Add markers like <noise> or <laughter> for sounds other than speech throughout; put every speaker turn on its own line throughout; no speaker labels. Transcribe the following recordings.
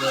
you,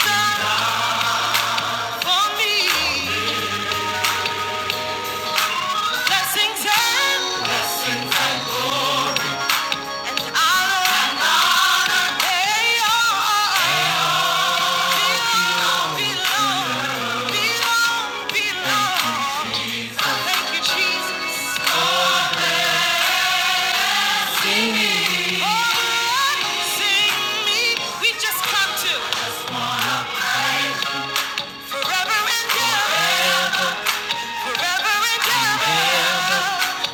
have done for me blessings and honor. They all belong, belong, belong, belong. Thank you, Jesus. Oh,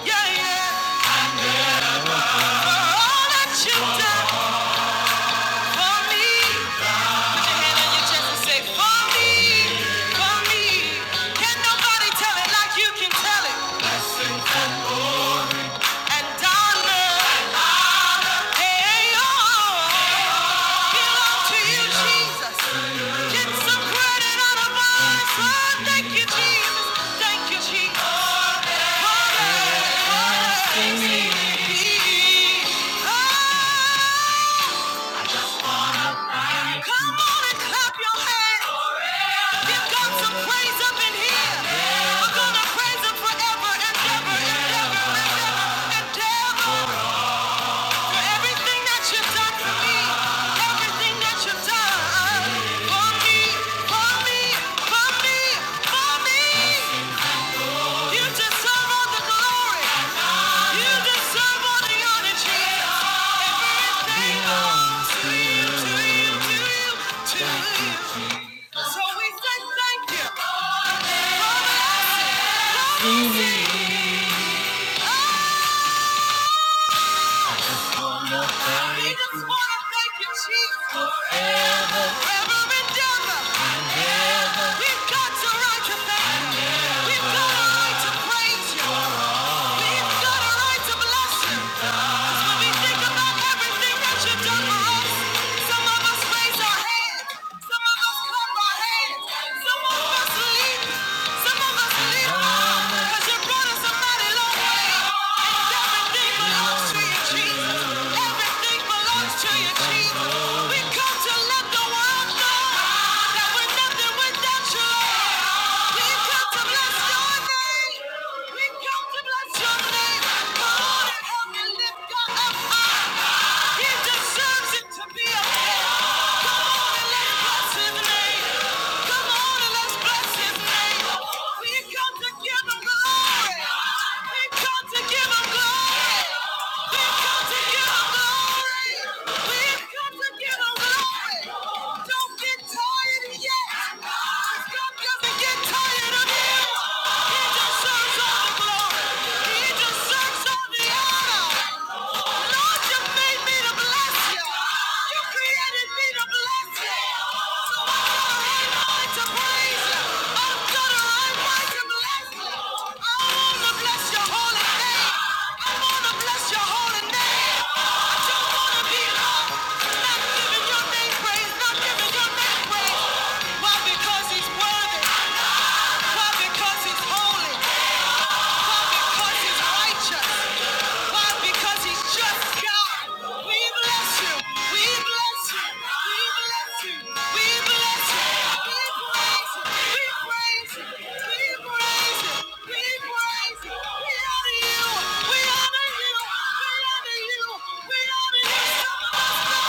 Yeah, yeah. For all that you've done for me. Come on and clap your hands. Give God some praise up in here. We're gonna praise Him forever and ever and ever and ever and ever for everything that you've done for me, for me, for me, for me, You deserve all the glory. You deserve all the honor, Everything to you, to you, to you. So we say thank you. We just wanna thank you, Jesus. Forever. Forever and ever. And ever. We've got a right to thank you. We've got a right to praise you. We've got a right to bless you. When we think about everything that you've done for us, some of us raise our hands. Some of us clap our hands. Some of us leap. Some of us leap high. 'Cause you brought us a mighty long way. And everything belongs to you, Jesus. Everything belongs to you, Jesus. We come to let the world know that we're nothing without you. We come to bless your name. We come to bless your name. Come help me lift up high. He deserves it to be a don't Get tired of yet. God doesn't get tired of you. He deserves all the glory. He deserves all the honor. Lord, you made me to bless you. You created me to bless you. So I'm going to praise you. I'm gonna i to bless you. I wanna bless your holy name. I wanna bless your holy name. We honor you. We honor you. We honor you. We honor you. Lord,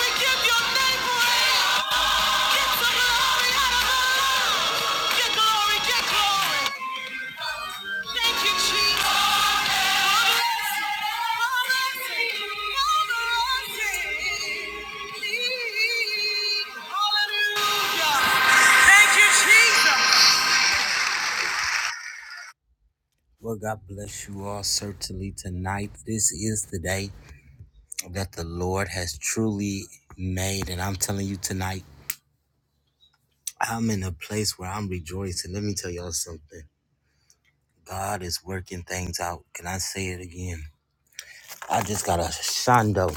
we give your name praise. Get the glory out of our lives. Get glory, get glory. Well, God bless you all certainly tonight. This is the day that the Lord has truly made. And I'm telling you tonight, I'm in a place where I'm rejoicing. Let me tell y'all something. God is working things out. Can I say it again? I just got a shondo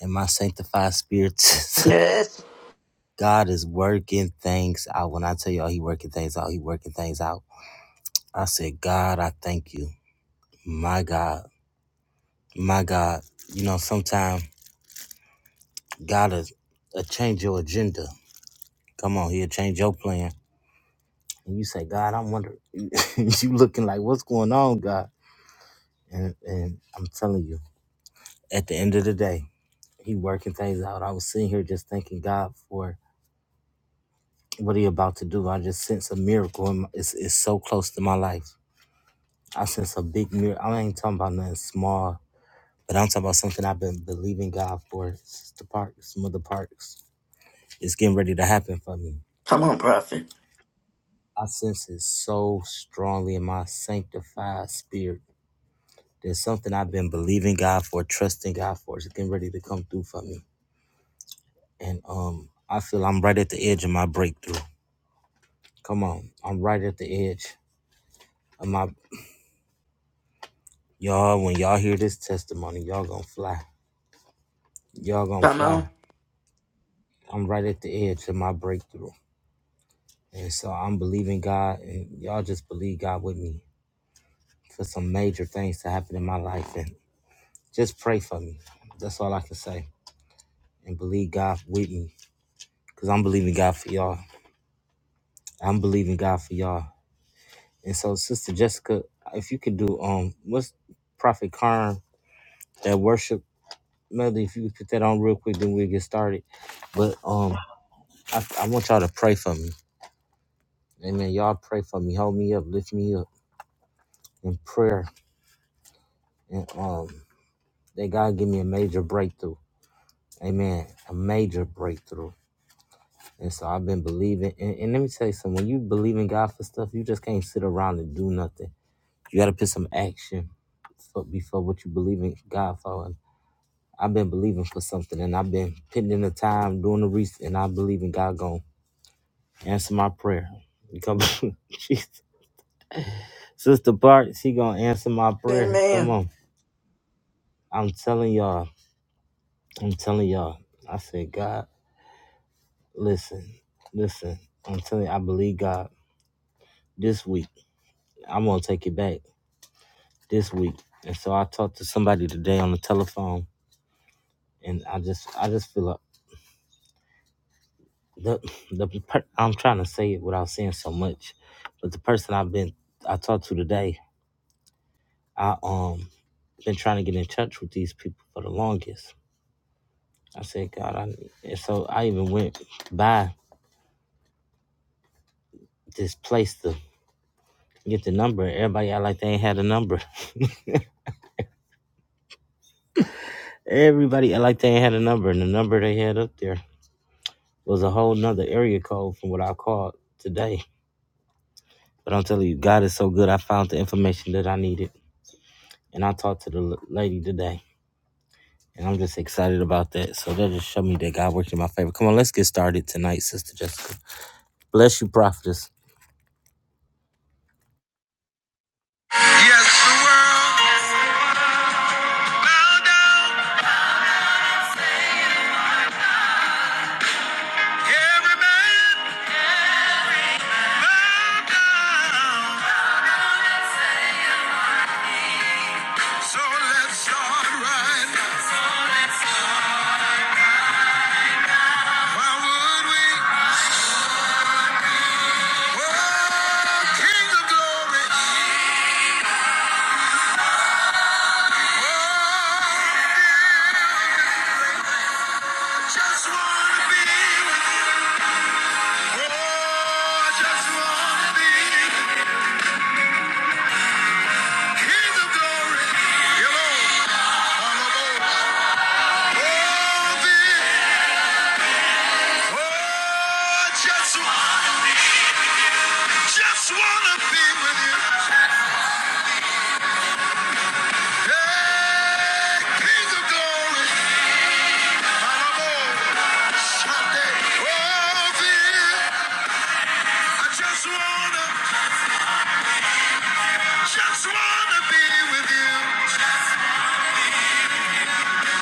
in my sanctified spirit. <laughs>
Yes.
God is working things out. When I tell y'all he working things out, he working things out. I said, God, I thank you. My God. My God. You know, sometimes God is a change your agenda. Come on, he'll change your plan. And you say, God, I'm wondering <laughs> you looking like what's going on, God? And and I'm telling you, at the end of the day, he working things out. I was sitting here just thanking God for what he about to do. I just sense a miracle. in my- It's, it's so close to my life. I sense a big mirror. I ain't talking about nothing small, but I'm talking about something I've been believing God for. Sister Parks, Mother Parks, it's getting ready to happen for me.
Come on, prophet.
I sense it so strongly in my sanctified spirit. There's something I've been believing God for, trusting God for. It's getting ready to come through for me, and um, I feel I'm right at the edge of my breakthrough. Come on, I'm right at the edge of my y'all. When y'all hear this testimony, y'all gonna fly. Y'all gonna
Come
fly.
on.
I'm right at the edge of my breakthrough. And so I'm believing God, and y'all just believe God with me for some major things to happen in my life. And just pray for me. That's all I can say. And believe God with me because I'm believing God for y'all. I'm believing God for y'all. And so, Sister Jessica, if you could do, um, what's Prophet Karn, that worship melody, if you could put that on real quick, then we'll get started. But um, I, I want y'all to pray for me. Amen. Y'all pray for me. Hold me up. Lift me up in prayer. And um, that God give me a major breakthrough. Amen. A major breakthrough. And so I've been believing. And, and let me tell you something. When you believe in God for stuff, you just can't sit around and do nothing. You got to put some action for, before what you believe in God for. And I've been believing for something, and I've been putting in the time, doing the research, and I believe in God going to answer my prayer. You Come <laughs> Jesus. Sister Bart, she going to answer my prayer. Come
Amen.
on. I'm telling y'all. I'm telling y'all. I said, God. Listen, listen. I'm telling you, I believe God. This week, I'm gonna take it back. This week, and so I talked to somebody today on the telephone, and I just, I just feel like the, the per- I'm trying to say it without saying so much, but the person I've been, I talked to today, I um been trying to get in touch with these people for the longest. I said, God, I, and so I even went by this place to get the number. Everybody act like they ain't had a number. Everybody, like they had a number, and the number they had up there was a whole nother area code from what I called today. But I'm telling you, God is so good. I found the information that I needed, and I talked to the l- lady today, and I'm just excited about that. So that just showed me that God worked in my favor. Come on, let's get started tonight, Sister Jessica. Bless you, prophetess.
Yes, the world bow down. Every bow down. So let's start right now. Why would we? Oh, King of glory. Oh, I just wanna be Oh, I just wanna be King of glory. Hello, honorable. Oh, the- oh, I just, just wanna be with you. Just wanna be with you.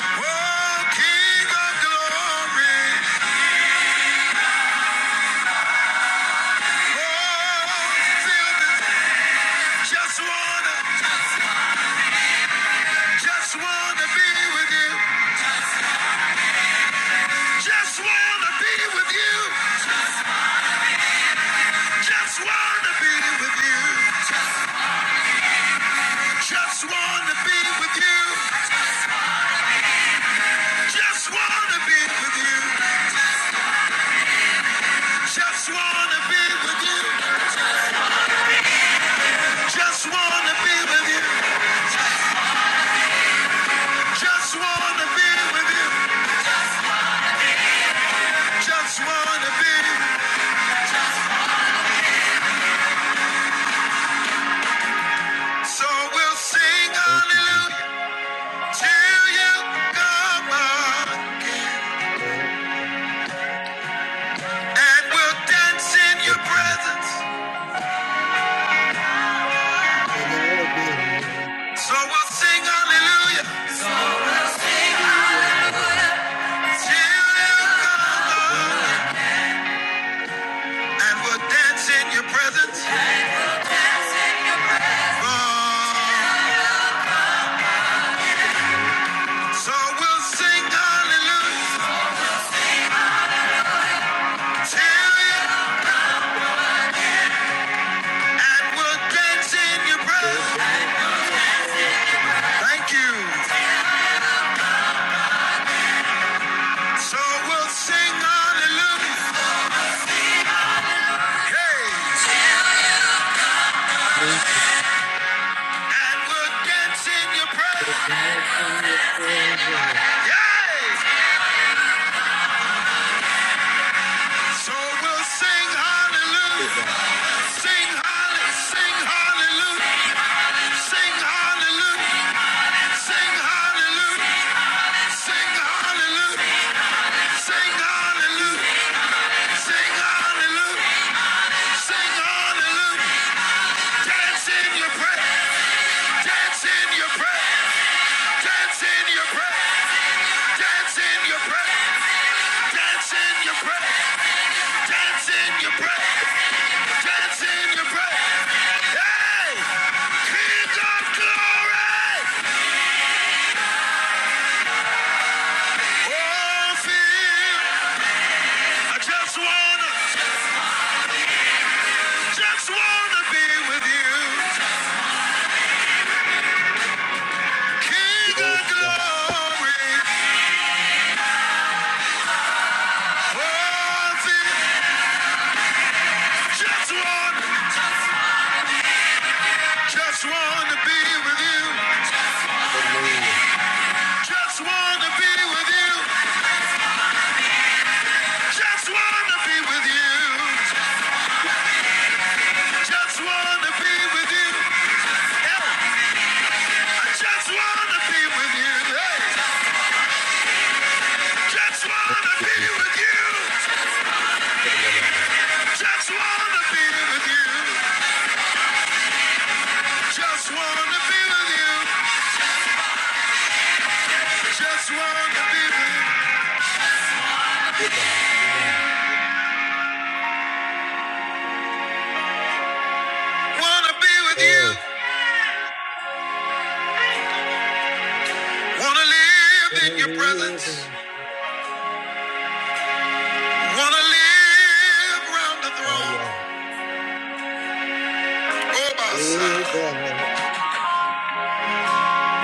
Oh, King of Glory. Oh, feel Just wanna, just wanna be with you. Just wanna be with you. Just wanna be with you. Just wanna be with you. Just wanna be with you. Just wanna be with you. Just wanna be with you. Just wanna be with you. Just wanna be. So we'll sing hallelujah till you come on. And we'll dance in your presence. So we'll sing hallelujah till you come on. And we'll dance in your presence. Oh, so we'll sing hallelujah till you and we'll dance in your presence. Thank you. So we'll sing hallelujah. Hey. And we'll dance in your presence. Yay. So we'll sing hallelujah. Sing hallelujah. Sing hallelujah. Sing hallelujah. Sing hallelujah. Sing hallelujah. Sing hallelujah. Sing hallelujah. Sing hallelujah. Dance in your prayer. Dance in your prayer. Dance in your prayer. Dance in your prayer. Dance in your prayer. Dance in your prayer. Dance in your prayer. Hey! King of glory! Oh, feel. I just wanna, just wanna be with you. King of glory. Just want, just want to be with you. Just want to be with you. Just want to be with you. Just want to be with you. Yeah, I just want to be with you. Hey, just want to be with you. Just want to be with you. Just want to be with you. Just want to be with you. Want to be with you. Want to live in your presence. Wanna live round the throne, oh my
Oh God,
side.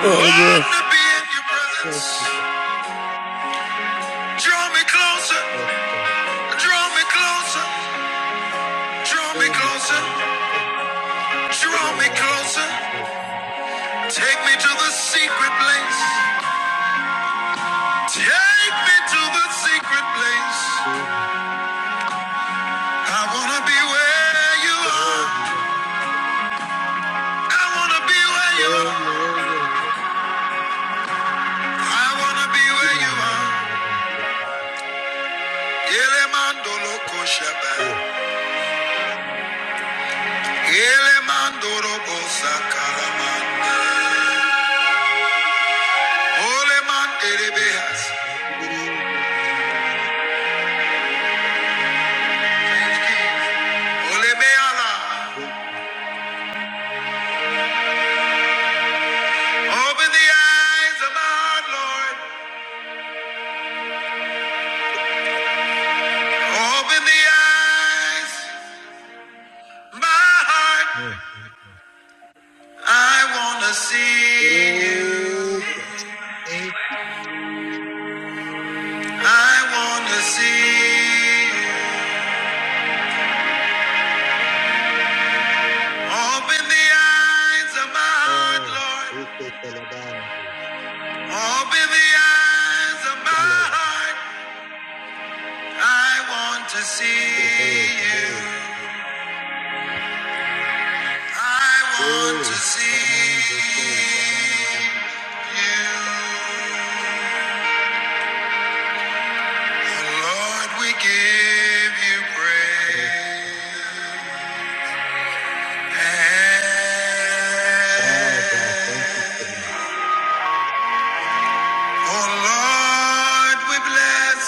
Oh, yes.
to be in your presence.
thank you
Draw me closer,
for
draw me closer, draw me closer,
Oh,
draw
God.
me
Thank God.
closer. Take me to the secret place. Take me to the secret place. I wanna be where you are. I wanna be where you are. I wanna be where you are. Elemando loco shepherd. Open the eyes of my heart, Lord. Open the eyes my heart. I wanna see you. I wanna see you. Open the eyes of my heart, Lord. Open the eyes of my heart. I want to see
Today, today,
you. I want to
today.
see
Commando, say, commando.
you. Lord, we give you praise.
Ah, God, thank you
oh Lord, we bless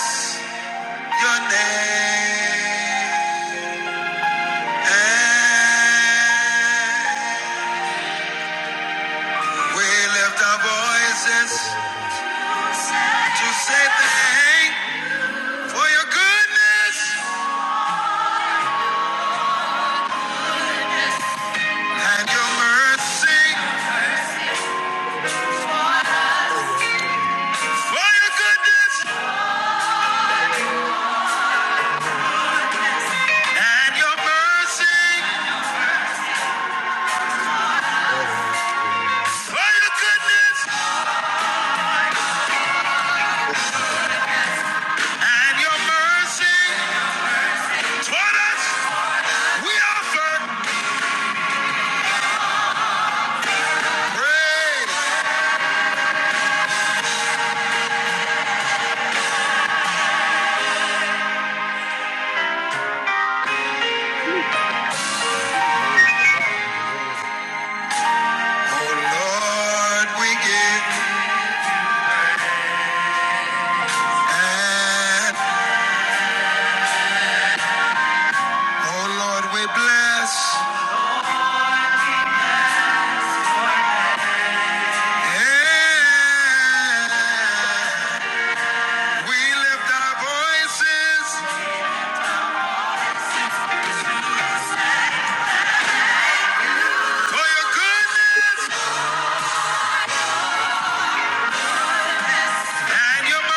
your name. And we lift our voices To say thank for your goodness and your mercy. For your goodness
for me.
and your mercy.
But I say,
For your goodness
Thank you, God.
and your mercy. Toward us, we offer praise. Oh Lord, we give. And oh Lord, we bless. And we lift our voices for your
It's
goodness.
gonna come on my mind, but it is a word to you.
and your mercy.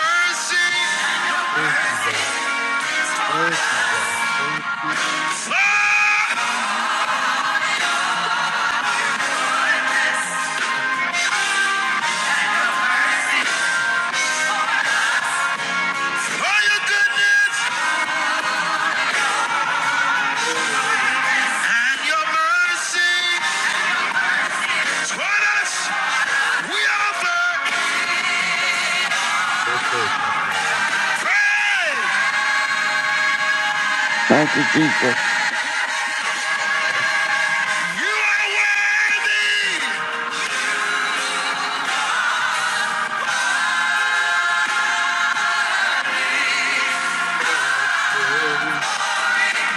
Thank you, God. Thank you, God. Thank you
Oh, for your goodness
for your everything.
and your mercy toward us, we offer
Everything,
praise.
Thank you, Jesus.
You are worthy,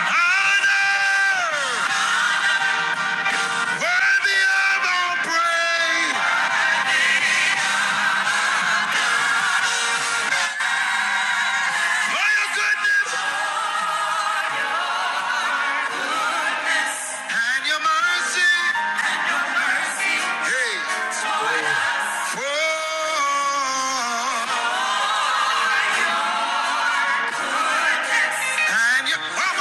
honor, worthy of all praise. For your goodness and your mercy, hey, for and your oh,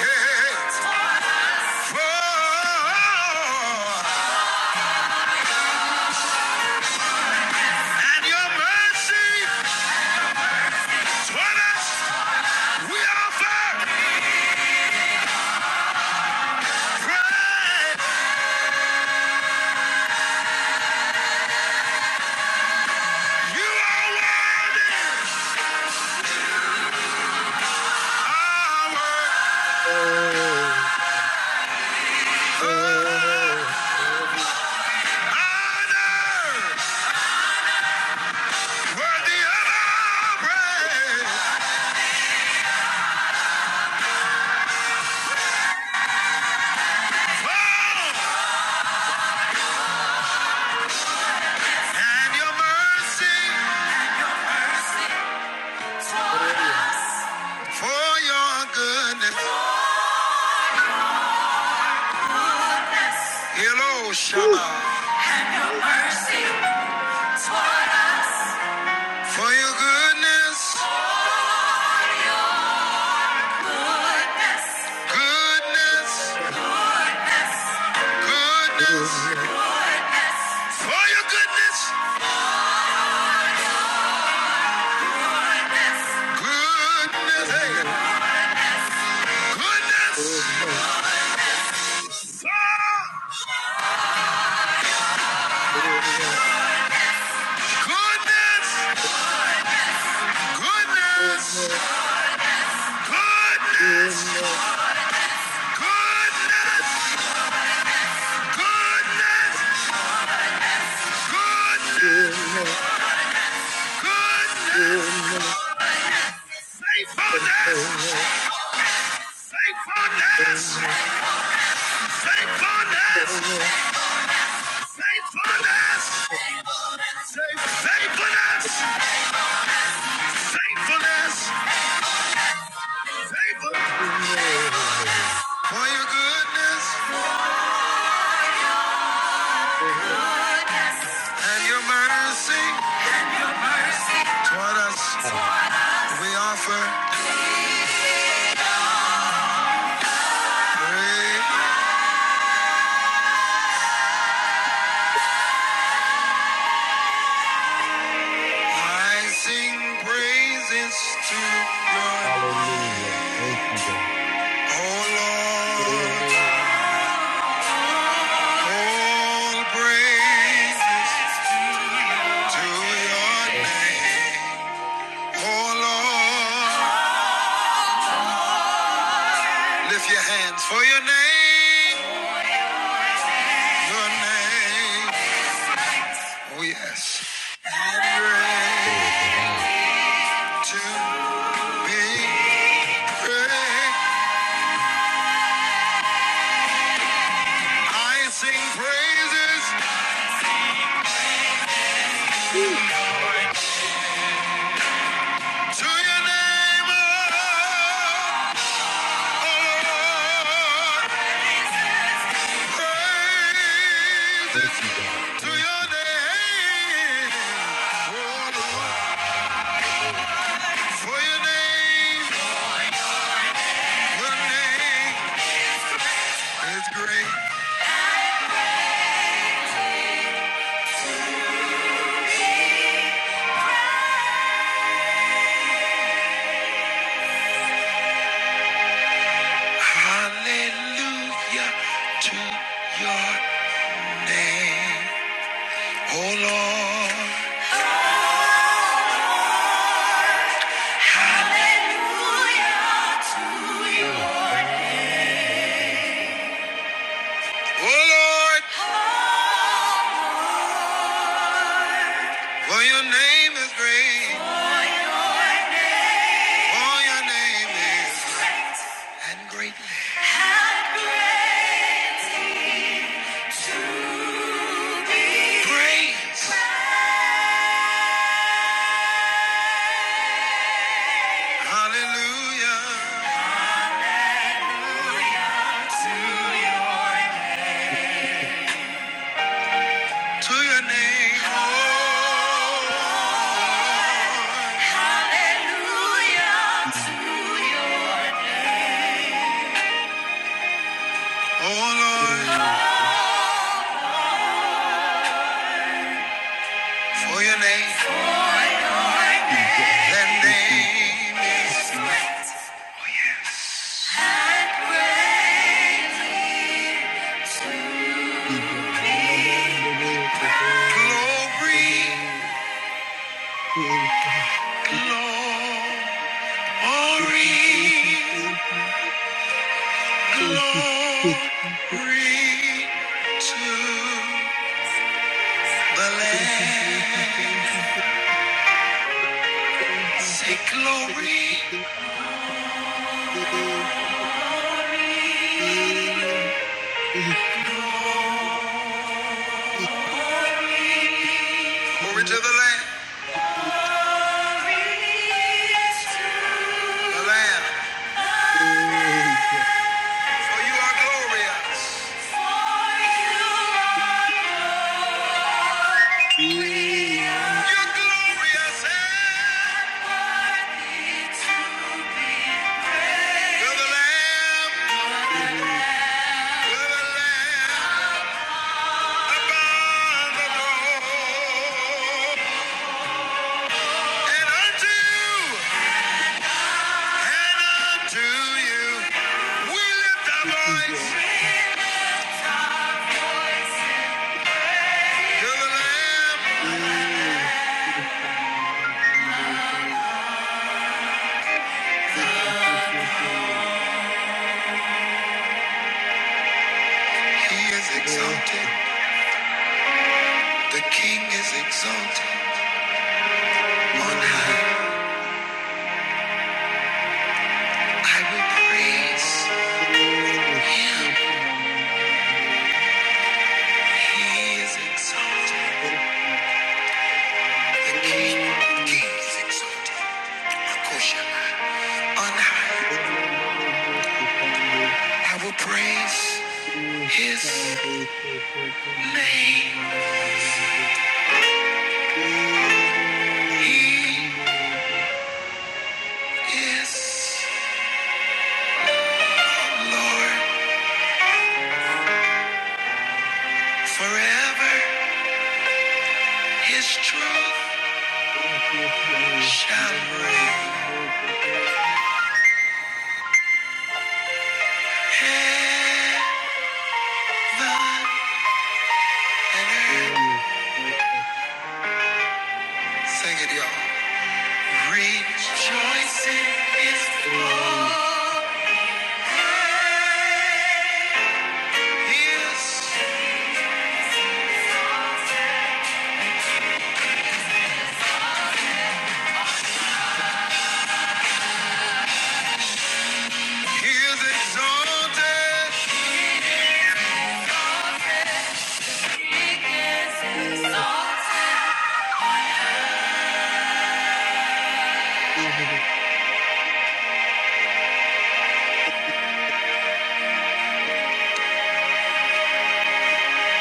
hey, for. and your mercy toward us. We offer praise. You are worthy of our
everything.
honor, worthy of our praise. Oh, and your mercy for your goodness. Hello,
Woo!
Shama, for your goodness, goodness, goodness, for your goodness, goodness. hey. Goodness!
Goodness, goodness, goodness,
Goodness! Goodness!
goodness,
Goodness! Goodness!
goodness,
Goodness! Goodness!
goodness,
Goodness!
goodness, goodness,
Faithfulness!
goodness,
Faithfulness!
goodness,
Faithfulness! Faithfulness! Faithfulness! Faithfulness! Faithfulness!
goodness, goodness.
For your goodness
goodness.
and your mercy toward us,
Oh,
we offer praise. I sing praises to your name.
hallelujah. Thank you, God.
Oh Lord,
Hey,
all praises to your name. Oh Lord, lift your hands for your name, your name. Oh yes. Great
bye-bye.
to be praised. I sing praises
Woo. Bye-bye.
to your name, oh, oh Lord.
Thank
Praises
you, God.
to
Thank
your
you
name. Oh,
for the ride
Lord,
and dying the day.
Hallelujah to your name. Oh, Lord. Hallelujah to
Hey,
your name.
sha-na-na-na, little bit.
Oh, Lord. For your name is great. For your name For your name is great and greatly to To be praised. Hallelujah! To Your name!
Thank
To your name. Hallelujah to
you.
your name, oh Lord.
Hey, thank
For your name, for your name
you, God.
The
Thank you, God.
name is
Thank you, God.
great and greatly. be
Na-na-na, little bit. Hey, little
glory,
bit. Hey, thank
glory,
you, thank you, thank you, thank you. Thank you,
glory
thank you,
to the
thank you, thank you, thank you.
Lamb.
thank you.
Say
Thank
glory, glory to the Lamb, the Lamb. For you are glorious. you the Lamb, you the Lamb upon the throne. And unto you, and unto you, we lift our voice. you the Lamb. He is exalted. The King is exalted. On high, I will praise Him. He is exalted. The king, king is exalted. Makoshana, on high. I will praise his name.
you. Thank you.
He is Lord forever. His truth shall reign. Heaven and earth. Sing it, y'all. Rejoicing is all. he is exalted.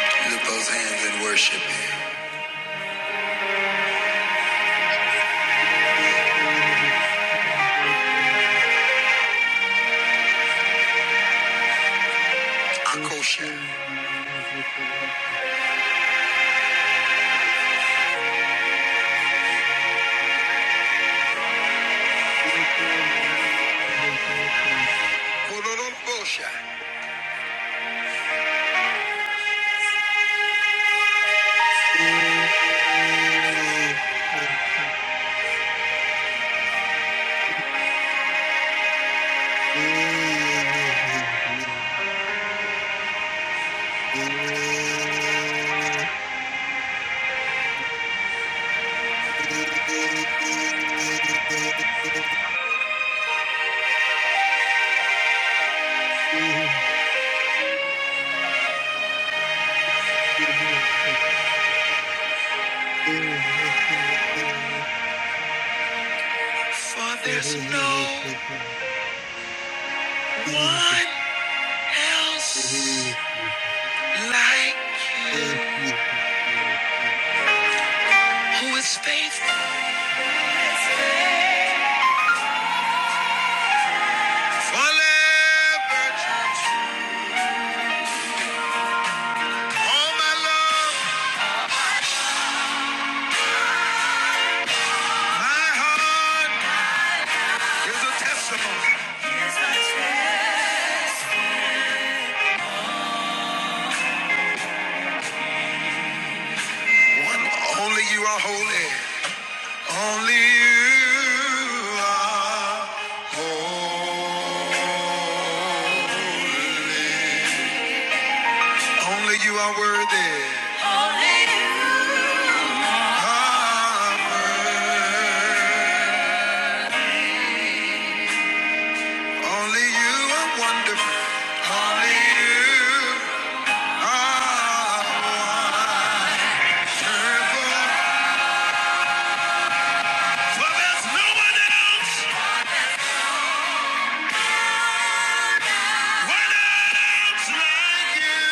Lift those hands and worship him. Akosha. Kololobosha.
Oh,
For there's no one else like you who is faithful. Forever. All my love, my heart is a testimony. One, only you are holy. Only you are whole. Only you are worthy. Only you. Only you are wonderful. Only you are wonderful. For there's no one else, one else like you.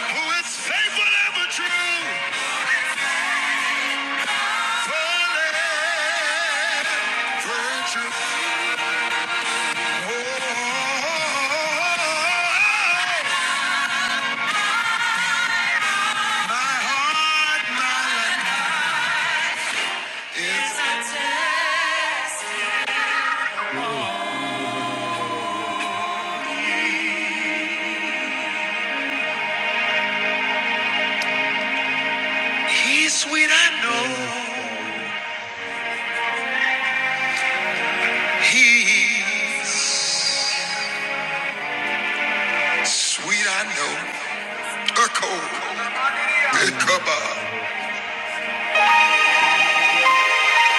Who is faithful and true. He's sweet, I know. He's sweet, I know. A cold,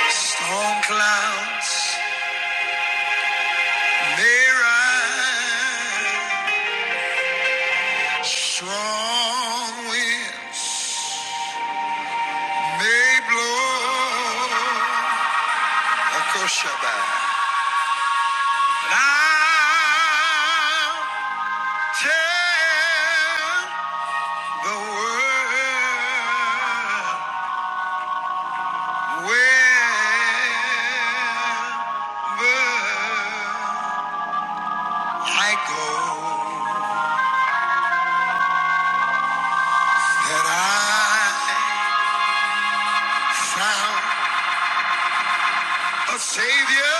Storm clouds may rise. Strong winds. may blow a koshaba. Now tell the world wherever I go that I found a savior.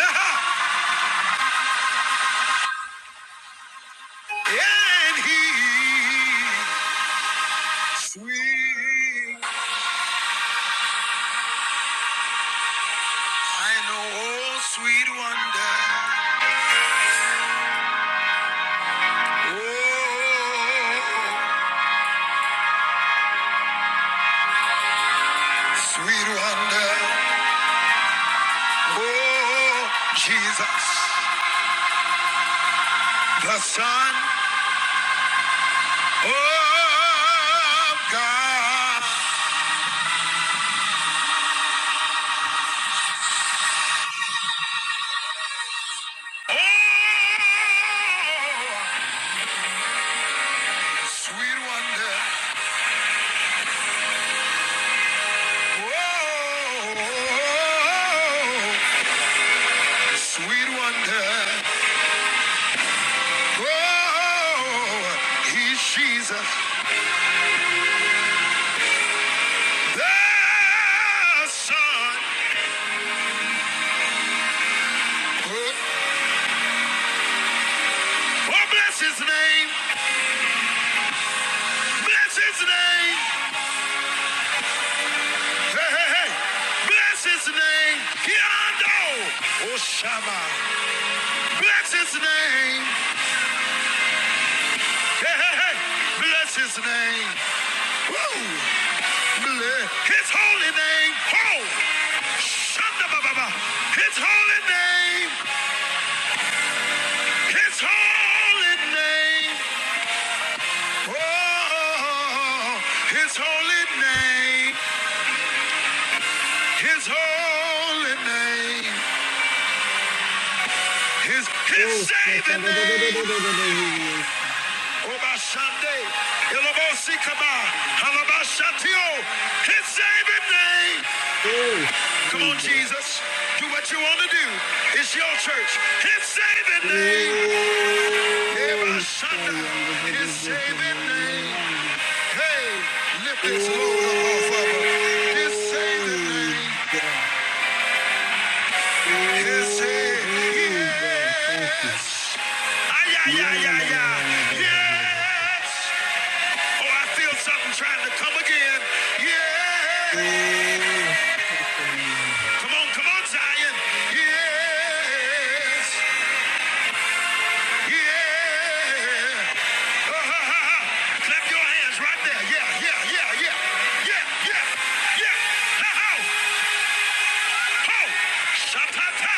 <laughs> And he sweet. I know, oh, sweet wonder. Oh, sweet wonder. Oh, Jesus, the Son of God. Oh, sweet wonder. Oh, sweet wonder. Oh, he's Jesus, the Son. of God. Oh, bless his name. Bless his name. Hey, hey, hey. Bless his name. Kiando. Oshama. Bless his name. Hey, hey, hey. Bless his name. Woo. Bless his holy name. Oh, Shanda Baba. His holy name. His holy name. Oh, his holy name. His holy name. His his saving name. Obashande, Ilobosikaba, Halabashatio. His saving name. Come on, Jesus. Do what you want to do. It's your church. His saving name. Ebashanda. His saving name. Hey, lift
Oh,
this load up off of her. His saving name.
yeah. Oh,
His saving.
oh, yeah. Thank you.
Yes. Ay, ay,
Yeah,
ay,
la, la,
ay,
la,
ay.
la, la, la, la, la, la, la.
Yes. Oh, I feel something trying to come again. Yeah.
Oh, thank you, la, la, la.
Come on, come on, Zion. Yes. Yeah. Uh, ha, ha, ha. Clap your hands right there. Yeah, yeah, yeah, yeah. Yeah, yeah, yeah. Ha ha! Ho! Shatata!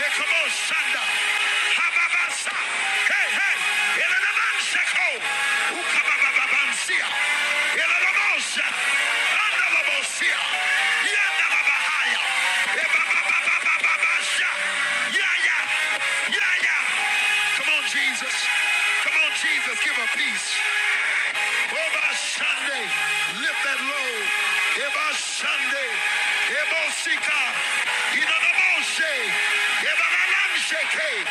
Yekobo Hababasa! Hey, hey! Yelenamanseko! Ukabababansia! Yelenomosa! Andalabosia! Yandalabahaya! Ebabababababasha! Yeah, yeah! Yeah, yeah! Come on, Jesus! Come on, Jesus! Give her peace! About Sunday, lift that load. About Sunday, about Sika, you know the Moshe, about Alamsheke,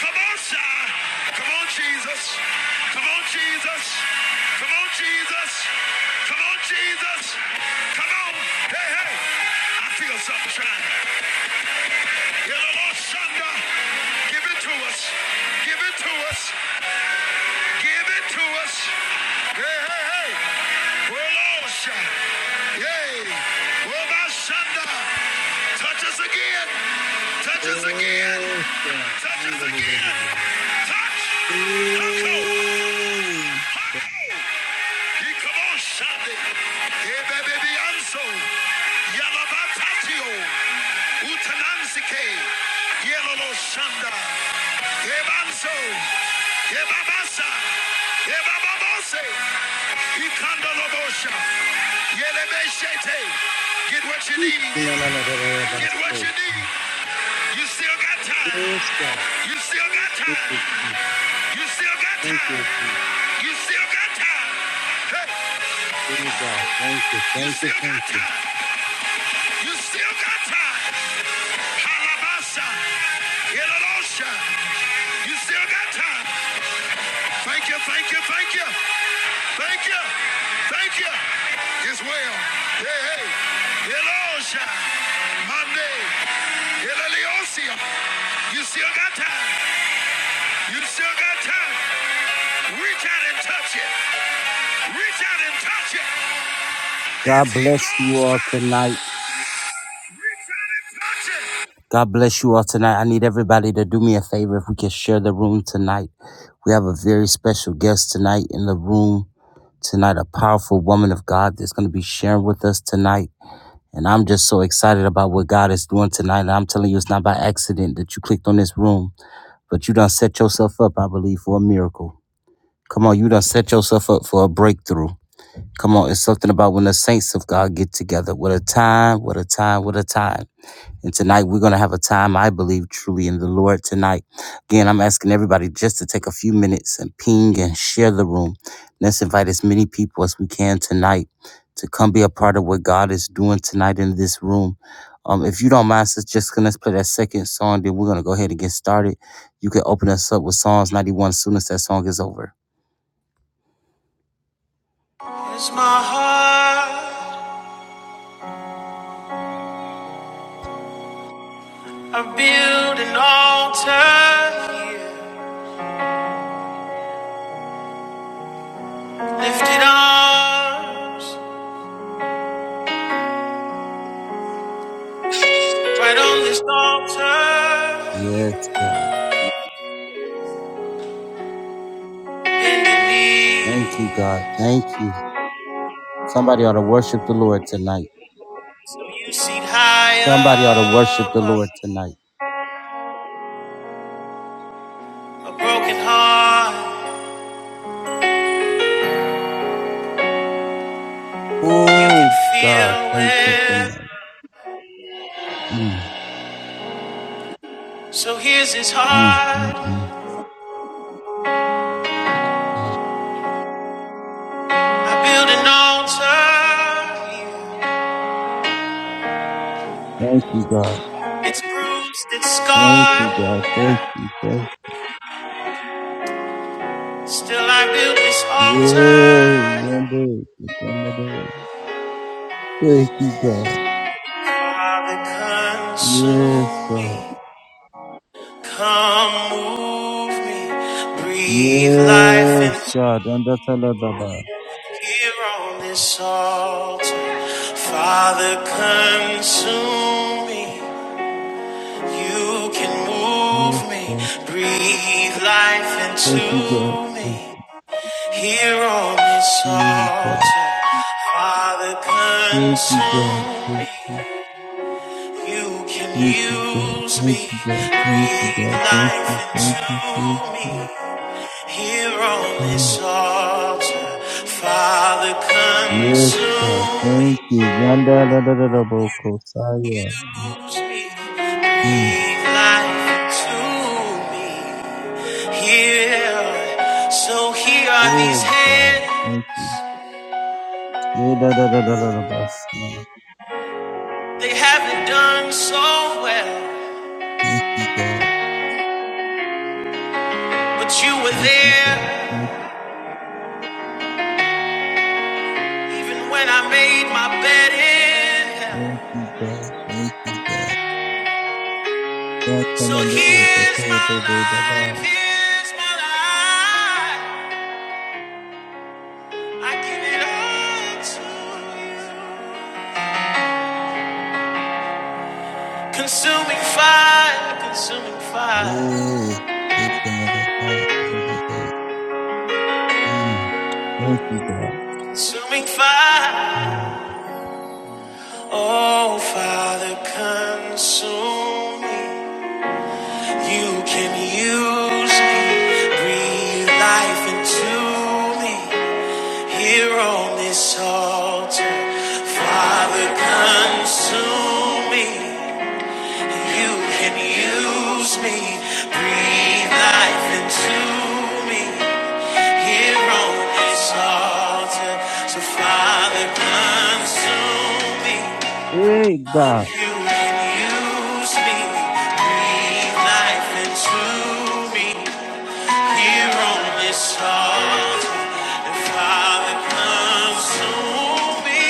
come on, sir. Come on, Jesus. Come on, Jesus. Come on, Jesus. Come on, Jesus. Come on. Hey, hey. I feel something trying. You know, Lord, Sunday, give it to us. Give it to us. Give it to us. Hey, hey, hey. Rolosha. Yay. Robashanda. Touch us again. Touch us again.
Yes, yeah.
Touch
And
us
the, the, the, the,
again.
the, the. Oh,
Touch. Touch! Get what you need,
la, la, la, la, la, la, la,
get what
la.
you need. You still got time,
Yes, God.
you still got
Thank
time,
you, Jesus.
you still got
Thank
time,
you, Jesus.
you still got time. Hey.
Oh, God. Thank you.
You
Thank you.
still
Thank
got
you.
time. You still got time. Halabasa. Yelalosha. You still got time. Thank you, thank you, thank you. Thank you. Thank you. It's well. Hey, hey. Yelosha. Monday. Yelaliosia. You still got time. You still got time. Reach out and touch it. Reach out and touch it.
God
As he
bless you
goes
all
back.
tonight.
Reach out and touch it.
God bless you all tonight. I need everybody to do me a favor if we can share the room tonight. We have a very special guest tonight in the room tonight, a powerful woman of God that's going to be sharing with us tonight. And I'm just so excited about what God is doing tonight. And I'm telling you, it's not by accident that you clicked on this room, but you done set yourself up, I believe, for a miracle. Come on, you done set yourself up for a breakthrough. Come on, it's something about when the saints of God get together. What a time, what a time, what a time. And tonight we're going to have a time, I believe, truly in the Lord tonight. Again, I'm asking everybody just to take a few minutes and ping and share the room. Let's invite as many people as we can tonight to come be a part of what God is doing tonight in this room. Um, if you don't mind, sis, just gonna let's play that second song, then we're going to go ahead and get started. You can open us up with Psalms 91 as soon as that song is over.
As my heart, I build an altar here. Lifted arms, right on this altar
Yes,
here.
God.
Bending
Thank you,
knees,
God. Thank you. Somebody ought to worship the Lord tonight.
so you seat high
Somebody ought to worship the
up.
Lord tonight.
A broken heart, you
Oh
can
God, thank you
feel
tonight.
it.
Mm,
So here's his
mm, mm,
heart.
mm.
I build an altar here.
Thank you, God.
It's bruised, it's
Thank you,
scarred.
God. Thank you. Thank
Still, I build this
you. Yeah,
altar.
yonder, yonder. Thank you, God.
Father,
Yes,
consume
God.
me. Come move me. Breathe life and
Yes, God. And that's all about.
here on this altar. Father, consume me. You can move
Yes,
me.
God.
Breathe life
Thank you, God.
into
Thank
me. Here on this
you, God.
altar. Father,
Thank you, God.
consume me.
Thank
You
thank you, God.
can use
Thank
me,
you, God. Thank you,
breathe
God. Thank
life
you. Thank you. Thank
into me.
you.
Here on
Mm.
this altar, Father,
Yes, God.
consume me.
Thank you. Yanda da da da da bo kosaya.
Use me,
Mm.
breathe life into me. Here, so here are
Oh,
these
God.
hands.
Thank you. Yeah, da da da da da da basi.
They haven't done so well,
Thank you, God.
but you were
Thank you, God.
there
Thank you,
even when I made my bed in hell.
thank you, God. Thank you, God. Da da
So
da da da
here's
ko
my
da da da
life,
ba.
here's my life. I give it all to you. Consuming fire, consuming fire,
Oh, thank you, God. da da da da da. Mm. Thank you, God.
consuming fire. Oh, Father, consume me. You can use me, breathe life into me. Here on this altar, Father, consume me. You can use me, breathe life into me here on this altar. So, Father, consume me.
Hey, God.
You can use me, breathe life into me here on this altar. And, Father, consume me.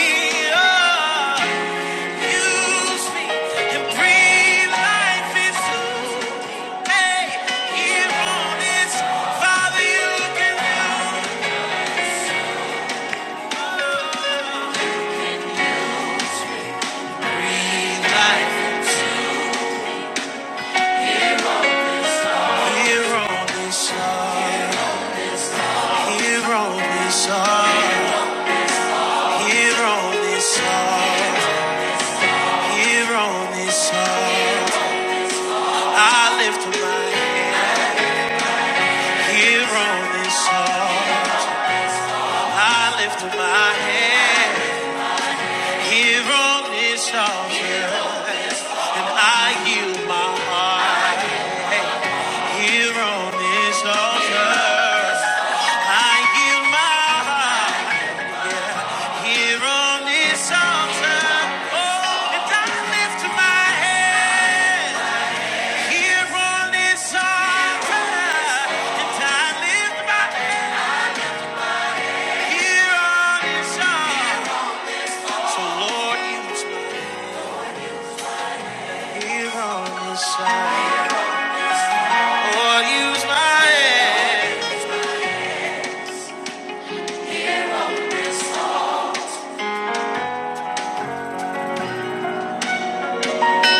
Oh, use me and breathe life into me. And I yield my heart here on this altar. I give my heart here on this altar. Oh, and I lift my head here on this altar. And I lift my head here on this altar. So, Lord, use my here on this altar. Lord, use my head.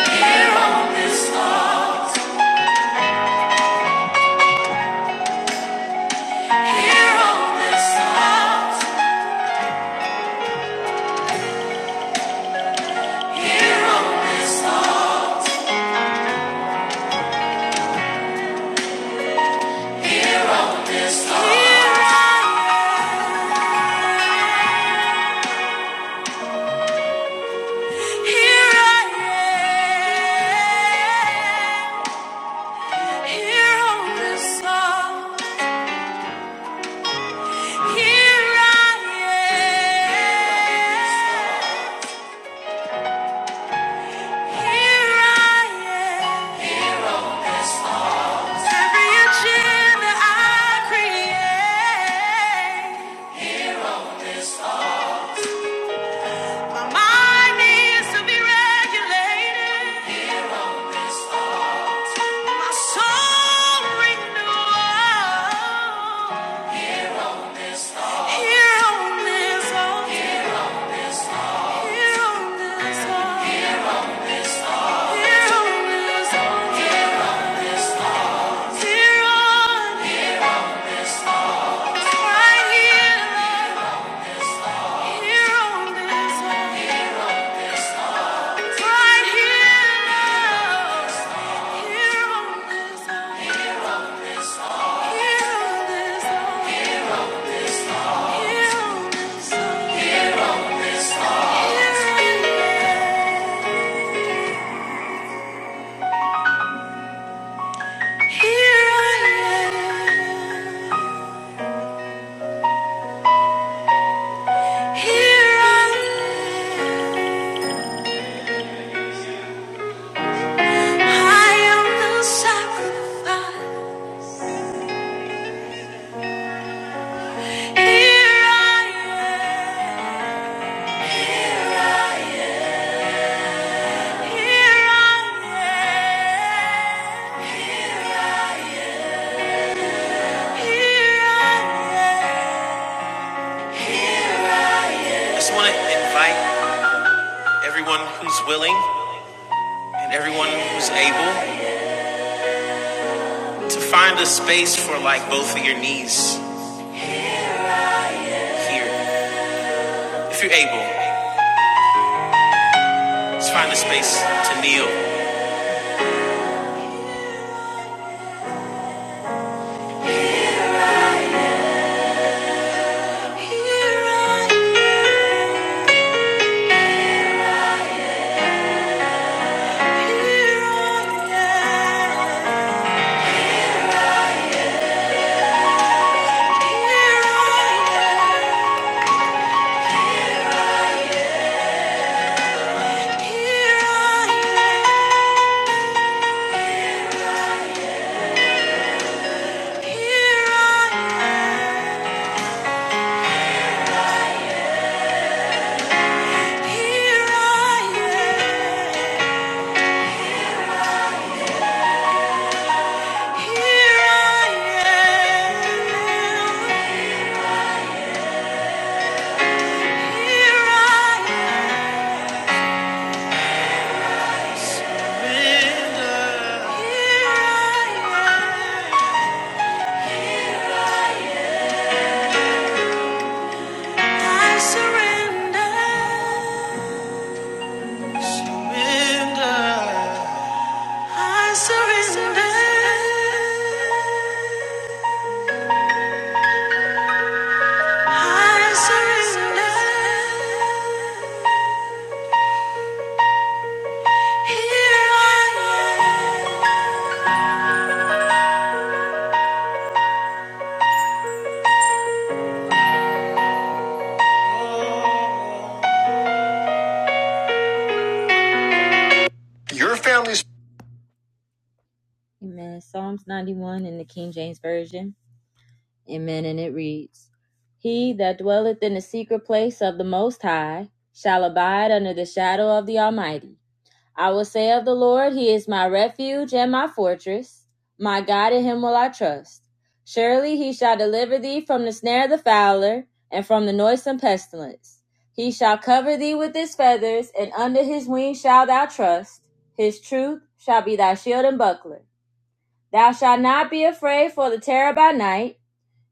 Here on this altar. Here on this altar. Here on this altar. Here on this earth. Here I am. Here I am. Here on this earth. Here I am. Here I am. Every inch I create. My mind needs to be regulated. My soul renews. Healness, oh, healness, oh, healness, oh, healness. Right here, Lord, healness, oh, right here, Lord, healness, oh, healness, oh, healness, oh. I just want to invite everyone who's willing and everyone who's able. to find a space for like both of your knees here if you're able just find a space to kneel Here I am. Your family's. Amen. Psalms 91 in the King James Version. Amen. And it reads He that dwelleth in the secret place of the Most High shall abide under the shadow of the Almighty. I will say of the Lord, He is my refuge and my fortress. My God, in Him will I trust. Surely He shall deliver thee from the snare of the fowler and from the noisome pestilence. He shall cover thee with His feathers, and under His wings shalt thou trust. His truth shall be thy shield and buckler. Thou shalt not be afraid for the terror by night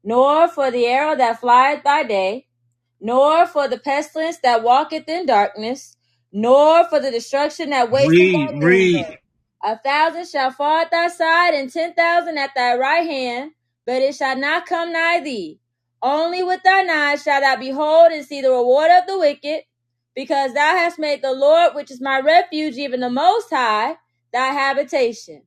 nor for the arrow that flieth by day, nor for the pestilence that walketh in darkness, nor for the destruction that wasteth by noonday. A thousand shall fall at thy side, and ten thousand at thy right hand, but it shall not come nigh thee. Only with thine eyes shalt thou behold and see the reward of the wicked, because thou hast made the Lord, which is my refuge, even the Most High, thy habitation.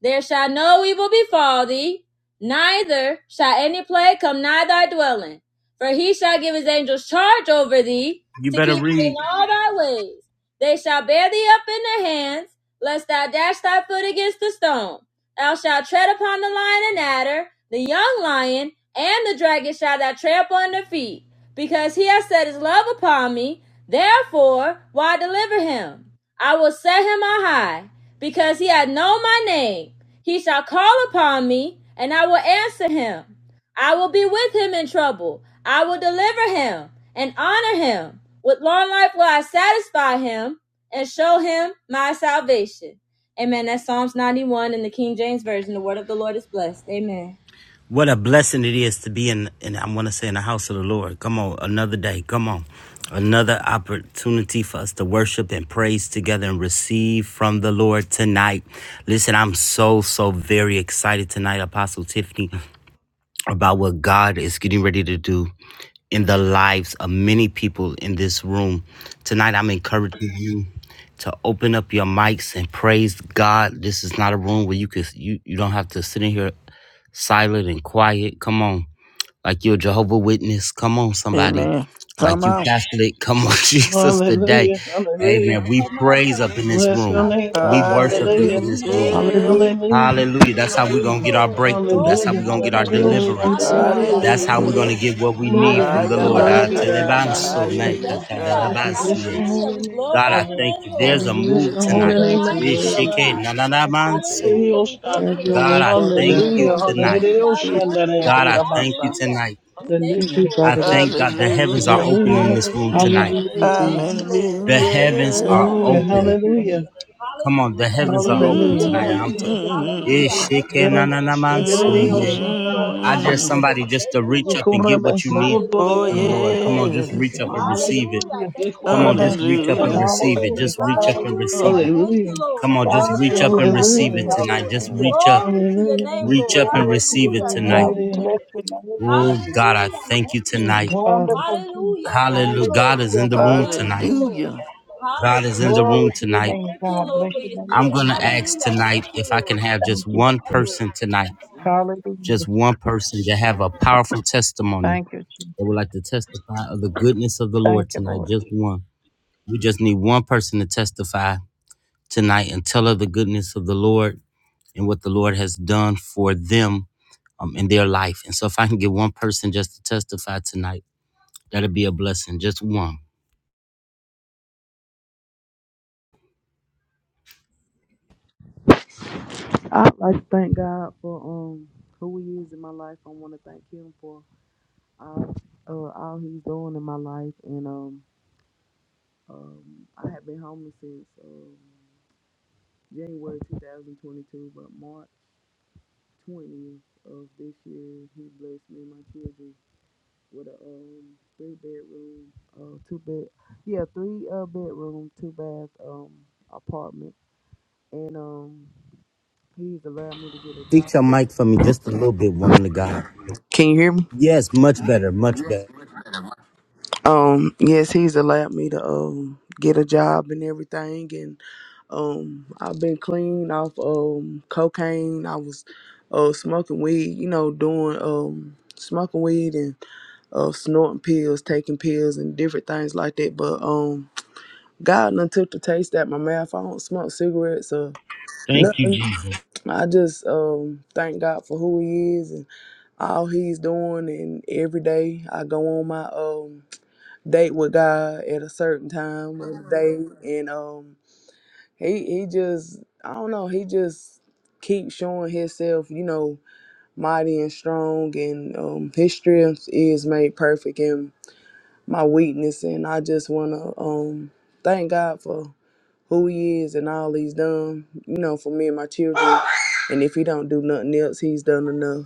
There shall no evil befall thee, neither shall any plague come nigh thy dwelling. For he shall give his angels charge over thee to keep thee in all thy ways. They shall bear thee up in their hands, lest thou dash thy foot against the stone. Thou shalt tread upon the lion and adder, the young lion, and the dragon shall thou trample under feet, because he has set his love upon me. Therefore, why deliver him? I will set him on high, because he hath known my name. He shall call upon me, and I will answer him. I will be with him in trouble. I will deliver him and honor him. With long life will I satisfy him and show him my salvation. Amen. That's Psalms 91 in the King James Version. The word of the Lord is blessed. Amen.
What a blessing it is to be in, and I want to say in the house of the Lord. Come on, another day. Come on. Another opportunity for us to worship and praise together and receive from the Lord tonight. Listen, I'm so, so very excited tonight, Apostle Tiffany, about what God is getting ready to do in the lives of many people in this room. Tonight, I'm encouraging you to open up your mics and praise God. This is not a room where you could you you don't have to sit in here silent and quiet. Come on. Like you're a Jehovah Witness. Come on, somebody.
Amen.
Like
Come
you
on.
Catholic. Come on, <laughs> Jesus, today.
Hallelujah, hallelujah.
Amen. We
Oh my
praise up in this
Bless
God!
your
room.
name, Father.
We
Hallelujah.
worship up
Hallelujah,
in this room.
Thank you,
Hallelujah.
Hallelujah,
Jesus.
hallelujah,
Hallelujah. That's
hallelujah,
how
Thank
we're
you,
going to get
Jesus.
our
Lord.
breakthrough. That's how
Glory
hallelujah,
we're
to
going to
your
get our
name,
hallelujah.
Lord.
Glory be to
deliverance.
God.
Shandarabari,
Hallelujah.
That's how
Thank you,
Oshaba.
we're
Hallelujah.
going to
Lord.
Hallelujah.
get what we need
Glory,
from the
You're
Lord.
Hallelujah.
Ah,
Hikuraba,
worthy,
Thank you,
yes,
God.
Jesus.
telebanso
We
Ayabashatrabahaya.
me
Hallelujah.
thank
Shandarabosi.
Yes,
you,
God.
Father.
Thank you,
Bless
katalelabasie.
your
Jesus.
Hallelujah.
holy
We
name,
God,
glorify
I
your
Father.
thank
name,
you. There's
Lord.
a
Bless
We
move
Hallelujah,
your
lift
Father
it
holy
in
tonight.
God.
name,
high in this
You're worthy.
place,
Makuraba,
Yeshike
Jesus.
Father.
nananamanso.
Yetabaseteri,
Hallelujah. We
Osha.
thank
Have
you,
your
Lord.
God,
way,
I
Father
Thank
thank
you,
God.
you
In
Hallelujah,
Lord, for
the name
tonight.
miracle
of
hallelujah,
signs and
Jesus,
wonders,
Father
God,
Father.
Shandaraki,
I
God.
thank you
Abasa.
Hallelujah.
tonight.
We thank
Thank
you,
you,
Hallelujah,
I
Father
Lord.
thank God
God.
the
Thank you,
heavens are
Lord.
Hallelujah.
open
hallelujah,
in this
Rabo
room tonight.
Hallelujah,
Hallelujah.
Shandarabari, yes,
Thank you,
Jesus.
Shandaba.
Lord.
The heavens
Hallelujah.
are
Hallelujah.
Glory,
Hallelujah,
open.
Thank you,
hallelujah,
Jesus.
Come on, the
Hallelujah.
heavens are open
hallelujah,
hallelujah,
Thank
tonight.
you,
I'm
hallelujah.
Jesus.
t- Yeah,
hmm
Hallelujah.
hallelujah.
Thank you,
Yere
Lord.
so
Glory
keşfedileni
to
Thank
yeah.
your
you,
name, Lord.
Jesus.
I dare
yavşanlaramazdı.
hmm
Hallelujah.
somebody just
Thank
to
you,
reach up
Lord.
and
Yekurre
get what you
Glory
need
mesutunu
to
Oh,
from the
God.
Hallelujah.
Lord.
Thank
Come
yandanını
Thank
on,
you,
just
you.
reach
yes.
Jesus.
up and
yasındamayı.
receive it.
Hallelujah.
Hallelujah,
Thank you,
Come
Yekurre
Lord.
on, just reach up and
Hallelujah.
mesutunu
Thank you,
receive it.
bozdu.
Lord.
Just
hallelujah,
reach up and
hallelujah.
Hallelujah.
receive it.
Thank you,
Hallelujah.
Lord.
Come on, just
Thank
reach
you,
up and
Hallelujah.
Jesus.
receive
Thank
it
Hallelujah.
you,
tonight.
Lord.
Just
Hallelujah.
reach up,
Glory to your
Hallelujah.
name,
reach
Lord.
up and
Glory to your
receive it
Hallelujah.
Hallelujah.
name,
Thank
tonight.
God.
you,
We bless
Hallelujah.
Jesus.
your name,
Oh
Jesus.
God, I
Hallelujah.
thank
Thank
you
you,
Thank
tonight.
you,
Jesus.
Father.
Wonderful
Hallelujah.
Jesus.
Thank you,
Hallelujah.
Hallelujah,
God
Lord.
is in the room
wonderful
Thank
tonight.
you, Lord.
Jesus.
Hallelujah.
God is in the
Hallelujah.
Glory
room
to your
tonight.
name,
Thank you,
God.
Lord,
Bless
for
your
your
name,
I'm
spirit.
going
Jesus.
to ask
Hallelujah.
tonight
Thank you,
if I
Lord.
can have
Thank
just
you,
one
Thank you,
Jesus.
Lord.
person tonight,
Hallelujah.
just one person to have a powerful testimony
Thank you, Jesus.
that would like to testify of the goodness of the
Thank
Lord
you,
tonight.
Lord.
Just one. We just need one person to testify tonight and tell of the goodness of the Lord and what the Lord has done for them um, in their life. And so if I can get one person just to testify tonight, that'll be a blessing. Just one.
I'd like to thank God for um who He is in my life. I want to thank Him for all uh all He's doing in my life, and um um I have been homeless since. uh, January 2022, but March 20th of this year, he blessed me and my children with a um three bedroom, uh two bed, yeah, three uh bedroom, two bath um apartment, and um he's allowed me to get a
Fix
job.
your mic for me just a little bit, woman of God.
Can you hear me?
Yes, much better, much better.
Um, yes, he's allowed me to um get a job and everything, and um I've been clean off um cocaine. I was uh smoking weed, you know, doing um smoking weed and uh, snorting pills, taking pills, and different things like that. But um, God done took the taste out my mouth. I don't smoke cigarettes or nothing. I just um thank God for who He is and all He's doing. And every day I go on my um date with God at a certain time of the day, and um He He just I don't know He just keeps showing Himself, you know, mighty and strong, and um His strength is made perfect in my weakness and I just wanna um thank God for who he is and all he's done, you know, for me and my children. And if he don't do nothing else, he's done enough.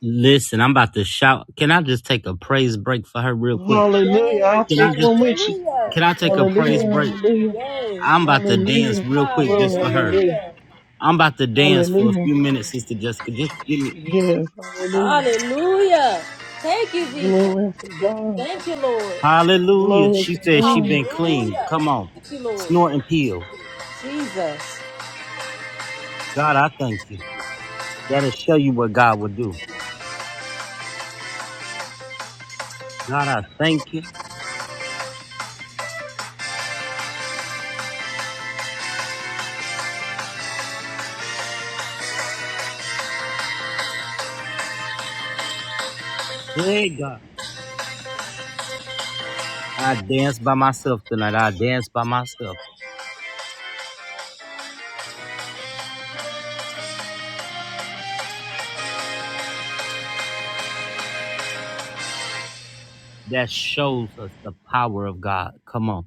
Listen, I'm about to shout. Can I just take a praise break for her real quick?
Hallelujah. I'll
Yes.
Can I
take
just
one with you.
can
Hallelujah.
I take
Thank
a
you,
Hallelujah.
praise
Lord.
break?
Hallelujah.
Yes.
I'm about to
Hallelujah.
dance real quick
Glory.
just for her.
Hallelujah.
Hallelujah.
I'm about to dance for a
Hallelujah.
few minutes, Sister Jessica. Just get it.
Yes. Hallelujah.
Hallelujah. Thank you, Jesus.
Glory to God.
Thank you, Lord.
Hallelujah.
Glory
She
to
said she
God.
been clean.
Hallelujah.
Come on.
Thank you, Lord.
Snort and peel.
Jesus.
God, I thank you. That'll show you what God will do. God, I thank you. Hey God. I dance by myself tonight. I dance by myself. that shows us the power of God. Come on.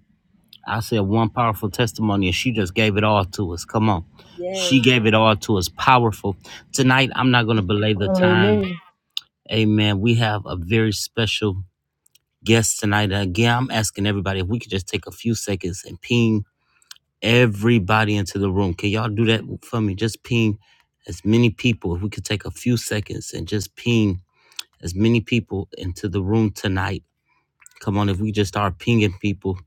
I said one powerful testimony, and she just gave it all to us. Come on. She
Yes.
gave it all to us. Powerful. Tonight, I'm not going to belay the time.
Hallelujah.
Amen. We have a very special guest tonight. Again, I'm asking everybody if we could just take a few seconds and ping everybody into the room. Can y'all do that for me? Just ping as many people. If we could take a few seconds and just ping as many people into the room tonight. Come on, if we just start pinging people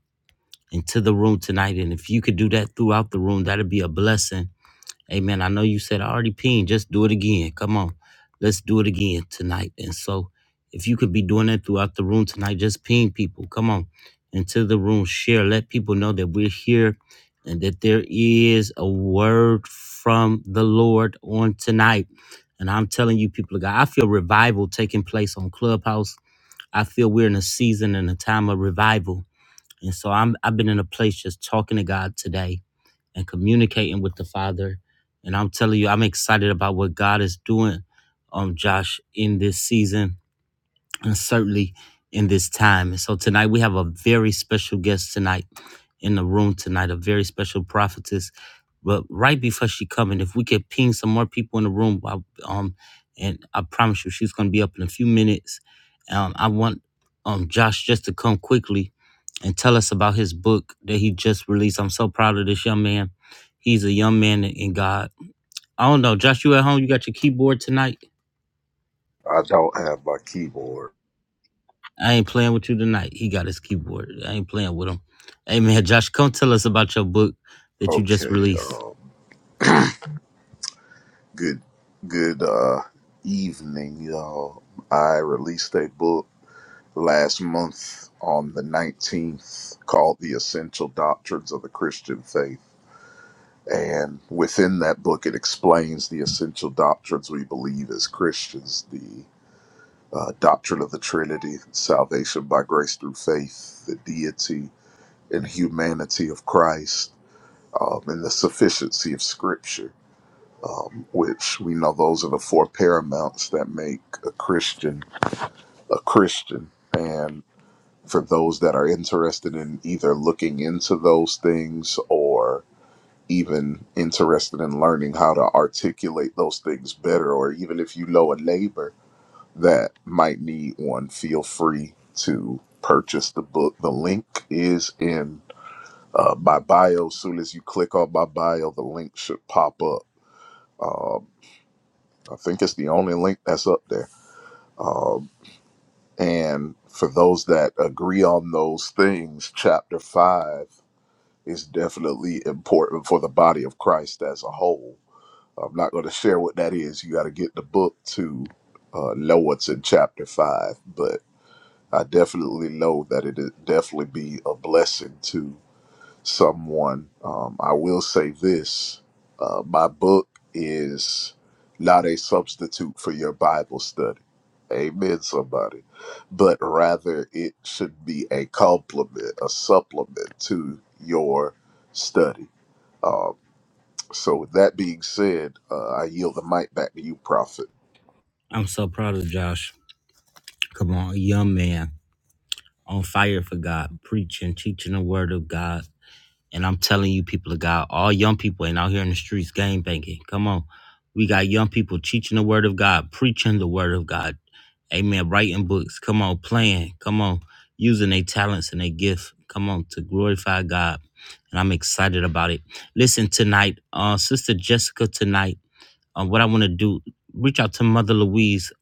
into the room tonight. And if you could do that throughout the room, that'd be a blessing. Amen. I know you said I already pinged. Just do it again. Come on. Let's do it again tonight. And so if you could be doing that throughout the room tonight, just ping people. Come on. Into the room. Share. Let people know that we're here and that there is a word from the Lord on tonight. And I'm telling you, people of God, I feel revival taking place on Clubhouse. I feel we're in a season and a time of revival and so I'm I've been in a place just talking to God today and communicating with the Father. And I'm telling you, I'm excited about what God is doing, um, Josh, in this season and certainly in this time. And so tonight we have a very special guest tonight in the room tonight, a very special prophetess. But right before she coming, if we could ping some more people in the room, I, um, and I promise you she's going to be up in a few minutes. Um, I want um Josh just to come quickly and tell us about his book that he just released. I'm so proud of this young man. He's a young man in in God. I don't know, Josh. You at home? You got your keyboard tonight?
I don't have my keyboard.
I ain't playing with you tonight. He got his keyboard. I ain't playing with him. Hey man, Josh, come tell us about your book that you just
Okay.
released.
Um, good. Good uh, evening, y'all. I released a book last month on the 19th called The Essential Doctrines of the Christian Faith. And within that book, it explains the essential doctrines we believe as Christians the uh, doctrine of the Trinity, salvation by grace through faith, the deity and humanity of Christ, um, and the sufficiency of Scripture um, which we know those are the four paramount's that make a Christian a Christian. And for those that are interested in either looking into those things or even interested in learning how to articulate those things better, or even if you know a neighbor that might need one, feel free to purchase the book. The link is in uh, my bio. As soon as you click on my bio, the link should pop up. Um, I think it's the only link that's up there. Um, and for those that agree on those things, chapter five is definitely important for the body of Christ as a whole. I'm not going to share what that is. You got to get the book to uh, know what's in chapter five, but I definitely know that it definitely be a blessing to someone. Um, I will say this uh, my book is not a substitute for your Bible study. Amen, somebody. But rather, it should be a complement, a supplement to your study. So, with that being said, uh, I yield the mic back to you, Prophet.
I'm so proud of Josh. Come on, a young man on fire for God, preaching, teaching the word of God. And I'm telling you, people of God, all young people ain't out here in the streets game banking. Come on. We got young people teaching the word of God, preaching the word of God. Amen. Writing books. Come on, playing. Come on, using their talents and their gift. Come on, to glorify God. And I'm excited about it. Listen, tonight, uh, Sister Jessica, tonight, uh, what I want to do, reach out to Mother Louise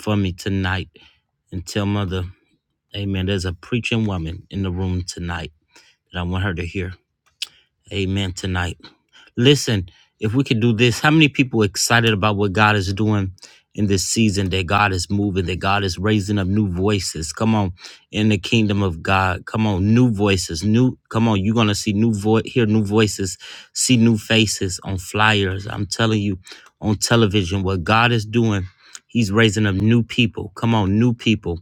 for me tonight and tell Mother, Amen. There's a preaching woman in the room tonight that I want her to hear. Amen tonight. Listen, if we could do this, how many people are excited about what God is doing in this season, that God is moving, that God is raising up new voices? Come on, in the kingdom of God. Come on, new voices. New come on, you're gonna see new voice hear new voices, see new faces on flyers. I'm telling you, on television, what God is doing, He's raising up new people. Come on, new people.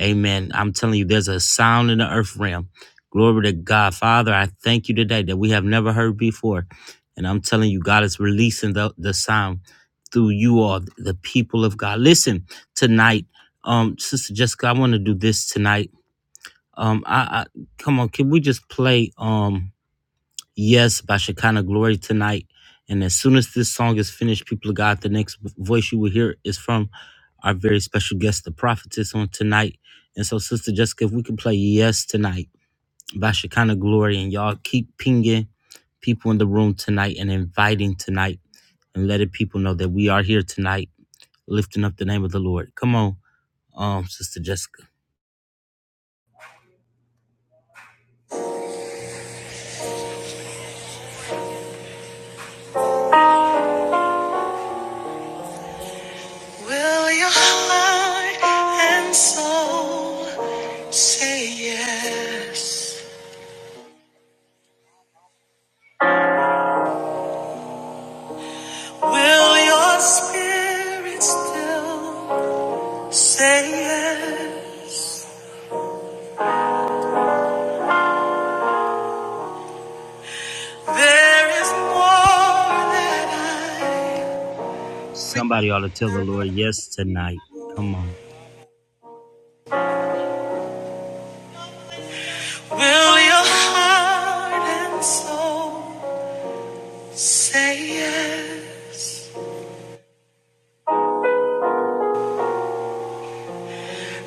Amen. I'm telling you, there's a sound in the earth realm Glory to God. Father, I thank you today that we have never heard before. And I'm telling you, God is releasing the, the sound through you all, the people of God. Listen, tonight, um, Sister Jessica, I want to do this tonight. Um, I, I come on, can we just play um Yes by Shekinah Glory tonight? And as soon as this song is finished, people of God, the next voice you will hear is from our very special guest, the prophetess on tonight. And so, Sister Jessica, if we can play Yes tonight by Shekinah Glory. And y'all keep pinging people in the room tonight and inviting tonight and letting people know that we are here tonight, lifting up the name of the Lord. Come on, um, Sister Jessica.
Will your heart and soul say yes? Will your spirit still say yes? There is more that I.
Somebody ought to tell the Lord yes tonight. Come on.
Will your heart and soul say yes?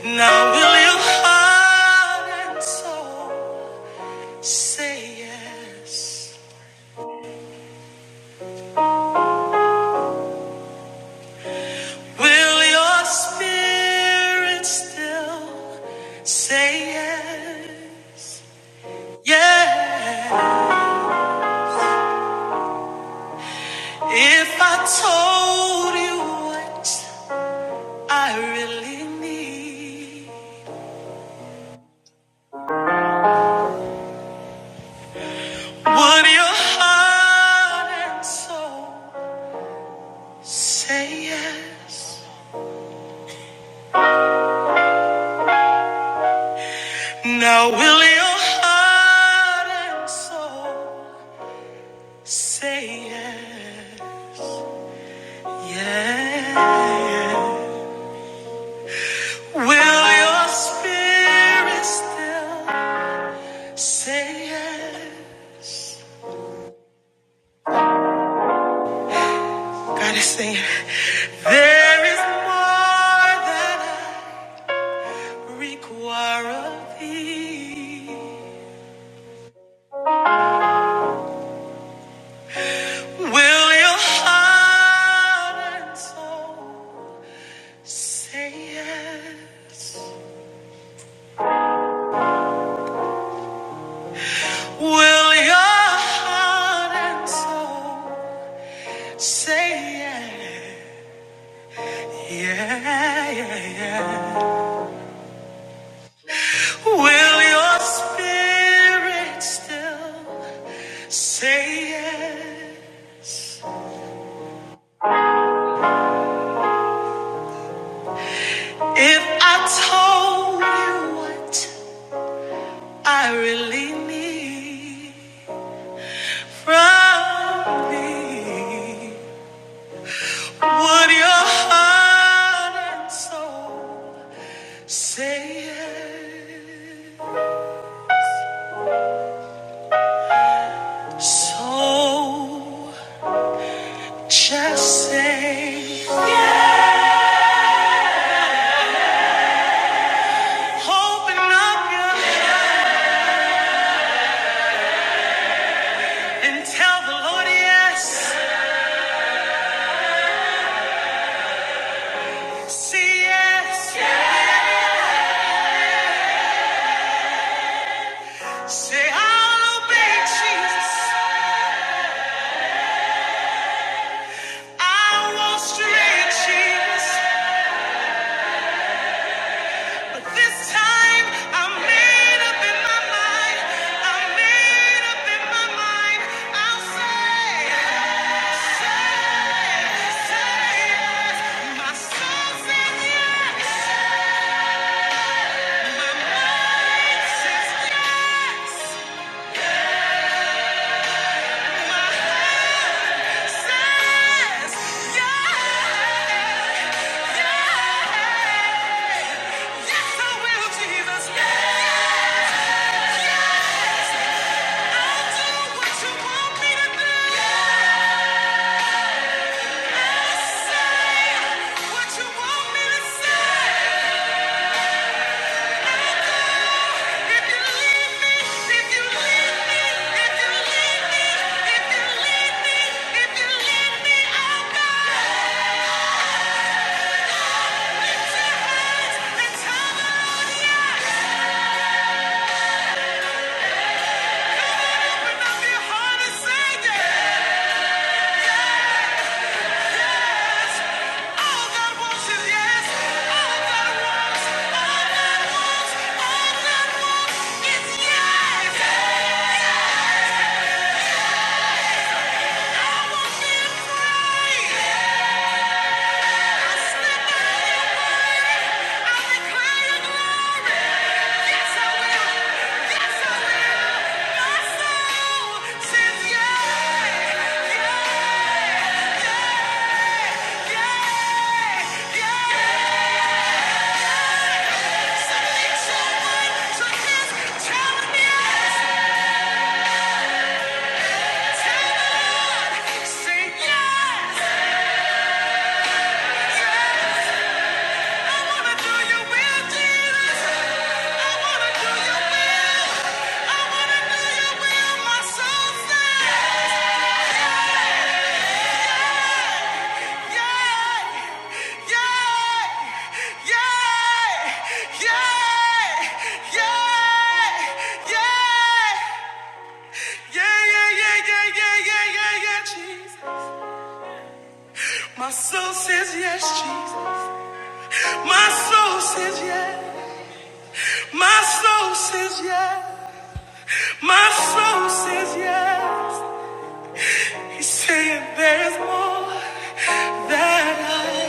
Now will your heart and soul say yes? Will your spirit still? Say yeah, yeah. If I told you what I really need, would your heart and soul say yes? Now will your heart and soul say yes? Yeah. Will your spirit still say yes? God is saying there is more that I require of thee. Will your heart and soul say yes? Will your heart and soul say yes? Yeah, yeah, yeah. Will your spirit still say yes? If I told you what I really need from me. Would your heart and soul say it? So just say, open up your heart and tell the Lord yes. Say yes. Say I'll obey Jesus. I won't stray Jesus. This time I'm made up in my mind. I'm made up in my mind. I'll say, say say yes. My soul says yes. My mind says yes. My says yes. Yes, I will, Jesus. Yes, yes. I'll do what you want me to do. Yeah! Sing yes, yes. I wanna do your will, Jesus. I wanna do your will. I wanna do your will. My soul says yay, yay, yay, yay, yay, yay, yeah, yeah, yeah, yeah, yeah, yeah, yeah, Jesus. My soul says yes, Jesus. My soul says yes. My soul says yes. My soul says yes, and there's more that I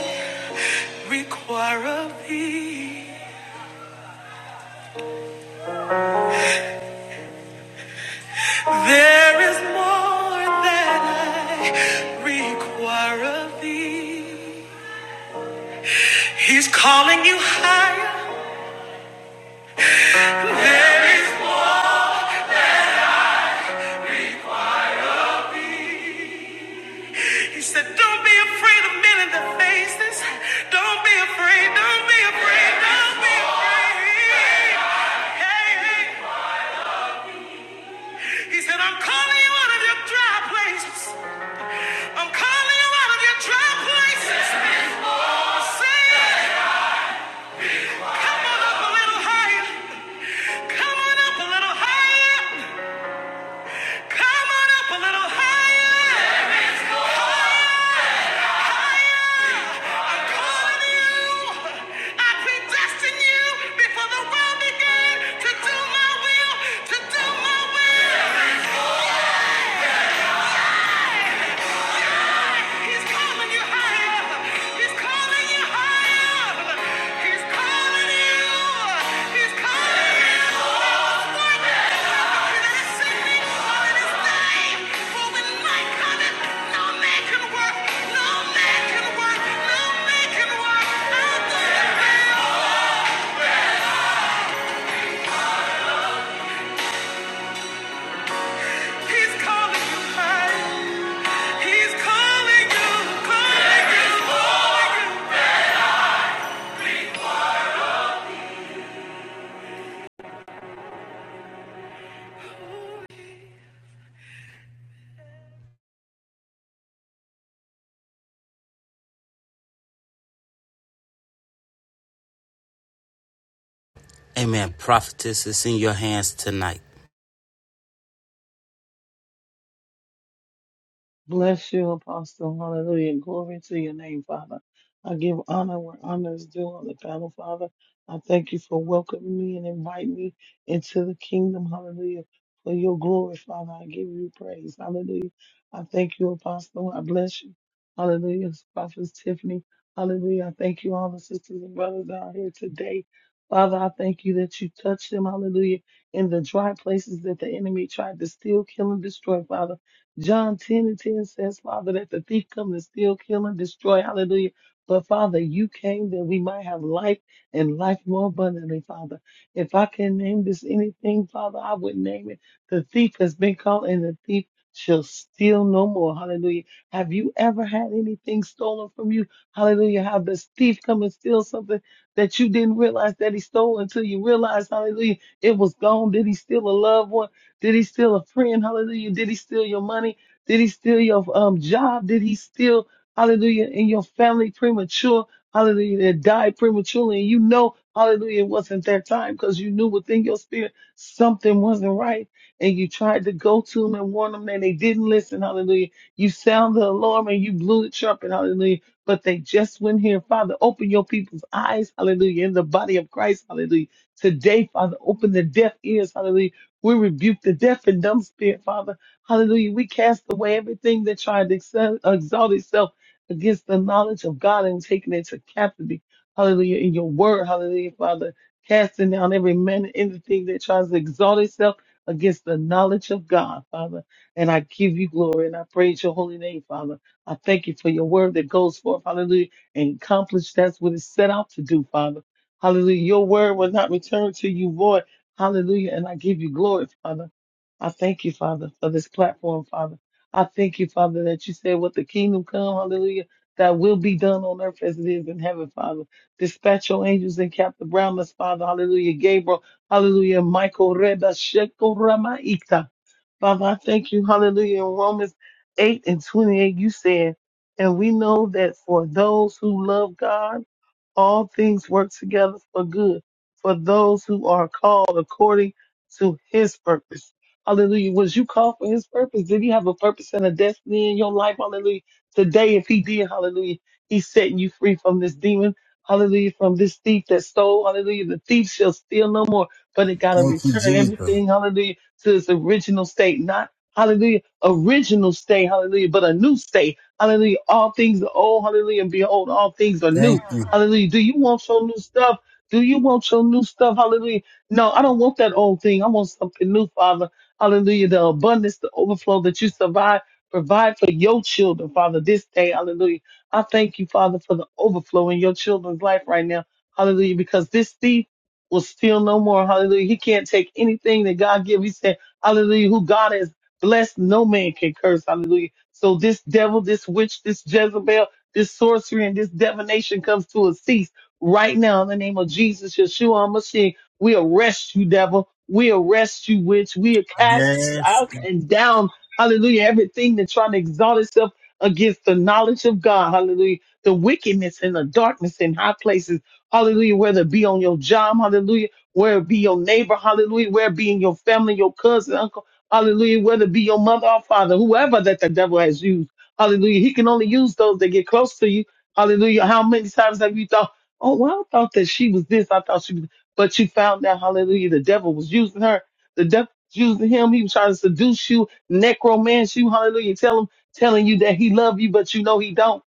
require of thee. There is more that I require of thee. He's calling you higher. He said, Don't be afraid of men in the faces. Don't be afraid, don't be afraid, don't be afraid. Hey, hey. He said, I'm calling you out of your dry places. I'm coming out of your dry places. Say A little higher. Come on up a little higher. Come on up a little higher. I predestined you before the world began to do my will, to do my will. He's calling you higher. He's calling you higher. He's calling you. He's calling you. That is singing all in his name. For when night cometh, no man can work. No man can work. No man can work.
Amen. Prophetess, it's in your hands tonight.
Bless you, Apostle. Hallelujah. Glory to your name, Father. I give honor where honor is due on the panel, Father. I thank you for welcoming me and inviting me into the kingdom. Hallelujah. For your glory, Father. I give you praise. Hallelujah. I thank you, Apostle. I bless you. Hallelujah. Prophet Tiffany. Hallelujah. I thank you, all the sisters and brothers that are here today. Father, I thank you that you touched them. Hallelujah. In the dry places that the enemy tried to steal, kill, and destroy, Father. John 10 and 10 says, Father, that the thief come to steal, kill, and destroy. Hallelujah. But Father, you came that we might have life and life more abundantly, Father. If I can name this anything, Father, I would name it. The thief has been called and the thief shall steal no more. Hallelujah. Have you ever had anything stolen from you? Hallelujah. Have this thief come and steal something that you didn't realize that he stole until you realized, hallelujah, it was gone? Did he steal a loved one? Did he steal a friend? Hallelujah. Did he steal your money? Did he steal your um, job? Did he steal, hallelujah, in your family premature? Hallelujah. That died prematurely. And you know, hallelujah, it wasn't their time because you knew within your spirit something wasn't right. And you tried to go to them and warn them and they didn't listen. Hallelujah. You sound the alarm and you blew the trumpet. Hallelujah. But they just went here. Father, open your people's eyes. Hallelujah. In the body of Christ. Hallelujah. Today, Father, open the deaf ears. Hallelujah we rebuke the deaf and dumb spirit, Father. Hallelujah. We cast away everything that tried to excel, exalt itself against the knowledge of God and taking it to captivity. Hallelujah. In your word, hallelujah, Father. Casting down every man and anything that tries to exalt itself against the knowledge of God, Father. And I give you glory and I praise your holy name, Father. I thank you for your word that goes forth, hallelujah, and accomplish that's what it's set out to do, Father. Hallelujah. Your word will not return to you void Hallelujah. And I give you glory, Father. I thank you, Father, for this platform, Father. I thank you, Father, that you said what the kingdom come, hallelujah, that will be done on earth as it is in heaven, Father. Dispatch your angels and Captain around us, Father, hallelujah. Gabriel, hallelujah. Michael, Reba, Sheko, Ramaita. Father, I thank you, hallelujah. In Romans 8 and 28, you said, and we know that for those who love God, all things work together for good for those who are called according to his purpose. Hallelujah. Was you called for his purpose? Did he have a purpose and a destiny in your life? Hallelujah. Today, if he did, hallelujah, he's setting you free from this demon. Hallelujah. From this thief that stole. Hallelujah. The thief shall steal no more, but it got to
Thank you,
return
Jesus.
everything. Hallelujah. To its original state. Not, hallelujah, original state. Hallelujah. But a new state. Hallelujah. All things are old. Hallelujah. And behold, all things are new.
Thank you.
Hallelujah. Do you want your new stuff? Do you want your new stuff? Hallelujah. No, I don't want that old thing. I want something new, Father. Hallelujah. The abundance, the overflow that you survive, provide for your children, Father, this day. Hallelujah. I thank you, Father, for the overflow in your children's life right now. Hallelujah. Because this thief will steal no more. Hallelujah. He can't take anything that God gives. He said, Hallelujah. Who God has blessed, no man can curse. Hallelujah. So this devil, this witch, this Jezebel, this sorcery and this divination comes to a cease right now in the name of Jesus, Yeshua HaMashiach. We arrest you, devil. We arrest you, witch. We cast you
Yes,
out
God.
and down. Hallelujah. Everything that's trying to exalt itself against the knowledge of God. Hallelujah. The wickedness and the darkness in high places. Hallelujah. Whether it be on your job. Hallelujah. Whether it be your neighbor. Hallelujah. Whether it be in your family, your cousin, uncle. Hallelujah. Whether it be your mother or father, whoever that the devil has used. Hallelujah. He can only use those that get close to you. Hallelujah. How many times have you thought, oh, well, I thought that she was this. I thought she was, but you found out, hallelujah, the devil was using her. The devil was using him. He was trying to seduce you, necromance you. Hallelujah. Tell him, telling you that he love you, but you know he don't.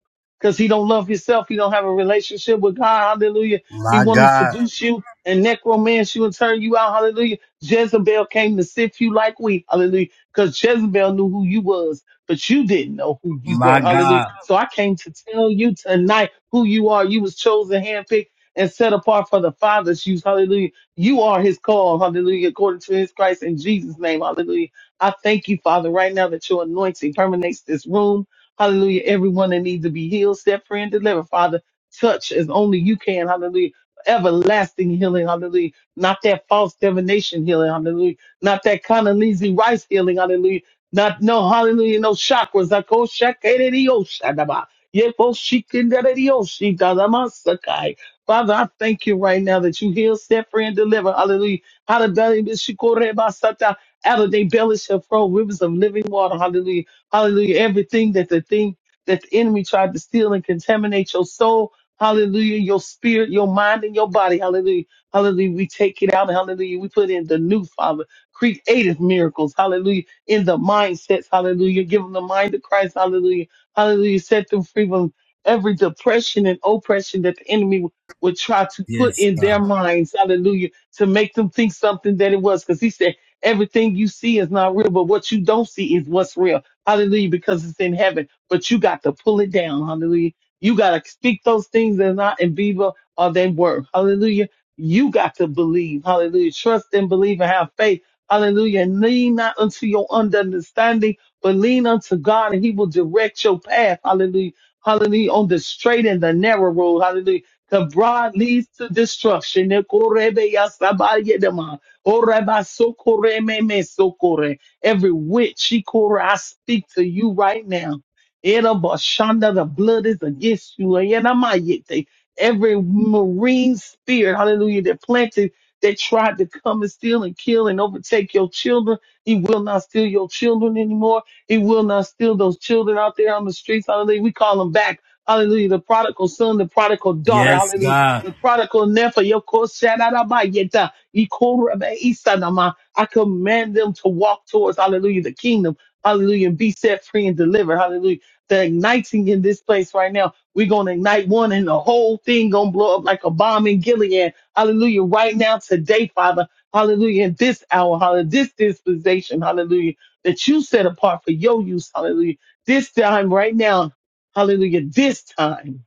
Cause he don't love himself. He don't have a relationship with God. Hallelujah. He
my
wanted to
God,
seduce you and necromance you and turn you out. Hallelujah. Jezebel came to sift you like wheat. Hallelujah. Cause Jezebel knew who you was but you didn't know who you
my
were. Hallelujah.
God.
So I came to tell you tonight who you are. You was chosen, handpicked, and set apart for the Father's use. Hallelujah. You are his call. Hallelujah. According to his Christ in Jesus' name. Hallelujah. I thank you, Father, right now that your anointing permeates this room. Hallelujah. Everyone that needs to be healed, set free, and delivered, Father, touch as only you can. Hallelujah. Everlasting healing, hallelujah. Not that false divination healing, hallelujah. Not that Condoleezza Rice healing, hallelujah not no hallelujah, no chakras. I go shakadioshadaba. Yekoshikindadadioshidadamasakai. Father, I thank you right now that you heal, set free, and deliver. Hallelujah. Out of belly, shikorebasata. Out of their belly shall flow rivers of living water. Hallelujah. Hallelujah. Everything that the thing that the enemy tried to steal and contaminate your soul. Hallelujah. Your spirit, your mind, and your body. Hallelujah. Hallelujah. We take it out. Hallelujah. We put in the new Father. Creative miracles. Hallelujah in the mindsets. Hallelujah. Give them the mind of Christ. Hallelujah. Hallelujah. Set them free from every depression and oppression that the enemy would try to put
Yes,
in
God.
their minds. Hallelujah. To make them think something that it was. Cause he said, everything you see is not real, but what you don't see is what's real. Hallelujah. Because it's in heaven, but you got to pull it down. Hallelujah. You got to speak those things that are not in viva are they were. Hallelujah. You got to believe. Hallelujah. Trust and believe and have faith Hallelujah. lean not unto your understanding, but lean unto God and he will direct your path. Hallelujah. Hallelujah. On the straight and the narrow road. Hallelujah. The broad leads to destruction. Nekorebe yasabayedema. Orebasokorememesokore. Every witch, Ikora, I speak to you right now. Erabashanda, The blood is against you. Ayanamayete. Every marine spirit, hallelujah, that planted they tried to come and steal and kill and overtake your children. He will not steal your children anymore. He will not steal those children out there on the streets. Hallelujah. We call them back. Hallelujah. The prodigal son, the prodigal daughter.
Yes,
Hallelujah.
God.
The prodigal nephew. Your course, shadadabayeta, ikorabaesanama. I command them to walk towards, hallelujah, the kingdom. Hallelujah. And be set free and delivered. Hallelujah. The igniting in this place right now. We're going to ignite one and the whole thing going to blow up like a bomb in Gilead. Hallelujah. Right now, today, Father. Hallelujah. In this hour, hallelujah. This dispensation, hallelujah, that you set apart for your use. Hallelujah. This time, right now. Hallelujah. This time.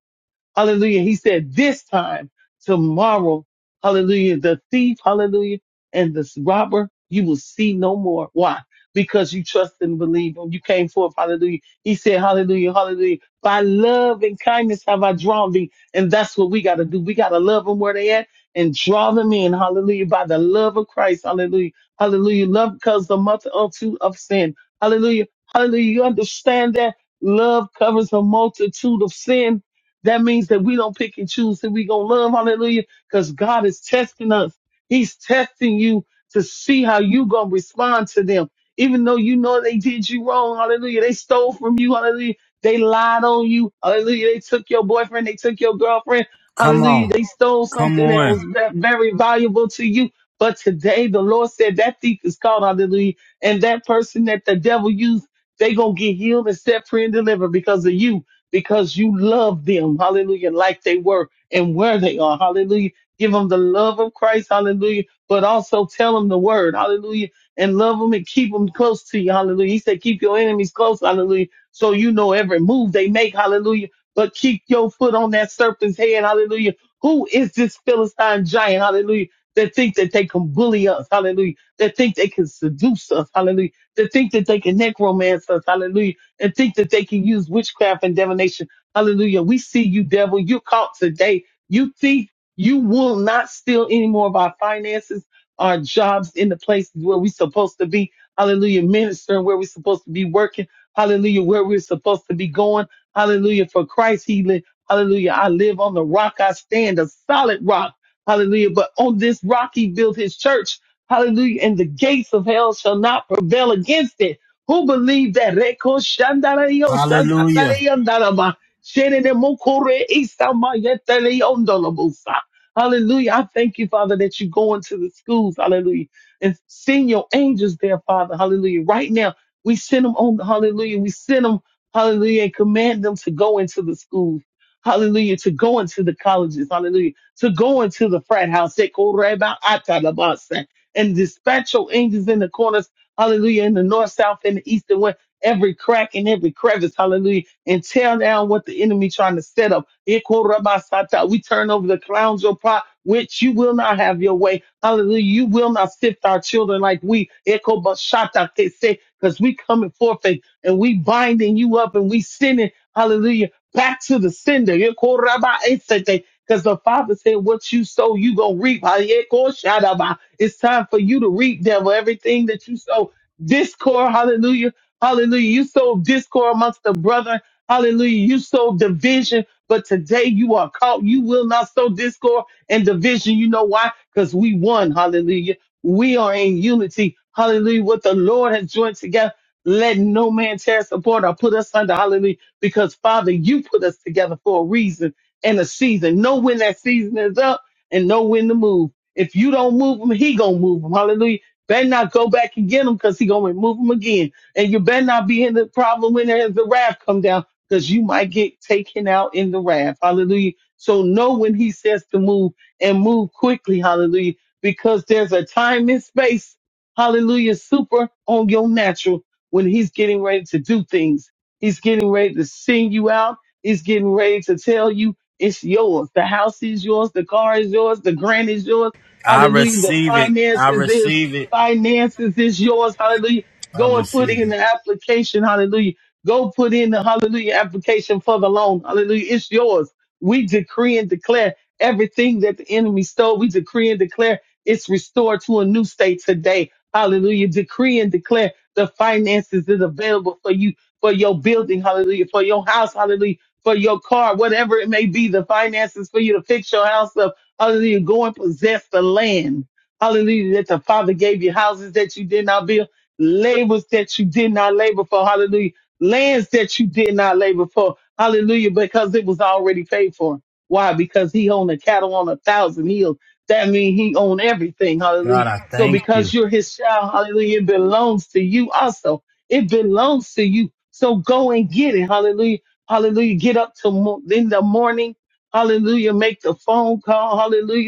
Hallelujah. He said this time tomorrow. Hallelujah. The thief. Hallelujah. And this robber you will see no more. Why? Because you trust and believe him. You came forth. Hallelujah. He said, hallelujah. Hallelujah. By love and kindness have I drawn thee. And that's what we got to do. We got to love them where they at and draw them in. Hallelujah. By the love of Christ. Hallelujah. Hallelujah. Love because the multitude of sin. Hallelujah. Hallelujah. You understand that love covers a multitude of sin. That means that we don't pick and choose that we gonna love. Hallelujah. Because God is testing us. He's testing you to see how you gonna respond to them. Even though you know they did you wrong, hallelujah. They stole from you, hallelujah. They lied on you, hallelujah. They took your boyfriend, they took your girlfriend,
Come
hallelujah.
on,
They stole
come
something that
on.
was ve- very valuable to you. But today the Lord said that thief is caught, hallelujah. And that person that the devil used, they gonna get healed and set free and delivered because of you because you love them, hallelujah, like they were and where they are, hallelujah. Give them the love of Christ, hallelujah, but also tell them the word, hallelujah, and love them and keep them close to you, hallelujah. He said, keep your enemies close, hallelujah, so you know every move they make, hallelujah, but keep your foot on that serpent's head, hallelujah. Who is this Philistine giant, hallelujah, that think that they can bully us, hallelujah, that think they can seduce us, hallelujah, that think that they can necromance us, hallelujah and think that they can use witchcraft and divination. Hallelujah. We see you, devil. You're caught today. You think you will not steal any more of our finances, our jobs in the places where we're supposed to be. Hallelujah. Ministering where we're supposed to be working. Hallelujah. Where we're supposed to be going. Hallelujah. For Christ healing. Hallelujah. I live on the rock. I stand a solid rock. Hallelujah. But on this rock, he built his church. Hallelujah. And the gates of hell shall not prevail against it. Who believe that? Reko shandarayo
Hallelujah.
shakatarayandalaba. Shenenemokore isamayeteleondolobosa. Hallelujah. I thank you, Father, that you go into the schools. Hallelujah. And send your angels there, Father. Hallelujah. Right now, we send them on. Hallelujah. We send them, hallelujah, and command them to go into the schools. Hallelujah. To go into the colleges. Hallelujah. To go into the frat house. Sekorebaatadabasa. And dispatch your angels in the corners Hallelujah. In the north, south, and the east and west, every crack and every crevice. Hallelujah. And tear down what the enemy trying to set up. Ikorabasata. We turn over the clowns your pot, which you will not have your way. Hallelujah. You will not sift our children like we. Ekobashata. They say, because we coming forth and and we binding you up and we sending, hallelujah, back to the sender. Ikorabasate. Because the Father said, What you sow, you gonna reap. Ayeko shadaba. It's time for you to reap, devil, everything that you sow discord. Hallelujah. Hallelujah. You sowed discord amongst the brethren, Hallelujah. You sowed division, but today you are caught. You will not sow discord and division. You know why? Because we won. Hallelujah. We are in unity. Hallelujah. What the Lord has joined together. Let no man tear us apart or put us under. Hallelujah. Because Father, you put us together for a reason and a season. Know when that season is up and know when to move. If you don't move him, he gonna move him. Hallelujah Better not go back and get him because he gonna remove him again. And you better not be in the problem when there's the wrath come down because you might get taken out in the wrath. Hallelujah. So know when he says to move and move quickly. Hallelujah. Because there's a time and space. Hallelujah. Super on your natural when he's getting ready to do things. He's getting ready to sing you out. He's getting ready to tell you it's yours. The house is yours. The car is yours. The grant is yours.
I
Hallelujah. The
receive it. I
finances is
receive it.
finances is yours. Hallelujah.
I
Go and put
receive
in the
it.
application. Hallelujah. Go put in the hallelujah application for the loan. Hallelujah. It's yours. We decree and declare everything that the enemy stole. We decree and declare it's restored to a new state today. Hallelujah. Decree and declare the finances is available for you, for your building. Hallelujah. For your house. Hallelujah. For your car, whatever it may be, the finances for you to fix your house up. Hallelujah. Go and possess the land. Hallelujah. That the Father gave you houses that you did not build, labors that you did not labor for. Hallelujah. Lands that you did not labor for. Hallelujah. Because it was already paid for. Why? Because he owned the cattle on a thousand hills. That means he owned everything. Hallelujah.
God, I
So
thank you.
because you're his child, hallelujah, it belongs to you also. It belongs to you. So go and get it. Hallelujah. Hallelujah. Get up to mo- in the morning. Hallelujah. Make the phone call. Hallelujah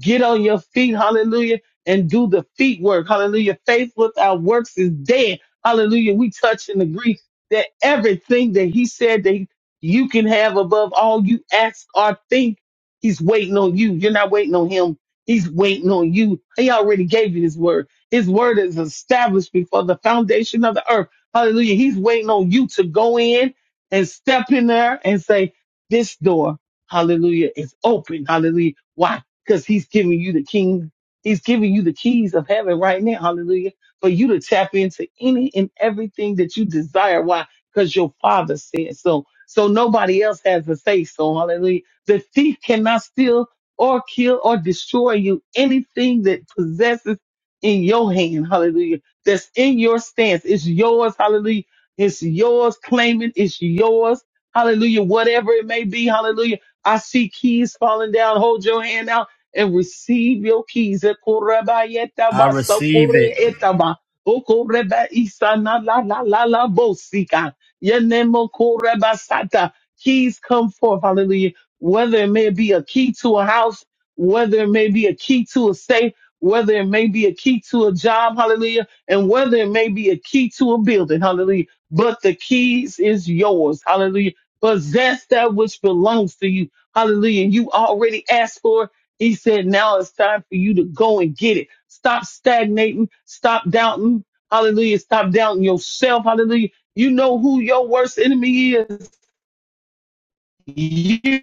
Get on your feet, hallelujah, and do the feet work, hallelujah. Faith without works is dead, hallelujah. We touch and agree that everything that He said that you can have above all you ask or think, He's waiting on you. You're not waiting on Him, He's waiting on you. He already gave you His word. His word is established before the foundation of the earth, hallelujah. He's waiting on you to go in and step in there and say, This door, hallelujah, is open, hallelujah. Why? because he's giving you the king. He's giving you the keys of heaven right now. Hallelujah. For you to tap into any and everything that you desire. Why? Because your father said so. So nobody else has a say. So hallelujah. The thief cannot steal or kill or destroy you. Anything that possesses in your hand. Hallelujah. That's in your stance. It's yours. Hallelujah. It's yours. Claim it. It's yours. Hallelujah. Whatever it may be. Hallelujah. I see keys falling down. Hold your hand out and receive your keys.
I
Ekorabayetaba,
receive it.
sokoreetaba, okorebaisa, na, la, la, la, la, bosika. Yenemokorebasata. Keys come forth, hallelujah. Whether it may be a key to a house, whether it may be a key to a safe, whether it may be a key to a job, hallelujah, and whether it may be a key to a building, hallelujah. But the keys is yours, hallelujah. Possess that which belongs to you, hallelujah. You already asked for it he said, now it's time for you to go and get it. Stop stagnating. Stop doubting. Hallelujah. Stop doubting yourself. Hallelujah. You know who your worst enemy is. You.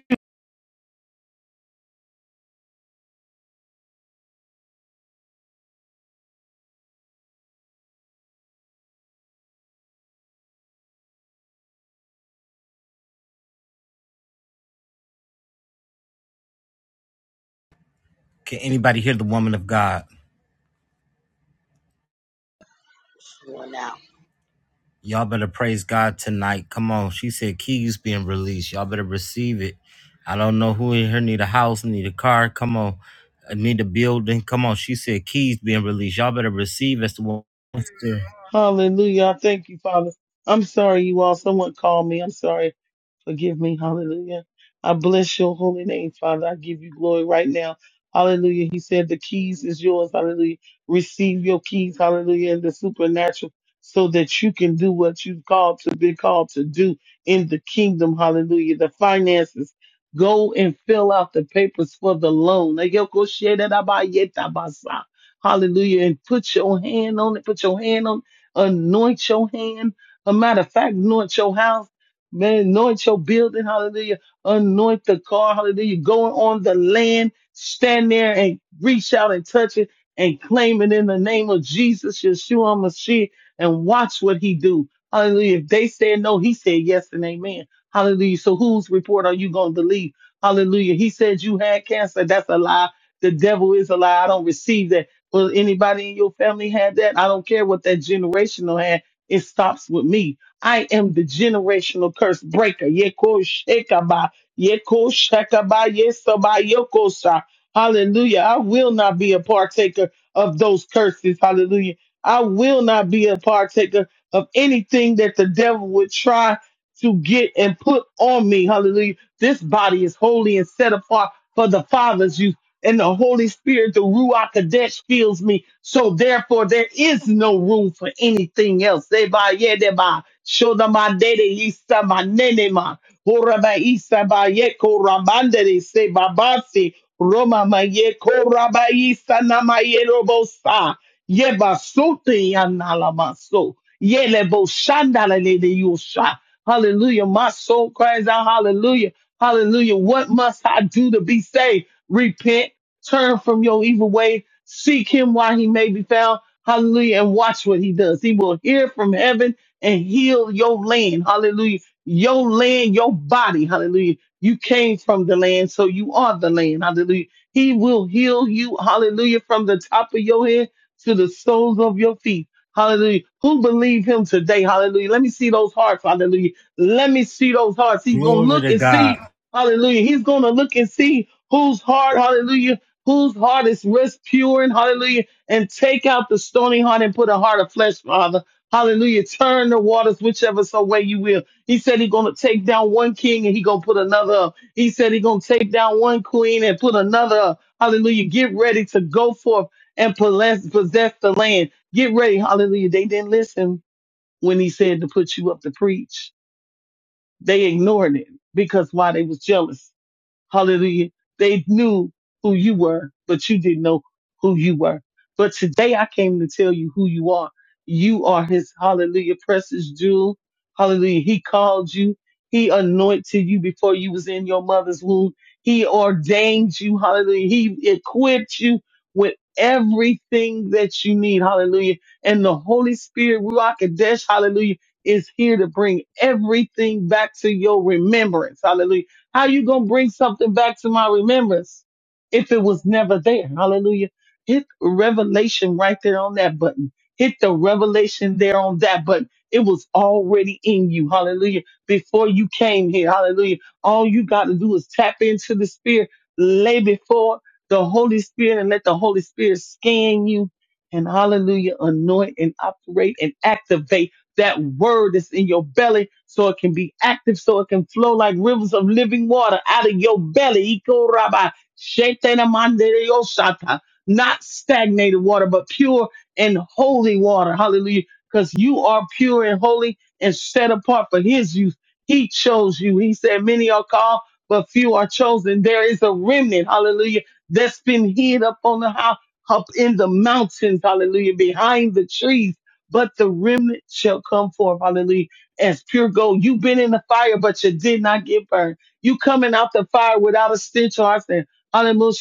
Can anybody hear the woman of God?
Going out.
Y'all better praise God tonight. Come on. She said keys being released. Y'all better receive it. I don't know who in here need a house, need a car. Come on. I need a building. Come on. She said keys being released. Y'all better receive as the woman.
Hallelujah. I thank you, Father. I'm sorry, you all. Someone called me. I'm sorry. Forgive me. Hallelujah. I bless your holy name, Father. I give you glory right now. Hallelujah. He said the keys is yours. Hallelujah. Receive your keys. Hallelujah. In the supernatural so that you can do what you've called to be called to do in the kingdom. Hallelujah. The finances. Go and fill out the papers for the loan. Hallelujah. And put your hand on it. Put your hand on, anoint your hand. A matter of fact, anoint your house Man, anoint your building, hallelujah. Anoint the car, hallelujah. Going on the land, stand there and reach out and touch it and claim it in the name of Jesus, Yeshua Mashiach, and watch what he do. Hallelujah. If they said no, he said yes and amen. Hallelujah. So whose report are you going to believe? Hallelujah. He said you had cancer. That's a lie. The devil is a lie. I don't receive that. Well, anybody in your family had that? I don't care what that generational had. It stops with me. I am the generational curse breaker. Yeko shekaba, yeko shekaba, yesaba, yoko Hallelujah. I will not be a partaker of those curses. Hallelujah. I will not be a partaker of anything that the devil would try to get and put on me. Hallelujah. This body is holy and set apart for the Father's use and the Holy Spirit, the Ruach Kadesh fills me. So therefore, there is no room for anything else. Eba, yedeba, shodama, dede, yisa, ma, horaba, isa, ba, yeko, ramandere, se, babasi, roma, ma, yeko, raba, isa, na, ma, yeba, sote, ya, so, yelebo, shanda, la, yosha. Hallelujah. My soul cries out, hallelujah. Hallelujah. What must I do to be saved? Repent Turn from your evil way. Seek him while he may be found. Hallelujah. And watch what he does. He will hear from heaven and heal your land. Hallelujah. Your land, your body. Hallelujah. You came from the land, so you are the land. Hallelujah. He will heal you. Hallelujah. From the top of your head to the soles of your feet. Hallelujah. Who believe him today? Hallelujah. Let me see those hearts. Hallelujah. Let me see those hearts. He's going to
Glory
look
to
and
God.
see. Hallelujah. He's going to look and see whose heart. Hallelujah whose heart is rest pure and hallelujah, and take out the stony heart and put a heart of flesh, Father. Hallelujah. Turn the waters whichever so way you will. He said he gonna take down one king and he gonna put another up. He said he gonna take down one queen and put another up. Hallelujah. Get ready to go forth and possess possess the land. Get ready. Hallelujah. They didn't listen when he said to put you up to preach. They ignored it because why they was jealous Hallelujah. They knew who you were, but you didn't know who you were. But today I came to tell you who you are. You are his hallelujah precious jewel. Hallelujah. He called you. He anointed you before you was in your mother's womb. He ordained you. Hallelujah. He equipped you with everything that you need. Hallelujah. And the Holy Spirit, Ruach Kodesh, hallelujah, is here to bring everything back to your remembrance. Hallelujah how you gonna bring something back to my remembrance if it was never there? Hallelujah. Hit revelation right there on that button. Hit the revelation there on that button. It was already in you. Hallelujah. Before you came here. Hallelujah. All you got to do is tap into the spirit, lay before the Holy Spirit and let the Holy Spirit scan you and hallelujah, anoint and operate and activate that word that's in your belly so it can be active, so it can flow like rivers of living water out of your belly. Iko raba, shetena mandere yoshata. Not stagnated water, but pure and holy water. Hallelujah. Because you are pure and holy and set apart for his use. He chose you. He said, Many are called, but few are chosen. There is a remnant, hallelujah, that's been hid up on the house, up in the mountains, hallelujah, behind the trees but the remnant shall come forth, hallelujah, as pure gold. You've been in the fire, but you did not get burned. You coming out the fire without a stench or a sin. Hallelujah.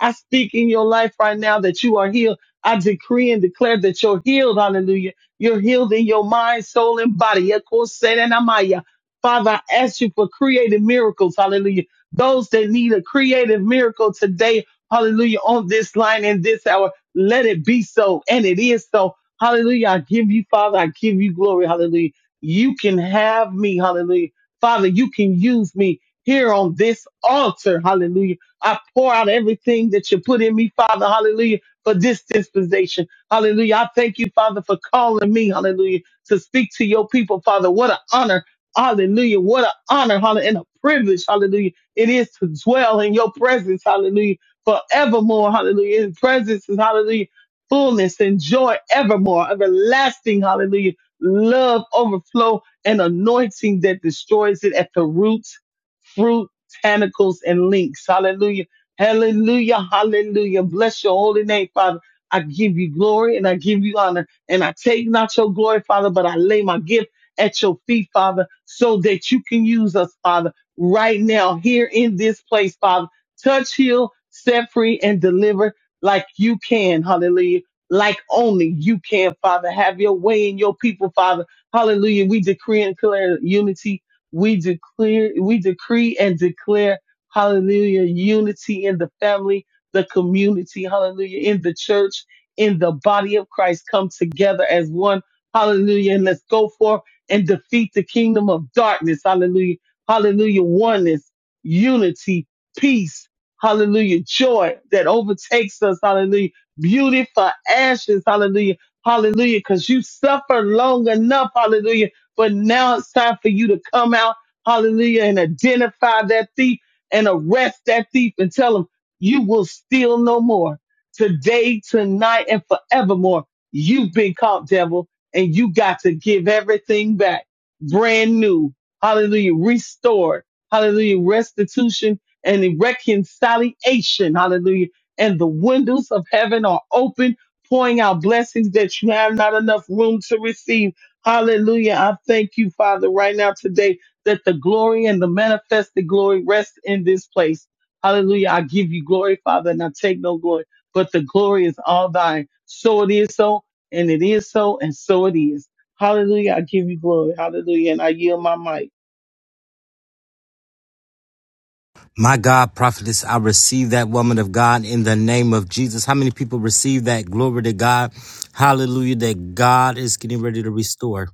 I speak in your life right now that you are healed. I decree and declare that you're healed. Hallelujah. You're healed in your mind, soul, and body. Ekoserenamaya. Father, I ask you for creative miracles. Hallelujah. Those that need a creative miracle today. Hallelujah. On this line in this hour. Let it be so. And it is so. Hallelujah. I give you, Father. I give you glory. Hallelujah. You can have me. Hallelujah. Father, you can use me here on this altar. Hallelujah. I pour out everything that you put in me, Father. Hallelujah. For this dispensation. Hallelujah. I thank you, Father, for calling me. Hallelujah. To speak to your people, Father. What an honor. Hallelujah. What an honor. Hallelujah. And a privilege. Hallelujah. It is to dwell in your presence. Hallelujah forevermore. Hallelujah. His presence is hallelujah. Fullness and joy evermore. Everlasting. Hallelujah. Love overflow and anointing that destroys it at the roots, fruit, tentacles, and links. Hallelujah. Hallelujah. Hallelujah. Bless your holy name, Father. I give you glory and I give you honor. And I take not your glory, Father, but I lay my gift at your feet, Father, so that you can use us, Father, right now, here in this place, Father touch, heal, set free, and deliver like you can. Hallelujah. Like only you can, Father. Have your way in your people, Father. Hallelujah. We decree and declare unity. We declare, we decree and declare, hallelujah, unity in the family, the community, hallelujah, in the church, in the body of Christ. Come together as one. Hallelujah. And let's go forth and defeat the kingdom of darkness. Hallelujah. Hallelujah. Oneness, unity, peace Hallelujah. Joy that overtakes us. Hallelujah. Beauty for ashes. Hallelujah. Hallelujah. Cause you suffered long enough. Hallelujah. But now it's time for you to come out. Hallelujah. And identify that thief and arrest that thief and tell him you will steal no more today, tonight, and forevermore. You've been caught, devil, and you got to give everything back brand new. Hallelujah. Restored. Hallelujah. Restitution and reconciliation. Hallelujah. And the windows of heaven are open, pouring out blessings that you have not enough room to receive. Hallelujah. I thank you, Father, right now today that the glory and the manifested glory rest in this place. Hallelujah. I give you glory, Father, and I take no glory, but the glory is all thine. So it is so, and it is so, and so it is. Hallelujah. I give you glory. Hallelujah. And I yield my mic.
My God, prophetess, I receive that woman of God in the name of Jesus. How many people receive that? Glory to God. Hallelujah. That God is getting ready to restore.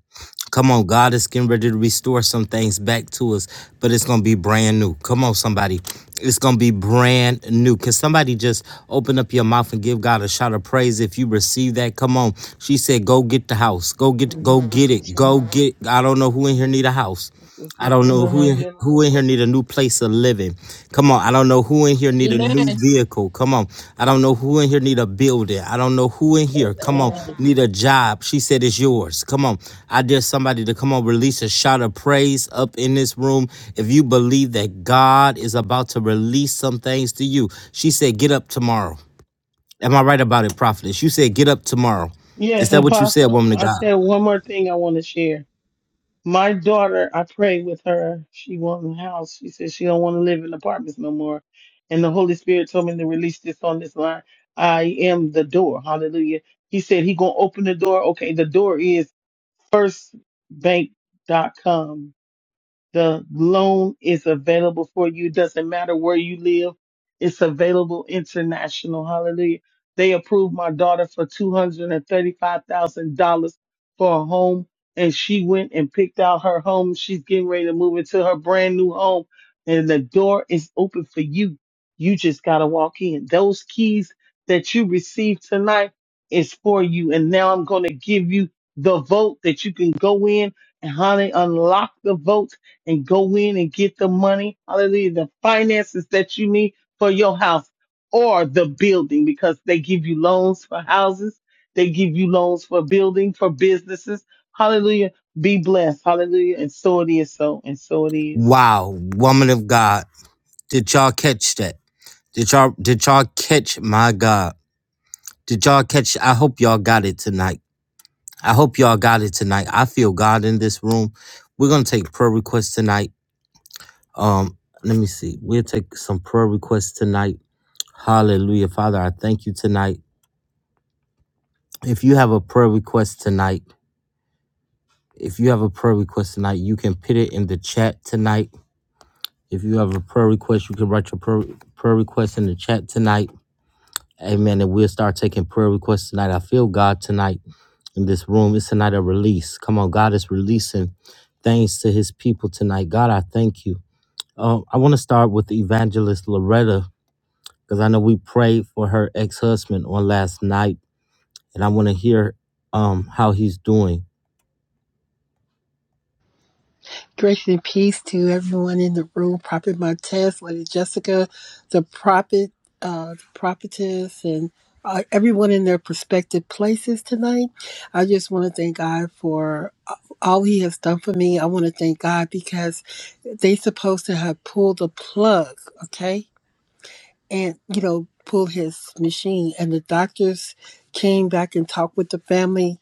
Come on, God is getting ready to restore some things back to us, but it's going to be brand new. Come on, somebody. It's going to be brand new. Can somebody just open up your mouth and give God a shout of praise if you receive that? Come on. She said, go get the house. Go get, go get it. Go get, it. I don't know who
<laughs>
in here need a house. I don't know who in, who in here need a new place of living. Come on, I don't know who in here need a
Amen.
new vehicle. Come on, I don't know who in here need a building. I don't know who in here. Come on, need a job. She said it's yours. Come on, I dare somebody to come on release a shout of praise up in this room. If you believe that God is about to release some things to you, she said get up tomorrow. Am I right about it, prophetess? You said get up tomorrow. Is
Yes,
that what you said,
Apostle.
woman of
I
God?
said one more thing I want to share. My daughter, I prayed with her. She wants a house. She said she don't want to live in apartments no more. And the Holy Spirit told me to release this on this line. I am the door. Hallelujah. He said he gonna open the door. Okay, the door is firstbank.com. The loan is available for you. Doesn't matter where you live. It's available international. Hallelujah. They approved my daughter for $235,000 for a home and she went and picked out her home. She's getting ready to move into her brand new home and the door is open for you. You just got to walk in. Those keys that you receive tonight is for you. And now I'm going to give you the vote that you can go in and honey, unlock the vote and go in and get the money, hallelujah, the finances that you need for your house or the building because they give you loans for houses, they give you loans for building, for businesses. Hallelujah. Be blessed. Hallelujah. And so it is so, and so it is.
Wow, woman of God, did y'all catch that? Did y'all did y'all catch my God? Did y'all catch I hope y'all got it tonight. I hope y'all got it tonight. I feel God in this room. We're gonna take prayer requests tonight. Um, let me see. We'll take some prayer requests tonight. Hallelujah. Father, I thank you tonight. If you have a prayer request tonight, if you have a prayer request tonight, you can put it in the chat tonight. If you have a prayer request, you can write your prayer, prayer request in the chat tonight. Amen. And we'll start taking prayer requests tonight. I feel God tonight. in this room. It's a night of release. Come on, God is releasing things to his people tonight. God, I thank you. Um, I want to start with Evangelist Loretta because I know we prayed for her ex husband on last night, and I want to hear um, how he's doing.
Grace and peace to everyone in the room. Prophet Montez, Lady Jessica, the prophet, uh, the prophetess, and uh, everyone in their prospective places tonight. I just want to thank God for uh, all He has done for me. I want to thank God because they supposed to have pulled the plug. Okay, and you know pull his machine and the doctors came back and talked with the family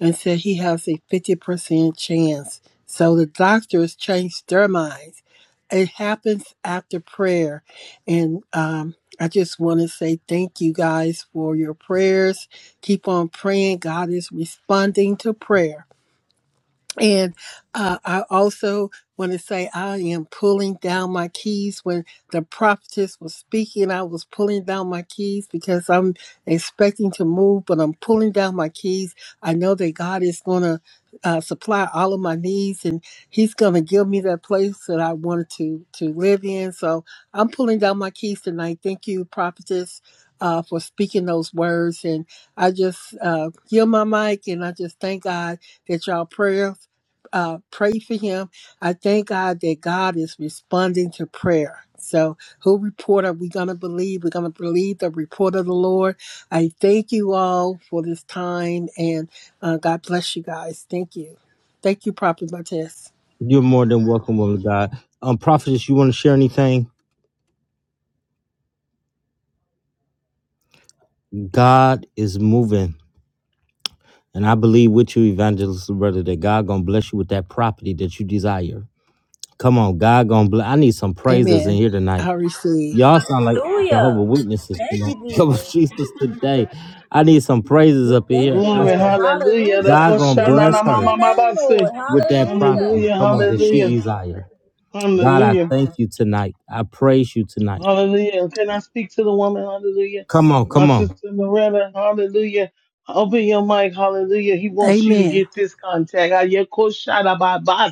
and said he has a 50% chance so the doctors changed their minds it happens after prayer and um, i just want to say thank you guys for your prayers keep on praying god is responding to prayer and uh, I also want to say I am pulling down my keys. When the prophetess was speaking, I was pulling down my keys because I'm expecting to move, but I'm pulling down my keys. I know that God is going to uh, supply all of my needs, and He's going to give me that place that I wanted to to live in. So I'm pulling down my keys tonight. Thank you, prophetess. Uh, for speaking those words, and I just uh, yield my mic, and I just thank God that y'all prayers uh, pray for him. I thank God that God is responding to prayer. So, who report are we going to believe? We're going to believe the report of the Lord. I thank you all for this time and uh, God bless you guys. Thank you. Thank you, Prophet Martez.
You're more than welcome, woman of God. Um, prophetess, you want to share anything? God is moving, and I believe with you, evangelist brother, that God gonna bless you with that property that you desire. Come on, God gonna bless. I need some praises in
Amen.
here tonight.
I receive.
Y'all sound like Jehovah
Hallelujah.
Witnesses, you
Thank
know.
you,
<laughs> Jehovah
Jesus.
Jesus today. I need some praises
We
up in
thank
here.
you,
I-
Glory,
Lord.
hallelujah. The
Hallelujah.
God gonna
Glory
bless
Koshanana
to
her
your
Mama
name, Lord.
Mabase.
with that
Hallelujah.
property.
Hallelujah,
Come on,
Thank
that
you,
she
hallelujah,
Jesus.
desire. God, I
hallelujah.
thank you tonight. I praise you tonight.
Hallelujah. Can I speak to the woman? Hallelujah.
Come on,
My
come on.
sister Loretta, hallelujah. Open your mic, hallelujah. He wants you to
Amen.
get this contact.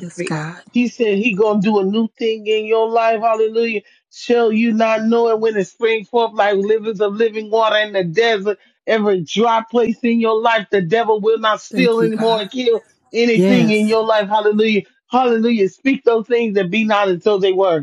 Yes, God.
He said he gonna do a new thing in your life, hallelujah. Shall you not know it when it springs forth like rivers of living water in the desert? Every dry place in your life, the devil will not
Thank
steal
you,
anymore
God.
and kill anything in
Yes.
your life, hallelujah. Hallelujah. Speak those things that be not as though they were.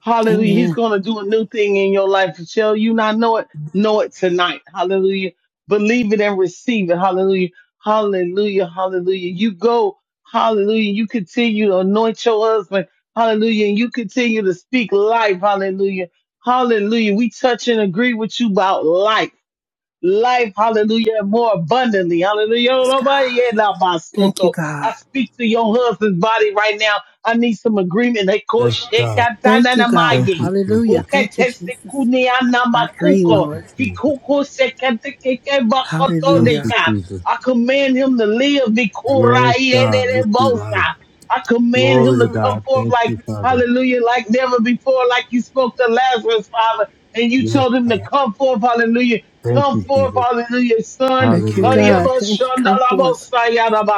Hallelujah. He's
Amen.
going to do a new thing in your life. Shall you not know it? Know it tonight. Hallelujah. Believe it and receive it. Hallelujah. Hallelujah. Hallelujah. You go. Hallelujah. You continue to anoint your husband. Hallelujah. And you continue to speak life. Hallelujah. Hallelujah. We touch and agree with you about life life, hallelujah, more abundantly. Hallelujah.
Yes,
Nobody
God.
yeah, now, my
Thank you,
soto.
God.
I speak to your husband's body right now. I need some agreement. They call
Yes, God.
Thank you, God.
Thank you,
shekatananamaye.
Hallelujah.
Jesus.
Thank you, Jesus. I agree,
Thank
Oketesekunianamakuko.
you,
Lord.
Jesus.
Hikuko
Thank
Hallelujah.
you,
seketekekebakotodeka.
Jesus.
I command him to live.
Yes, God, we see life.
Bikuraiederebosa. I command him
Glory
to
to
come
God.
forth
Thank
like,
you, Father.
hallelujah, like never before, like you spoke to Lazarus, Father, and you
Yes,
told him to
God.
come forth, hallelujah
Thank
Come
you,
forth,
Jesus.
hallelujah, son.
Thank you,
Hallelujah.
Hallelujah.
God. Thank you. Come forth.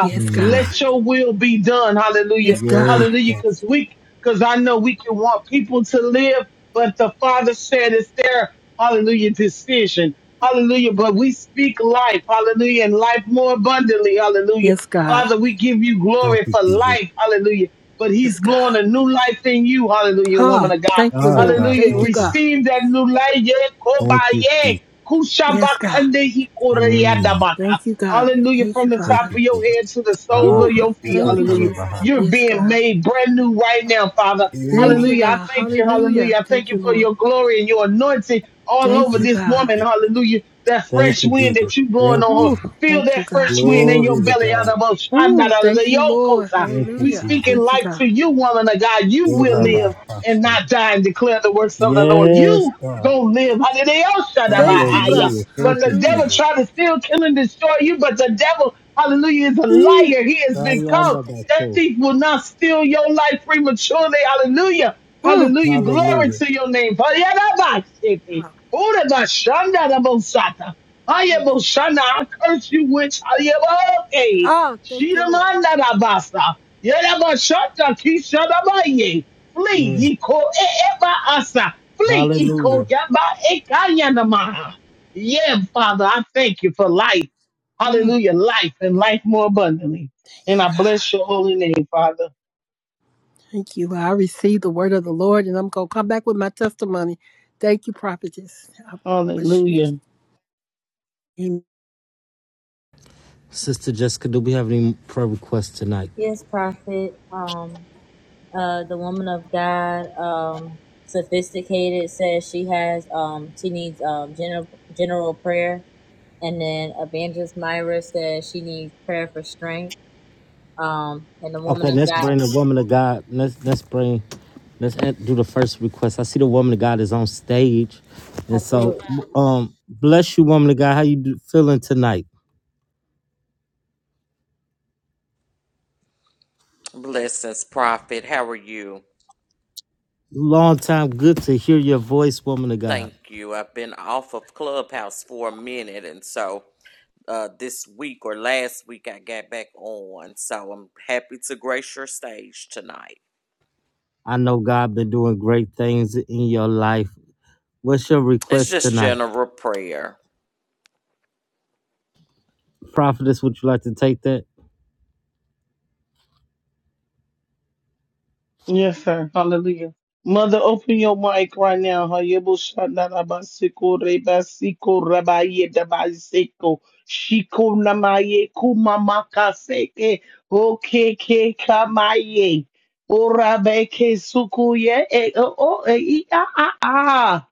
Yes,
Mm.
God.
Let your will be done, hallelujah.
Yes, God.
Yes,
Hallelujah,
God.
because we, because I know we can want people to live, but the Father said it's their, hallelujah, decision. Hallelujah, but we speak life, hallelujah, and life more abundantly, hallelujah.
Yes, God.
Father, we give you
Thank
glory
you,
for
Jesus.
life, hallelujah. But he's
Yes,
blowing
God.
a new life in you, hallelujah, woman
Ha.
of God.
Thank you,
Ah,
Lord.
God,
Hallelujah.
Thank you,
thank you.
God.
Receive that new life, Yeah,
Thank you,
Kobaye.
Jesus.
Yes, God.
Kushabakande
Mm.
ikoriandabaka.
Thank you, God.
Hallelujah.
Thank
From
you,
the
Thank
top
Father.
of
you,
your
Jesus.
head to the soles
Ah,
of
Woo.
your
yes,
feet.
yes,
Thank you,
Allah.
Hallelujah.
love
Jesus.
You're
Yes,
being
God.
made brand new right now, Father.
Thank
Oh,
you,
Hallelujah. I
God.
thank you.
Hallelujah.
Hallelujah. I thank
Thank
you
you,
for
Lord.
your glory and your anointing all
Thank
over
you,
this
God.
woman. Hallelujah. That
thank
fresh
you,
wind
Jesus.
that you blowing
Thank
on her.
Woo.
you.
Feel
Thank you,
that
God.
fresh wind in your
Glory to
belly.
God.
Hallelujah.
Woo. Thank you, Lord.
Thank you,
We
Hallelujah.
speaking
Jesus.
Thank you,
life
God.
to you, woman of God. You
Oh,
will
Mm.
Rabbi
live and
Hassan.
not die and declare the works of the Lord.
Yes,
You
God.
go live. Hallelujah.
Thank you,
Shadabahaya.
God.
Hallelujah.
But
Thank you,
the devil
Hallelujah.
Jesus.
tried to steal, kill, and destroy you. But the devil, hallelujah, is a
Yee.
liar. He has become.
Sayanda
That
Baso.
thief will not steal your life prematurely. Hallelujah.
Mm.
Hallelujah. Glory
Hallelujah.
to your name. Hallelujah.
Ah,
Urabashandarabosata.
mm.
Ayaboshana. I curse you, witch. Ayaboke.
Ah, thank you, Lord.
Shidamandarabasa. Yerabashata kishadabaye. Flee,
Mm.
yiko eeva asa. Flee, yiko
Hallelujah.
yaba ekayanamaha. Yeah, Father, I thank you for life.
Mm.
Hallelujah, life and life more abundantly.
Thank
And
you,
I
God.
bless your holy name, Father.
Thank you. I received the word of the Lord and I'm going to come back with my testimony. Thank you, prophetess. I bless you.
Hallelujah.
Amen.
Sister Jessica, do we have any prayer requests tonight?
Yes, Prophet. Um, uh, the woman of God, um, sophisticated says she has, um, she needs, um, general, general prayer. And then Evangelist Myra says she needs prayer for strength. Um, and the woman
Okay,
of
let's
God
bring the woman of God. Let's let's bring let's do the first request. I see the woman of God is on stage, and so
Hallelujah.
um, bless you, woman of God. How you do, feeling tonight?
Blessings, Prophet. How are you?
Long time, good to hear your voice, woman of God.
Thank you. I've been off of Clubhouse for a minute, and so uh, this week or last week I got back on. So I'm happy to grace your stage tonight.
I know God been doing great things in your life. What's your
It's
request
just
tonight?
general prayer.
Prophetess, would you like to take that?
Yes, sir. Hallelujah. Mother, open your mic right now. Hayebo shanda raba seko reba seko Shiko namaye kumama kaseke. Oke ke kamaye. Orabe ke suku E o o e i a a a.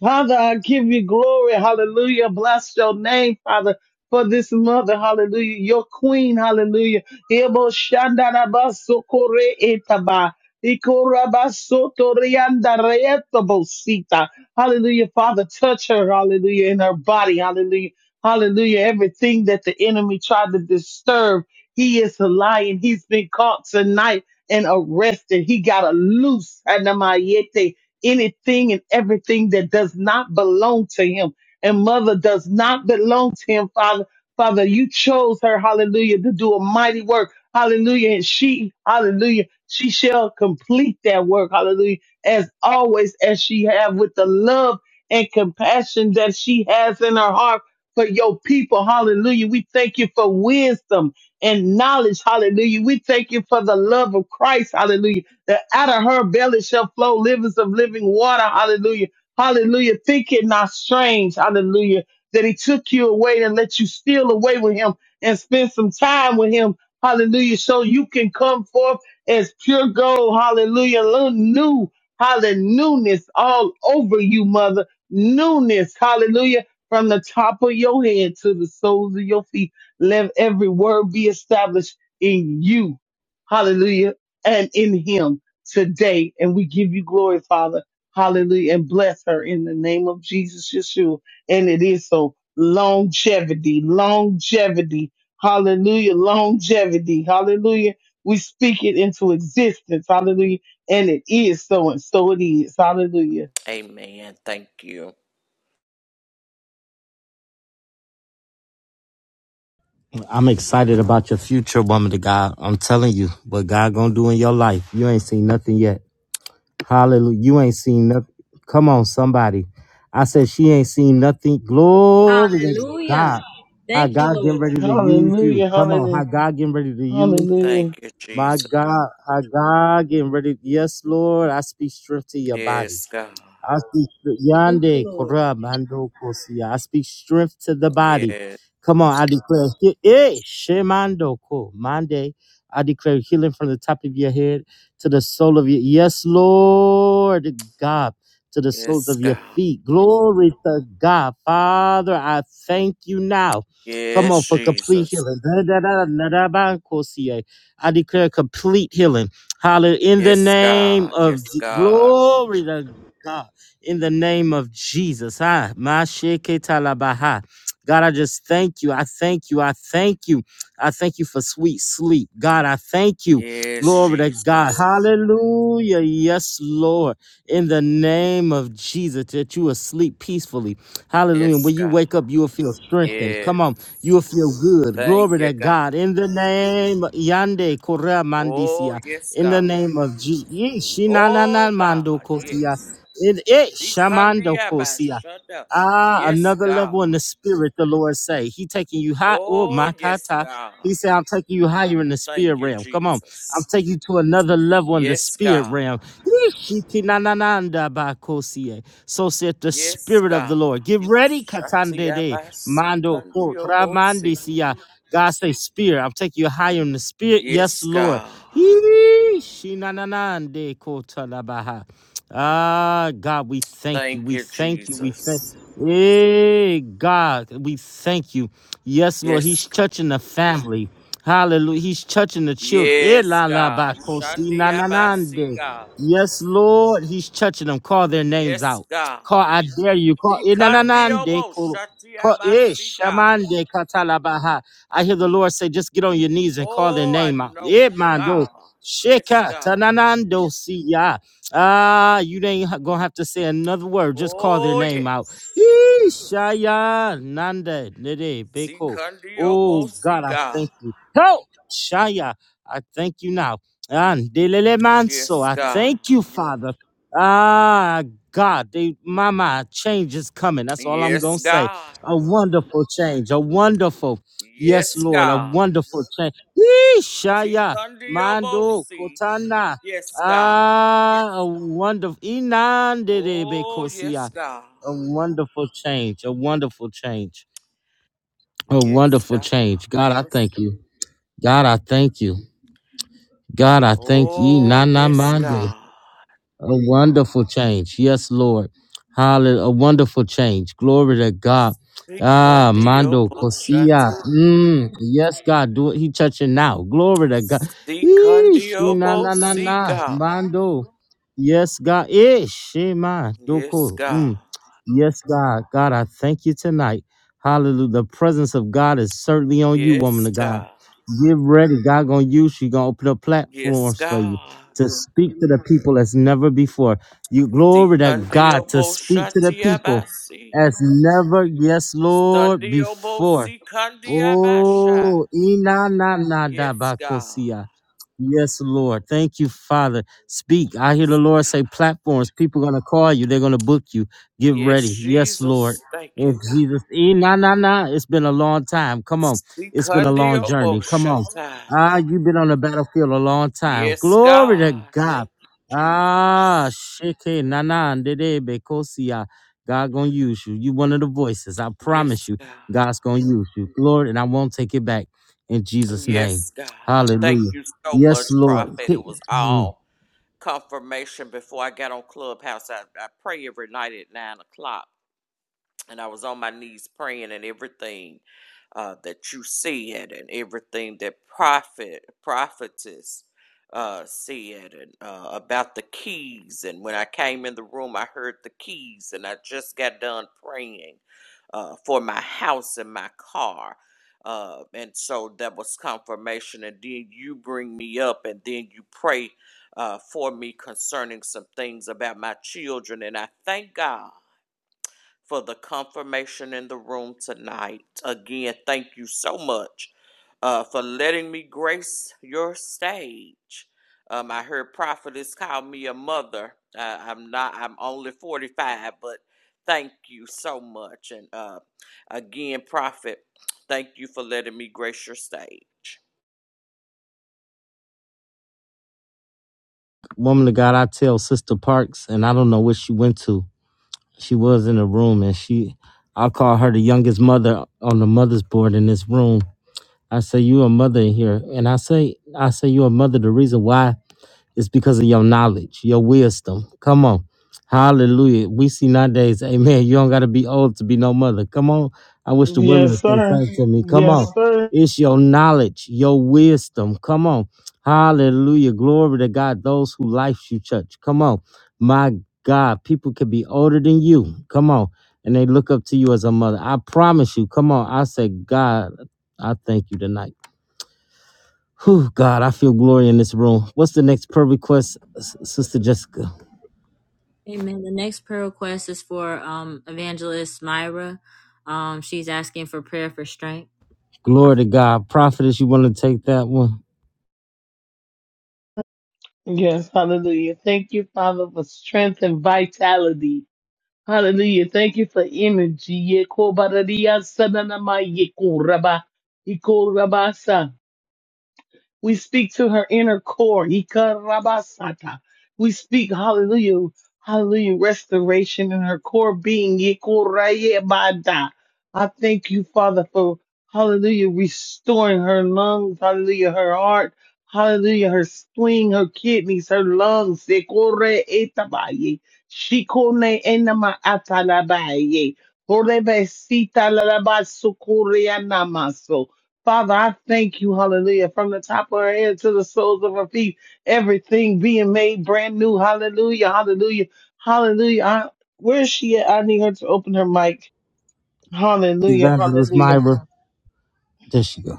Father, I give you glory. Hallelujah. Bless your name, Father, for this mother. Hallelujah. Your queen. Hallelujah. Ebo shandarabasokore etaba. Ikorabasotoriandareetobosita. Hallelujah. Father, touch her. Hallelujah. In her body. Hallelujah. Hallelujah. Everything that the enemy tried to disturb, he is a lion. He's been caught tonight and arrested. He got a loose. Anamayete anything and everything that does not belong to him. And mother does not belong to him, Father. Father, you chose her, hallelujah, to do a mighty work. Hallelujah. And she, hallelujah, she shall complete that work. Hallelujah. As always, as she have with the love and compassion that she has in her heart for your people. Hallelujah. We thank you for wisdom and knowledge. Hallelujah. We thank you for the love of Christ. Hallelujah that out of her belly shall flow livers of living water. Hallelujah. Hallelujah. Think it not strange. Hallelujah. That he took you away and let you steal away with him and spend some time with him. Hallelujah. So you can come forth as pure gold. Hallelujah. Little New. Hallelujah. Newness all over you, mother. Newness. Hallelujah. From the top of your head to the soles of your feet. Let every word be established in you. Hallelujah. And in him today. And we give you glory, Father. Hallelujah. And bless her in the name of Jesus Yeshua. And it is so longevity, longevity. Hallelujah. Longevity. Hallelujah. We speak it into existence. Hallelujah. And it is so and so it is. Hallelujah.
Amen. Thank you.
I'm excited about your future, woman of God. I'm telling you, what God gonna do in your life. You ain't seen nothing yet. Hallelujah. You ain't seen nothing. Come on, somebody. I said she ain't seen nothing. Glory to
Hallelujah.
God. How
Thank you,
God getting
Lord.
ready to use you.
Hallelujah.
Come on, how
Hallelujah.
God getting ready to use
Thank
Hallelujah.
you,
my
Jesus.
God. How God getting ready. Yes, Lord. I speak strength to your body.
Yes, God.
I speak str-
Thank you,
yande
Lord.
kora mando kosia. I speak strength to the body.
Yes.
Come on, I declare he- eh, shemando ko mande. I declare healing from the top of your head to the sole of your yes, Lord God, to the soles
Yes,
of your
God.
feet. Glory to God, Father. I thank you now. Come on
Yes,
for complete
Jesus.
healing. Da- da- da- da- da- ba- kosia. I declare complete healing. Hallelujah. In the
Yes,
name
God.
of
Yes,
G-
God.
glory to God in the name of Jesus. Ah, masheketalabaha. God, I just thank you. I thank you. I thank you. I thank you for sweet sleep. God, I thank you.
Yes,
Glory to God.
Jesus.
Hallelujah. Yes, Lord. In the name of Jesus, that you will sleep peacefully. Hallelujah.
Yes,
When you
God.
wake up, you will feel strengthened.
Yes.
Come on. You will feel good.
Thank
Glory
you,
to
God.
God. In the name Yande Korea
Oh,
Mandisia.
yes,
In the
God.
name of Jesus.
Oh,
Shinanana Mando
God,
Kosia.
yes.
In it Shamando Kosia.
Shikandiabashada.
Ah,
Yes,
another level in
God.
the spirit, the Lord say. He taking you high. Oh,
Oh,
makata.
yes, God.
He said, I'm taking you higher in the
Thank
spirit
you,
realm. Come on. I'm
Jesus.
taking you to another level in the
Yes,
spirit
God.
realm. Yishikinananandabakosie. So said the
Yes,
spirit of the
God.
Lord. Get ready, Katandede. Mando ko
Shatiabasikandiobose.
tramandisia. God say, Spirit, I'm taking you higher in the spirit. Yes,
Yes,
Lord.
God.
Hee, shinanande kotalabaha. Ah, God, we thank you.
Thank
We
you,
thank you. We thank
Jesus.
Hey, God, we thank you. Yes, Lord,
Yes,
He's touching the family. Hallelujah. He's touching the children. Eh,
Yes,
la, la, ba,
God.
ko, si, na, na, na
Shandiabasi,
de.
God.
Yes, Lord, He's touching them. Call their names
Yes,
out.
God.
Call, I dare you. Call. eh, na, na, na de
Sikandiobo
ko. Call- eh,
Shatiabasiga.
shamande katalabaha. I hear the Lord say, just get on your knees and call their
Oh, I
name out.
know,
Eh, mando.
God. Yes,
Sheka
God.
tananando siya. Ah, you ain't ha- gonna have to say another word. Just call their
Oh,
name out.
yes.
Yee, Shaya Nanda Nede
See
Beko. Oh
Sikandiobo
God, I
Siga.
thank you. Go Shaya. I thank you now. And Delele Manso.
Yes,
I
God.
thank you, Father. Ah God, they, mama, change is coming. That's all I'm gonna
Yes,
say.
God.
A wonderful change. A wonderful, yes,
Yes,
Lord, a
God.
wonderful change. Yee,
See
Shaya,
Sikandiobo
Mando,
Si.
Kotana.
Yes, God.
Ah, a wonderful,
Oh, yes,
Inanderebekosia.
God.
a wonderful change. A wonderful change. A
Yes,
wonderful
God.
change. God, I thank you. God, I thank you. God, I thank you.
Oh,
Nana
yes,
Mando.
God.
A wonderful change. Yes, Lord. Hallelujah. A wonderful change. Glory to God.
See
Ah, Mando
Sikandiobo
Kosia.
Shata.
Mm, yes, God. Do it. He touching now. Glory to God. Eesh. Na
Sikandiobo
na na na.
Sika.
Mando. Yes, God. Ish. Shema.
Yes,
Doko.
God.
Mm. Yes, God. God, I thank you tonight. Hallelujah. The presence of God is certainly on you, woman
Yes,
of God.
God.
Get ready. God gonna use you. Gonna open up
Yes,
platforms for you
God.
to speak to the people as never before. You glory to God to
Sikandiobo
speak to the people
Shatiabasi.
as never, yes, Lord,
Sandiobo
before.
Sikandiabasha.
Oh, ina na na da
Yes,
ba
God.
Yes, Lord. Thank you, Father. Speak. I hear the
Yes,
Lord
God.
say platforms. People going to call you. They're going to book you. Get
Yes,
ready. Yes, Lord.
Jesus. Thank you,
In
God.
Jesus. E, na, na, na. It's been a long time. Come on. It's been a long
Sikandiobo
journey. Come on.
Shata.
Ah, you've been on the battlefield a long time.
Yes,
Glory to
God.
God.
Thank you,
Ah,
Jesus.
sheke nana ndede bekosia. God gonna use you. You one of the voices. I promise
Yes,
you,
God.
God's gonna use you. Lord, and I won't take it back in Jesus' name.
Yes, God. Thank
Hallelujah.
you so
Yes,
much,
Lord.
Prophet. It
See,
was all confirmation before I got on Clubhouse. I, I pray every night at 9 o'clock and I was on my knees praying and everything uh, that you said and everything that prophet prophetess uh, said and uh, about the keys and when I came in the room I heard the keys and I just got done praying uh, for my house and my car. Uh, and so that was confirmation. And then you bring me up and then you pray uh, for me concerning some things about my children. And I thank God for the confirmation in the room tonight. Again, thank you so much uh, for letting me grace your stage. Um, I heard prophetess call me a mother. Uh, I'm not. I'm only 45, but thank you so much. And uh, again, prophet, thank you for letting me grace your stage.
Woman of God, I tell Sister Parks, and I don't know where she went to. She was in a room and she I call her the youngest mother on the mother's board in this room I say you a mother in here, and I say I say you a mother. The reason why is because of your knowledge, your wisdom. Come on, Hallelujah. We see nowadays, Amen. You don't got to be old to be no mother. Come on, I wish the women would
Yes,
stay
sir.
frank to me. Come on,
Yes, sir.
it's your knowledge, your wisdom. Come on, Hallelujah. Glory to God. Those who life you touch. Come on, my God. People could be older than you. Come on. And they look up to you as a mother. I promise you. Come on. I say, God, I thank you tonight. Whew, God, I feel glory in this room. What's the next prayer request, S- Sister Jessica?
Amen. The next prayer request is for um evangelist Myra. Um, she's asking for prayer for strength.
Glory to God. Prophetess, you want to take that one?
Yes, hallelujah. Thank you, Father, for strength and vitality. Hallelujah. Thank you for energy. Yekobaradiyasananama yekoraba. Ikorabasa. We speak to her inner core. Ikarabasata. We speak, hallelujah, hallelujah, restoration in her core being. Ikorayebada. I thank you, Father, for hallelujah, restoring her lungs, hallelujah, her heart, hallelujah, her spleen, her kidneys, her lungs. Ikoreetabaye. Shikone enama atalabaye. Horebesita lalabasukureanamaso. Father, I thank you, hallelujah, from the top of her head to the soles of her feet, everything being made brand new. Hallelujah, hallelujah, hallelujah. I, where is she at? I need her to open her mic. Hallelujah,
Evangelist
hallelujah.
Myra. There she go.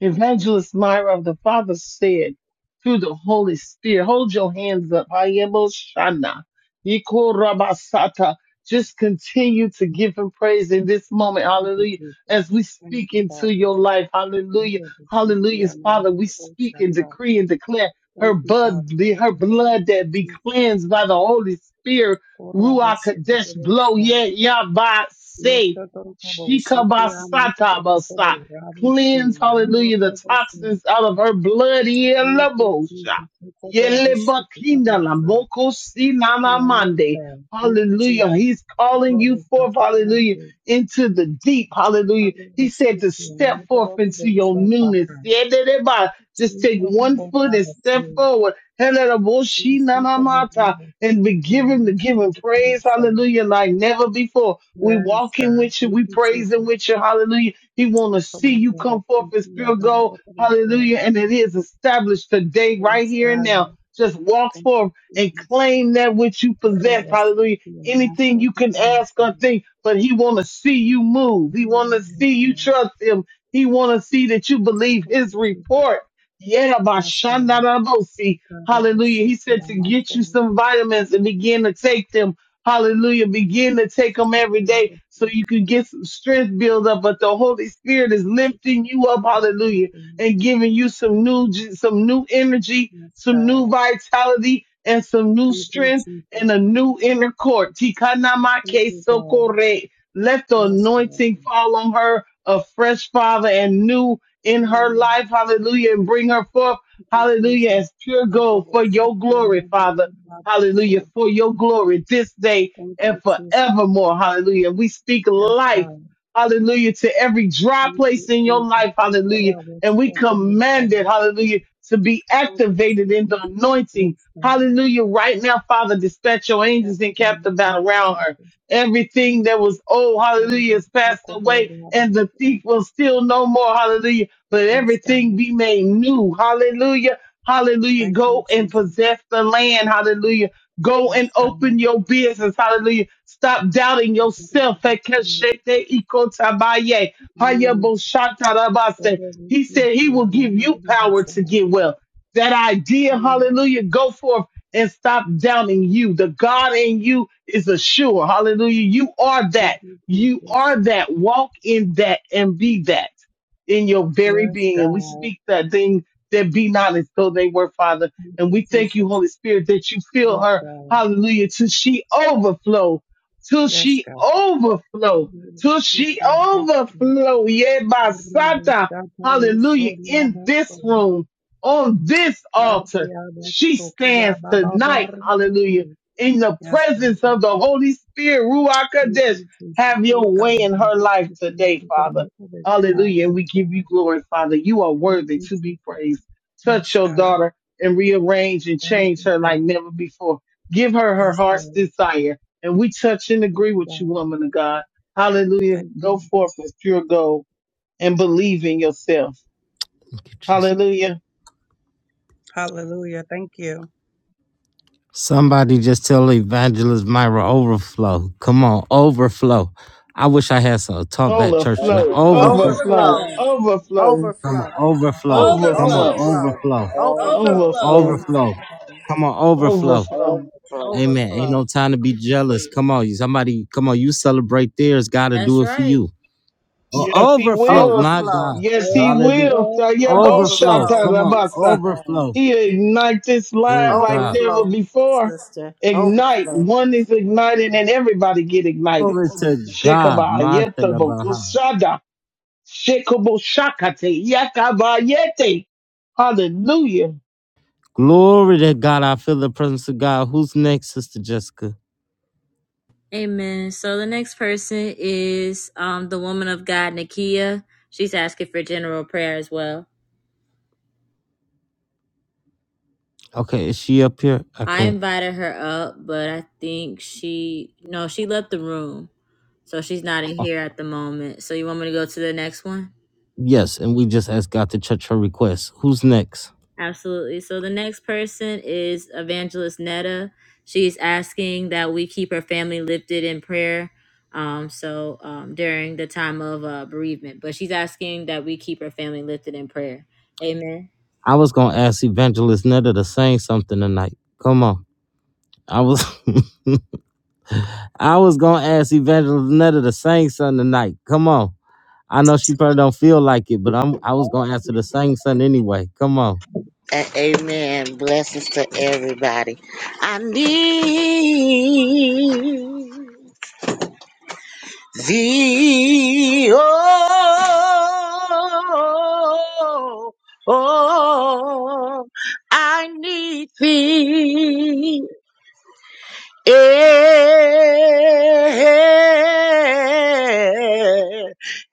Evangelist Myra of the Father said through the Holy Spirit, hold your hands up. Hayemo Shana. Yiko Rabasata. Just continue to give him praise in this moment.
Thank you,
Hallelujah.
Jesus.
As we
Thank
speak
you,
into
Father.
your life.
Thank
Hallelujah.
you, Basuki,
Hallelujah. Father, we
Amaravio,
speak and
Osaka.
decree and declare her
Thank you,
blood,
Father.
her
Thank
blood
you,
that be
Jesus.
cleansed by the Holy Spirit.
Ora
Ruach
Bashiki,
Kadesh blow.
Bosa.
Yeah, yeah, by
Yes,
say.
Sotoro, Boshiki,
Shikabasata
Amaravio,
basa.
Bosa.
Cleanse,
Rabusi,
hallelujah, the
Amaravio, Bosa.
toxins out of her blood.
Thank you,
Yelabosha.
Jesus. Ora Bashiki,
Yelebakina la
Bosa.
moko si na na
Yes,
mande.
sir. Thank you,
Hallelujah.
Jesus.
He's calling
Ora
you forth,
Bashiki,
hallelujah,
Bosa.
into the deep. Hallelujah. He said to
Arabasiki,
step forth
Amaravio,
into your
Bosa.
newness.
Paka.
Yededeba. Just
Thank
take
you,
one foot and step
Bosa.
forward. Helelaboshi na na
Usiku mwema,
mata. And
thank
be
you,
given
Lord,
to give
usiku
praise.
kabisa.
Hallelujah. Like never before. We
Yes,
walking
God,
with you.
thank
We
you,
praising
Jesus.
with you. Hallelujah he want to
Kwa
see
sababu
you
ya
come forth as
rafiki ya
pure gold.
dharura kabisa.
Hallelujah. And it is established today, right
Yes,
here and now.
God,
Just walk
thank you,
forth and
Jesus.
claim that which you
Roho
possess.
wa
Hallelujah.
siku ya
Anything you
masofi
can ask
kabisa.
or think, but he want to see you move. He want to
Yes,
see you
God,
trust him. He want to see that you believe
thank
his
you, Jesus.
report. Yeah, my
Yes, God,
Shandarabosi.
roho wa
Hallelujah. He
siku
said
ya masofi. Roho wa siku ya masofi. Roho
to
wa
get you
siku.
some vitamins and begin to take them Hallelujah. Begin to take them every day so you can get some strength build up. But the Holy Spirit is lifting you up. Hallelujah. And giving you some new, some new energy,
Yes,
some new
God,
vitality and some new
thank you,
strength
Jesus.
and a new inner court.
Thank
Tikanamake
you, God.
sokore. Let the
Yes,
anointing
Lord.
fall on her, a fresh father and new in her life. Hallelujah. And bring her forth.
Thank you,
Hallelujah.
Jesus.
As pure
Cover
gold for
us with
your
your
glory,
mother
Father.
in love and
Hallelujah.
soul.
For your glory this day
Thank
and
you, Jesus.
forevermore. Hallelujah. We speak
Yes,
life.
God.
Hallelujah. To every dry
Thank you,
place in your
Jesus.
life. Hallelujah.
Cover us
And
so
we
como
command
son.
it. Hallelujah. To be
Thank you,
activated in the
Jesus.
anointing.
Yes, God.
Hallelujah. Right now, Father, dispatch your
Yes,
angels and cap the
Lord. Thank
battle
you,
around her.
Jesus.
Everything that was old,
Cover us
hallelujah, is
so
passed
como
away,
rabo
and the
soul.
thief will steal no more, hallelujah. But
Yes, God.
everything be made new, hallelujah Hallelujah.
Thank you,
Go and
Jesus.
possess the land. Hallelujah. Go
Yes,
and
God. Cover
open
us so como
your business. Hallelujah. Stop doubting
Mm.
yourself. Ekeshete ikotabaye. Hayaboshatarabase.
Cover us
He
with
said he will
your
give
mother
you
in
power to
soul.
get well. That idea,
Mm.
hallelujah, go forth and stop doubting you. The God in you is assured. Hallelujah. You are
Thank
that.
you,
You
Jesus.
are that. Walk in that and be that in your very
Yes,
being. And we
God.
speak that thing that be not as though they were, Father.
Thank
And
you,
we thank you,
Jesus.
Holy Spirit, that you fill
Yes,
her,
God.
hallelujah, till she overflow, till
Yes,
she
God.
overflow, till she
Speaking about
overflow. Yeah,
Rubu
Basata,
Sata
hallelujah,
Misori
in this
Abaso.
room, on this
Abi
altar, she
Abaso Kia
stands
Baba
tonight,
Barubu.
hallelujah, in the
Yes,
presence
God.
of the Holy Spirit, Ruach
Thank
Kadesh.
you, Jesus.
Have your
Take a
way in
Barubu.
her life
Take me out
today,
of the
Father.
Rubu Sata.
Hallelujah. And
Yes,
we give you
God.
glory, Father. You are
Thank
worthy
you,
to be
Jesus.
praised. Touch
Yes,
your
God.
daughter and rearrange and
Thank
change
you,
her like
God.
never before. Give her her
Yes,
heart's
Lord.
desire. And we touch and
Yes,
agree with you,
God.
woman of God. Hallelujah.
Thank you.
Go forth with pure gold and believe in yourself.
Jeez.
Hallelujah.
Hallelujah. Thank you.
Somebody just tell Evangelist Myra overflow. Come on, overflow. I wish I had some taught that church tonight.
Overflow,
Overflow,
Overflow.
overflow,
Overflow.
Overflow.
overflow,
Come on,
Overflow.
overflow. Come on,
Overflow.
overflow,
Overflow.
overflow,
overflow.
Overflow.
overflow,
In
Overflow.
overflow,
Jesus'
Overflow.
name.
Come on, overflow.
overflow.
overflow,
Amen. Ain't
Overflow.
no time to be jealous. Come on, you somebody. Come on, you celebrate theirs. Got to
That's
do it for
right.
you.
Yes,
O-
he
overflow,
will.
my
Overflow.
God.
Yes, he
Hallelujah.
will.
overflow.
Overflow.
Overflow in
Come on,
Tayaboshatarabasa.
Jesus' name.
overflow.
He ignite this line
Oh
like
God.
never
Overflow, my
before.
sister.
Ignite.
Overflow.
One is ignited and everybody get ignited.
Glory to God.
Shekaba yetabo
Mantalabaha.
kusada. Shekabo shakate. Yakaba yete. Hallelujah.
Glory to God. I feel the presence of God. Who's next, Sister Jessica?
Amen. So the next person is um the woman of God, Nakia. She's asking for general prayer as well.
Okay, is she up here? I
I
can't.
invited her up, but I think she no, she left the room. So she's not in here at the moment. So you want me to go to the next one?
Yes, and we just asked God to touch her request. Who's next?
Absolutely. So the next person is Evangelist Netta. She's asking that we keep her family lifted in prayer. Um, so um, during the time of uh, bereavement, but she's asking that we keep her family lifted in prayer. Amen.
I was gonna ask Evangelist Netta to sing something tonight. Come on. I was <laughs> I was gonna ask Evangelist Netta to sing something tonight. Come on. I know she probably don't feel like it, but I'm I was gonna answer the same son anyway. Come on.
And amen. Blessings to everybody. I need thee. Oh, oh, I need thee. Eh,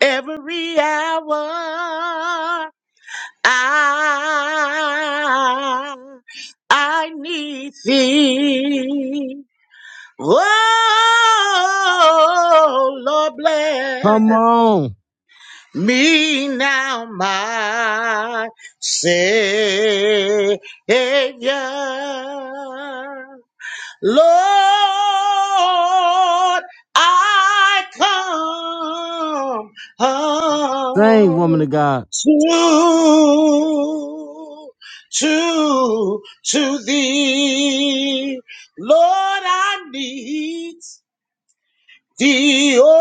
Every hour I, I need thee. Oh, Lord, bless
Come on.
me now, my Savior. Lord, I come
Sing,
unto
woman of God.
to to thee. Lord, I need thee. Oh,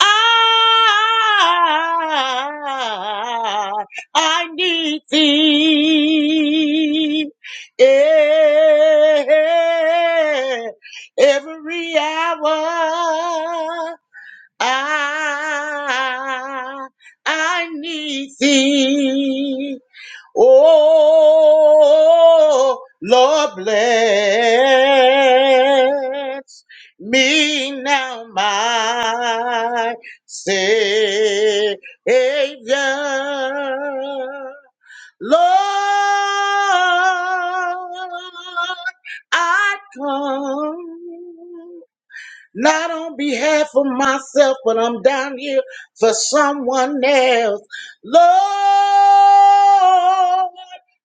I, I need thee. yeah, Every hour I, I need thee. Oh, Lord, bless me now, my Savior. Lord, I come not on behalf of myself, but I'm down here for someone else. Lord,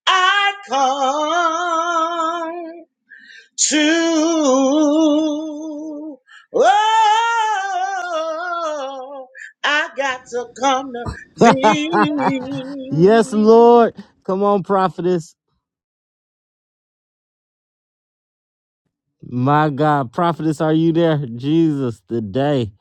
I come to. Oh, I got to come to
Yes,
thee.
Lord. Come on, prophetess. My God, prophetess, are you there? Jesus, today.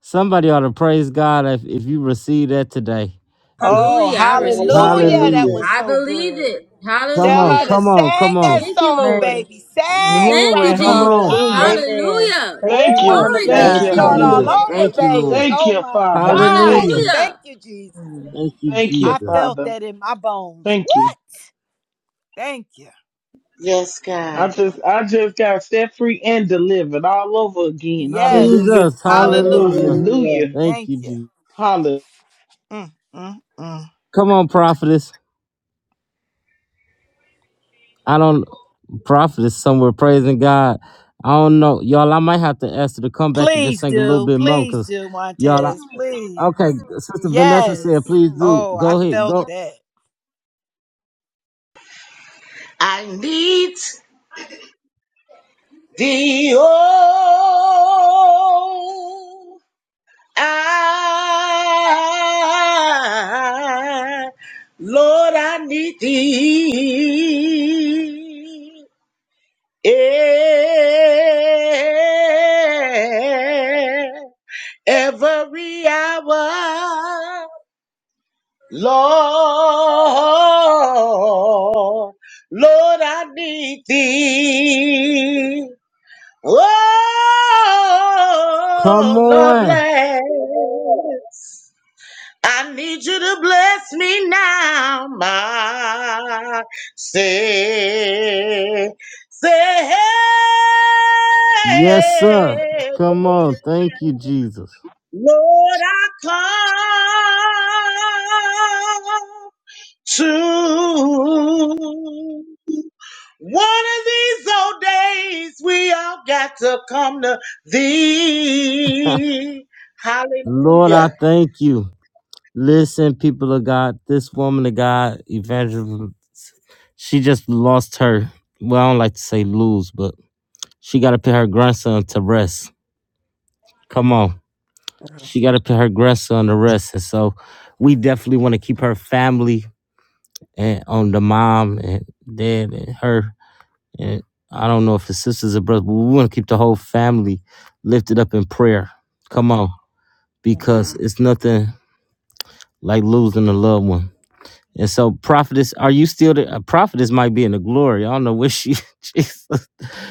Somebody ought to praise God if, if you receive that today. If-
Oh,
Hallelujah. I receive it.
hallelujah. That
hallelujah.
Hallelujah.
was
I
so
believe
good.
it.
Come
Tell
on,
her
Hallelujah.
to
come on,
In
come
sing
on,
that
Thank
Jesus'
you,
song,
Lord.
name.
baby. Sing,
Thank
Glory.
you,
prophetess,
come on.
Jesus.
Hallelujah.
sing.
Amen.
Hallelujah.
Woo!
Thank
Thank
you,
you.
woman of
Glory
She
to
need
Thank
your
to
Yes,
Thank
God.
you.
you,
name,
start all
Jesus.
Lord.
Hallelujah.
God.
over,
Thank
Thank
Amen.
you,
you,
baby.
Lord.
Lord.
Thank
Oh
you,
my
Father.
God.
Thank
Hallelujah.
you.
Thank
Hallelujah.
you, Jesus.
Thank you,
Thank you,
I
Jesus.
felt
Father.
that in my bones.
Thank you.
What? Thank you.
Yes,
I
God.
just I just got set free and delivered all over again.
Yes.
Hallelujah.
Jesus, hallelujah.
Hallelujah.
Hallelujah.
Hallelujah.
Thank
Thank
you,
you.
Jesus.
Hallelujah.
Mm, mm, mm.
Come on, prophetess. I don't prophetess somewhere praising God. I don't know, y'all. I might have to ask her to come back and just
Please
sing a little
do.
bit more,
Please
cause
do,
y'all.
Montez.
I,
Please.
okay, Sister Vanessa said,
Yes.
please do.
Oh, I
Go ahead,
felt
go.
that.
I need. The oh, I, Lord, I need thee. Eh, Every hour, Lord, Lord, I need thee.
Come
Oh, Lord
on.
bless. I need you to bless me now, my say,
Yes, sir. Come on. Thank you,
Lord,
Jesus.
I come to one of these old days, we all got to come to thee.
Lord, I
Hallelujah.
thank you. Listen, people of God, this woman of God, evangelist, she just lost her. Well, I don't like to say lose, but she got to put her grandson to rest. Come on. She got to put her dress on the rest, and so we definitely want to keep her family and on the mom and dad and her and I don't know if it's sisters or brothers, but we want to keep the whole family lifted up in prayer. Come on,
Mm.
because it's nothing like losing a loved one. And so, prophetess, are you still there? A prophetess might be in the glory. I don't know where she. <laughs> Jesus,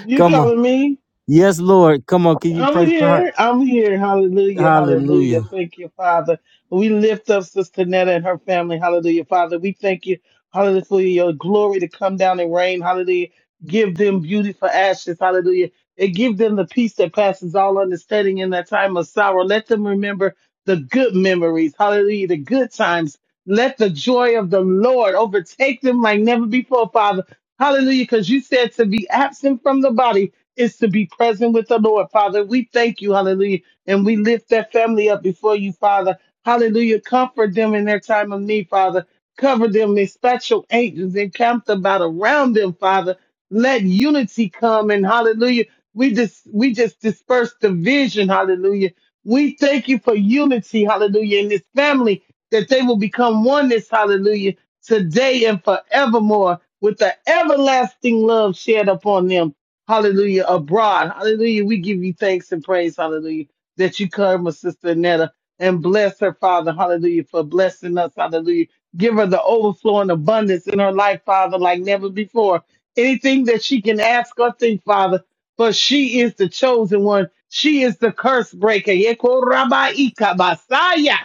You
come on.
calling me?
Yes, Lord, come on. Can you
I'm
pray for her?
here. I'm here. Hallelujah. Hallelujah.
Hallelujah.
Thank you, Father. We lift up Sister Netta and her family. Hallelujah, Father. We thank you. Hallelujah for your glory to come down and rain. Hallelujah. Give them beauty for ashes. Hallelujah. And give them the peace that passes all understanding in that time of sorrow. Let them remember the good memories. Hallelujah. The good times. Let the joy of the Lord overtake them like never before, Father. Hallelujah. Because you said to be absent from the body is to be present with the Lord, Father. We thank you, hallelujah. And we lift that family up before you, Father. Hallelujah. Comfort them in their time of need, Father. Cover them in special angels and camp about around them, Father. Let unity come and hallelujah. We just we just disperse division, hallelujah. We thank you for unity, hallelujah, in this family, that they will become oneness, hallelujah, today and forevermore, with the everlasting love shared upon them. Hallelujah. Abroad. Hallelujah. We give you thanks and praise. Hallelujah. That you cover Sister Netta and bless her, Father. Hallelujah. For blessing us. Hallelujah. Give her the overflow and abundance in her life, Father, like never before. Anything that she can ask or think, Father. For she is the chosen one. She is the curse breaker. Yekorabaikabasaya.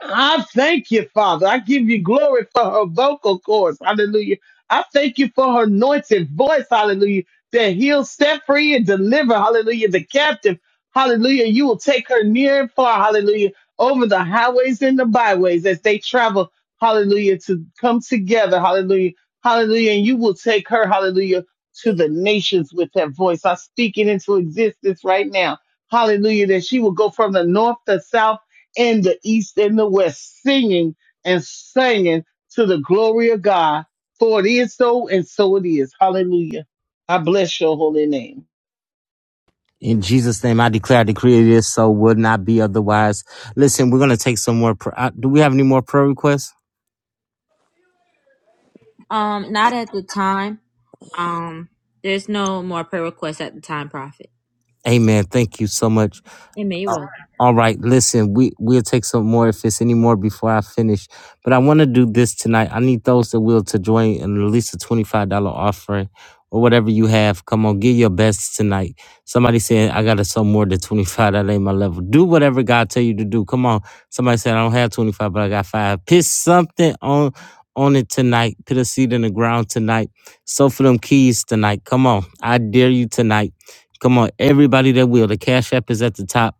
I thank you, Father. I give you glory for her vocal cords. Hallelujah. I thank you for her anointed voice. Hallelujah. That heals, set free, and deliver. Hallelujah. The captive. Hallelujah. You will take her near and far. Hallelujah. Over the highways and the byways as they travel. Hallelujah. To come together. Hallelujah. Hallelujah. And you will take her. Hallelujah. To the nations with that voice. I speak it into existence right now. Hallelujah. That she will go from the north, the south, in the east and the west, singing and singing to the glory of God. For it is so, and so it is. Hallelujah. I bless your holy name.
In Jesus' name, I declare, I decree it is so, would not be otherwise. Listen, we're going to take some more. Pr- uh, do we have any more prayer requests?
Um, not at the time. Um, there's no more prayer requests at the time, Prophet.
Amen. Thank you so much.
Amen. You're welcome.
All right, listen, we we'll take some more if it's any more before I finish. But I want to do this tonight. I need those that will to join and release a twenty five dollar offering or whatever you have. Come on, give your best tonight. Somebody said I gotta sell more than twenty five. That ain't my level. Do whatever God tell you to do. Come on. Somebody said I don't have twenty five, but I got five. Piss something on on it tonight. Put a seed in the ground tonight. Sow for them keys tonight. Come on, I dare you tonight. Come on, everybody that will. The cash app is at the top.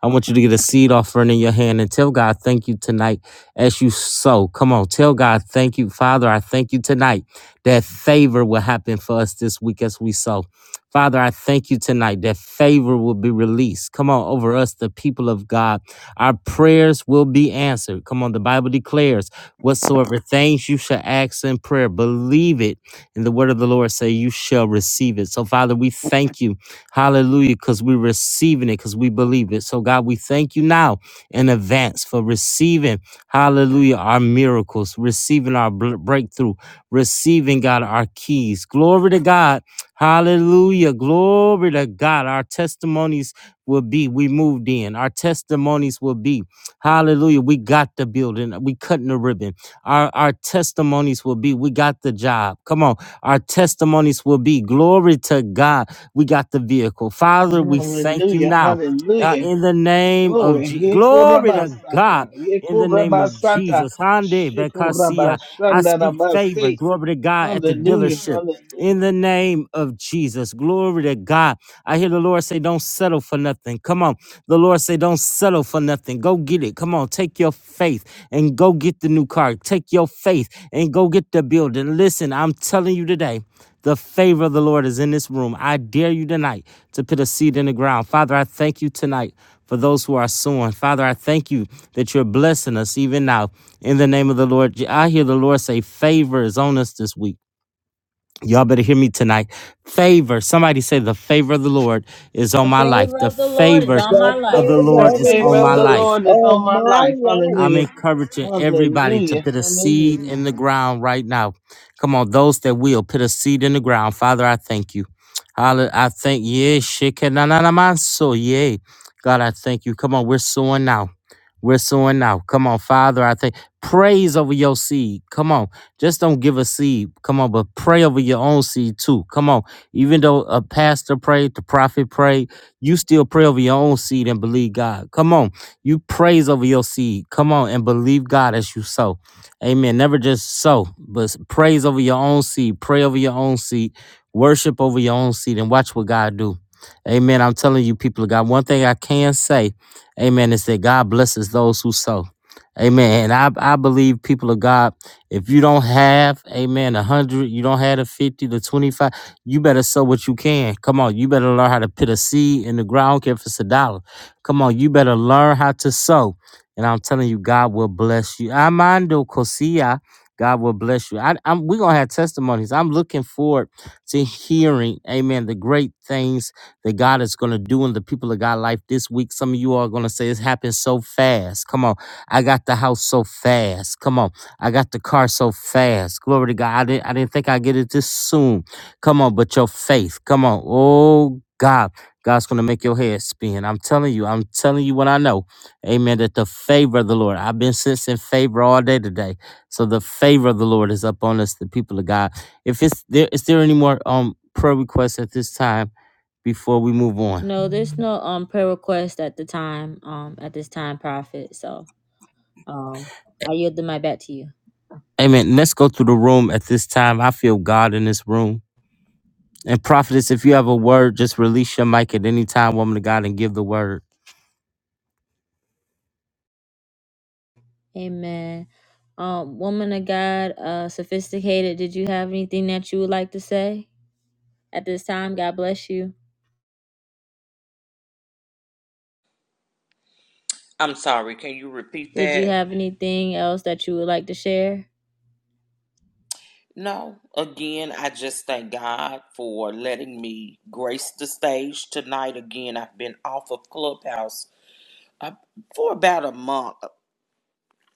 I want you to get a seed offering in your hand and tell God thank you tonight as you sow. Come on, tell God thank you. Father, I thank you tonight that favor will happen for us this week as we sow. Father, I thank you tonight that favor will be released. Come on, over us, the people of God. Our prayers will be answered. Come on, the Bible declares whatsoever things you shall ask in prayer, believe it. And the word of the Lord say you shall receive it. So, Father, we thank you Hallelujah. Because we're receiving it because we believe it. So, God, we thank you now in advance for receiving, hallelujah, our miracles, receiving our bl- breakthrough, receiving, God, our keys. Glory to God. Hallelujah. Glory to God. Our testimonies will be we moved in. Our testimonies will be, hallelujah, we got the building. We cutting the ribbon. Our, our testimonies will be, we got the job. Come on. Our testimonies will be, glory to God. We got the vehicle. Father, we thank you
Hallelujah.
now. Uh,
Hallelujah.
in the name of
Glory.
Je- glory to God,
Yekorabasata.
in the name of
Yekorabasata.
Jesus, Hande Bekasia, I speak favor,
Shikorabashandarabase.
glory to God at the
Hallelujah.
dealership. In the
Hallelujah.
name of Jesus, glory to God. I hear the Lord say, Don't settle for nothing. Come on. The Lord say, don't settle for nothing. Go get it. Come on, take your faith and go get the new car. Take your faith and go get the building. Listen, I'm telling you today, the favor of the Lord is in this room. I dare you tonight to put a seed in the ground. Father, I thank you tonight for those who are sowing. Father, I thank you that you're blessing us even now. In the name of the Lord, I hear the Lord say, favor is on us this week. Y'all better hear me tonight. Favor. Somebody say the favor of the Lord is on
The
my life.
favor
The
of the Lord is
favor
on my
The
of
life.
the
favor of
The
Lord is
the
favor
on
of
my
Lord
the
life.
is
Lord is on
on
my
my
life.
life.
I'm
Hallelujah.
encouraging everybody to
Hallelujah.
put a seed
Hallelujah.
in the ground right now. Come on, those that will put a seed in the ground. Father, I thank you. Hallelujah. I thank yeah, so yeah. God, I thank you. Come on, we're sowing now. We're sowing now. Come on, Father, I thank praise over your seed. Come on. Just don't give a seed. Come on, but pray over your own seed too. Come on. Even though a pastor prayed, the prophet prayed, you still pray over your own seed and believe God. Come on. You praise over your seed. Come on and believe God as you sow. Amen. Never just sow, but praise over your own seed. Pray over your own seed. Worship over your own seed and watch what God do. Amen. I'm telling you, people of God, one thing I can say, amen, is that God blesses those who sow. Amen. And I, I believe people of God, if you don't have, amen, a hundred, you don't have a fifty to twenty-five, you better sow what you can. Come on, you better learn how to put a seed in the ground, I don't care if it's a dollar. Come on, you better learn how to sow. And I'm telling you, God will bless you. Amando Kosia, God will bless you. I, I'm, we're going to have testimonies. I'm looking forward to hearing, amen, the great things that God is going to do in the people of God life this week. Some of you are going to say, it's happened so fast. Come on. I got the house so fast. Come on. I got the car so fast. Glory to God. I didn't, I didn't think I'd get it this soon. Come on, but your faith. Come on. Oh, God. God's going to make your head spin. I'm telling you, I'm telling you what I know. Amen. That the favor of the Lord, I've been sensing favor all day today. So the favor of the Lord is upon us, the people of God. If it's there, is there any more um prayer requests at this time before we move on?
No, there's no um prayer request at the time. Um, at this time, Prophet. So, um, I yield the mic back to you.
Amen. Let's go through the room at this time. I feel God in this room. And prophetess, if you have a word, just release your mic at any time, woman of God, and give the word.
Amen. Um, woman of God, uh, sophisticated. Did you have anything that you would like to say at this time? God bless you.
I'm sorry. Can you repeat
Did you
that?
have anything else that you would like to share?
No, again, I just thank God for letting me grace the stage tonight. Again, I've been off of Clubhouse uh, for about a month,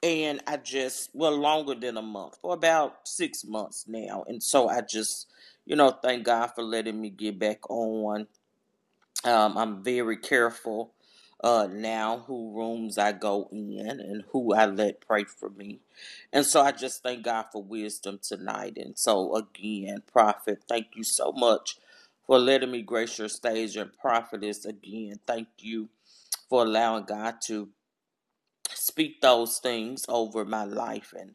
and I just, well, longer than a month, for about six months now. And so I just, you know, thank God for letting me get back on. Um, I'm very careful uh, now who rooms I go in and who I let pray for me. And so I just thank God for wisdom tonight. And so, again, Prophet, thank you so much for letting me grace your stage. And Prophetess, again, thank you for allowing God to speak those things over my life. And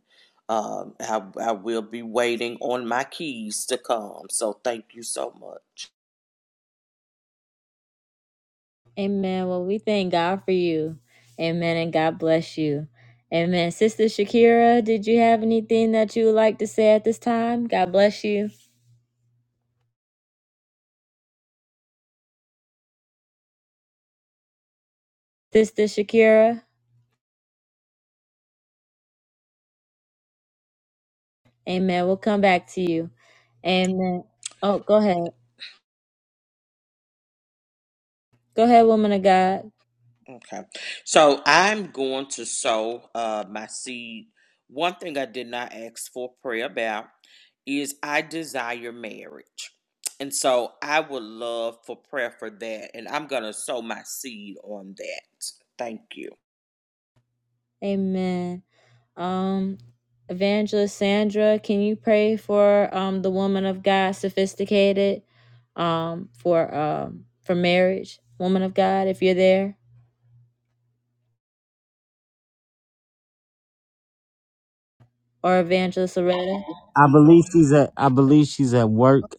um, I, I will be waiting on my keys to come. So, thank you so much.
Amen. Well, we thank God for you. Amen. And God bless you. Amen. Sister Shakira, did you have anything that you would like to say at this time? God bless you. Sister Shakira, amen. We'll come back to you. Amen. Oh, go ahead. Go ahead, woman of God.
Okay. So I'm going to sow uh, my seed. One thing I did not ask for prayer about is I desire marriage. And so I would love for prayer for that. And I'm going to sow my seed on that. Thank you.
Amen. Um, Evangelist Sandra, can you pray for um the woman of God, sophisticated, um, for um for marriage, woman of God, if you're there, or Evangelist Loretta?
I believe she's at I believe she's at work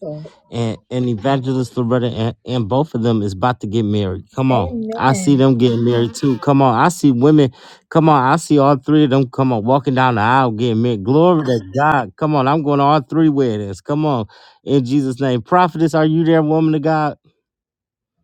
and, and Evangelist Loretta and, and both of them is about to get married. Come on. I see them getting married too. Come on. I see women. Come on. I see all three of them come on walking down the aisle getting married. Glory to God. Come on. I'm going to all three weddings. Come on. In Jesus' name. Prophetess, are you there, woman of God?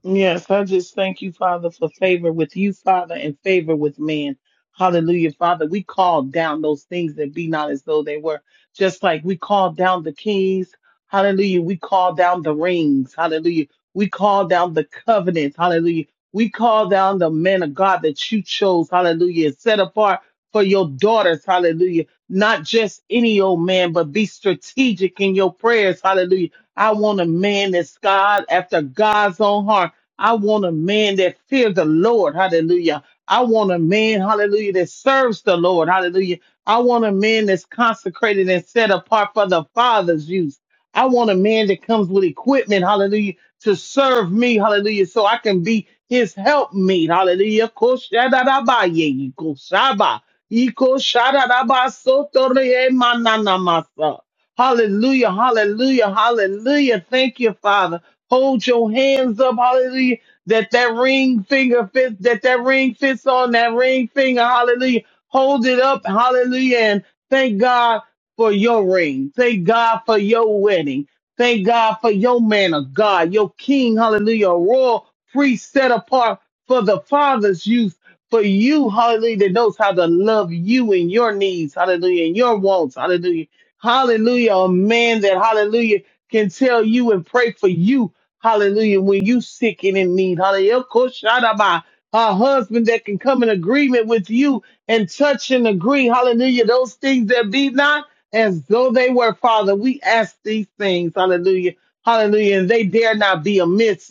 Yes, I just thank you, Father, for favor with you, Father, and favor with man. Hallelujah, Father. We call down those things that be not as though they were. Just like we call down the keys. Hallelujah. We call down the rings. Hallelujah. We call down the covenants. Hallelujah. We call down the men of God that you chose. Hallelujah. and Set apart for your daughters. Hallelujah. Not just any old man, but be strategic in your prayers. Hallelujah. I want a man that's God after God's own heart. I want a man that fears the Lord. Hallelujah. I want a man, hallelujah, that serves the Lord. Hallelujah. I want a man that's consecrated and set apart for the Father's use. I want a man that comes with equipment, hallelujah, to serve me, hallelujah, so I can be his helpmate. Hallelujah. Koshadadabaye, ikoshaba, ikoshadadabasotoreye mananamasa. Hallelujah, hallelujah, hallelujah. Thank you, Father. Hold your hands up, hallelujah. That that ring finger fits, that that ring fits on that ring finger, hallelujah. Hold it up, hallelujah. And thank God for your ring. Thank God for your wedding. Thank God for your man of God, your king, hallelujah, a royal priest set apart for the Father's use, for you, hallelujah, that knows how to love you and your needs, hallelujah, and your wants, hallelujah. Hallelujah, a man that, hallelujah, can tell you and pray for you Hallelujah. When you sick and in need. Hallelujah. Koshadaba. A husband that can come in agreement with you and touch and agree. Hallelujah. Those things that be not as though they were, Father. We ask these things. Hallelujah. Hallelujah. And they dare not be amiss.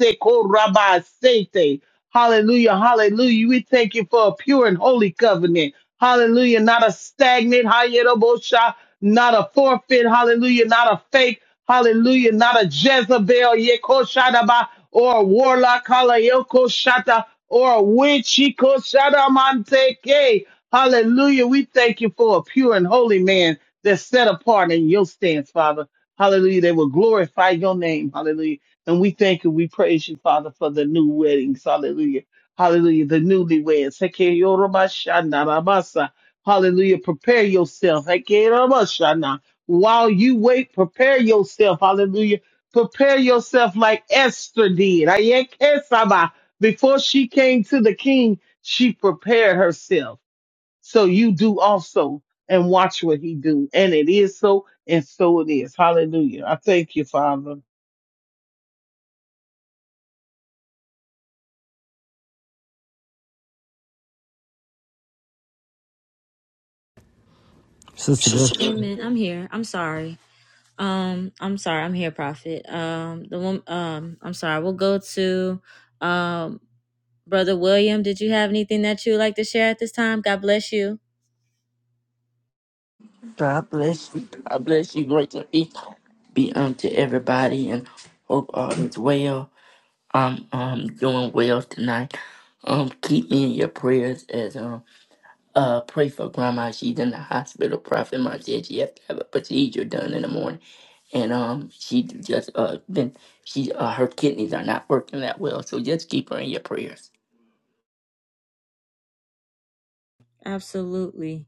Hallelujah. Hallelujah. We thank you for a pure and holy covenant. Hallelujah. Not a stagnant, hayedobosha, not a forfeit. Hallelujah. Not a fake. Hallelujah. Not a Jezebel, yekoshadaba, or a warlock, halayokoshata, or a witch, yekoshadamanteke. Hallelujah. We thank you for a pure and holy man that's set apart in your stance, Father. Hallelujah. They will glorify your name. Hallelujah. And we thank you, we praise you, Father, for the new weddings. Hallelujah. Hallelujah. The newlyweds. Hekeyorobashanarabasa. Hallelujah. Prepare yourself. Hekeyorobashana. While you wait, prepare yourself. Hallelujah. Prepare yourself like Esther did. Ayekesaba. Before she came to the king, she prepared herself. So you do also and watch what he do. And it is so and so it is. Hallelujah. I thank you, Father.
Sister, Deb-
Amen. I'm here. I'm sorry. Um, I'm sorry. I'm here, Prophet. Um, the one. Um, I'm sorry. We'll go to, um, Brother William. Did you have anything that you would like to share at this time? God bless you.
God bless you. God bless you. Great to be, be unto everybody and hope all is well. I'm um doing well tonight. Um keep me in your prayers as um uh pray for grandma. She's in the hospital. Prophet mom said she have to have a procedure done in the morning. And um she just uh been she uh her kidneys are not working that well. So just keep her in your prayers.
Absolutely.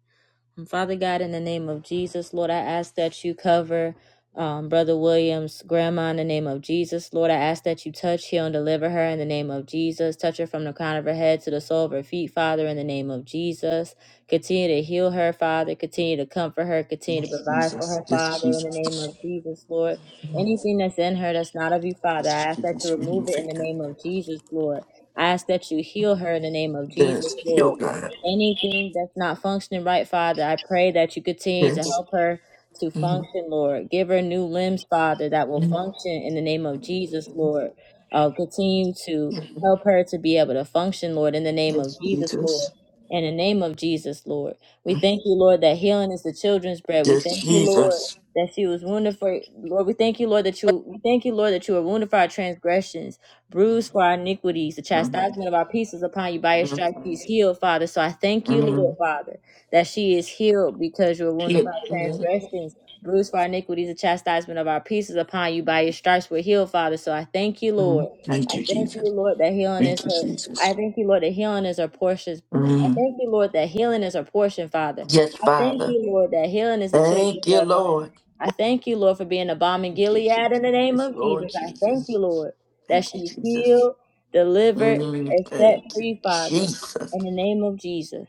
And Father God, in the name of Jesus, Lord, I ask that you cover um, Brother Williams' grandma in the name of Jesus. Lord, I ask that you touch, heal, and deliver her in the name of Jesus. Touch her from the crown of her head to the sole of her feet, Father, in the name of Jesus. Continue to heal her, Father. Continue to comfort her. Continue to
Yes,
provide for
Jesus.
her,
Yes,
Father, in the name
Jesus.
of Jesus, Lord. Anything that's in her that's not of you, Father,
Yes,
I ask that you
Jesus.
remove
Remove
it in the
it now.
name of Jesus, Lord. I ask that you heal her in the name of Jesus,
Yes, yo
Lord
God.
anything that's not functioning right, Father. I pray that you continue to
Yes.
help her to function, Lord. Give her new limbs, Father, that will function in the name of Jesus, Lord. Uh, continue to
Yes,
help her to be able to function, Lord, in the name of
yes,
Jesus, Lord.
Jesus.
In the name of Jesus, Lord. We thank you, Lord, that healing is the children's bread. We
Yes,
thank you, Lord,
Jesus.
that she was wounded for Lord. We thank you, Lord, that you we thank you, Lord, that you were wounded for our transgressions bruised for our iniquities. The chastisement
Mhm.
of our peace is upon you. By your
Mhm.
stripes she is healed, Father. So I thank you, Lord,
Mhm.
Father, that she is healed because you were wounded
Yeah.
for our transgressions. Bruised for our iniquities, the chastisement of our peace is upon you. By your stripes we're healed, Father. So I thank you, Lord.
Mhm. Thank
I
you,
thank
Jesus.
you, Lord, that healing is
Thank you,
her. I
Jesus.
thank you, Lord, that healing is her portion. I
Mhm.
thank you, Lord, that healing is her portion, Father.
Yes,
I thank
Father.
you, Lord, that healing is the children's
Thank you,
bread, Father.
Lord.
I thank you, Lord, for being a bomb in
Thank you,
Gilead
Jesus.
in the name
Yes,
of Jesus.
Lord
I thank you,
Jesus.
Lord that
Thank you,
she
Jesus.
healed, delivered,
Mhm.
and set
Thank you,
free, Father.
Jesus.
In the name of Jesus.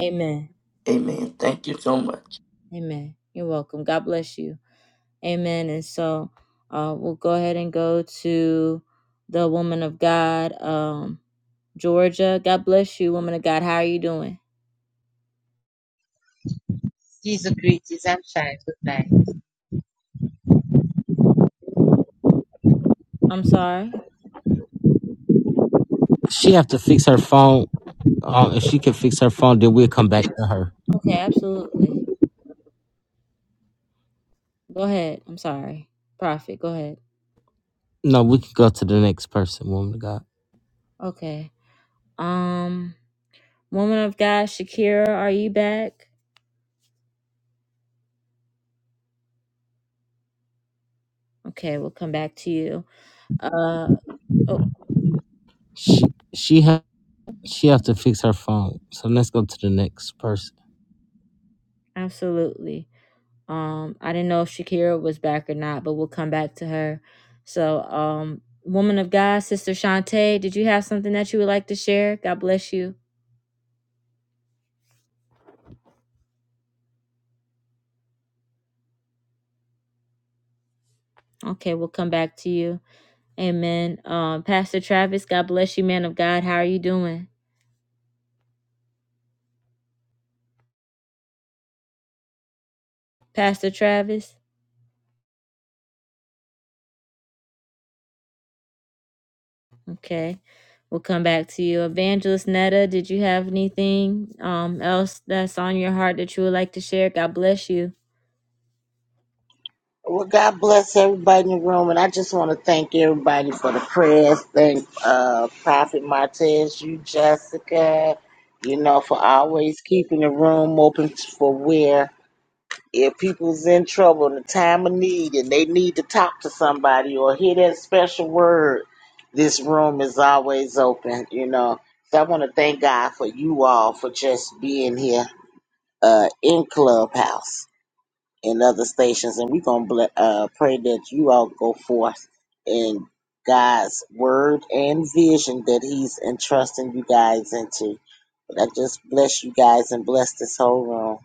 Amen.
Amen. Thank you so much.
Amen. You're welcome. God bless you. Amen. And so uh, we'll go ahead and go to the woman of God, um, Georgia. God bless you, woman of God. How are you doing?
These agreed to exemption and took Goodbye.
I'm sorry.
she have to fix her phone. Uh, if she can fix her phone, then we'll come back to her.
Okay, absolutely. Go ahead. I'm sorry. Prophet, go ahead.
No, we can go to the next person, woman of God.
Okay. Um, woman of God, Shakira, are you back? Okay, we'll come back to you. Uh oh,
She she ha she have to fix her phone. So let's go to the next person.
absolutely. Um, I didn't know if Shakira was back or not, but we'll come back to her. So, um, woman of God, Sister Shantae, did you have something that you would like to share? God bless you. Okay, we'll come back to you. Amen. Um, Pastor Travis, God bless you, man of God. How are you doing, Pastor Travis? Okay, we'll come back to you. Evangelist Netta, did you have anything um else that's on your heart that you would like to share? God bless you.
Well, God bless everybody in the room, and I just want to thank everybody for the prayers. Thank uh, Prophet Martez, you, Jessica, you know, for always keeping the room open for where if people's in trouble in a time of need and they need to talk to somebody or hear that special word, this room is always open, you know. So I want to thank God for you all for just being here uh, in Clubhouse and other stations. And we're going to uh, pray that you all go forth in God's word and vision that He's entrusting you guys into. But I just bless you guys and bless this whole room.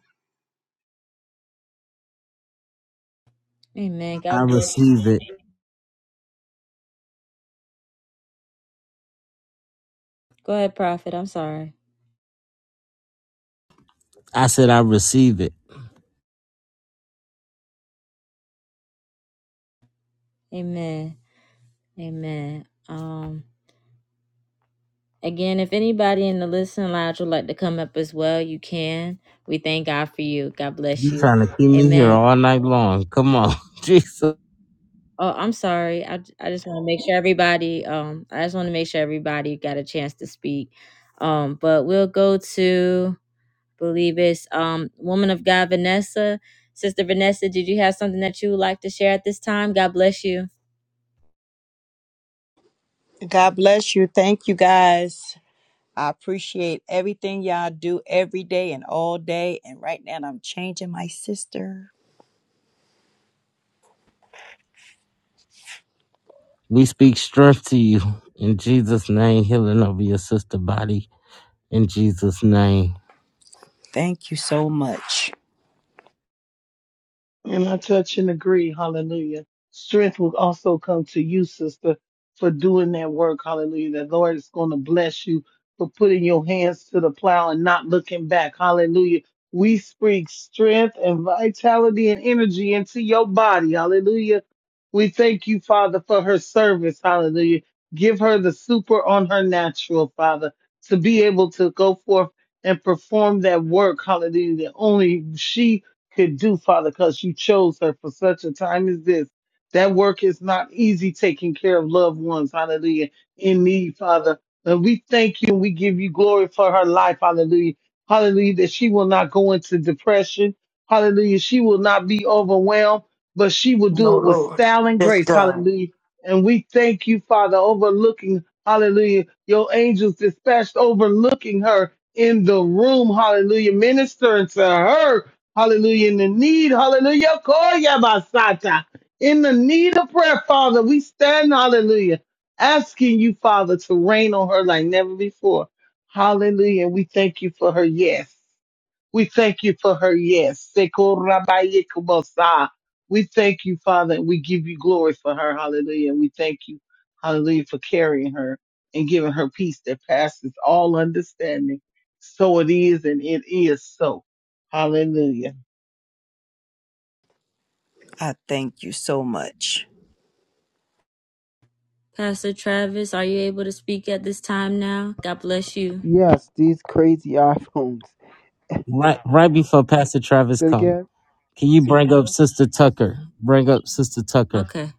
Amen.
I
God bless.
receive it.
Go ahead, Prophet. I'm sorry.
I said I receive it.
Amen. Amen. Um, again, if anybody in the listening lounge would like to come up as well, you can. We thank God for you. God bless
You
you.
trying to keep me here
Amen.
all night long? Come on, <laughs> Jesus.
Oh, I'm sorry. I, j- I just want to make sure everybody. Um, I just want to make sure everybody got a chance to speak. Um, but we'll go to believe it's um woman of God Vanessa. Sister Vanessa, did you have something that you would like to share at this time? God bless you.
God bless you. Thank you guys. I appreciate everything y'all do every day and all day. And right now I'm changing my sister.
We speak strength to you in Jesus' name. Healing over your sister body in Jesus' name.
Thank you so much.
And I touch and agree. Hallelujah. Strength will also come to you, sister, for doing that work. Hallelujah. The Lord is going to bless you for putting your hands to the plow and not looking back. Hallelujah. We speak strength and vitality and energy into your body. Hallelujah. We thank you, Father, for her service. Hallelujah. Give her the super on her natural, Father, to be able to go forth and perform that work. Hallelujah. That only she could do, Father, because you chose her for such a time as this. That work is not easy taking care of loved ones, hallelujah, in need, Father. And we thank you and we give you glory for her life, hallelujah. Hallelujah, that she will not go into depression. Hallelujah, she will not be overwhelmed, but she will do
No,
it with
Lord.
style and
Yes,
grace,
God.
hallelujah. And we thank you, Father, overlooking, hallelujah, your angels dispatched overlooking her in the room, hallelujah, ministering to her Hallelujah. In the need, hallelujah. Koya basata. In the need of prayer, Father, we stand, hallelujah, asking you, Father, to rain on her like never before. Hallelujah. And we thank you for her yes. We thank you for her yes. Seko rabaye kubasa. We thank you, Father, and we give you glory for her. Hallelujah. And we thank you, hallelujah, for carrying her and giving her peace that passes all understanding. So it is, and it is so. Hallelujah.
I thank you so much.
Pastor Travis, are you able to speak at this time now? God bless you.
Yes, these crazy <laughs> iPhones.
Right right before Pastor Travis
Say it
comes.
again.
Can you bring up Sister Tucker? Bring up Sister Tucker.
Okay.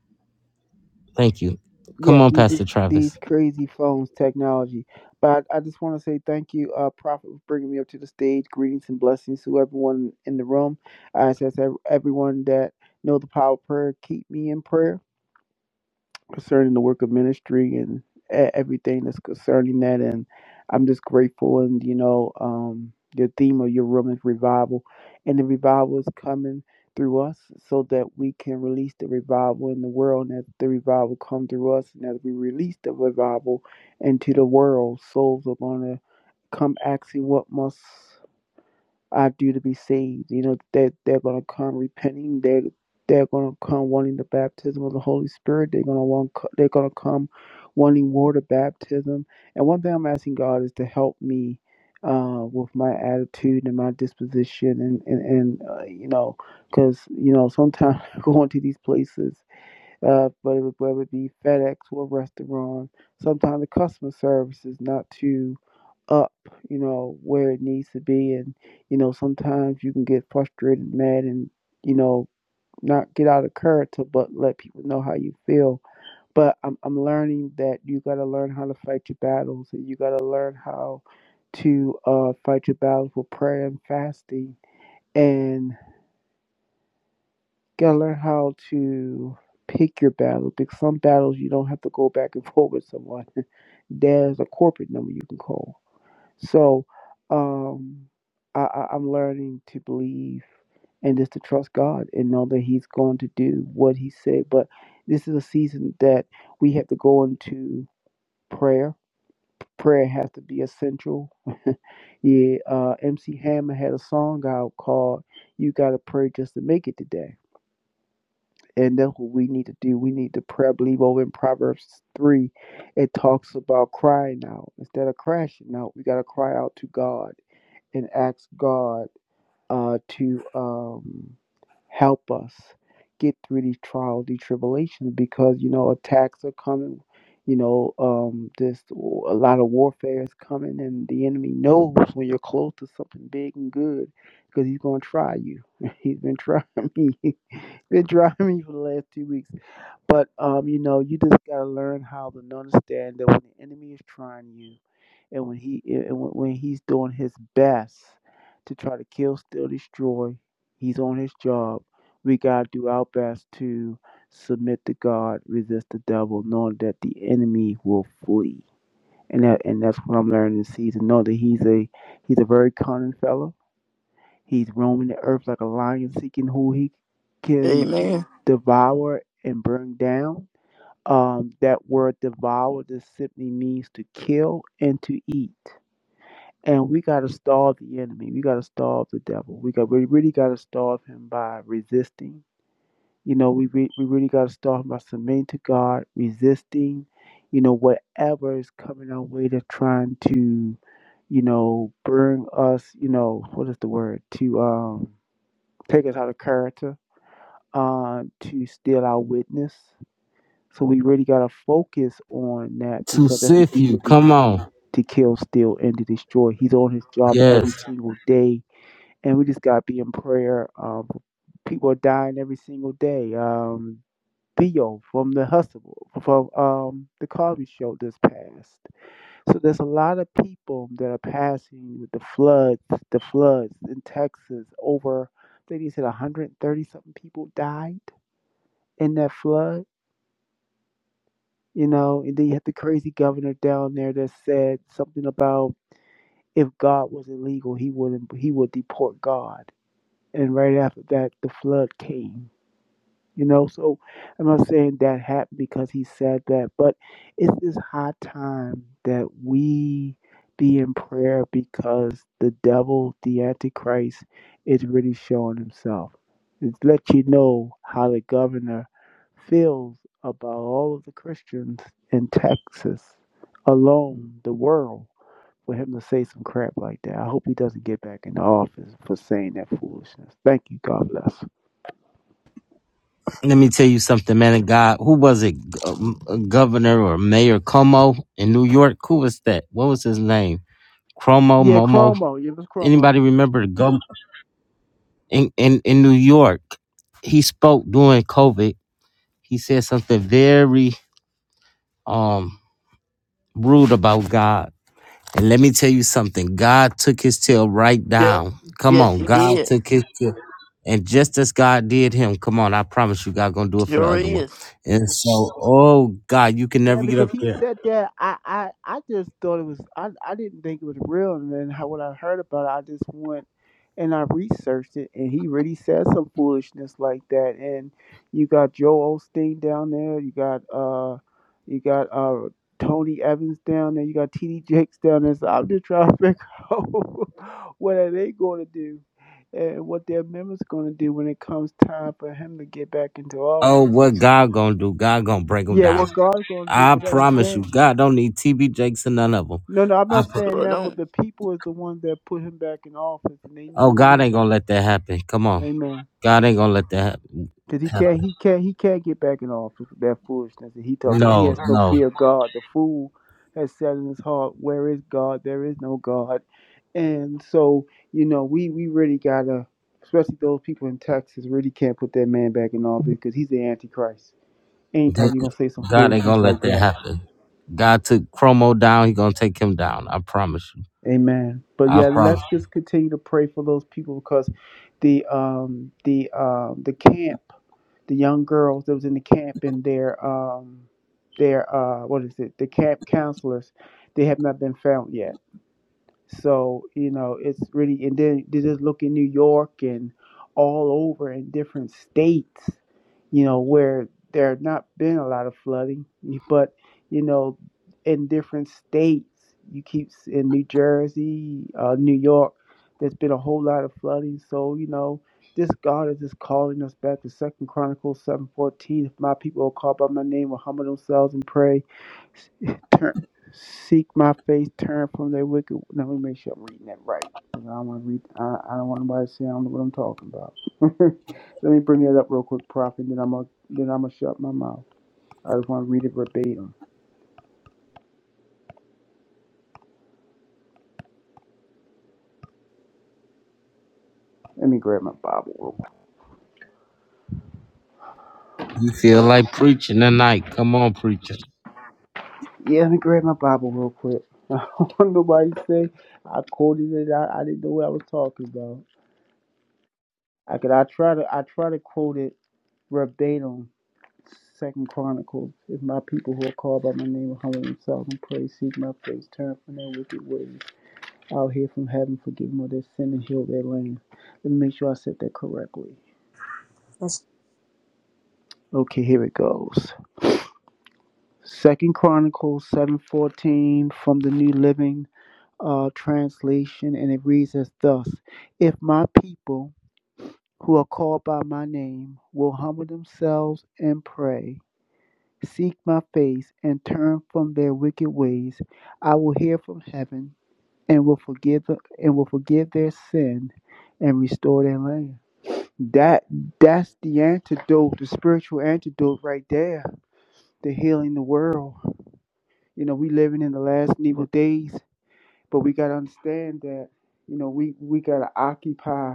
Thank you. Come
Yes,
on,
these these,
Pastor
these
Travis.
crazy phones technology. But I, I just want to say thank you, uh, Prophet, for bringing me up to the stage. Greetings and blessings to everyone in the room. I ask ev- everyone that know the power of prayer, keep me in prayer. concerning the work of ministry and e- everything that's concerning that. And I'm just grateful. And, you know, um, your theme of your room is revival. And the revival is coming through us so that we can release the revival in the world and that the revival come through us and as we release the revival into the world souls are going to come asking what must I do to be saved. You know, they they're going to come repenting. they they're going to come wanting the baptism of the Holy Spirit. They're going to want, they're going to come wanting water baptism. And one thing I'm asking God is to help me uh, with my attitude and my disposition. And, and, and uh, you know, because, you know, sometimes <laughs> going to these places uh, but it would whether it be FedEx or a restaurant. Sometimes the customer service is not too up, you know, where it needs to be, and you know sometimes you can get frustrated, mad, and you know not get out of character, but let people know how you feel. But I'm I'm learning that you got to learn how to fight your battles, and you got to learn how to uh, fight your battles with prayer and fasting, and gotta learn how to pick your battles because some battles you don't have to go back and <laughs> forth with someone. <laughs> There's a corporate number you can call. So um, I, I, I'm learning to believe and just to trust God and know that He's going to do what He said. But this is a season that we have to go into prayer. Prayer has to be essential. <laughs> yeah, uh, MC Hammer had a song out called "You Got to Pray Just to Make It Today." And that's what we need to do. We need to pray. I believe over in Proverbs 3, it talks about crying out. Instead of crashing out, we got to cry out to God and ask God uh, to um, help us get through these trials, these tribulations, because, you know, attacks are coming. You know, um, this a lot of warfare is coming, and the enemy knows when you're close to something big and good because he's going to try you. <laughs> He's been trying me. <laughs> He's been trying me for the last two weeks. But um, you know, you just gotta learn how to understand that when the enemy is trying you, and when he and when when he's doing his best to try to kill, steal, destroy, he's on his job. We gotta do our best to submit to God, resist the devil, knowing that the enemy will flee. And that and that's what I'm learning this season. Know that he's a he's a very cunning fellow. He's roaming the earth like a lion, seeking who he can
Amen.
devour and burn down um, that word devour just simply means to kill and to eat. And we got to starve the enemy. We got to starve the devil. We got we really got to starve him by resisting. You know, we re- we really got to starve him by submitting to God, resisting. You know, whatever is coming our way, they're trying to, you know, burn us. You know, what is the word? To um, take us out of character. Uh, to steal our witness. So we really gotta focus on that
To
because that's the
sif
deed
you.
of the
Come
enemy
on.
to kill, steal, and to destroy. He's on his job every
Yes.
single day, and we just gotta be in prayer. Um, people are dying every single day. Um, Theo from the Hustle from um the Cosby Show just passed. So there's a lot of people that are passing with the floods, the floods in Texas. Over, I think he said 130 something people died in that flood You know, and then you had the crazy governor down there that said something about if God was illegal, he wouldn't he would deport God. And right after that, the flood came. You know, so I'm not saying that happened because he said that, but it's this high time that we be in prayer because the devil, the Antichrist, is really showing himself. It's let you know how the governor feels about all of the Christians in Texas alone, the world, for him to say some crap like that. I hope he doesn't get back in the office for saying that foolishness. Thank you. God bless.
Let me tell you something, man. of God, who was it? Go- uh, Governor or Mayor Cuomo in New York? Who was that? What was his name? Cuomo,
Yeah,
Momo.
Chromo. Yeah, it was Chromo.
Anybody remember the gov- in, in in New York? He spoke during COVID. He said something very um rude about God And let me tell you something. God took his tail right
Yeah.
down. Come
Yes,
on.
He
God
did.
took his tail. And just as God did him, come on, I promise you, God gonna do it for the
Sure
other one.
is.
And so, oh God, you can
Yeah,
never get
because
up
he
there.
said that. I, I, I just thought it was. I, I didn't think it was real, and then how, when I heard about it, I just went and I researched it, and he really said some foolishness like that. And you got Joe Osteen down there. You got uh, you got uh, Tony Evans down there. You got T.D. Jakes down there. So I'm just trying to figure <laughs> out what are they going to do, and what their members going to do when it comes time for him to get back into
Oh,
office.
what God gonna do? God gonna break them
Yeah,
down.
what God's going to do,
I
but
promise you,
understand.
God don't need TB Jakes and none of them.
No, no, I'm
I,
not saying
Lord,
that, but
don't
the people is the ones that put him back in office, and they
oh,
need
God
to.
ain't gonna let that happen. Come on,
Amen.
God ain't gonna let that hap-
Cause he can't,
happen.
he can't, he can't get back in office with that foolishness that he talking. He
No,
has no
no.
fear of God. The fool has said in his heart, "Where is God? There is no God." And so, you know, we we really gotta, especially those people in Texas, really can't put that man back in office because he's the antichrist.
They-
Anytime you're gonna say some
God ain't gonna
foolishness
let
like
that
that.
happen. God took Chromo down. He gonna take him down. I promise you.
Amen. But
I
yeah,
promise.
let's just continue to pray for those people because the um the um the camp, the young girls that was in the camp and their um their uh what is it, the camp counselors, they have not been found yet. So, you know, it's really, and then they just look in New York and all over in different states, you know, where there have not been a lot of flooding, but, you know, in different states, you keep in New Jersey, uh, New York, there's been a whole lot of flooding. So, you know, this God is just calling us back to Second Chronicles seven fourteen. If my people will call by my name, will humble themselves and pray, <laughs> turn Seek my face, turn from their wicked. Now, Let me make sure I'm reading that right. 'cause I don't want to read. I, I don't want anybody to say I don't know what I'm talking about. <laughs> Let me bring that up real quick, Prophet. Then I'm gonna then I'm gonna shut my mouth. I just want to read it verbatim. Let me grab my Bible real quick.
You feel like preaching tonight? Come on, preacher.
Yeah, let me grab my Bible real quick. <laughs> I don't want nobody to say I quoted it. I, I didn't know what I was talking about. I could. I try to. I try to quote it verbatim Second Chronicles. If my people who are called by my name will humble themselves and pray, seek my face, turn from their wicked ways, I'll hear from heaven, forgive them of their sin, and heal their land. Let me make sure I said that correctly.
Let's.
Okay, here it goes. Second Chronicles seven fourteen from the New Living uh, Translation, and it reads as thus: If my people who are called by my name will humble themselves and pray seek my face and turn from their wicked ways, I will hear from heaven and will forgive the, and will forgive their sin and restore their land. That that's the antidote, the spiritual antidote right there to healing the world. You know, we living in the last and evil days, but we gotta understand that, you know, we, we gotta occupy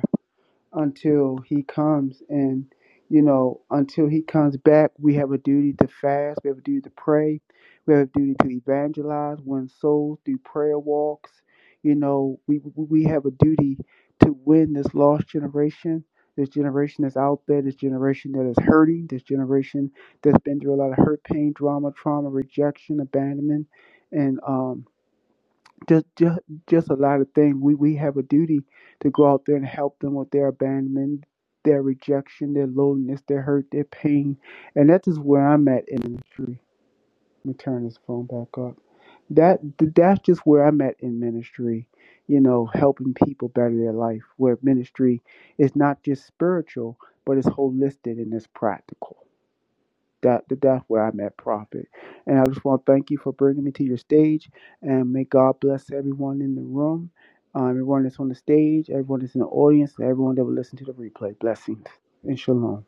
until he comes and you know until he comes back we have a duty to fast we have a duty to pray we have a duty to evangelize win souls through prayer walks you know we we have a duty to win this lost generation this generation that's out there this generation that is hurting this generation that's been through a lot of hurt pain drama trauma rejection abandonment and um just just just a lot of things. We we have a duty to go out there and help them with their abandonment, their rejection, their loneliness, their hurt, their pain, and that is where I'm at in ministry. Let me turn this phone back up. That that's just where I'm at in ministry. You know, helping people better their life. Where ministry is not just spiritual, but it's holistic and it's practical. That, that- that's where I met Prophet. And I just want to thank you for bringing me to your stage. And may God bless everyone in the room, um, everyone that's on the stage, everyone that's in the audience, and everyone that will listen to the replay. Blessings and shalom.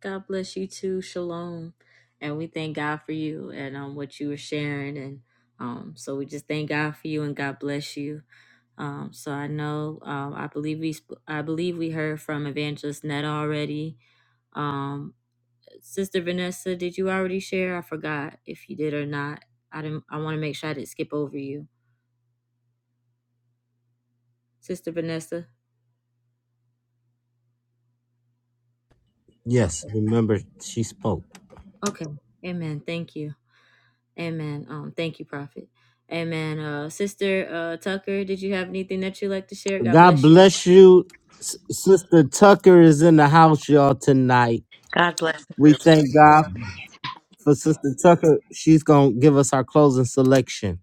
God bless you too. Shalom. And we thank God for you and um what you were sharing and um so we just thank God for you and God bless you. Um so I know um I believe we sp- I believe we heard from Evangelist Netta already. Um Sister Vanessa, did you already share? I forgot if you did or not. I didn't I want to make sure I didn't skip over you. Sister Vanessa.
Yes.
Okay.
Remember, she spoke.
Okay. Amen. Thank you. Amen. Um, thank you, Prophet. Amen. Uh, Sister uh, Tucker, did you have anything that you'd like to share? God
God
bless you.
bless you, S- Sister Tucker is in the house, y'all tonight.
God bless.
We thank God for Sister Tucker. She's gonna give us our closing selection.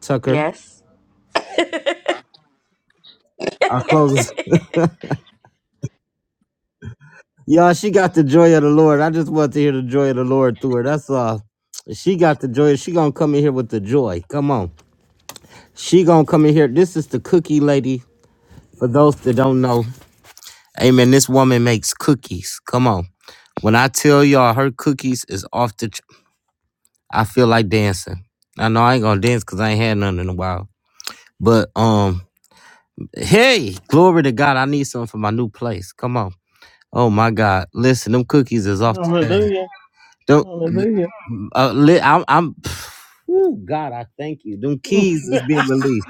Tucker,
Yes.
our closing. Y'all, she got the joy of the Lord. I just want to hear the joy of the Lord through her. That's all. She got the joy. She gonna come in here with the joy. Come on. She gonna come in here. This is the cookie lady. For those that don't know, amen. This woman makes cookies. Come on. When I tell y'all her cookies is off the, ch- I feel like dancing. I know I ain't gonna dance because I ain't had none in a while. But um, hey, glory to God. I need something for my new place. Come on. Oh my God. Listen, them cookies is off. The,
Hallelujah.
don't
Hallelujah.
uh, li- I'm, I'm Ooh, God, I thank you. Them keys is
<laughs>
being released.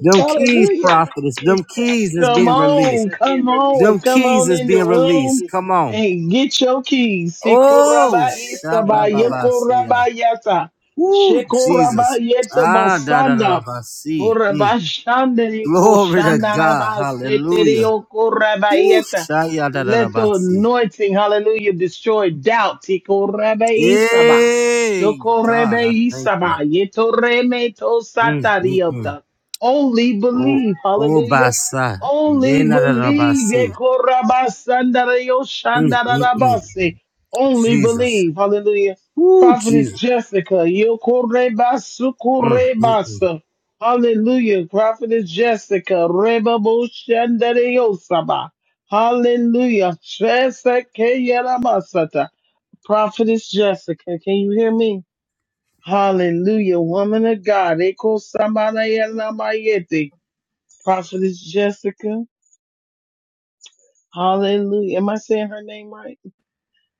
Them keys,
Hallelujah.
prophetess. Them keys is
Come
being released.
on, come on,
Them
come
keys
on
is
in the
being released.
room
Come on.
and get your keys.
Oh,
Sikoraba isaba
Amen.
shabababasia.
yekoraba yata.
Ooh,
Shekoraba
Jesus.
yeta
Ah, da da da da
bosanda.
ba, see. Mm.
Koraba shanda yeko
Glory to
shanda
God.
raba setere
Hallelujah.
yokoraba
Ooh,
yeta.
shaya da da da
Let
ba,
the
see.
anointing, hallelujah, destroy doubt. Sikoraba isaba.
Hey, God,
Shokorebe
I thank you.
isaba. Yetoreme to
Mm, mm, mm.
satariota. Only
Oh,
believe,
oh,
hallelujah.
basa. Yeah,
Only
da da da ba,
believe.
see. Mm, mm, mm.
Yekorabasandarayo-shandarabase. Only
Jesus.
believe. Hallelujah.
Ooh,
Prophetess
Jesus.
Jessica.
Mm, mm, mm.
Yokorebasukurebasa. Hallelujah. Prophetess Jessica. Rebaboshandarayosaba. Hallelujah. Chesekeyaramasata. Prophetess Jessica. Can you hear me? Hallelujah. Woman of God. Ekosamanayenamayete. Prophetess Jessica. Hallelujah. Am I saying her name right?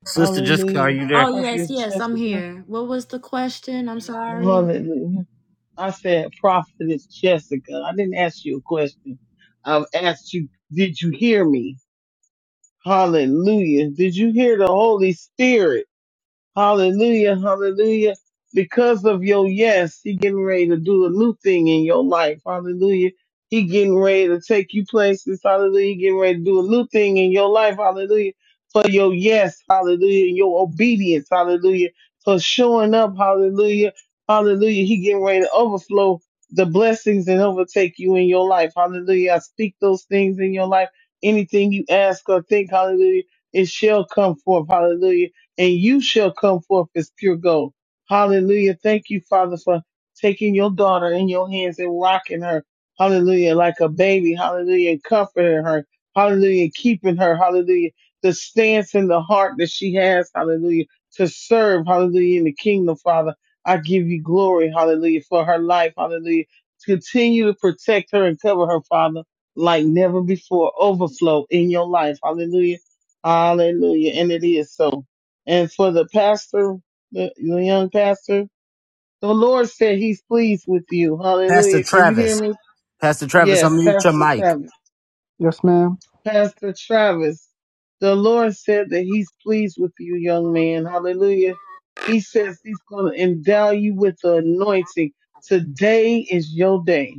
Sister Jessica, are
Hallelujah.
you there?
Oh yes,
Prophetess
yes, I'm
Jessica.
here. What was the question? I'm sorry.
Hallelujah. I said Prophetess Jessica. I didn't ask you a question. I've asked you, did you hear me? Hallelujah. Did you hear the Holy Spirit? Hallelujah, hallelujah. Because of your yes, he getting ready to do a new thing in your life. Hallelujah. He getting ready to take you places. Hallelujah. He getting ready to do a new thing in your life. Hallelujah. For your yes, hallelujah, and your obedience, hallelujah. For showing up, hallelujah. Hallelujah. He getting ready to overflow the blessings and overtake you in your life. Hallelujah. I speak those things in your life. Anything you ask or think, hallelujah, it shall come forth. Hallelujah and you shall come forth as pure gold. Hallelujah. Thank you, Father, for taking your daughter in your hands and rocking her. Hallelujah. Like a baby. Hallelujah. And comforting her. Hallelujah. Keeping her. Hallelujah. The stance in the heart that she has. Hallelujah. To serve. Hallelujah. In the kingdom, Father. I give you glory. Hallelujah. For her life. Hallelujah. Continue to protect her and cover her, Father, like never before. Overflow in your life. Hallelujah. Hallelujah. And it is so. And for the pastor, the, the young pastor, the Lord said he's pleased with you.
Pastor
Hallelujah. Can you hear
Travis.
me?
Pastor Travis,
Yes,
unmute your
Pastor
mic.
Travis.
Yes, ma'am.
Pastor Travis. The Lord said that He's pleased with you, young man. Hallelujah. He says He's going to endow you with the anointing. Today is your day.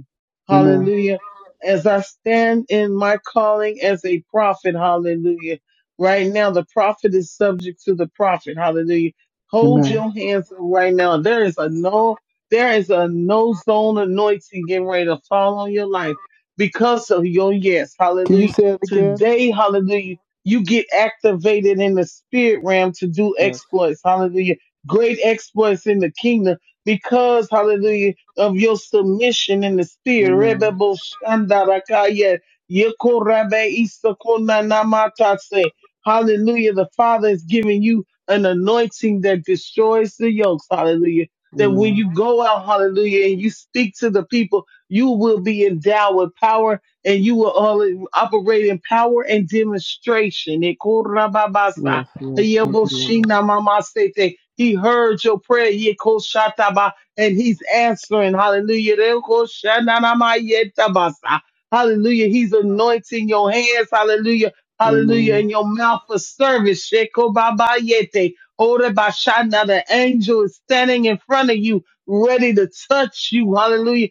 Amen.
Hallelujah. As I stand in my calling as a prophet, hallelujah. Right now, the prophet is subject to the prophet. Hallelujah. Hold
Amen.
your hands up right now. There is a no, there is a no zone anointing getting ready to fall on your life because of your yes.
Can you
Hallelujah
say it again?
Today, hallelujah, you get activated in the spirit realm to do
Yes.
exploits, hallelujah. Great exploits in the kingdom because, hallelujah, of your submission in the spirit.
Amen.
Rebebo shandarakaya, yekorabe isakonanamatase. Hallelujah. The Father is giving you an anointing that destroys the yokes. Hallelujah. That when
Amen.
you go out, hallelujah, and you speak to the people, you will be endowed with power and you will all operate in power and demonstration. Ekorababasa,
Yes, yes. Thank you, Lord.
Yeboshinamamasete. He heard your prayer, Yekoshataba, and he's answering. Hallelujah. Rekoshananamayektabasa. Hallelujah. He's anointing your hands. Hallelujah. Hallelujah.
Amen.
And your mouth for service. Shekobabayete. Orebashana. The angel is standing in front of you, ready to touch you. Hallelujah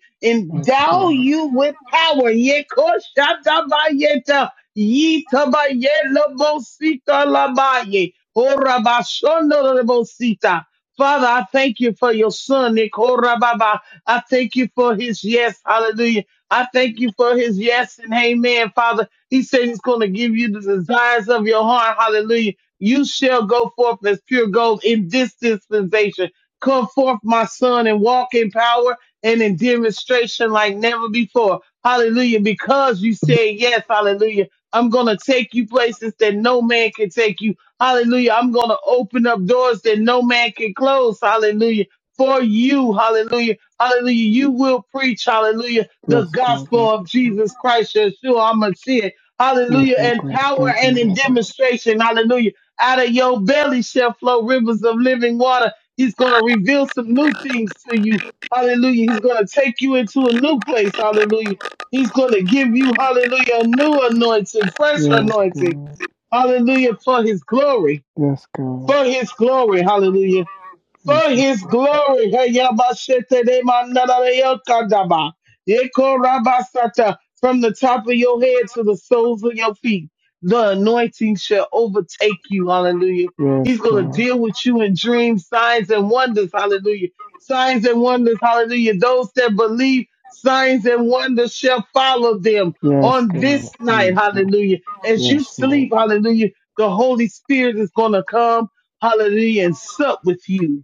Yes,
endow
God.
you with power. Yekoshandabayeta, yitabayelobosita labaye, orabashondorobosita. Father, I thank you for your son, Nikorababa. I thank you for his yes. Hallelujah. I thank you for his yes and amen, Father. He said he's going to give you the desires of your heart. Hallelujah. You shall go forth as pure gold in this dispensation. Come forth, my son, and walk in power and in demonstration like never before. Hallelujah. Because you said yes, hallelujah. I'm going to take you places that no man can take you. Hallelujah. I'm going to open up doors that no man can close. Hallelujah. For you. Hallelujah. Hallelujah. You will preach. Hallelujah. The
Yes, God.
gospel of Jesus Christ, Yeshua HaMashiach.
Yes,
Hallelujah.
Lord
In
God.
power
Thank you,
and in
Lord.
demonstration. Hallelujah. Out of your belly shall flow rivers of living water. He's going to reveal some new things to you. Hallelujah. He's going to take you into a new place. Hallelujah. He's going to give you, hallelujah, a new anointing, fresh
Yes,
anointing.
God.
Hallelujah. For his glory.
Yes, God.
For his glory. Hallelujah for
Yes,
his
Lord.
glory. Hey, yabashete de manada yo Yeko rabasata. From the top of your head to the soles of your feet, the anointing shall overtake you. Hallelujah. He's
Yes,
going to
God.
deal with you in dreams, signs, and wonders. Hallelujah. Signs and wonders. Hallelujah. Those that believe signs and wonders shall follow them
Yes,
on
God.
this night.
Yes,
Hallelujah. As you
yes, Lord.
sleep, hallelujah, the Holy Spirit is going to come. Hallelujah. And sup with you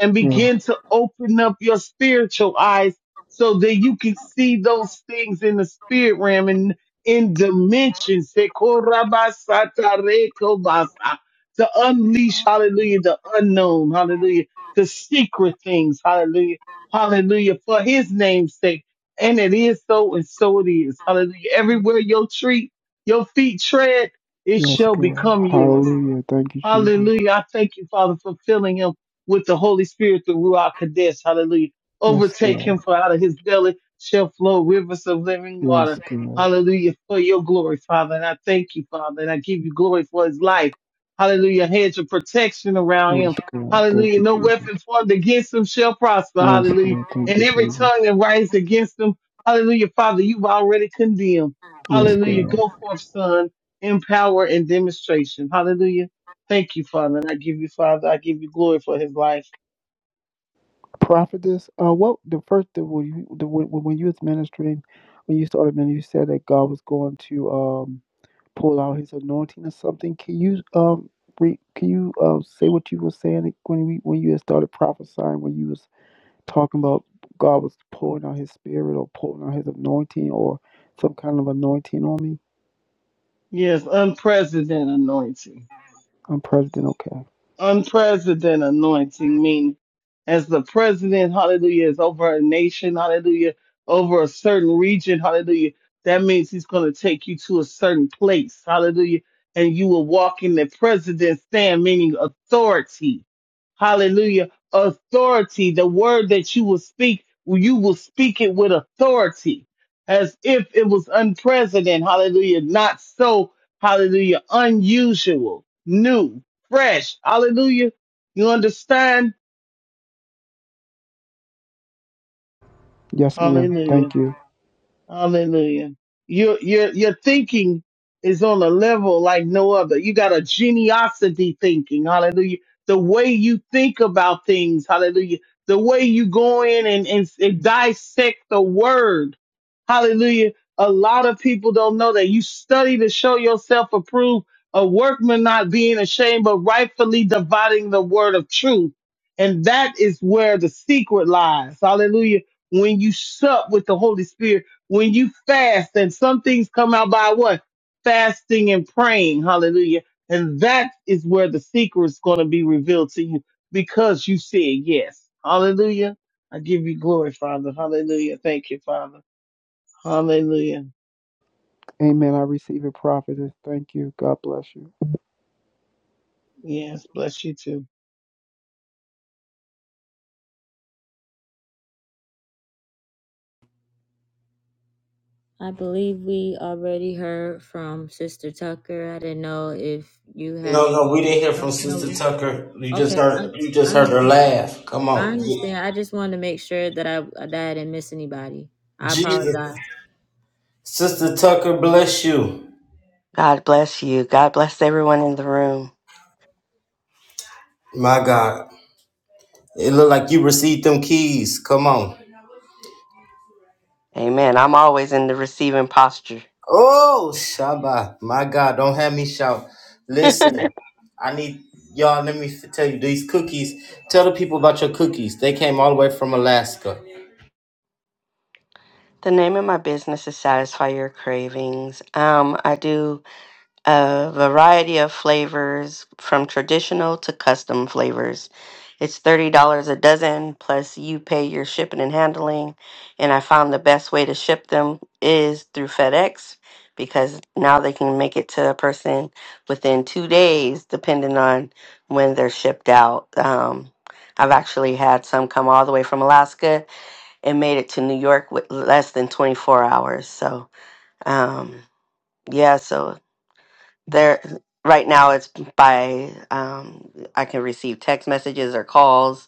and
Yes,
begin to open up your spiritual eyes so that you can see those things in the spirit realm and in dimensions Se korabasa tarekobasa. to unleash hallelujah the unknown hallelujah the secret things hallelujah hallelujah for his name's sake and it is so and so it is hallelujah everywhere your treat your feet tread it
yes,
shall
God.
become yours
Hallelujah. Thank you, Jesus.
Hallelujah. I thank you, Father, for filling him with the Holy Spirit, the Ruach Kadesh. Hallelujah.
Yes,
Overtake
God.
him for out of his belly shall flow rivers of living
Yes,
water.
God.
Hallelujah. For your glory, Father. And I thank you, Father. And I give you glory for his life. Hallelujah. Hedge of protection around
Yes,
him.
God. Thank
Hallelujah.
you,
No
Jesus.
weapon formed against him shall prosper.
Yes,
Hallelujah.
God. Thank
And
you,
every
Jesus.
tongue that rises against him. Hallelujah. Father, you've already condemned.
Yes,
Hallelujah.
God.
Go forth, son, in power and demonstration. Hallelujah. Thank you, Father. And I give you, Father, I give you glory for his life.
Prophetess, uh, what the first the, when you the, when when you was ministering, when you started ministering, you said that God was going to um pull out His anointing or something. Can you um re, can you uh, say what you were saying when we when you had started prophesying when you was talking about God was pouring out his spirit or pouring out his anointing or some kind of anointing on me,
Yes, unprecedented anointing.
I'm president. Okay.
unprecedented anointing, meaning as the president, hallelujah, is over a nation, hallelujah, over a certain region, hallelujah. That means he's going to take you to a certain place, hallelujah, and you will walk in the president's stand, meaning authority, hallelujah, authority. The word that you will speak, you will speak it with authority, as if it was unprecedented, hallelujah, not so, hallelujah, unusual, new fresh. Hallelujah. You understand?
Yes, ma'am.
Hallelujah.
Thank you.
Hallelujah. Your your your thinking is on a level like no other. You got a geniosity thinking. Hallelujah. The way you think about things. Hallelujah. The way you go in and, and, and dissect the word. Hallelujah. A lot of people don't know that you study to show yourself approved, a workman not being ashamed, but rightfully dividing the word of truth. And that is where the secret lies. Hallelujah. When you sup with the Holy Spirit, when you fast and some things come out by what fasting and praying hallelujah and that is where the secret is going to be revealed to you because you said yes hallelujah i give you glory father hallelujah thank you father hallelujah
Amen. I receive it, prophetess. Thank you. God bless you.
yes bless you too
I believe we already heard from Sister Tucker. I didn't know if you had
No, no, we didn't hear from
no.
Sister
no.
Tucker. You just
Okay, I
heard you just
I
heard her laugh. Come
I
on. Ye-
understand. I just wanted to make sure that I that I didn't miss anybody. I
Jesus.
apologize.
Sister Tucker, bless you.
God bless you. God bless everyone in the room.
My God. It looked like you received them keys. Come on.
Amen. I'm always in the receiving posture.
Oh, Shabbat. My God, don't have me shout.
<laughs>
Listen,
the
I need y'all, let me f- tell you these cookies. Tell the people about your cookies. They came all the way from Alaska.
name of my business is Satisfy Your Cravings. Um, I do a variety of flavors from traditional to custom flavors. It's $30 a dozen, plus you pay your shipping and handling. And I found the best way to ship them is through FedEx because now they can make it to a person within two days, depending on when they're shipped out. Um, I've actually had some come all the way from Alaska and made it to New York with less than 24 hours. So, um, yeah, so there right now it's by um, i can receive text messages or calls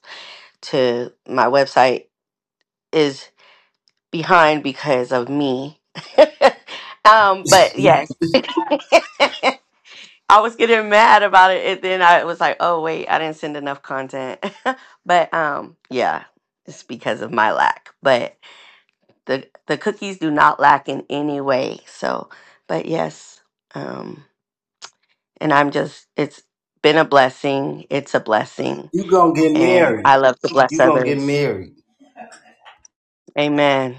to my website is behind because of me <laughs> um, but yes <laughs> i was getting mad about it and then i was like oh wait i didn't send enough content <laughs> but um, yeah it's because of my lack but the the cookies do not lack in any way so but yes um, And I'm just, it's been a blessing. It's a blessing.
You gonna get
And
married.
I love to bless
You gonna get
others.
married.
Amen.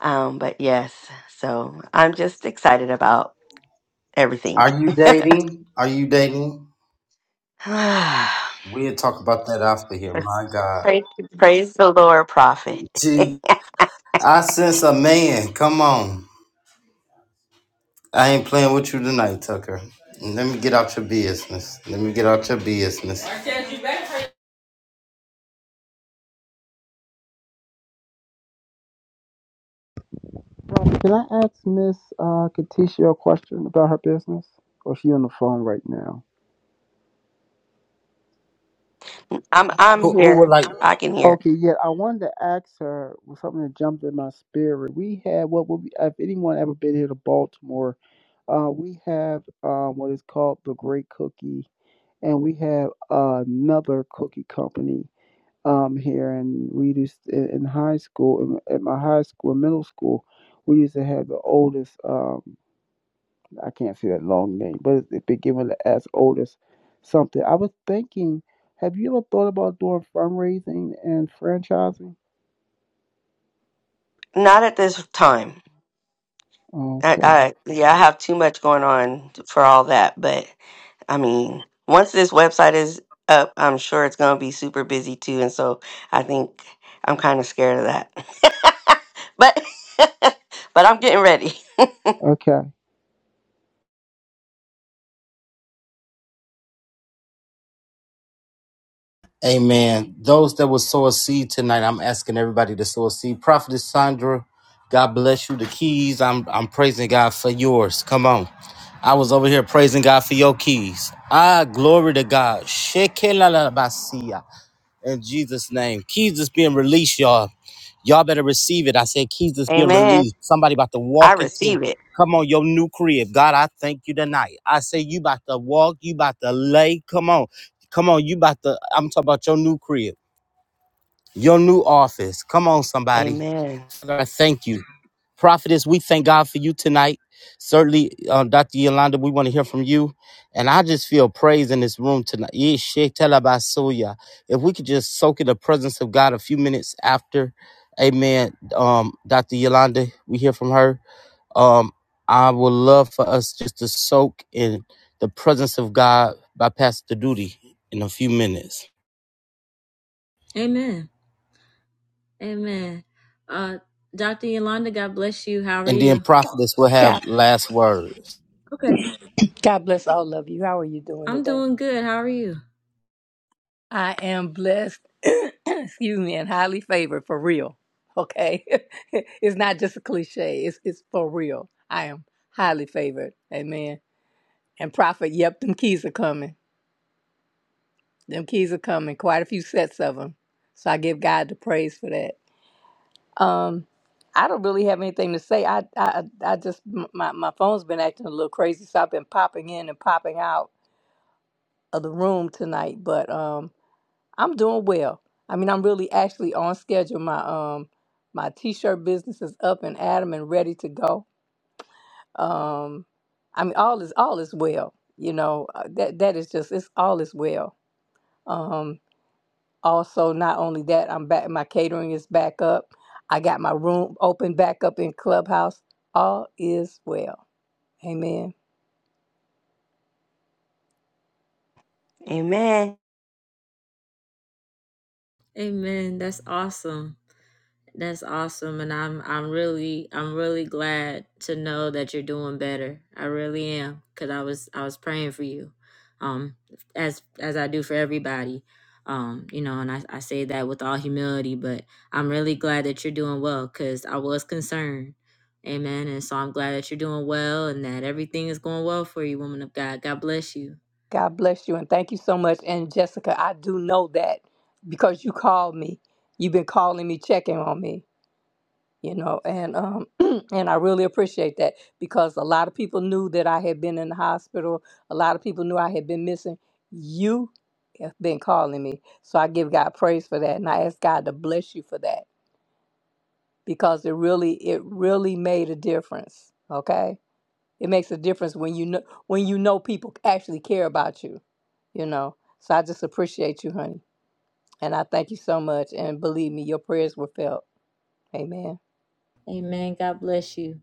Um, but yes, so I'm just excited about everything.
Are you dating? Are you dating?
<sighs> praise,
We'll talk about that after here. My God,
praise the Lord, prophet.
Gee,
<laughs>
I sense a man. Come on, I ain't playing with you tonight, Tucker. Let me get out your business. Let me get out your business.
Prophet, Can I ask Miss uh, Katisha a question about her business? Or is she on the phone right now?
I'm I'm
Who, who
here.
would like?
I can hear.
Okay, yeah, I wanted to ask her Was something that jumped in my spirit. We had what would be, if anyone ever been here to Baltimore, uh, we have um, what is called the Great Cookie and we have another cookie company um here and we used in in high school in- at my high school well, middle school we used to have the oldest um i can't say that long name but it, it began with the as oldest something i was thinking have you ever thought about doing fundraising and franchising
Not at this time. I,
okay
I yeah, I have too much going on for all that, but I mean, once this website is up, I'm sure it's going to be super busy too. And so I think I'm kind of scared of that. <laughs> but <laughs> but I'm getting ready.
okay
Amen. Those that will sow a seed tonight, I'm asking everybody to sow a seed. Prophetess Sandra, God bless you. The keys, I'm I'm praising God for yours. Come on. I was over here praising God for your keys. Ah, glory to God. Shekelalabasia in Jesus' name. Keys is being released, y'all. Y'all better receive it. I said keys is being
Amen.
released. Somebody about to
I
walk into
receive it.
come on your new crib. God, I thank you tonight. I say you about to walk, you about to lay. Come on. Come on, you about to I'm talking about your new crib, your new office. Come on, somebody.
Amen.
God, I thank you. Prophetess, we thank God for you tonight. Certainly, uh, Dr. Yolanda, we want to hear from you. And I just feel praise in this room tonight. Yeah, shit, tell her about Soya. If we could just soak in the presence of God a few minutes after, amen, um, Dr. Yolanda, we hear from her. Um, I would love for us just to soak in the presence of God by Pastor Duty in a few minutes.
Amen. Amen. Uh, Dr. Yolanda, God bless you. How are
And then
you?
Prophetess will
God,
have last words.
God bless all of you. How are you doing
I'm
today?
doing good. How are you?
I am blessed, <clears throat> excuse me, and highly favored for real. Okay. <laughs> it's not just a cliche, it's, it's for real. I am highly favored. Amen. And prophet, yep, them keys are coming. Them keys are coming, quite a few sets of them. So I give God the praise for that. Um, I don't really have anything to say. I, I, I just, m- my, my phone's been acting a little crazy, so I've been popping in and popping out of the room tonight. But um, I'm doing well. I mean, I'm really actually on schedule. My um my t-shirt business is up and Adam and ready to go. Um I mean all is all is well. You know, uh, that that is just it's all is well. Um also not only that, I'm back my catering is back up. I got my room open back up in Clubhouse. All is well. Amen.
Amen.
Amen. That's awesome. That's awesome. And I'm I'm really I'm really glad to know that you're doing better. I really am. Cause I was I was praying for you. Um as as I do for everybody. Um, you know, and I, I say that with all humility, but I'm really glad that you're doing well because I was concerned. Amen. And so I'm glad that you're doing well and that everything is going well for you, woman of God. God bless you.
God bless you and thank you so much. And Jessica, I do know that because you called me. You've been calling me, checking on me. you know and um <clears throat> and i really appreciate that because a lot of people knew that i had been in the hospital a lot of people knew i had been missing you have been calling me so i give god praise for that and i ask god to bless you for that because it really it really made a difference okay it makes a difference when you know when you know people actually care about you you know so i just appreciate you honey and i thank you so much and believe me your prayers were felt amen
Amen. God bless you.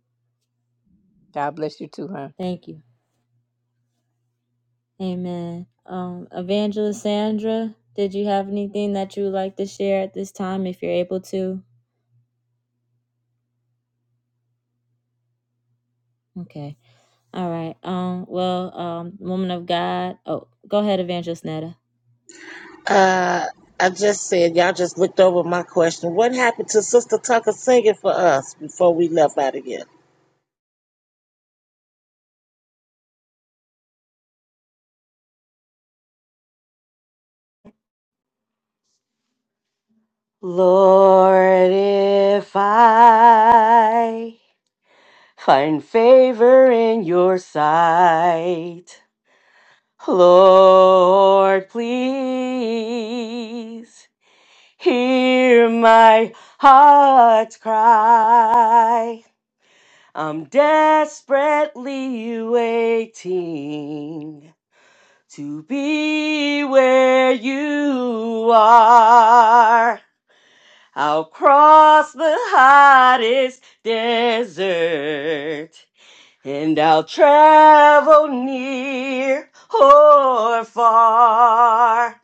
god bless you too honey.
Thank you. Amen. Um, Evangelist Sandra, did you have anything that you would like to share at this time if you're able to? Okay. All right. Um, well, um, woman of God. Oh, go ahead, Evangelist Netta.
Uh, I just said y'all just looked over my question. What happened to Sister Tucker singing for us before we left out of here?
Lord, if I find favor in your sight, Lord, please Hear my heart's cry. I'm desperately waiting to be where you are. I'll cross the hottest desert and I'll travel near or far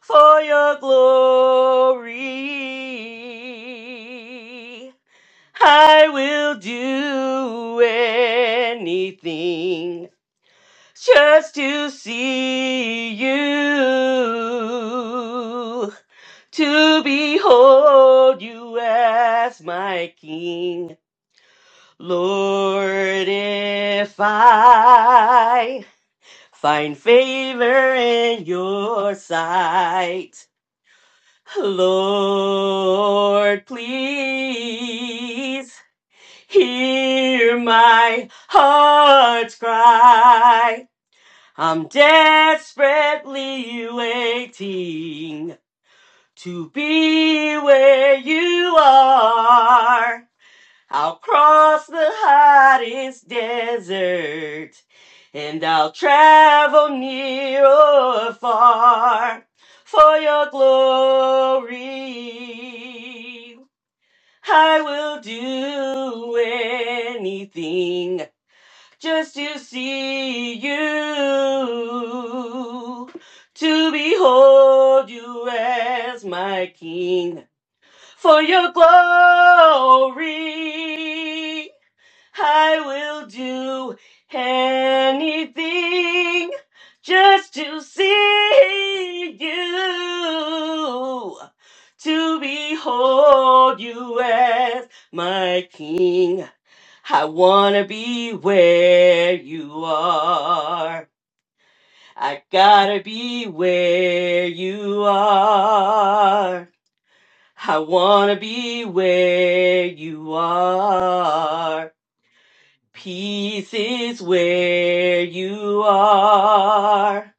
for your glory. I will do anything just to see you, to behold you as my King. Lord, if I find favor in your sight, Lord, please hear my heart's cry. I'm desperately waiting to be where you are. I'll cross the hottest desert and I'll travel near or far for your glory. I will do anything just to see you, to behold you as my king for your glory. I will do anything just to see you, to behold you as my king. I wanna be where you are. I gotta be where you are. I wanna be where you are. Peace is where you are.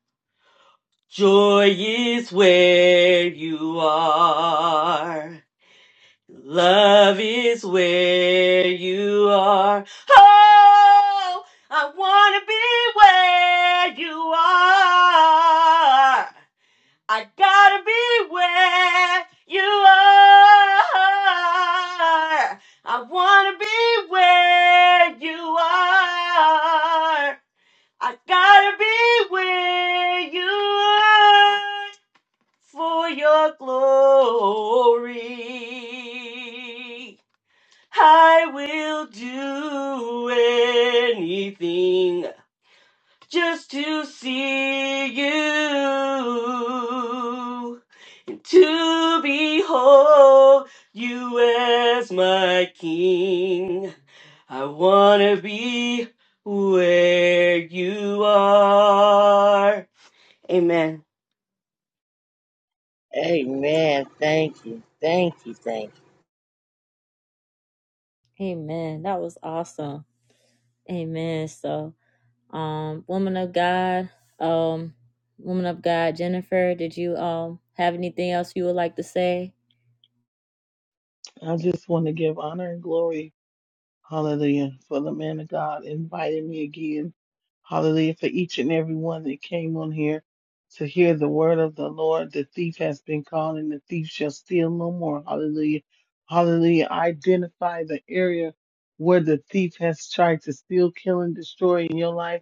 Joy is where you are. Love is where you are. Oh, I want to be where you are. I gotta be where you are. I wanna be where you are. I gotta be where you are for your glory. I will do anything just to see you and to behold you as my king. I wanna be where you are. Amen.
Amen. Thank you. Thank you. Thank you.
Amen. That was awesome. Amen. So, um, woman of God, um, woman of God, Jennifer, did you um have anything else you would like to say?
i just want to give honor and glory Hallelujah. For the man of God inviting me again. Hallelujah. For each and every one that came on here to hear the word of the Lord. The thief has been called and the thief shall steal no more. Hallelujah. Hallelujah. Identify the area where the thief has tried to steal, kill, and destroy in your life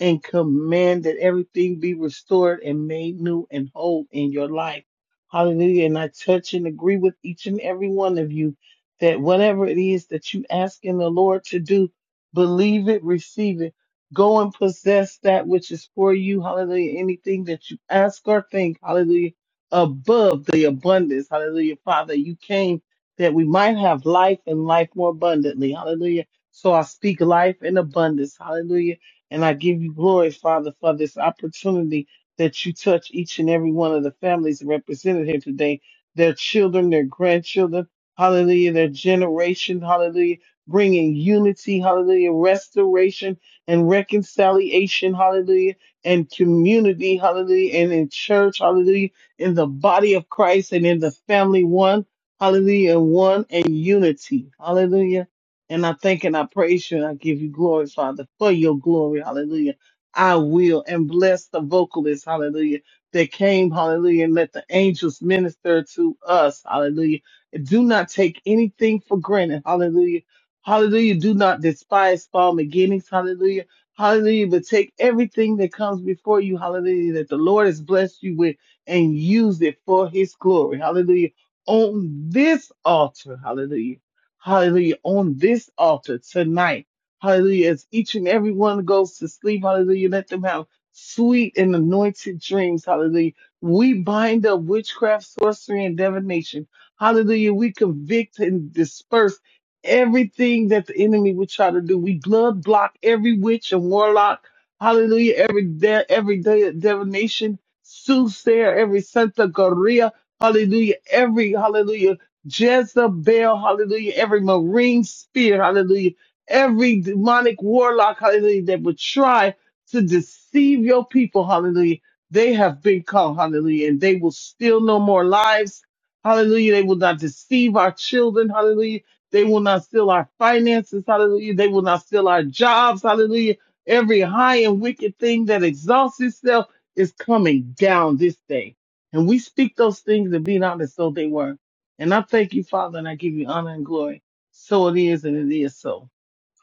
and command that everything be restored and made new and whole in your life. Hallelujah. And I touch and agree with each and every one of you that whatever it is that you ask in the Lord to do, believe it, receive it. Go and possess that which is for you. Hallelujah. Anything that you ask or think, hallelujah, above the abundance. Hallelujah. Father, you came that we might have life and life more abundantly. Hallelujah. So I speak life in abundance. Hallelujah and I give you glory, Father, for this opportunity that you touch each and every one of the families represented here today, their children, their grandchildren, hallelujah, their generation, hallelujah, bringing unity, hallelujah, restoration and reconciliation, hallelujah, and community, hallelujah, and in church, hallelujah, in the body of Christ and in the family, one, hallelujah, and one and unity, hallelujah. And I thank and I praise you and I give you glory, Father, for your glory. Hallelujah. I will and bless the vocalists, hallelujah, that came, hallelujah, and let the angels minister to us, hallelujah. Do not take anything for granted, hallelujah. Hallelujah. Do not despise small beginnings, hallelujah. Hallelujah. But take everything that comes before you, hallelujah, that the Lord has blessed you with and use it for his glory, hallelujah. On this altar, hallelujah. Hallelujah. On this altar tonight. Hallelujah. As each and every one goes to sleep. Hallelujah. Let them have sweet and anointed dreams. Hallelujah. We bind up witchcraft, sorcery, and divination. Hallelujah. We convict and disperse everything that the enemy would try to do. We blood block every witch and warlock. Hallelujah. Every de- every de- divination, soothsayer, every Santa Gloria. Hallelujah. Every hallelujah Jezebel, hallelujah, every marine spirit, hallelujah, every demonic warlock, hallelujah, that would try to deceive your people, hallelujah, they have been caught, hallelujah, and they will steal no more lives, hallelujah. They will not deceive our children, hallelujah. They will not steal our finances, hallelujah. They will not steal our jobs, hallelujah. Every high and wicked thing that exalts itself is coming down this day. And we speak those things and be not as though they were. And I thank you, Father, and I give you honor and glory. So it is, and it is so.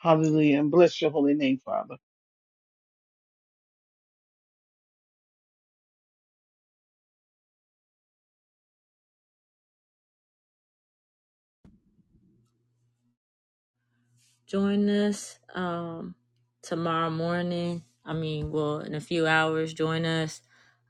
Hallelujah. And bless your holy name, Father.
Join us um, tomorrow morning. I mean, well, in a few hours, join us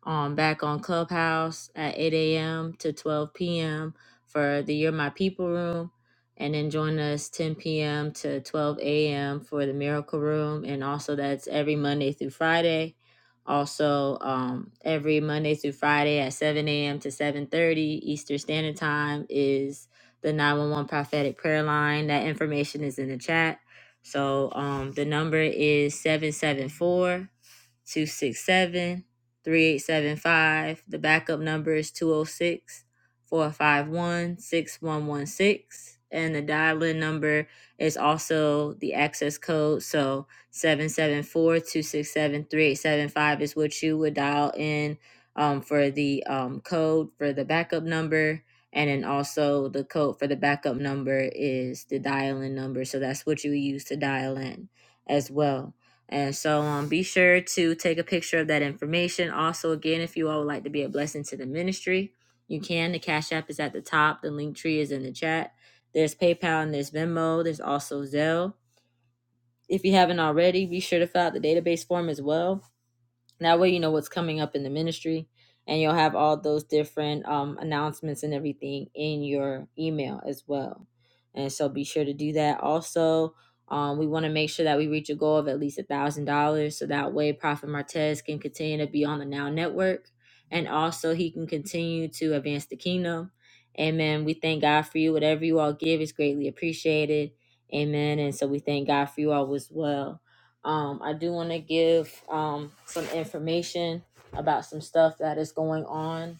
um, back on Clubhouse at 8 a.m. to 12 p.m. for the You're My People room. And then join us 10 p.m. to 12 a.m. for the Miracle Room. And also, that's every Monday through Friday. Also, um, every Monday through Friday at 7 a.m. to 7.30 Eastern Standard Time is the 911 prophetic prayer line. That information is in the chat. So um, the number is 774 267 3875. The backup number is 206 451 6116, And the dial in number is also the access code. So 774 267 3875 is what you would dial in um, for the um, code for the backup number. And then also the code for the backup number is the dial in number. So that's what you use to dial in as well. And so um, be sure to take a picture of that information. Also, again, if you all would like to be a blessing to the ministry, you can. The Cash App is at the top, the link tree is in the chat. There's PayPal and there's Venmo, there's also Zelle. If you haven't already, be sure to fill out the database form as well that way you know what's coming up in the ministry and you'll have all those different um, announcements and everything in your email as well and so be sure to do that also um, we want to make sure that we reach a goal of at least a thousand dollars so that way prophet martez can continue to be on the now network and also he can continue to advance the kingdom amen we thank god for you whatever you all give is greatly appreciated amen and so we thank god for you all as well um, I do want to give um, some information about some stuff that is going on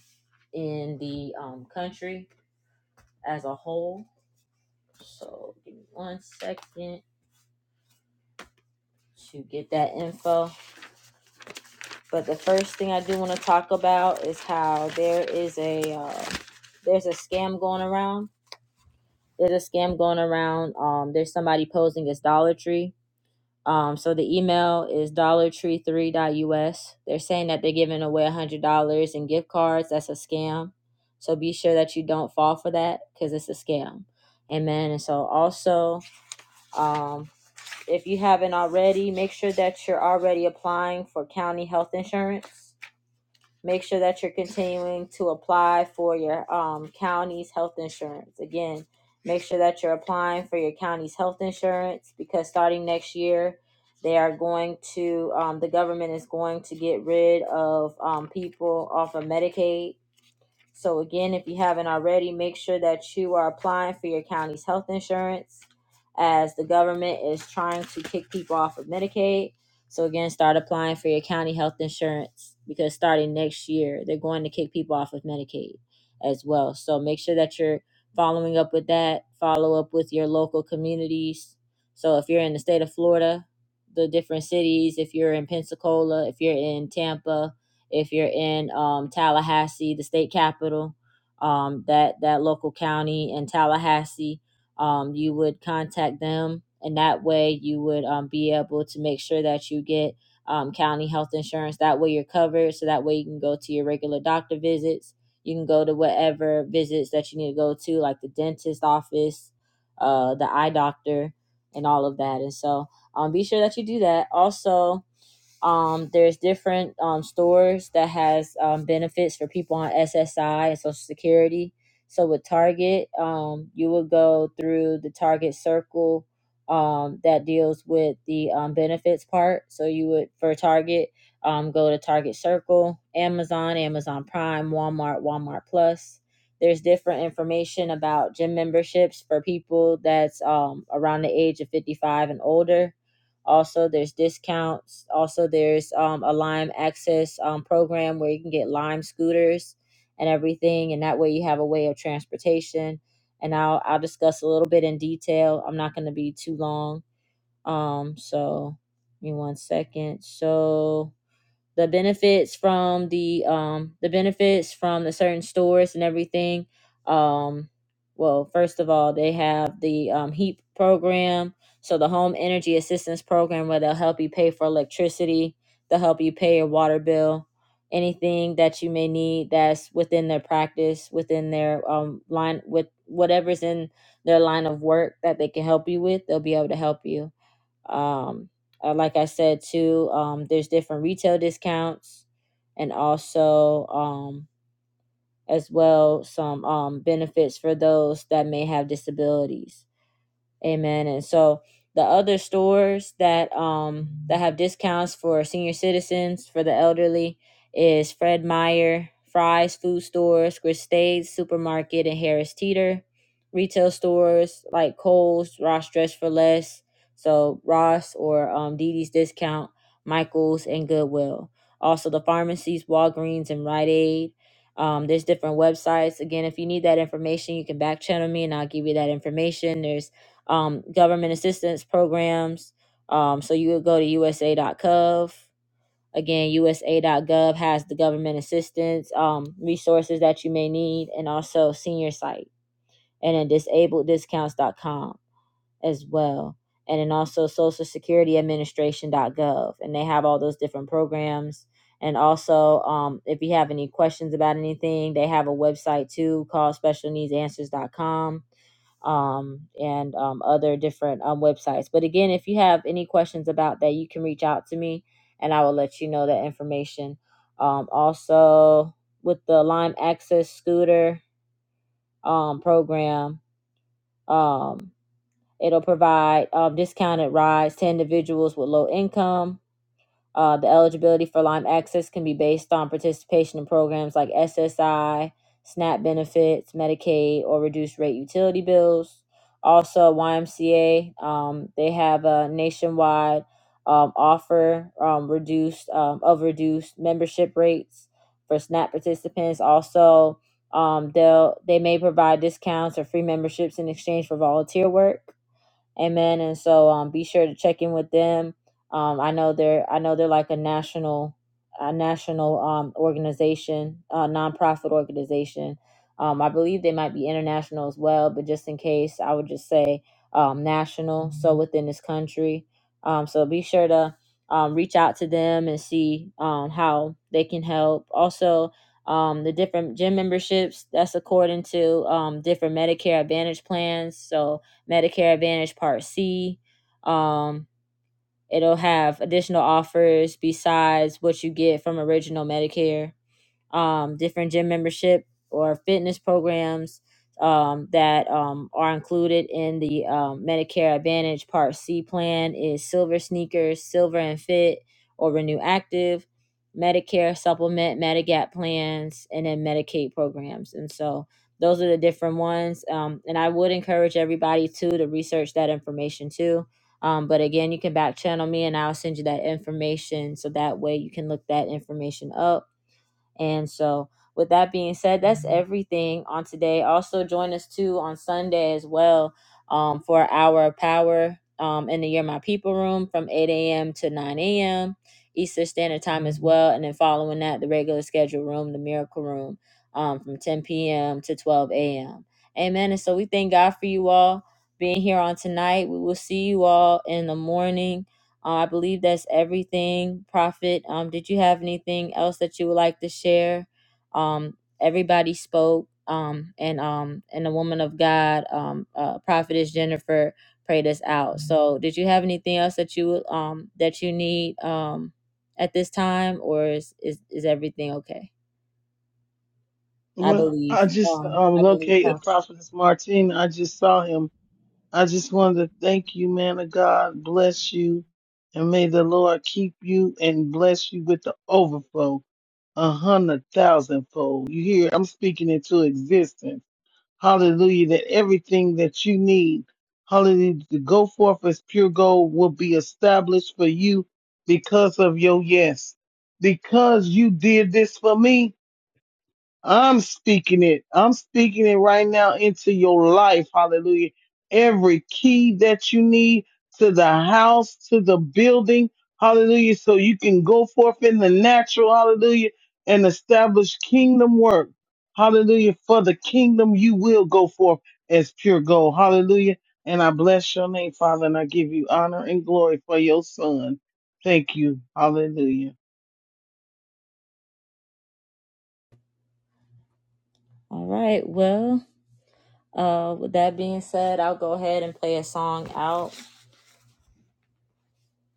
in the um, country as a whole. So give me one second to get that info. But the first thing I do want to talk about is how there is a uh, there's a scam going around. There's a scam going around. Um, there's somebody posing as Dollar Tree Um, so the email is dollar tree three dot us. They're saying that they're giving away $100 in gift cards. That's a scam. So be sure that you don't fall for that because it's a scam. Amen. And so also, um, if you haven't already, make sure that you're already applying for county health insurance Make sure that you're continuing to apply for your um, county's health insurance. Again, make sure that you're applying for your county's health insurance because starting next year, they are going to, um, the government is going to get rid of um, people off of Medicaid so again, if you haven't already, make sure that you are applying for your county's health insurance as the government is trying to kick people off of Medicaid. So again, start applying for your county health insurance because starting next year, they're going to kick people off of Medicaid as well. So make sure that you're following up with that, follow up with your local communities. So if you're in the state of Florida, the different cities, if you're in Pensacola, if you're in Tampa, if you're in um, Tallahassee, the state capital, um, that that local county in Tallahassee, um, you would contact them, and that way you would um, be able to make sure that you get um, county health insurance. That way you're covered. So that way you can go to your regular doctor visits. You can go to whatever visits that you need to go to, like the dentist office, uh, the eye doctor, and all of that. And so um, be sure that you do that. Also, um, there's different um, stores that has um, benefits for people on SSI and Social Security. So with Target, um, you will go through the Target Circle um, that deals with the um, benefits part. So you would for Target, um, go to Target Circle, Amazon, Amazon Prime, Walmart, Walmart Plus. There's different information about gym memberships for people that's um, around the age of 55 and older also, there's discounts. Also, there's um, a Lime Access um, program where you can get Lime scooters and everything, and that way you have a way of transportation. And I'll I'll discuss a little bit in detail. I'm not going to be too long. Um, so give me one second. So the benefits from the um the benefits from the certain stores and everything um well first of all they have the um heat program so the home energy assistance program where they'll help you pay for electricity they'll help you pay your water bill anything that you may need that's within their practice within their um line with whatever's in their line of work that they can help you with they'll be able to help you um, uh, like I said too, um, there's different retail discounts, and also um, as well some um, benefits for those that may have disabilities. Amen. And so the other stores that um that have discounts for senior citizens, for the elderly, is Fred Meyer, Fry's Food Stores, Gristade's Supermarket, and Harris Teeter. Retail stores like Kohl's, Ross Dress for Less, so Ross or um, Dee Dee's Discount, Michaels, and Goodwill. Also the pharmacies, Walgreens, and Rite Aid. Um, there's different websites. Again, if you need that information, you can back channel me and I'll give you that information. There's um, government assistance programs. Um, so you would go to USA.gov. Again, USA.gov has the government assistance um, resources that you may need, and also senior site, and then disableddiscounts.com as well. And then also Social Security Administration.gov. And they have all those different programs. And also, um, if you have any questions about anything, they have a website too called specialneedsanswers.com um, and um, other different um, websites. But again, if you have any questions about that, you can reach out to me and I will let you know that information. Um, also, with the Lyme Access Scooter um, program, um. It'll provide um, discounted rides to individuals with low income. Uh, the eligibility for Lyme access can be based on participation in programs like SSI, SNAP benefits, Medicaid, or reduced rate utility bills. Also, YMCA, um, they have a nationwide um, offer um, reduced um, of reduced membership rates for SNAP participants. Also, um, they'll they may provide discounts or free memberships in exchange for volunteer work Amen. And so um, be sure to check in with them. Um, I know they're I know they're like a national a national um, organization, a nonprofit organization. Um, I believe they might be international as well, but just in case, I would just say um, national. So within this country, um, so be sure to um, reach out to them and see um, how they can help. Also, um, the different gym memberships that's according to um, different Medicare Advantage plans. So Medicare Advantage Part C. Um, it'll have additional offers besides what you get from original Medicare um, different gym membership or fitness programs um, that um, are included in the um, Medicare Advantage Part C plan is Silver Sneakers, Silver and Fit, or Renew Active, Medicare Supplement, Medigap plans, and then Medicaid programs. And so those are the different ones. Um, and I would encourage everybody too to research that information too. Um, but again, you can back channel me and I'll send you that information so that way you can look that information up and so, with that being said, that's everything on today. Also, join us too on Sunday as well um, for our power um, in the Year My People room from 8 a.m. to 9 a.m. Eastern Standard Time as well. And then, following that, the regular schedule room, the Miracle Room um, from 10 p.m. to 12 a.m. Amen. And so, we thank God for you all being here on tonight. We will see you all in the morning uh, I believe that's everything, Prophet. Um, did you have anything else that you would like to share? Um, everybody spoke, um, and um, and the woman of God, um, uh, Prophetess Jennifer, prayed us out. So, did you have anything else that you would, um that you need um at this time, or is is, is everything okay? I
Well, I
believe.
just
Um,
um,
I believe.
located
Prophet.
Prophetess Martin. I just saw him. I just wanted to thank you, man of God. Bless you. And may the Lord keep you and bless you with the overflow, a hundred thousand fold. You hear, I'm speaking into existence Hallelujah. That everything that you need, hallelujah, to go forth as pure gold will be established for you because of your yes. Because you did this for me. I'm speaking it. I'm speaking it right now into your life. Hallelujah. Every key that you need to the house, to the building. Hallelujah. So you can go forth in the natural. Hallelujah. And establish kingdom work. Hallelujah. For the kingdom, you will go forth as pure gold. Hallelujah. And I bless your name, Father, and I give you honor and glory for your son. Thank you. Hallelujah.
All right. Well. Uh, with that being said, I'll go ahead and play a song out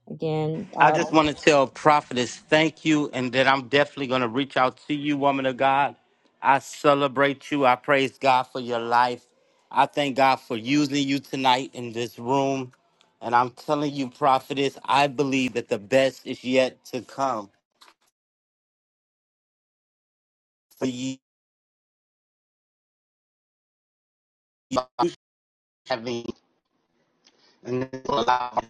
again.
I
Uh,
just want to tell Prophetess thank you and that I'm definitely going to reach out to you, woman of God. I celebrate you. I praise God for your life. I thank God for using you tonight in this room. And I'm telling you, Prophetess, I believe that the best is yet to come for you having and allow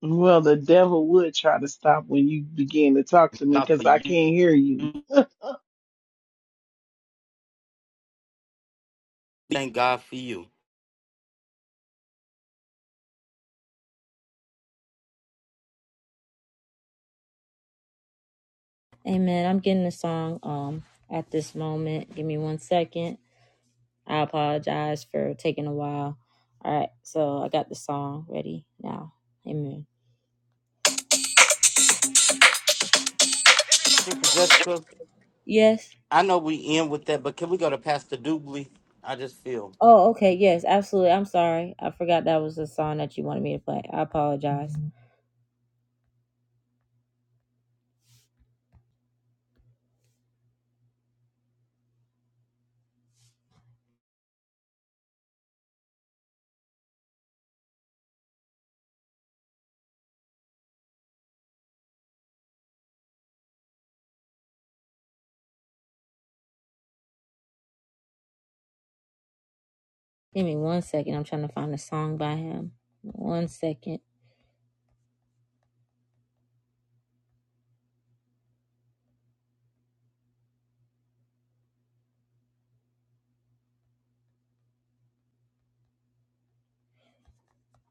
Well, the devil would try to stop when you begin to talk to me
God for
because I
you.
can't hear you.
Thank God for you.
Amen. I'm getting a song um at this moment. Give me one second. I apologize for taking a while. All right, so I got the song ready now. Amen.
Sister Jessica,
Yes.
I know we end with that, but can we go to Pastor Dooley? I just feel.
Oh, okay. Yes, absolutely. I'm sorry. I forgot that was the song that you wanted me to play. I apologize. Give me one second. I'm trying to find a song by him. One second.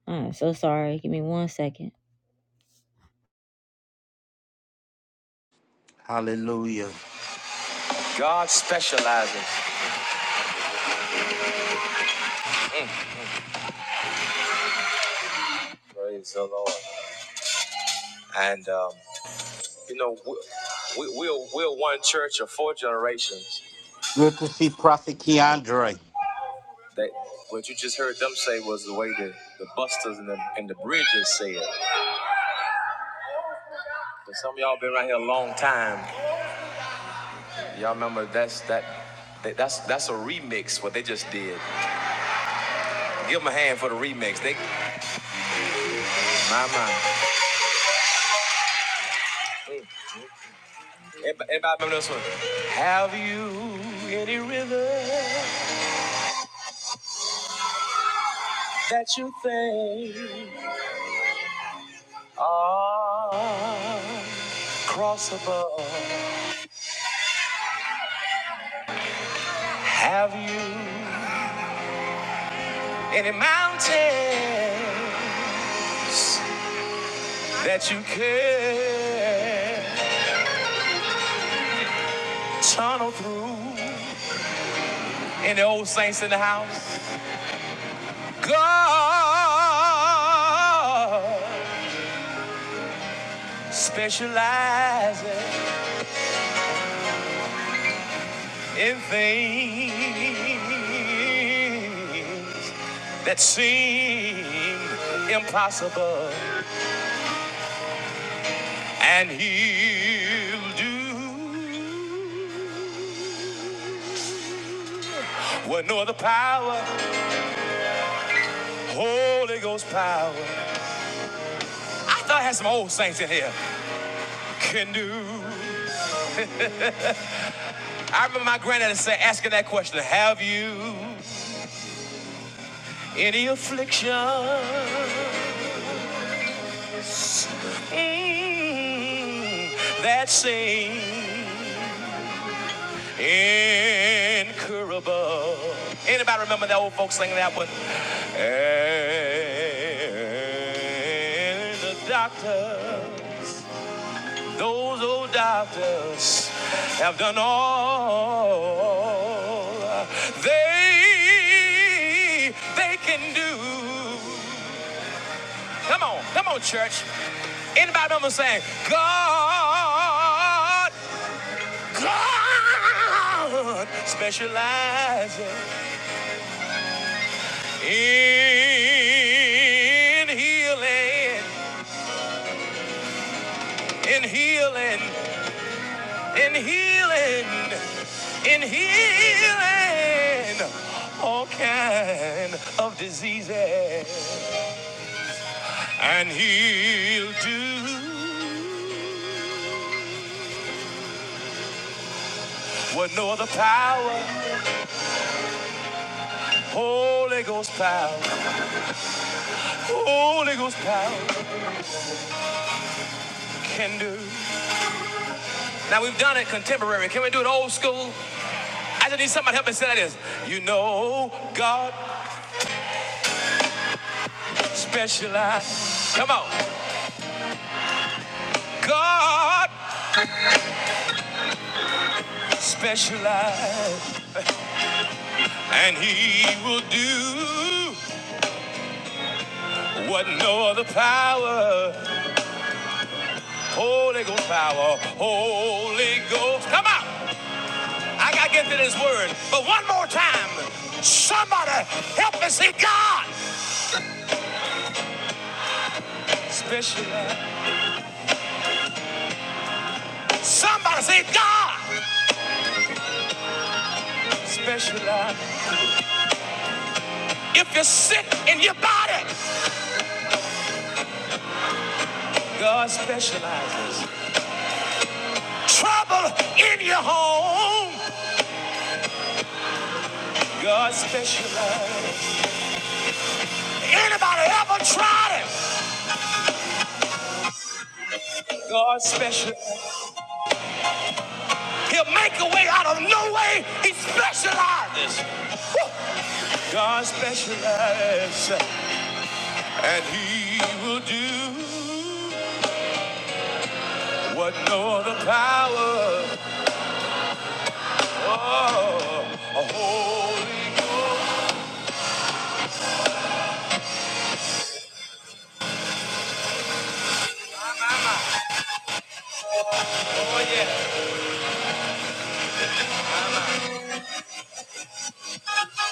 I'm so sorry. Give me one second.
Hallelujah.
Praise the Lord. And um, you know, we, we, we're we're one church of four generations
Good to see Prophet
and
Keandre.
That what you just heard them say was the way the, the busters and the and the bridges say it. But some of y'all been around here a long time. Y'all remember that's that, that that's that's a remix what they just did. Give them a hand for the remix. They my my. Everybody, everybody remember this one? Have you any river that you think are crossable? Specializing in things. that seem impossible, and He'll do what no other power, Holy Ghost power, and the doctors, those old doctors, have done all they they can do. Come on, come on, church. Anybody remember saying, God, God specializes, specializes, and He will do what no other power, Holy Ghost power, Holy Ghost. Come on, I gotta get to this word, but one more time. Somebody help me see God. See God. You bel- in your home. Anybody ever tried it? God special. He'll make a way out of no way. He specializes. God specializes. And he will do what no other power. Oh, a holy God.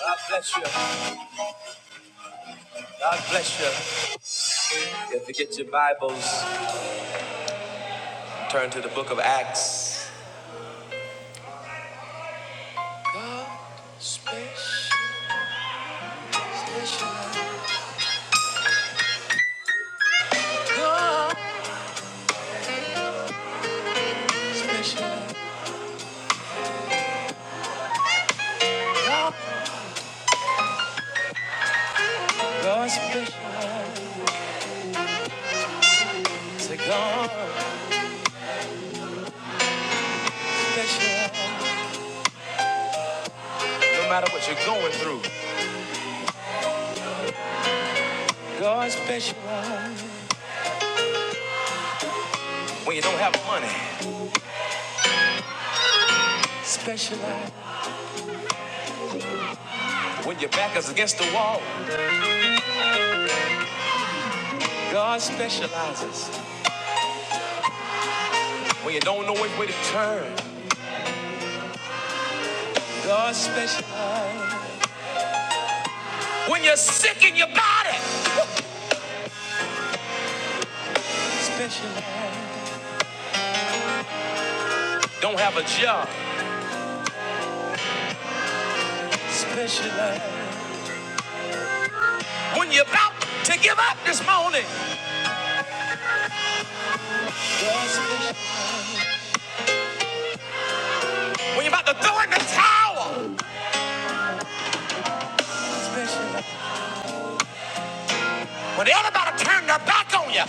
God bless you. God bless you. If you get your Bibles, turn to the book of Acts. Special. God special. God special. God. No matter what you're going through. God special. When you don't have money. When your back is against the wall. God specializes when you don't know which way to turn. God specializes when you're sick in your body. Specializes don't have a job. Specializes when you're about to give up this morning. When you're about to throw in the towel. When they're about to turn their back on you.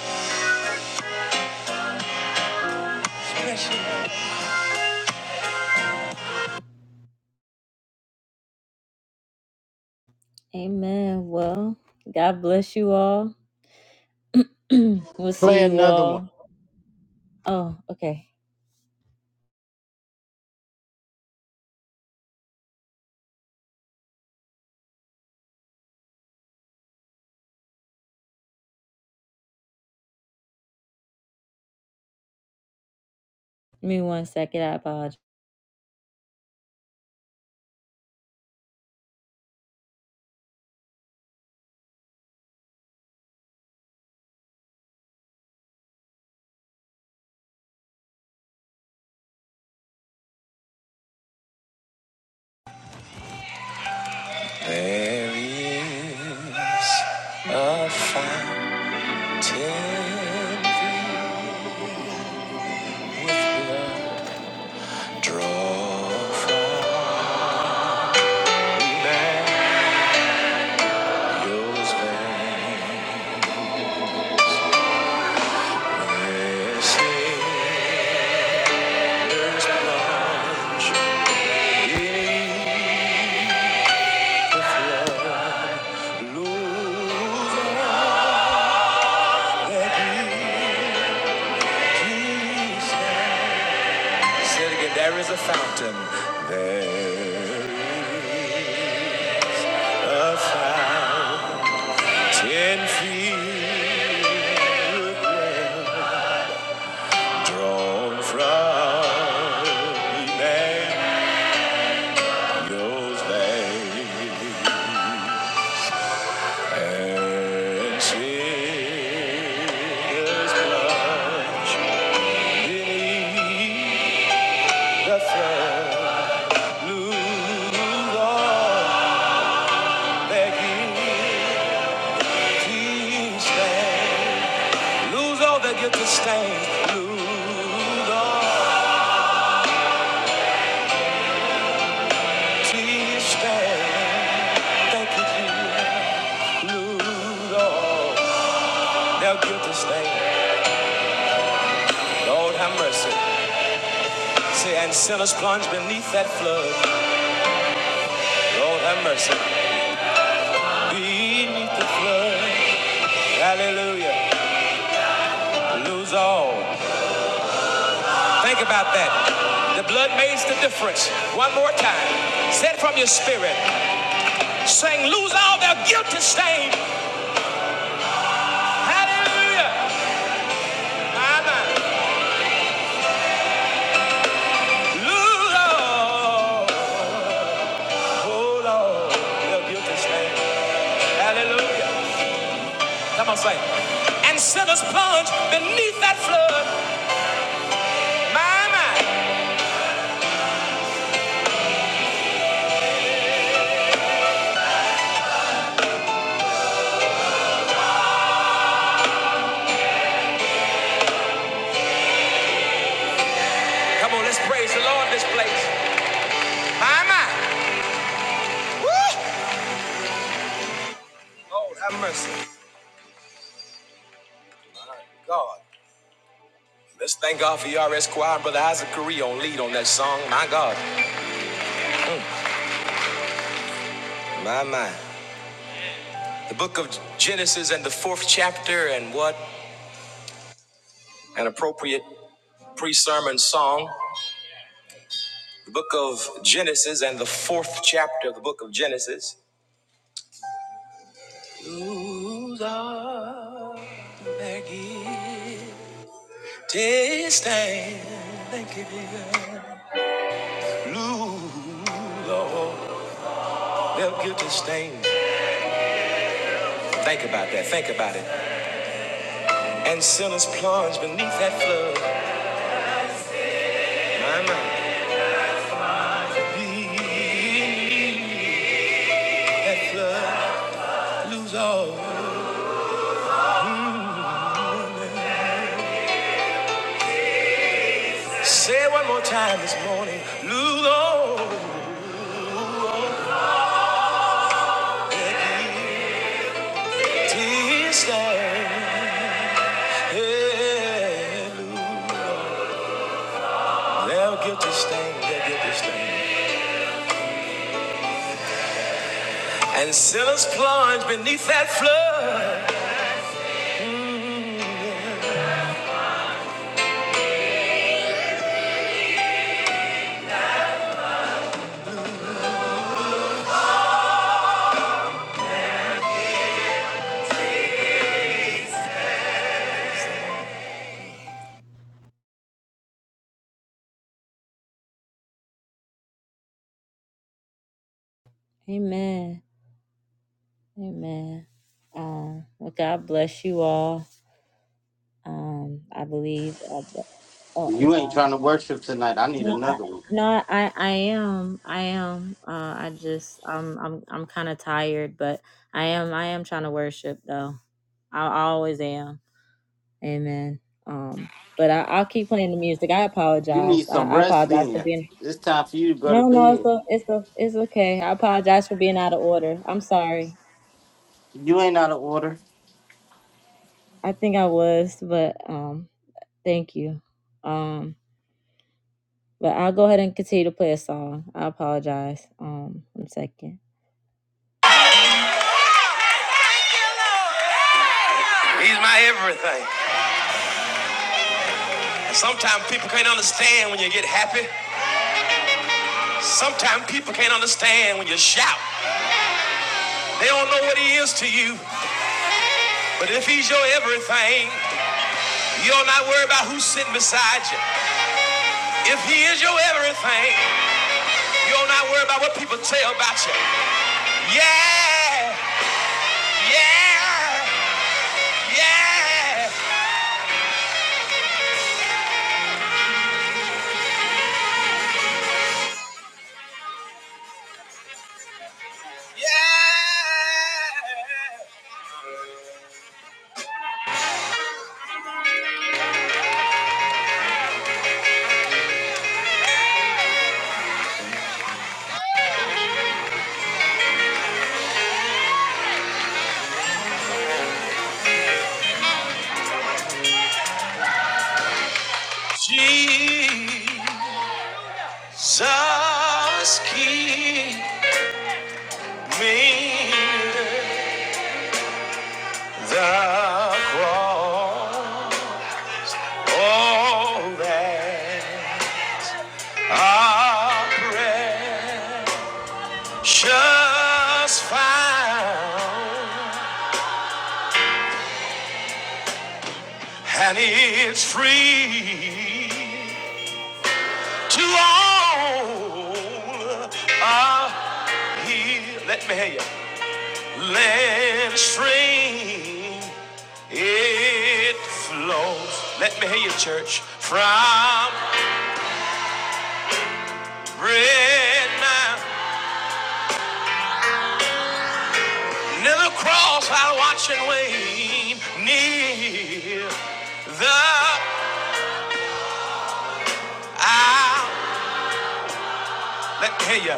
Amen. Well, God bless you all. <clears throat> we'll see
Play
you
another one.
all. Oh, okay. Give me one second. I apologize. There is a fire. there is a fountain. There is a fountain filled, with drawn from Emmanuel's veins, and sinners' blood beneath the fair blue lawn. Lose all that get to stay. Lose all teeth stay. Thank you, Jesus. Lose all they'll to stay. Lord have mercy. Say, and sinners plunge beneath that flood. Lord have mercy. Beneath the flood. Hallelujah. Lose all. Think about that. The blood makes the difference. One more time. Set from your spirit. Saying, lose all their guilty stain. Hallelujah. Hallelujah. Oh, Lord. You're guilty, stand. Hallelujah. Come on, say. it. And sinners plunge beneath that flood. My, my. Come on, let's praise the Lord in this place. My, my. Woo. Lord, have mercy. God. Let's thank God for ERS Choir and Brother Isaac Correa on lead on that song. My God. My, my. The book of Genesis and the fourth chapter and what an appropriate pre-sermon song. the book of Genesis and the fourth chapter of the book of Genesis. Aggie, Their guilty stain. Think about that. Think about it. And sinners plunge beneath that flood. My, my. Mm. Say it one more time this morning. Lord. Tears stain. Hey, Lulu. Their guilty stain. Their guilty stain. And sinners. Amen. Amen. Um, well, God bless you all. Um, I believe. Uh, b- oh, I'm
You ain't
sorry.
trying to worship tonight. I need
No, I,
another one.
no, I, I am, I am. Uh, I just, I'm, I'm, I'm kind of tired, but I am, I am trying to worship though. I, I always am. Amen. Um, but I, I'll keep playing the music. I
You
apologize.
need
I,
some
I
rest
apologize for
then.
being.
It's time for you to go to
No, no, it's
bed.
a, it's a, it's okay. I apologize for being out of order. I'm sorry.
You ain't out of order.
I think I was, but um, thank you. Um. But I'll go ahead and continue to play a song. I apologize. Um, one second. He's my everything. And sometimes people can't understand when you get happy. Sometimes people can't understand when you shout. They don't know what he is to you. But if he's your everything, you'll not worry about who's sitting beside you. If he is your everything, you'll not worry about what people tell about you. Yeah, yeah, yeah. Jesus King. the cross, all that precious found, and it's free to all. Ah, he, let me hear you. Let stream it flows. Let me hear you, church. From Red man, near the cross I'll watch and wait. Near the hour, let me hear you.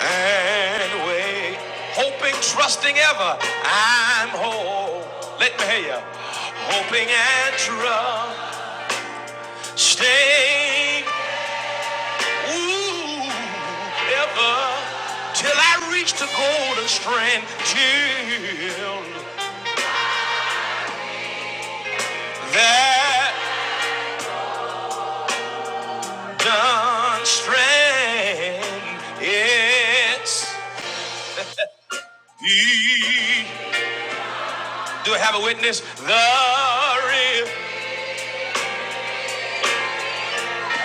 And wait, hoping, trusting ever, I'm whole. Let me hear you. Hoping and trusting, ooh, ever, till I reach the golden strand. Till that. The strength is the. Do I have a witness? The real.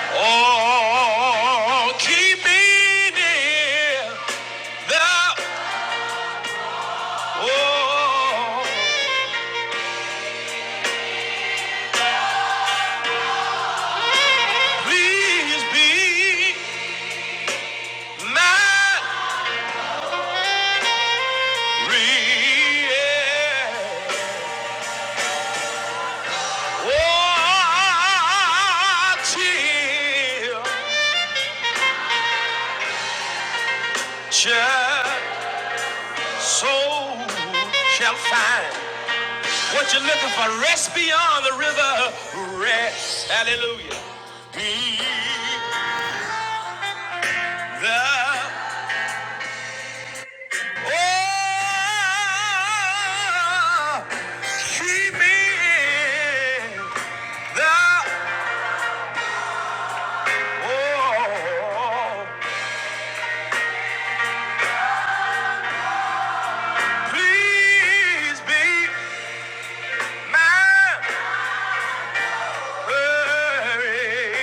Oh, keep me near. The. Oh, please be my real. Oh, till just so shall find. What you're looking for, rest beyond the river. Rest. Hallelujah. Be the oh, keep me in the oh, please be my hurry.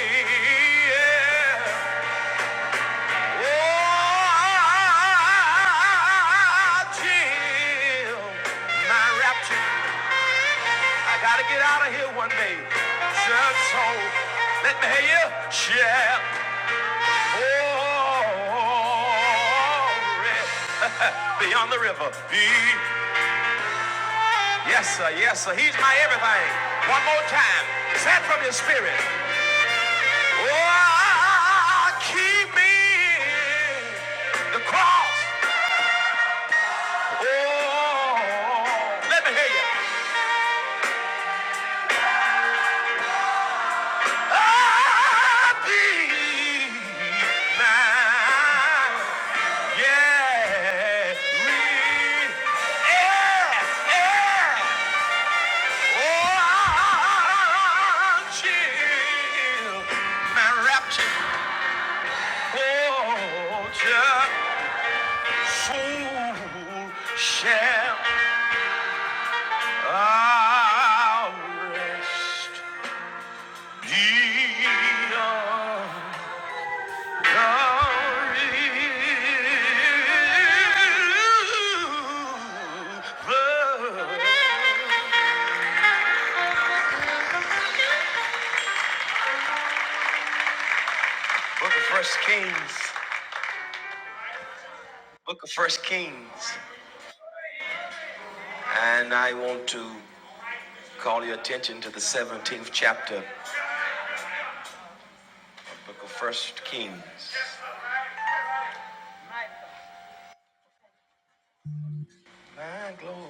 yeah. Oh, till my rapture. I gotta get out of here one day. Just so let me hear you. Yeah. Oh, <laughs> beyond the river. Be. Yes, sir. Yes, sir. He's my everything. One more time. Is that from your spirit? Oh, keep me in the cross. Oh, let me hear you. soul Shall our rest be on. Book of First Kings. Book of First Kings. And I want to call your attention to the 17th chapter, Book of First Kings. My glory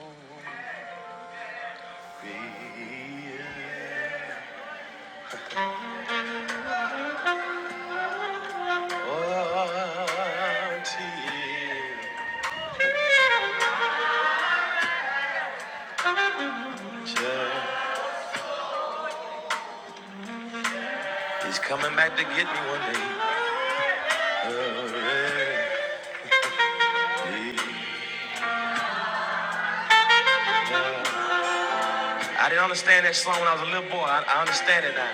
is coming back to get me one day. I didn't understand that song when I was a little boy. I, I understand it now.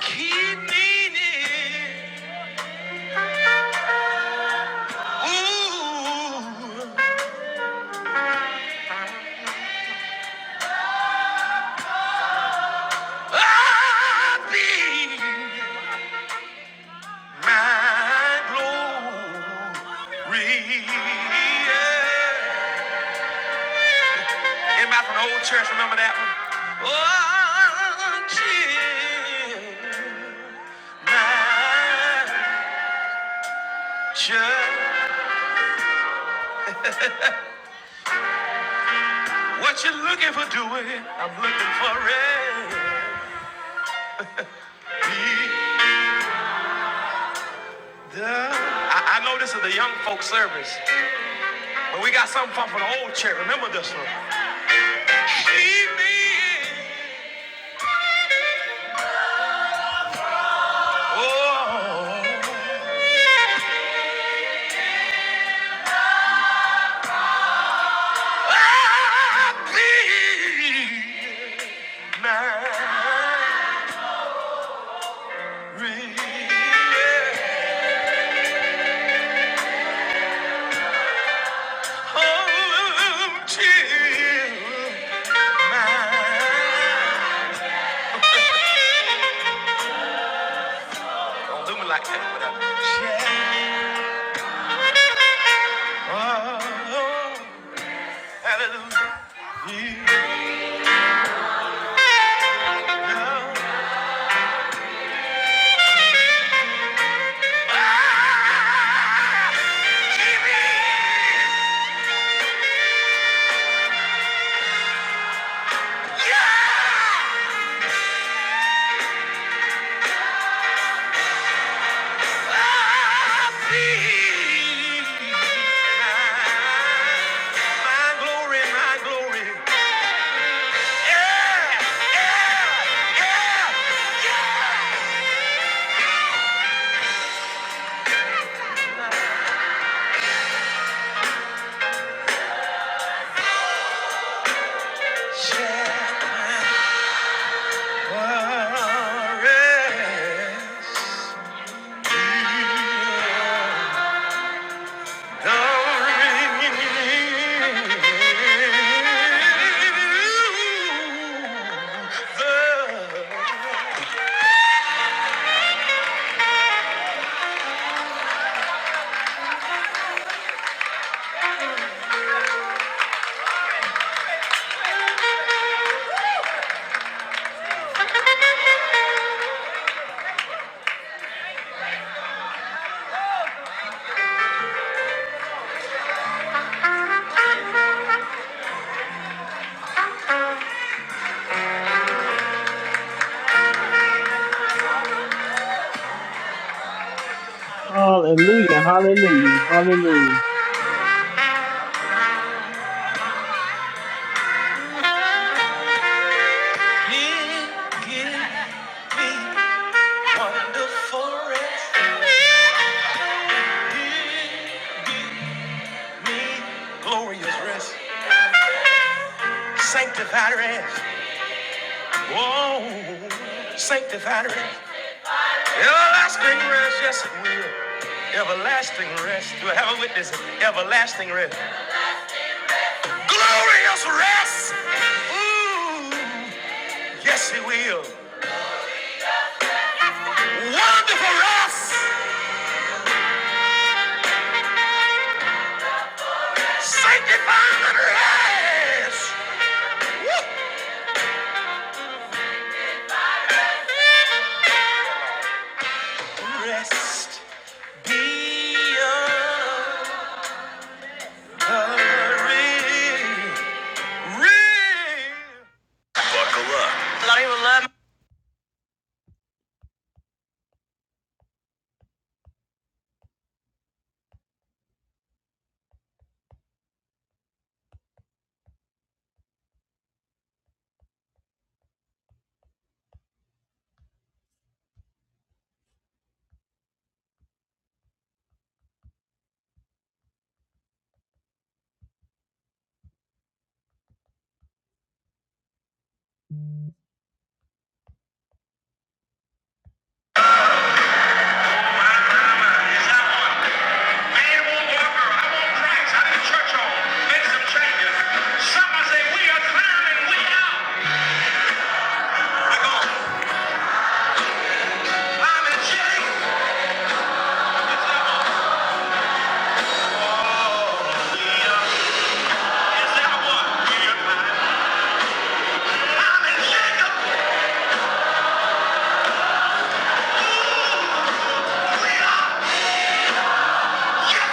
Keep me near. Be near. Anybody from the old church remember that? What's in What you looking for? Be the. I, I know this is the young folk service, but we got something from for the old church. Remember this one. Keep me. Oh, I be married. Come to mind. Don't do me like that without Oh, hallelujah. Yeah. Give me your peace. My glory, my glory. Share. mine.
Hallelujah, hallelujah, hallelujah.
Sanctified rest. Whoa. Sanctified rest. Everlasting rest. Yes, it will. Everlasting rest. Do I have a witness? Everlasting rest. Glorious rest. Ooh. Yes, it will. Wonderful rest. Sanctify and rest. Rest. Be of- Man won't worker. I want Christ. I need church on. Make some changes. Some I say we are climb and we out. I go. I'm in shape. We are. Is that what? We are climbing. I'm in Jacob. We are. Yes, we are. I'm in Jacob.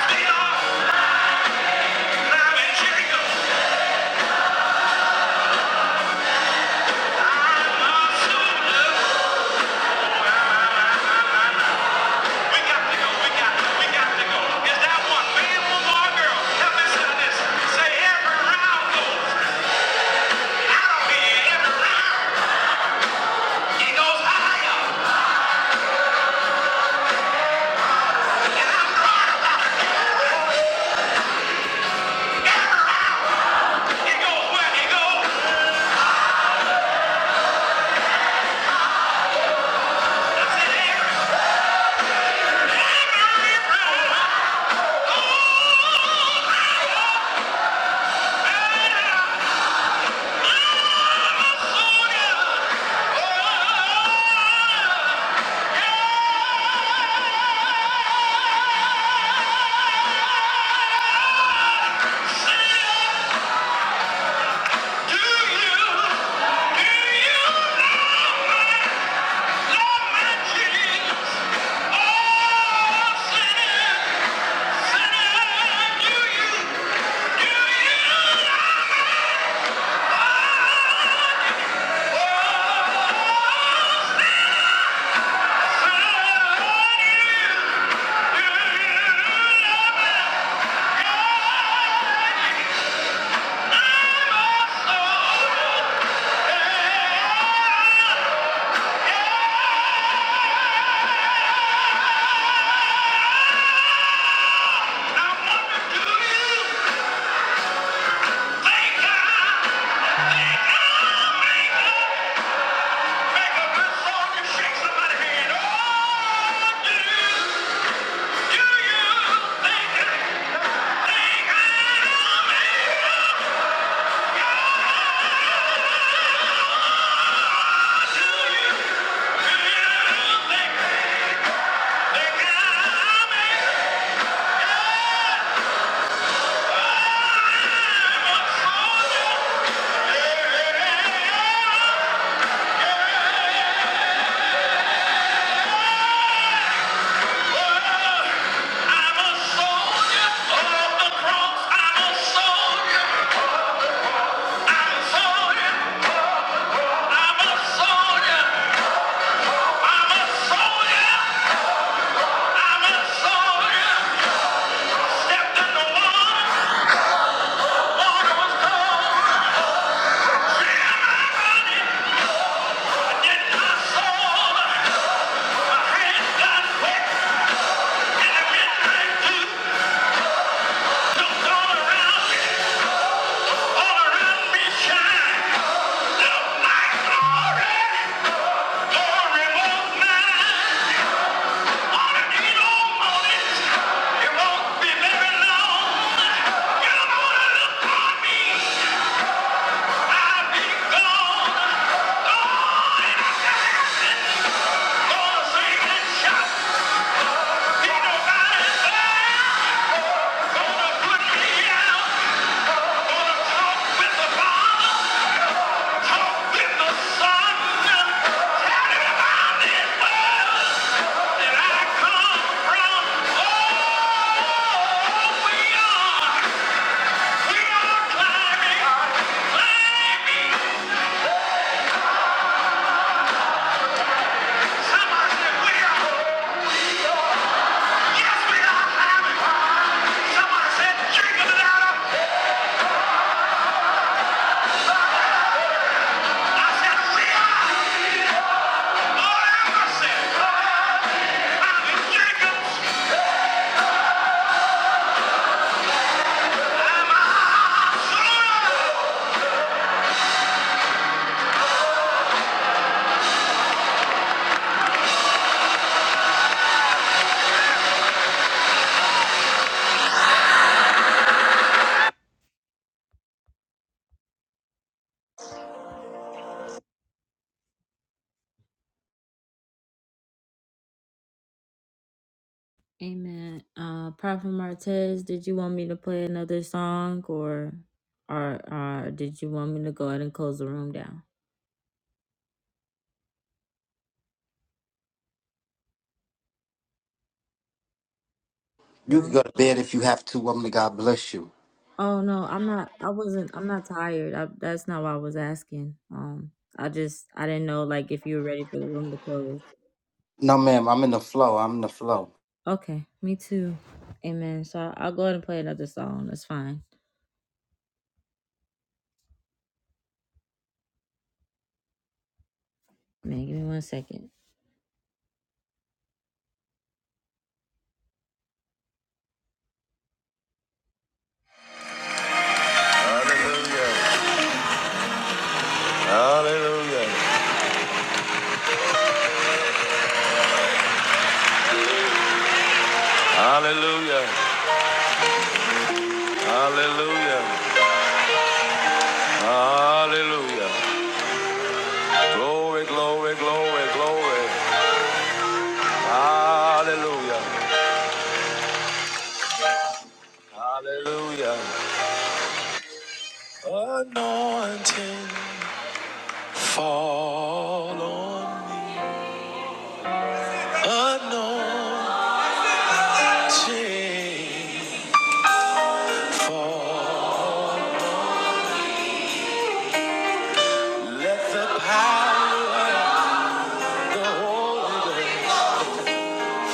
I'm a soldier. We got to go. We got. We got to go. Is that one man, woman, or girl? Help me say this. Say every round goes out of here. Every round it goes higher. it goes where it goes. Come on, come on, oh, do you think I make a good song and shake somebody's hand? Oh, do you, do you think I think I make a I'm a soldier of the cross. I'm a soldier. I'm a soldier. I'm a soldier. I'm a soldier. I'm a soldier. Stepped in the water. Water was cold. It ran my my soul. My hands got wet, and the midnight dew. don't go around. me. All around me shine the light glory, glory of mine. On a day long morning, it won't be very long. You're gonna look for me, I'll be gone. Gonna sing and shout, be nobody there. Gonna put me out, gonna talk with the Father. Jacobs! Amen. Uh, Prophet Martez, did you want me to play another song, or, or, or did you want me to go ahead and close the room down?
You can
Well,
go to bed if you have to, woman. of God bless you.
oh no, I'm not. I wasn't. I'm not tired. I, that's not what I was asking. Um, I just I didn't know like if you were ready for the room to close.
No, ma'am, I'm in the flow. I'm in the flow.
Okay, me too. Amen. So I- I'll go ahead and play another song. That's fine. Man, give me one second. Hallelujah. Hallelujah. Hallelujah. Hallelujah. Glory, glory, glory, glory. Hallelujah. Hallelujah. Anointing fall on me. Anointing. Let the power of the Holy Ghost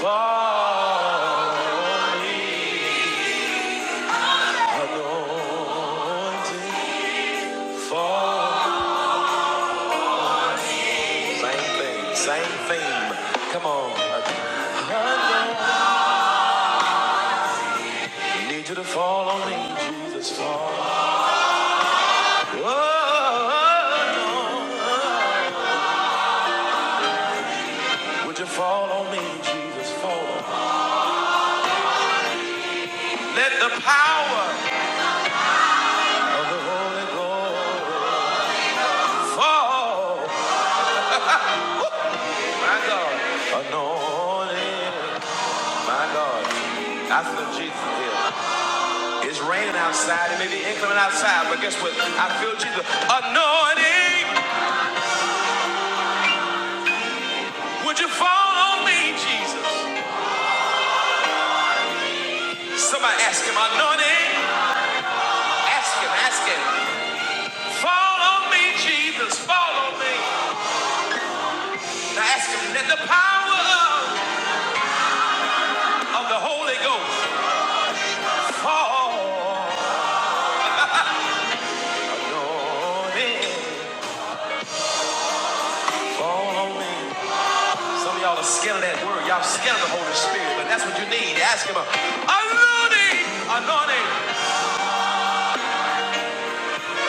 fall on me. Anointing fall. Same thing, same theme. Come on. Anointing. Need you to fall on me, Jesus, fall. Oh, would you fall on me, Jesus, fall? Let the power of the Holy Ghost fall. My God, anointed, my God. I feel Jesus here. It's raining outside. It may be inclement outside, but guess what? I feel Jesus. Anointing, would you fall on me, Jesus? Somebody ask him, anointing. Ask him, ask him. Follow me, Jesus, follow me. Now ask him, let the power of the Holy Ghost fall on me. Fall on me. Some of y'all are scared of that word. Y'all scared of the Holy Spirit, but that's what you need. Ask him, anointing, anointing.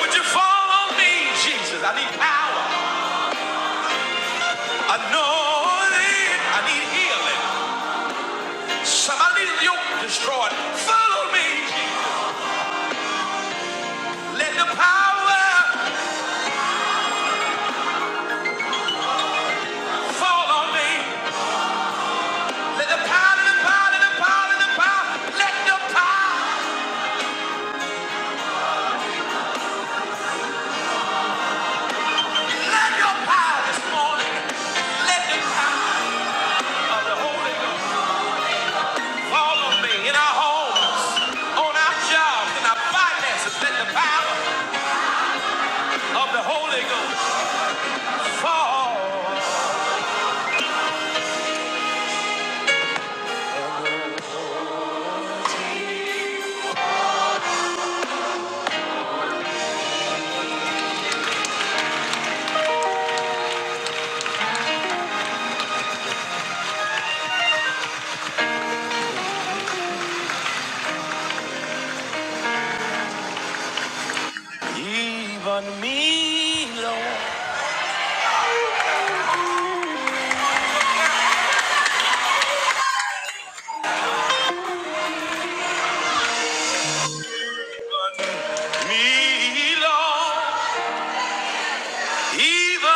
Would you fall on me, Jesus? I need power. Anointing. I need healing. Somebody need a yoke destroyed. Follow me. Let the power fall on me. Let the power, the power, the power, the power, let the power, let your power this morning. Let the power of the Holy Ghost fall on me in our homes, on our jobs, in our finances. Let the power of the Holy Ghost fall. Even me, Lord. Me, Lord. Even me.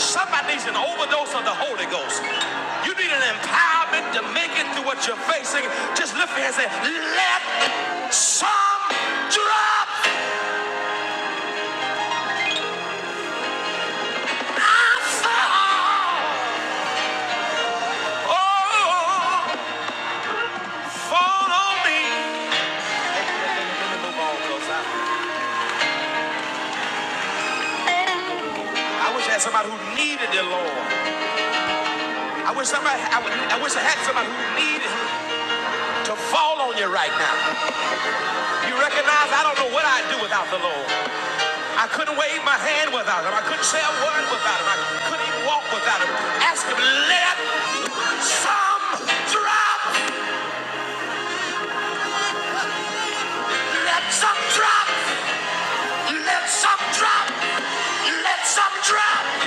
Something what you're facing, just lift your hands and say, let some drop. I wish I had somebody who needed the Lord. I wish somebody. I, would- I wish I had somebody who needed to fall on you right now. You recognize I don't know what I'd do without the Lord. I couldn't wave my hand without Him. I couldn't say a word without Him. I couldn't even walk without Him. Ask Him, let some drop, let some drop. Let some drop. Let some drop.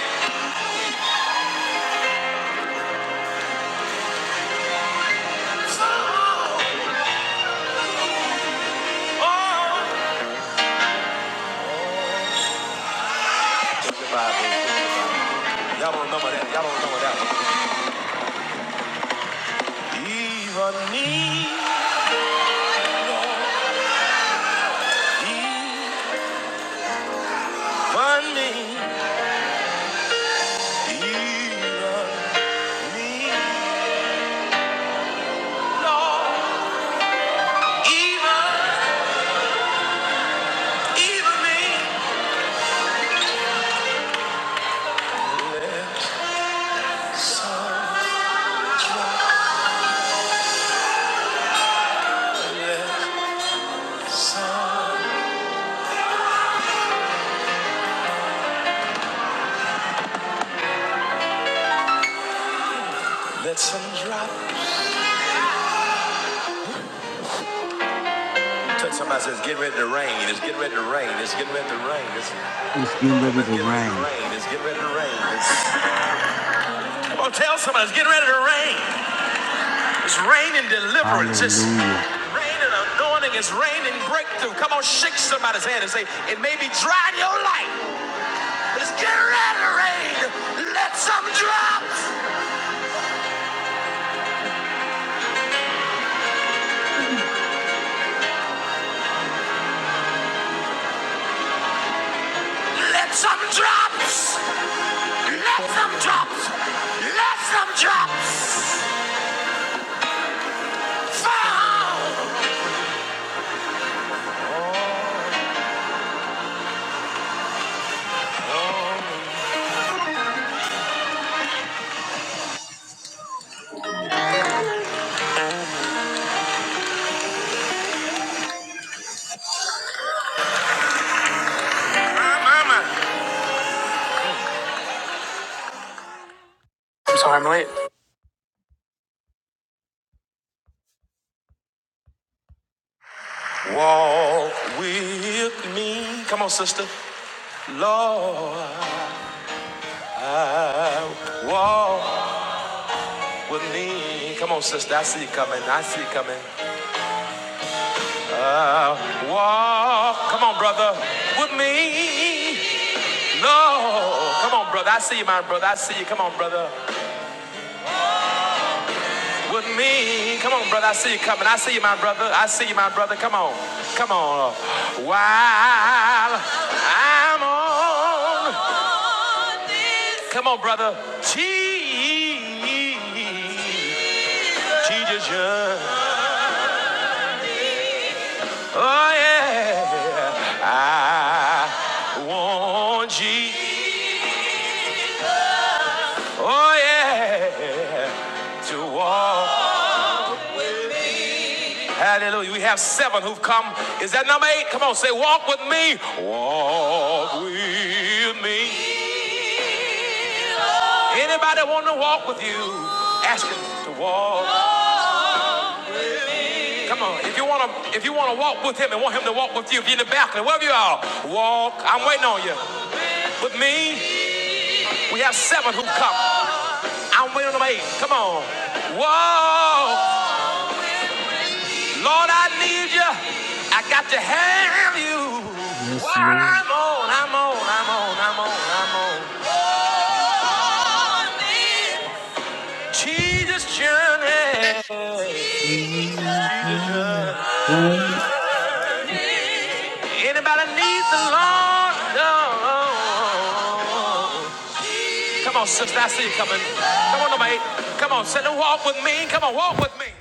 On me. Even me. Even, even me. Some- Let some drop. Let some, getting ready,
It's getting ready
it's
to
getting ready to
rain.
rain. It's getting, oh, tell somebody it's getting ready to rain. It's raining deliverance. It's,
Hallelujah.
let some drops. Let some drops. Let some drops. Fall. Mama. I'm sorry, I'm late. Walk with me. Come on, sister. Lord, walk with me. Come on, sister. I see you coming. I see you coming. Uh, walk. Come on, brother. With me. Lord. Come on, brother. I see you, my brother. I see you. Come on, brother. With me. Come on, brother. I see you coming. I see you, my brother. I see you, my brother. Come on. Come on. While I'm on. Come on, brother. Jesus. Jesus. Oh yeah, I want Jesus. Oh yeah, to walk. Hallelujah. We have seven who've come. Is that number eight? Come on, say walk with me. Walk with me. Anybody want to walk with you? Ask him to walk. Come on, if you want to, if you want to walk with him and want him to walk with you, if you're in the balcony, wherever you are, walk. I'm waiting on you. With me, we have seven who've come. I'm waiting on my eight. Come on. Whoa. Lord, I need you. I got to have you. While I'm on, I'm on, I'm on, I'm on, I'm on. Lord, need Jesus journey. Anybody need the Lord? No. Come on, sister. I see you coming. Come on, number eight. Come on, sit and walk with me. Come on, walk with me.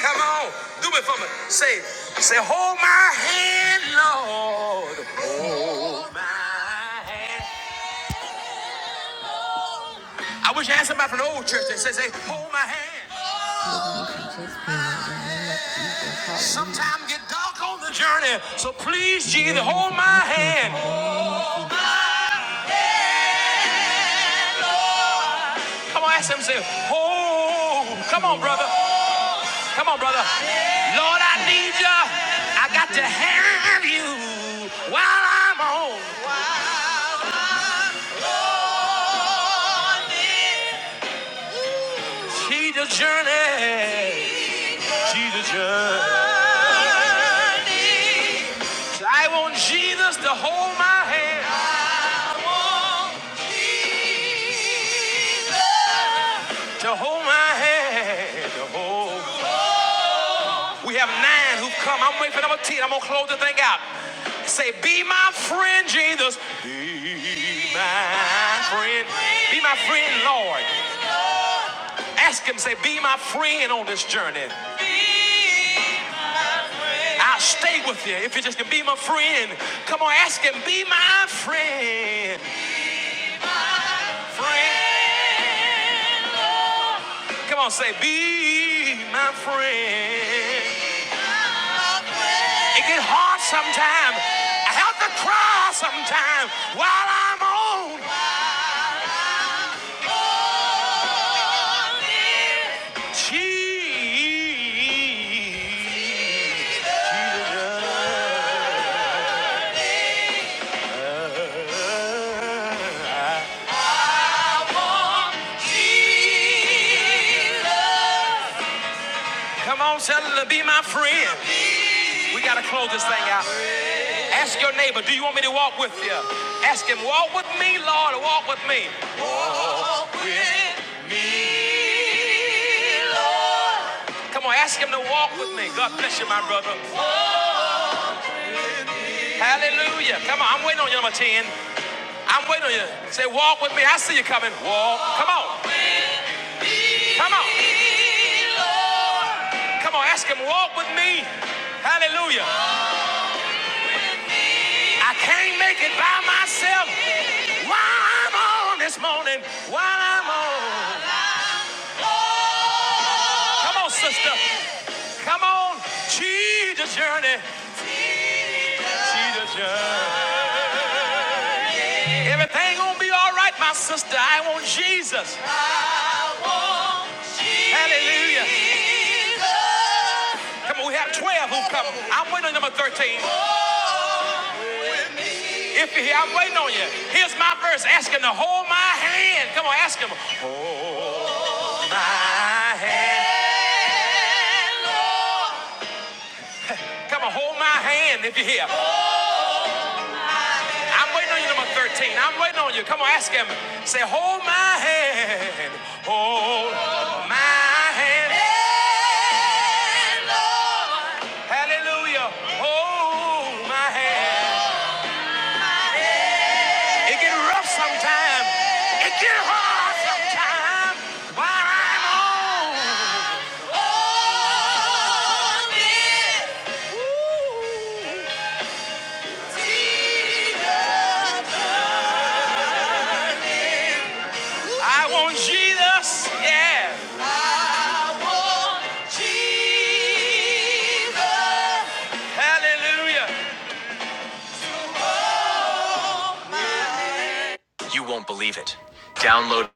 Come on, do it for me. Say, say, hold my hand, Lord. Hold my hand. I wish I had somebody from the old church that said, say, hold my hand. Sometimes get dark on the journey, so please, Jesus, hold my hand. Come on, ask him, say, hold. Come on, brother. Come on, brother. Lord, I need you. I got to have you while I'm on. Jesus journey. I want Jesus to hold my hand, to hold my hand, to hold. We have nine who've come. I'm waiting for number ten. I'm gonna close the thing out. Say, be my friend, Jesus. Be my friend. Be my friend, Lord. Ask him, say, be my friend on this journey. I'll stay with you if you just can be my friend. Come on, ask him, be my friend. Friend. Come on, say, be my friend. It get hard sometimes. I have to cry sometimes while I'm on cheese. Come on, tell her to be my friend. We gotta close this thing out. Ask your neighbor, do you want me to walk with you? Ask him, walk with me, Lord, walk with me. Come on, ask him to walk with me. God bless you, my brother. Hallelujah. Come on, I'm waiting on you, number 10. I'm waiting on you. Say, walk with me. I see you coming. Walk. Come on. Come on. Come on, ask him, walk with me. Hallelujah. I can't make it by myself. While I'm on this morning, while I'm on. Come on, sister. Come on. She's the journey. She's the journey. Everything gonna be all right, my sister. I want Jesus. Hallelujah. Come on, we have 12 who come. I'm waiting on number 13. If you're here, I'm waiting on you. Here's my verse. Ask him to hold my hand. Come on, ask him. My hand. Come on, hold my hand if you're here. I'm waiting on you, number 13. I'm waiting on you. Come on, ask him. Say, hold my hand. Hold my hand. Hallelujah. Hold my hand. Ooh. I want Jesus. Yeah. I want Jesus. Hallelujah. You won't believe it. Download.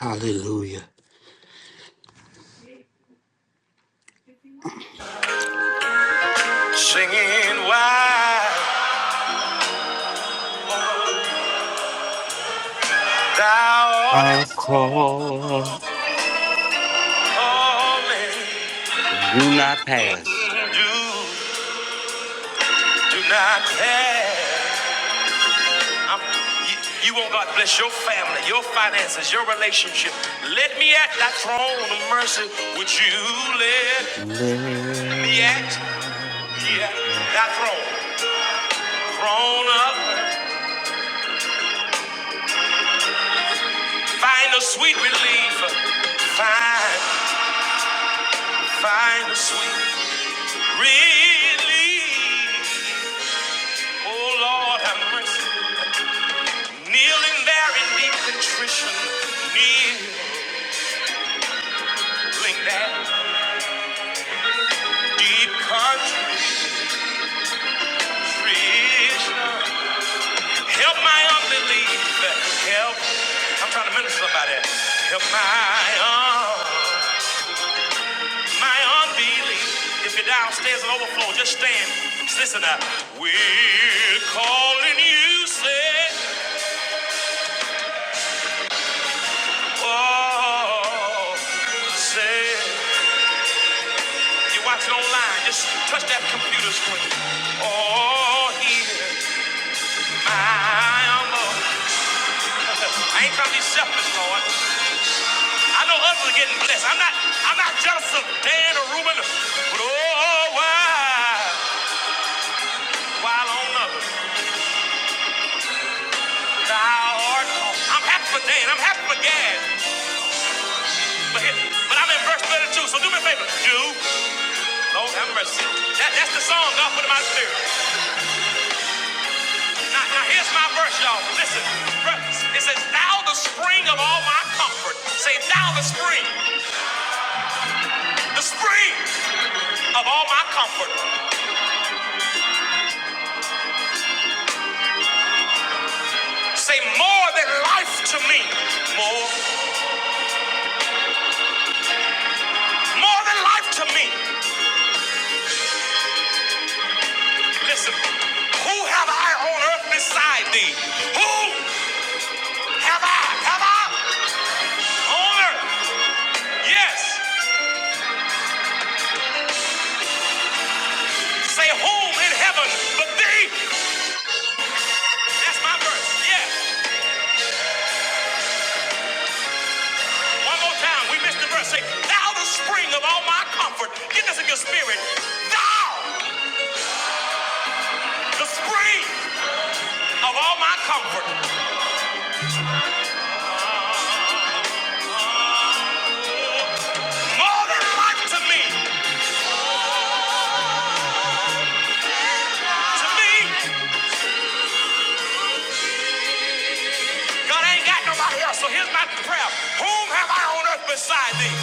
Hallelujah.
Singing why thou
Our
art
call
holy.
do not pass.
Do, do not care. I'm, you, you want God to bless your family, your finances, your relationship. Let me at that throne of mercy. Would you let me at
Man.
yeah, that throne? Throne up. Find a sweet relief. Find, find a sweet relief. Oh Lord, have mercy. Kneeling there in deep contrition. Kneeling there, in deep contrition. Help my unbelief. Help. I'm trying to minister somebody. Help my, un- my unbelief. If you're downstairs and overflow, just stand. Just listen up. We're calling you, say, oh, say. If You're watching online, just touch that computer screen. Oh, here, my humble. <laughs> I ain't trying to be selfish, Lord. I know others are getting blessed. I'm not I'm not jealous of Dan or Reuben, but oh oh, why while on others thou art I'm happy for Dan, I'm happy for Gad. But here, but I'm in verse 32, so do me a favor. Do Lord have mercy. That, that's the song God put in my spirit. Now, now here's my verse, y'all. Listen. Verse- It says, Thou the spring of all my comfort. Say, Thou the spring. The spring of all my comfort. Say more than life to me. More. more than life to me. Listen, who have I on earth beside thee? Who have I? Have I on earth? Yes. Say whom in heaven but thee? That's my verse. Yes. One more time. We missed the verse. Say, thou the spring of all my comfort. Get this in your spirit. Thou the spring of all my comfort. More than life to me. To me. God ain't got nobody else, so here's my prayer. Whom have I on earth beside thee?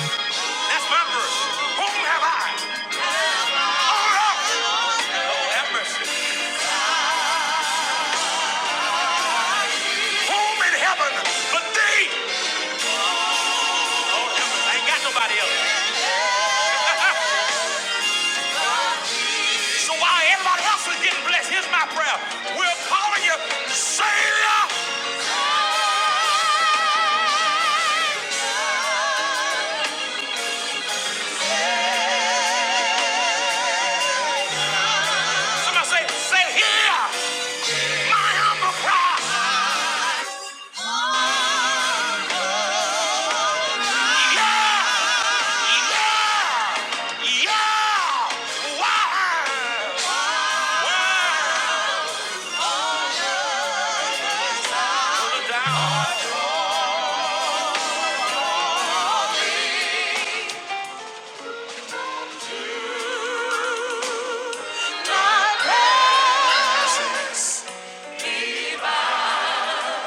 That's my verse. Whom have I on earth? Oh, have mercy. Whom in heaven but thee? Oh, have mercy. I ain't got nobody else. <laughs> so while everybody else is getting blessed, here's my prayer. We're calling you Savior. Somebody say, say here.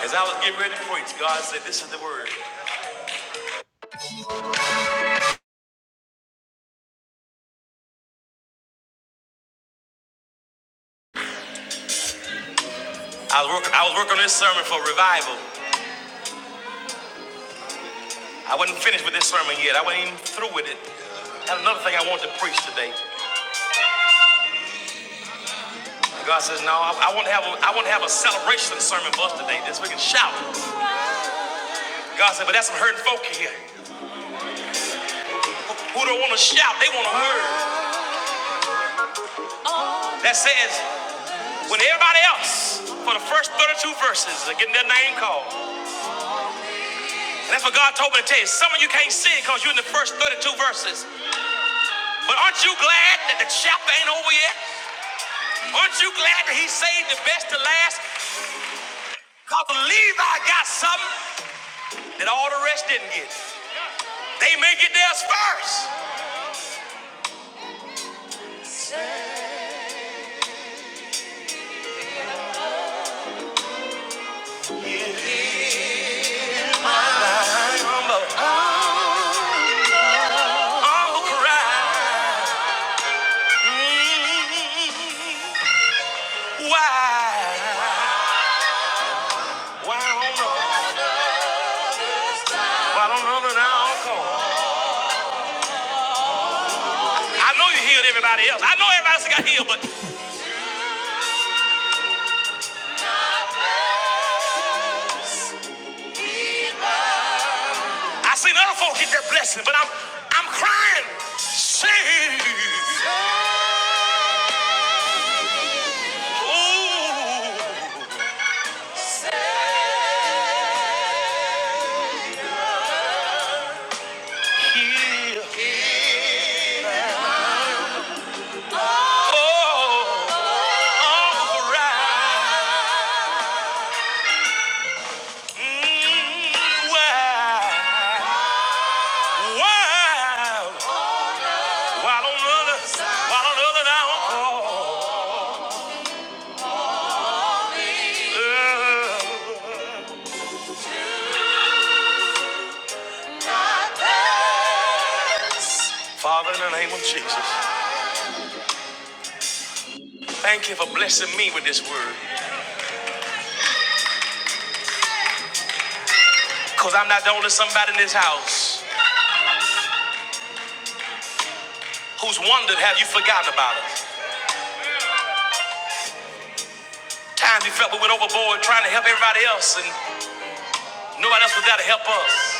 As I was getting ready to preach, God said, this is the word. I was working, I was working on this sermon for revival. I wasn't finished with this sermon yet. I wasn't even through with it. And another thing I want to preach today. God says, no, I, I want to have a, I want to have a celebration sermon for us today. This we can shout. God said, but that's some hurting folk here who, who don't want to shout. They want to hurt." that says when everybody else for the first 32 verses are getting their name called. And that's what God told me to tell you. Some of you can't see it because you're in the first 32 verses. But aren't you glad that the chapter ain't over yet? Aren't you glad that he saved the best to last? Because Levi got something that all the rest didn't get. They may get theirs first. Well, I don't know. Well, I don't know. I know you healed everybody else. I know everybody else got healed, but I seen other folks get their blessing. But I'm, I'm crying. Save. Well, I don't know. Father, in the name of- Thank you for blessing me with this word, cause I'm not the only somebody in this house who's wondered have you forgotten about us. Times we felt we went overboard trying to help everybody else, and nobody else was there to help us.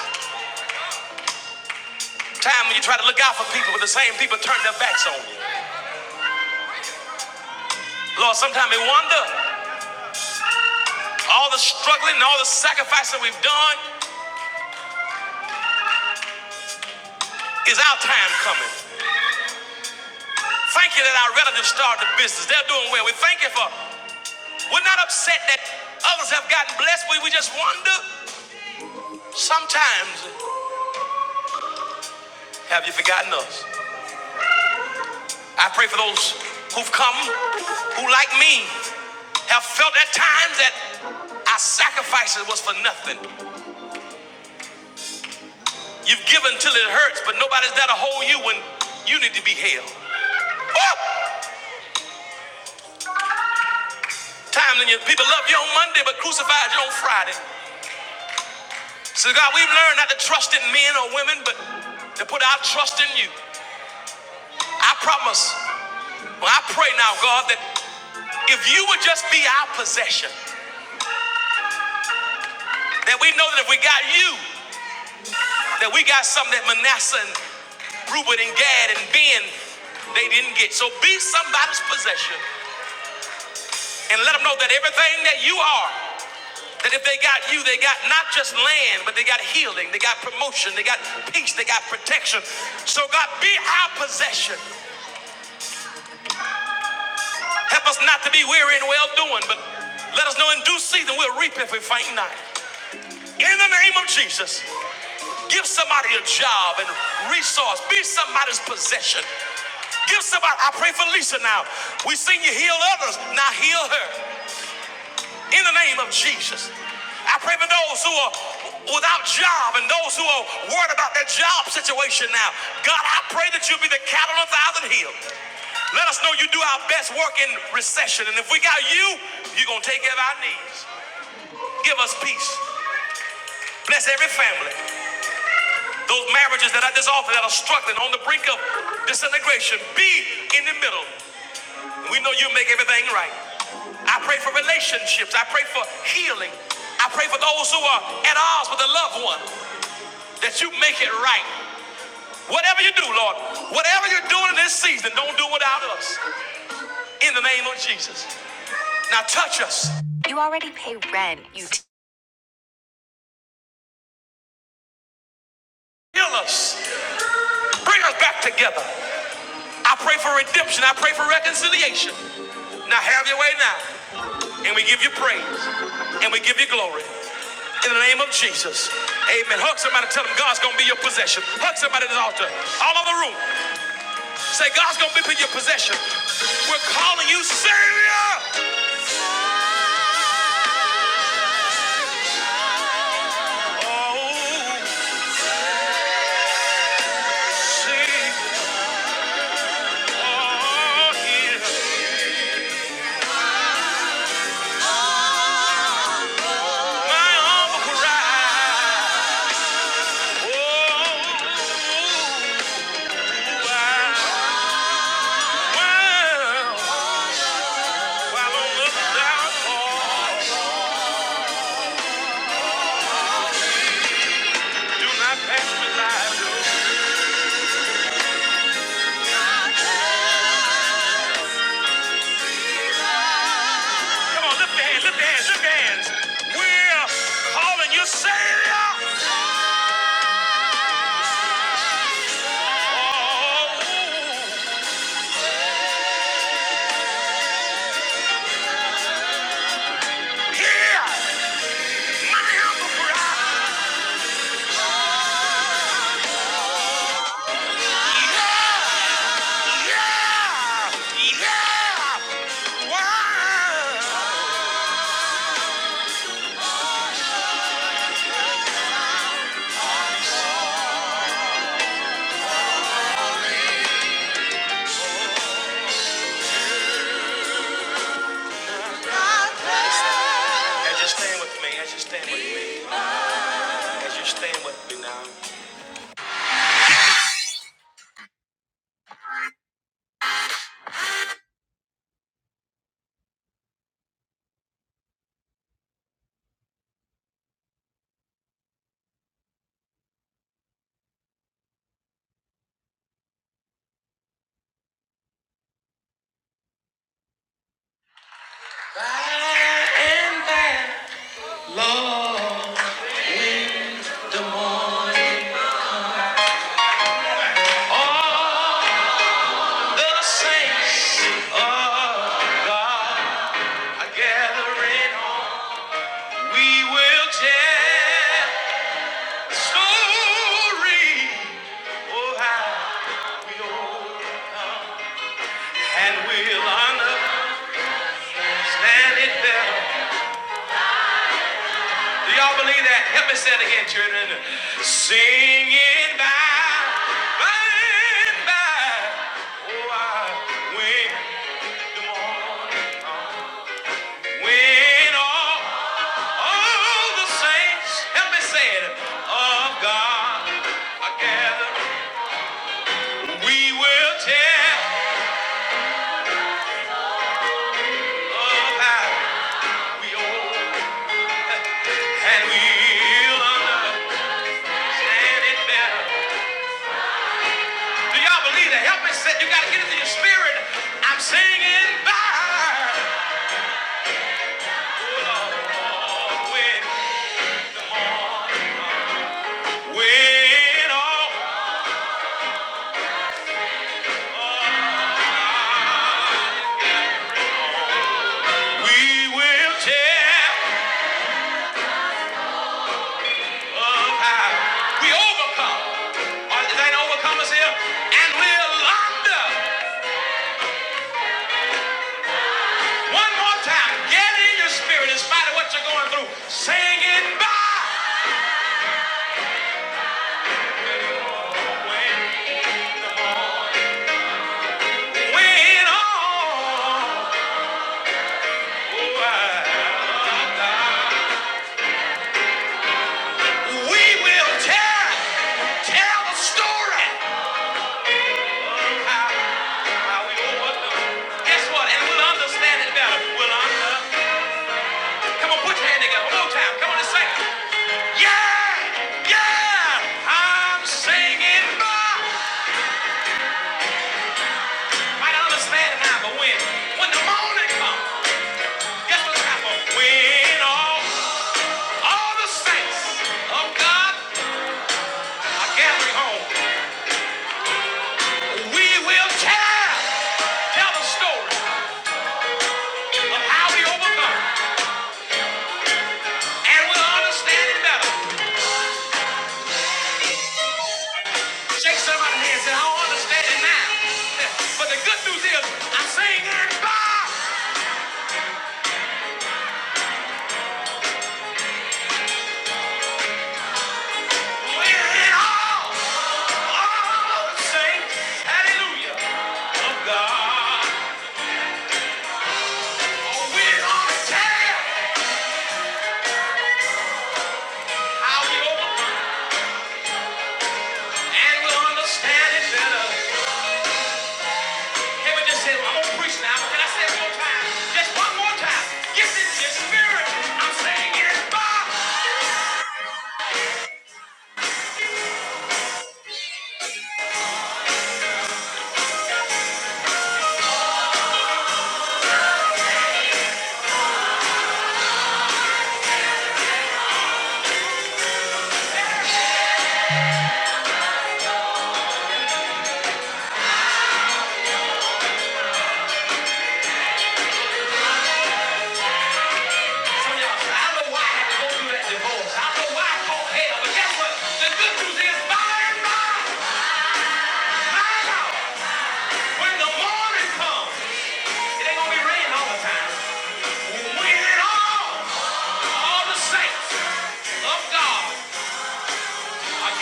Time when you try to look out for people, but the same people turn their backs on you. Lord, sometimes we wonder all the struggling and all the sacrifice that we've done is our time coming. Thank you that our relatives started the business. They're doing well. We thank you for, we're not upset that others have gotten blessed. We, we just wonder sometimes, have you forgotten us? I pray for those who've come, who like me, have felt at times that our sacrifices was for nothing. You've given till it hurts, but nobody's there to hold you when you need to be held. Oh! Time when you, people love you on Monday, but crucified you on Friday. So God, we've learned not to trust in men or women, but to put our trust in you. I promise. Well, I pray now, God, that if you would just be our possession, that we know that if we got you, that we got something that Manasseh and Reuben and Gad and Ben, they didn't get. So be somebody's possession and let them know that everything that you are That if they got you, they got not just land, but they got healing, they got promotion, they got peace, they got protection. So, God, be our possession. Help us not to be weary in well doing, but let us know in due season we'll reap if we faint not. In the name of Jesus, give somebody a job and resource, be somebody's possession. Give somebody, I pray for Lisa now. We seen you heal others, now heal her. In the name of Jesus, I pray for those who are without job and those who are worried about their job situation now. God, I pray that you'll be the cattle on a thousand hills. Let us know you do our best work in recession. And if we got you, you're going to take care of our needs. Give us peace. Bless every family. Those marriages that are dissolving, that are struggling on the brink of disintegration, be in the middle. We know you make everything right. I pray for relationships. I pray for healing. I pray for those who are at odds with a loved one that you make it right. Whatever you do, Lord, whatever you're doing in this season, don't do without us. In the name of Jesus. Now touch us, heal us, bring us back together. I pray for redemption. I pray for reconciliation. Now have your way now. And we give you praise. And we give you glory. In the name of Jesus. Amen. Hug somebody. Tell them God's going to be your possession. Hug somebody at the altar. All over the room. Say, God's going to be your possession. We're calling you Savior. Oh, I- come on. Lift your hands. Lift your hands. Lift your hands. We're calling you Savior. As you stand with me. As you stand with me. As you stand with me now. And then, Lord. The saints are gathering home. We will tell the story. Oh, how. And we'll understand it better. Do y'all believe that? Help me say it again, children. Sing it by, by and by. Oh, I, when, when all all the saints, help me say it, of God are gathering. We will tell of how we owe, and we'll understand it better. Do y'all believe that? Help me you gotta get into your spirit. I'm singing by. When all we will tell of how we overcome. Are there ain't overcomers here? And we'll under. One more tell in your spirit, in spite of what you're going through. When all. oh, I, I, I, We will tell, tell the story. How, how we overcome. Guess what? And we'll understand it better. We'll under. Come on, put your hand together one more time. Come on and say, yeah, yeah. I ain't might not understand it now, but when, when the morning comes, guess what's happened? When all the saints of God are gathering home, we will tell, tell the story of how we overcome, and we'll understand it better. Shake somebody's hand and say, I don't understand it now. But the good news is, I sing and God will in all. All sing hallelujah of God. Oh, we don't care how we overcome and we'll understand it better. Can we just say, "Well, I'm going to preach now. Can I say it one more time? Just one more time. Yes, it's your spirit. I'm singing it, God.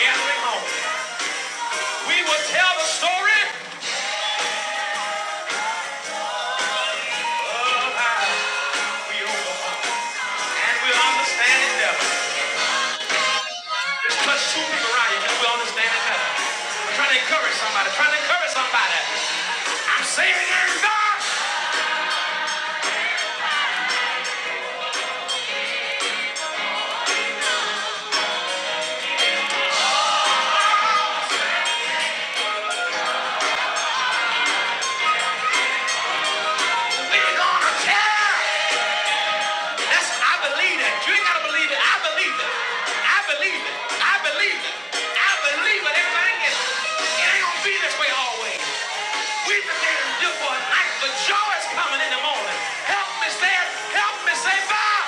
gathering home, We will tell the story and we'll understand it better. Just put two people around you because we understand it better. I'm trying to encourage somebody. Trying to encourage somebody. I'm saving in God. We're gonna tear. That's I believe that. You ain't gotta believe it. I believe it. I believe it. I believe it. I believe it. Everything is. It ain't gonna be this way always. We prepare to do for a night, but joy is coming in the morning. Help me, say Help me, say bye.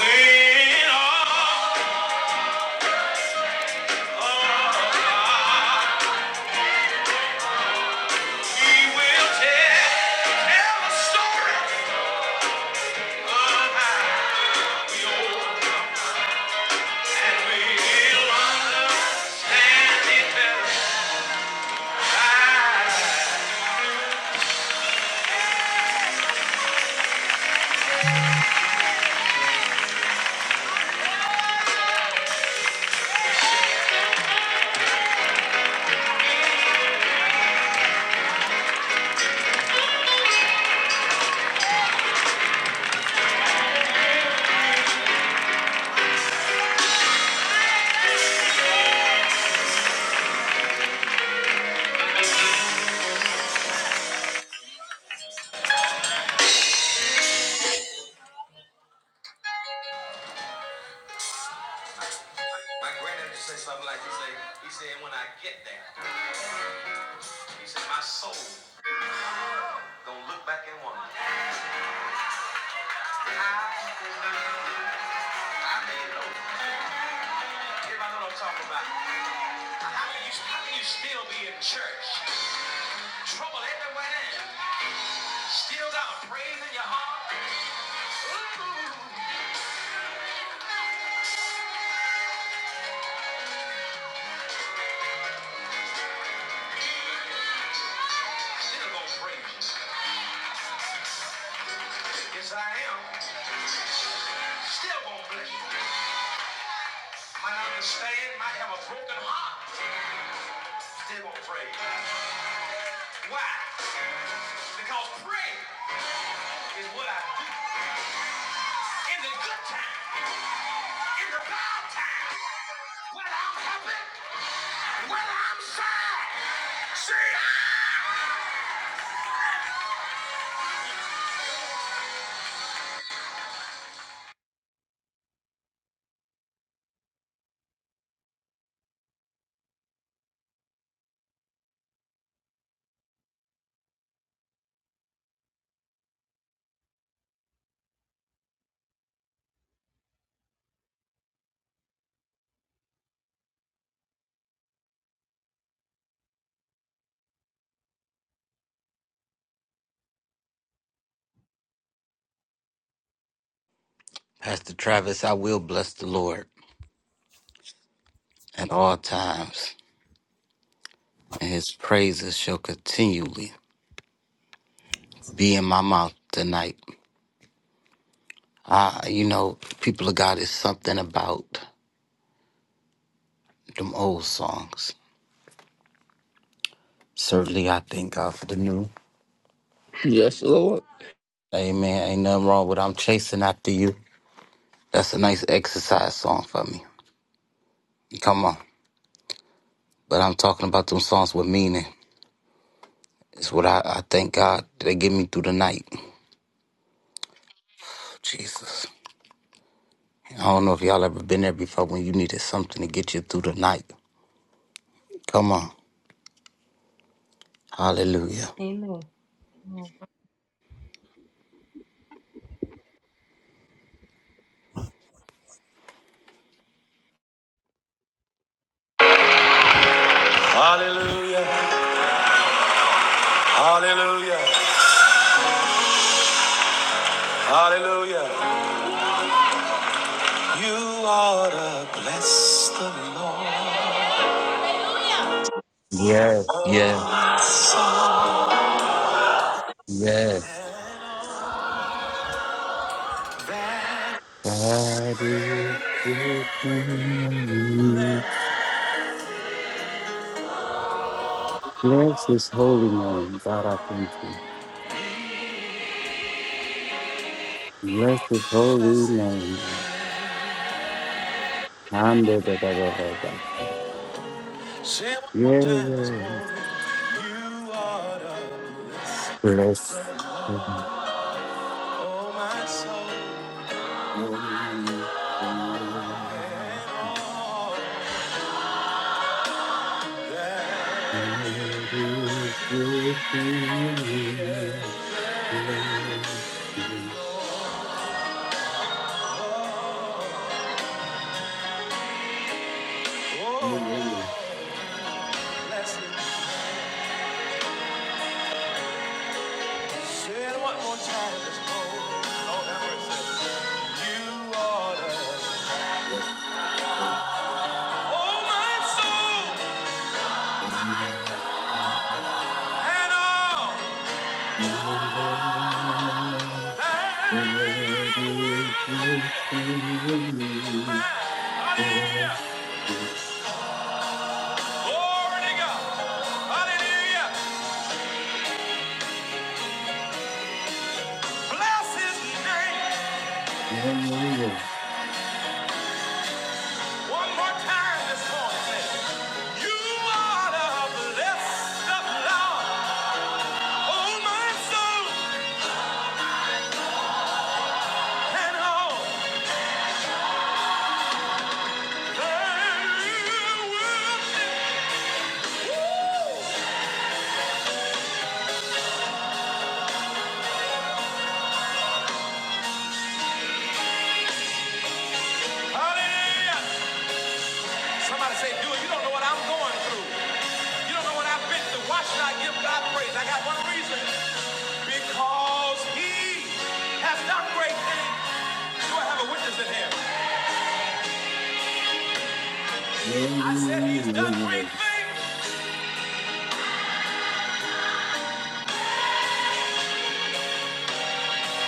When all My granddad used to say something like, he he said, when I get there, he said, my soul gonna look back and wonder. Everybody know what I'm talking about. How can you, still be in church? Trouble everywhere. Still got praise in your heart? Still gonna praise Yes, I am. Still gonna bless Might not understand, might have a broken heart. Still gonna praise. Why? Because praise is what I do. in the good times, in the bad times, when I'm happy, when I'm sad. See?
Pastor Travis, I will bless the Lord. at all times, and his praises shall continually be in my mouth tonight. I, you know, people of God, is something about them old songs. Certainly, I thank God for the new.
Yes, Lord.
Amen. Ain't nothing wrong with I'm chasing after you. That's a nice exercise song for me. Come on. But I'm talking about them songs with meaning. It's what I, I thank God they get me through the night. Jesus. I don't know if y'all ever been there before when you needed something to get you through the night. Come on. Hallelujah.
Amen. Hallelujah, hallelujah, hallelujah. You ought to bless the Lord.
Yes, yes, yes. God is good and you. Bless his holy name, God, I thank you. And the da- da- da-
Say it one more time this morning. You ought to bless, oh my soul, and all. Oh, bless him. Say it one more time. Let's go. Lord have mercy. You are the- Oh, my soul, and all that is within me. Hallelujah. Glory to God. Hallelujah. Bless his name. One more time this morning. Say, You are the blessed of Lord. Oh, my soul, and all that is within me. Hallelujah. Somebody say, dude, you don't know what I'm going through. You don't know what I've been through. Why should I give God praise? I got one reason. Because he has done great things. Do I have a witness in here? I said he's done great things.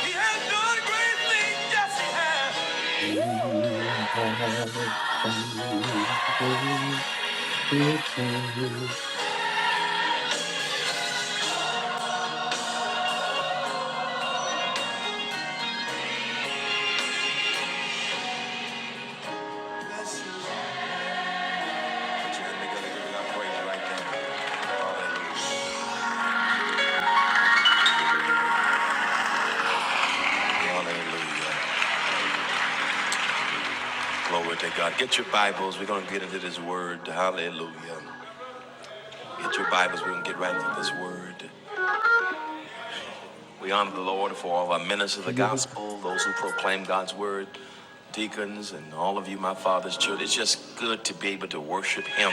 He has done great things. Yes. Hallelujah. Glory to God. Get your Bibles. We're going to get into this word. Hallelujah. Get your Bibles. We're going to get right into this word. We honor the Lord for all of our ministers of the gospel, those who proclaim God's word, deacons, and all of you, my father's children. It's just good to be able to worship Him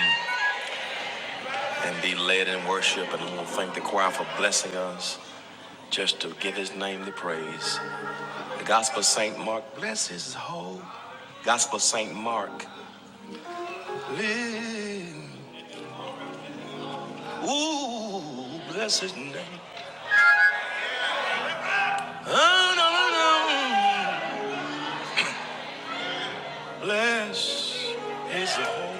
and be led in worship. And we'll thank the choir for blessing us just to give His name the praise. The Gospel of St. Mark, bless His whole. Gospel of St. Mark, live. Ooh, bless His name. Oh, no, no, no. Bless His whole.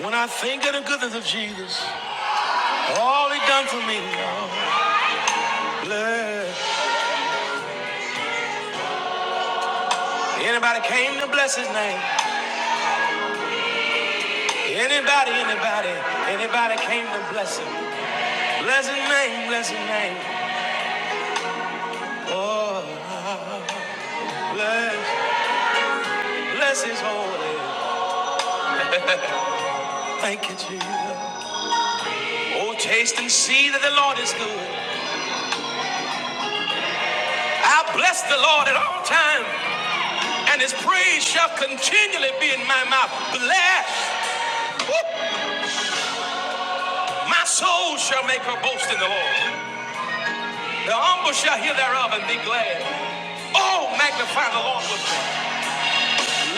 When I think of the goodness of Jesus, All he done for me, oh, bless. Anybody came to bless his name. Anybody, anybody, anybody came to bless him. Bless his name, bless his name. Oh, bless, bless his holy. Thank you, Jesus. Oh, taste and see that the Lord is good. I bless the Lord at all times, and his praise shall continually be in my mouth. Bless. My soul shall make her boast in the Lord. The humble shall hear thereof and be glad. Oh, magnify the Lord.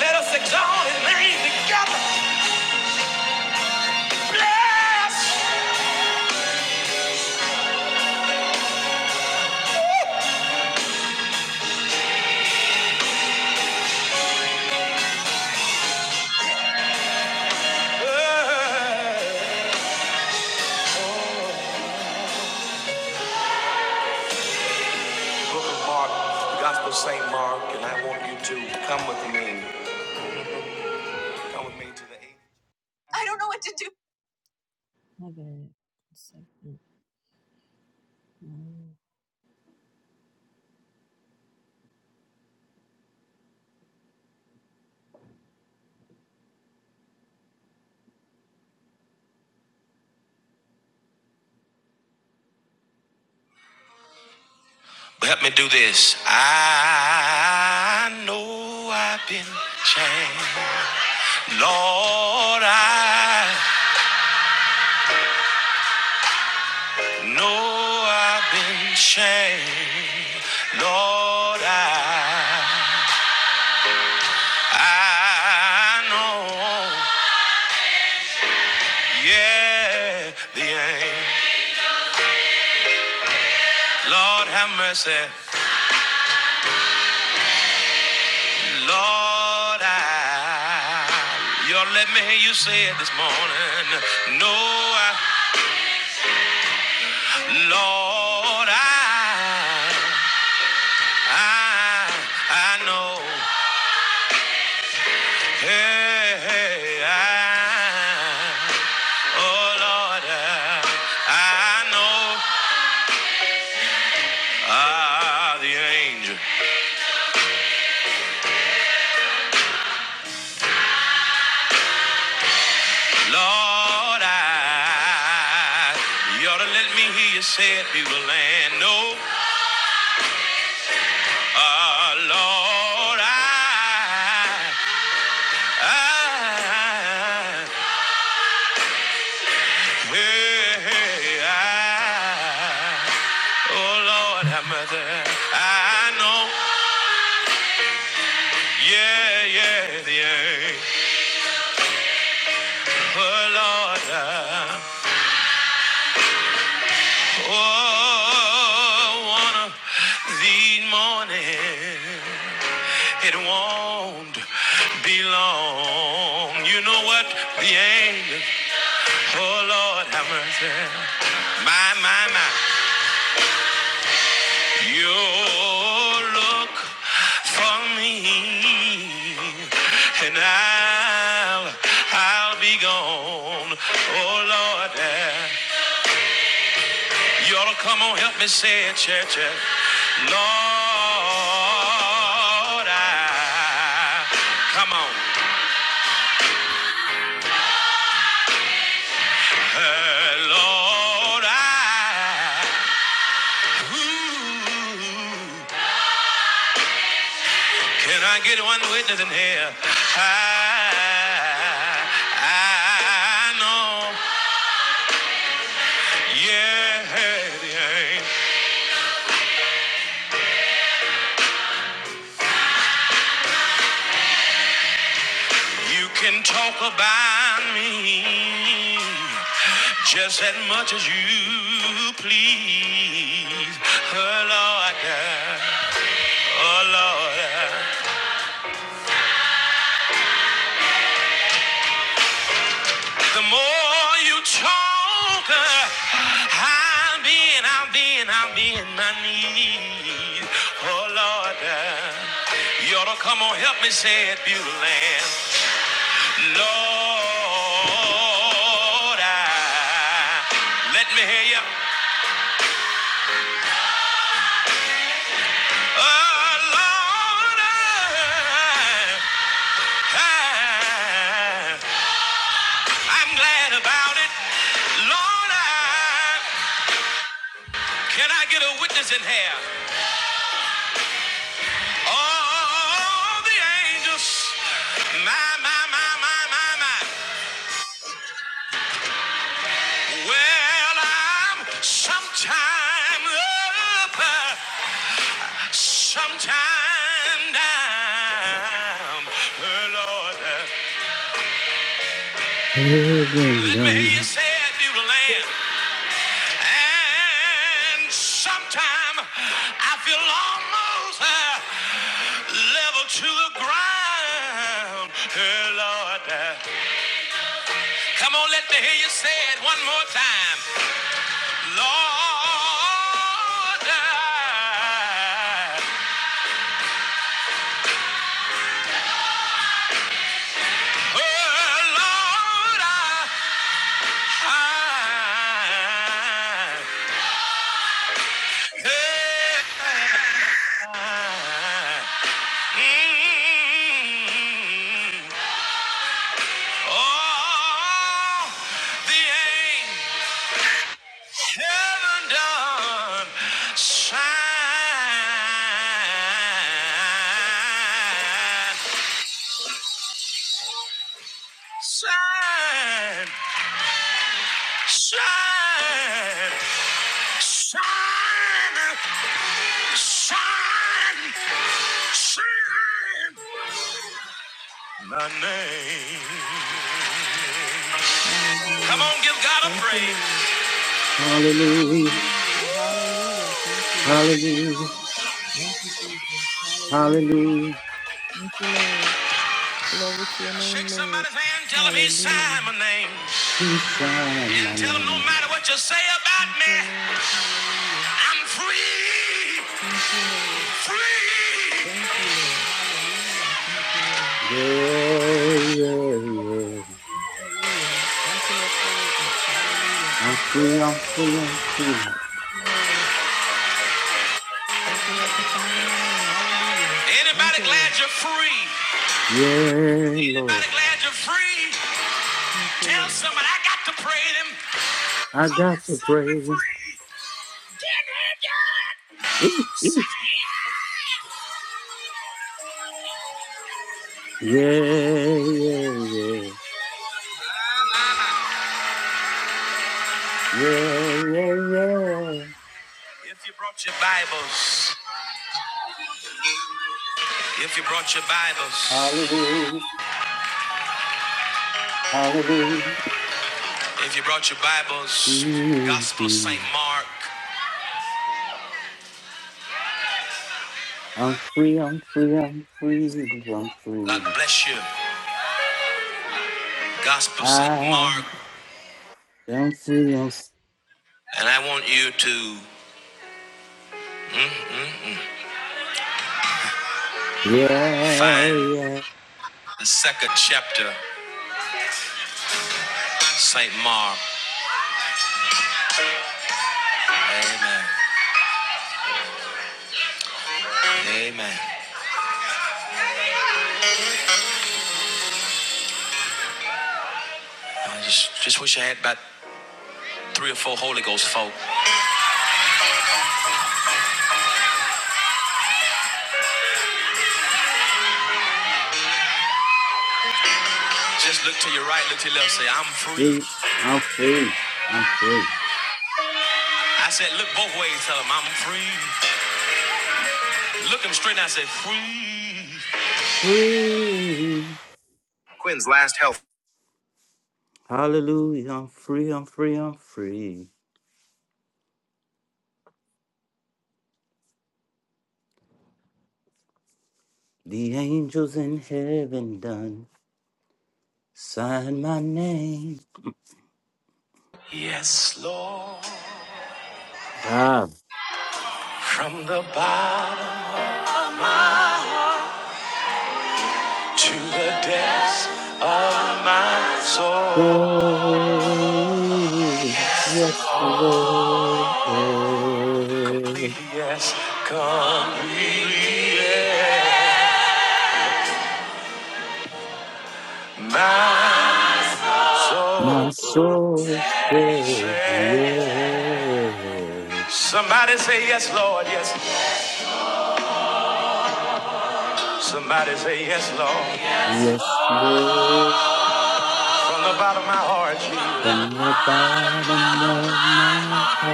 Let us exalt his name. The Book of Mark, the Gospel of St. Mark, and I want you to come with me. Come with me to the eighth. like- Help me do this. I know I've been changed. Lord, I know I've been changed. Lord, I, I know. Yeah, the angel. Lord, have mercy. Lord, I, you ought to let me hear you say it this morning. No, I, Lord, I, I, I know. Hey, hey, I, oh Lord, I, I know. Ah, the angel, Lord, I, you ought to let me hear you say it, people, and No. Oh, Lord, I, I, hey, I, oh, Lord, have mercy. I know, yeah, yeah, yeah. Oh, Lord, I, oh, one of these mornings, it won't be long. You know what? The angels Oh Lord, have mercy. My, my, my. You look for me, and I'll, I'll be gone. Oh Lord, eh. you ought to come on, help me say it, church. eh. Lord, I, come on, Eh, Lord, I. Ooh. Can I get one witness in here? I, I know, yeah, yeah, you can talk about me just as much as you please. Oh, Lord, yeah. oh, Lord. yeah. The more you talk, uh, I'm in, I'm in, I'm in my need. Oh Lord, uh, you ought to come on, help me say it, beautiful land. Lord, I, let me hear you. Oh Lord, I, I, I'm glad about it. Lord, I, can I get a witness in here? All the angels, my, my, my, my, my, my. Well, I'm sometime up, uh, sometime down. Oh, Lord, uh, let me hear you say it, New Land. And sometime I feel almost uh, level to the ground. Oh, Lord, uh, come on, let me hear you say it one more time. Lord, oh, Lord, I- I- yeah. Mm. My name. Come on, you, praise. to your Shake somebody's hand, tell him he signed my name. And tell him no matter what you say about me.
Yeah, yeah, yeah. I'm free, I'm free, I'm free.
Anybody glad you're free?
Yeah, Lord.
Anybody glad you're free? Tell somebody I got to praise him.
I got to praise. him. <laughs> Yeah, yeah, yeah. Yeah, yeah, yeah.
Brought your Bibles. If you brought your Bibles,
Hallelujah, hallelujah,
if you brought your Bibles, Gospel of
Mm-hmm.
St. Mark,
I'm free, I'm free, I'm free, I'm
God
free.
bless you. Gospel of St.
I
Mark.
am free, I'm s-
And I want you to
yeah,
find
yeah,
the second chapter, St. Mark. Amen. Amen. I just, just wish I had about three or four Holy Ghost folk. Just look to your right, look to your left, say, I'm free.
free, I'm free, I'm free,
I said, look both ways, tell them, I'm free. Look him straight and I say, free.
free. Hallelujah, I'm free, I'm free, I'm free. The angels in heaven done sign my name.
Yes, Lord.
I
From the bottom to the depths of my soul. Completely, yes. Completely, yes. My soul. says- Somebody say yes, Lord, yes. Somebody say yes, Lord. From the bottom of my heart, Jesus,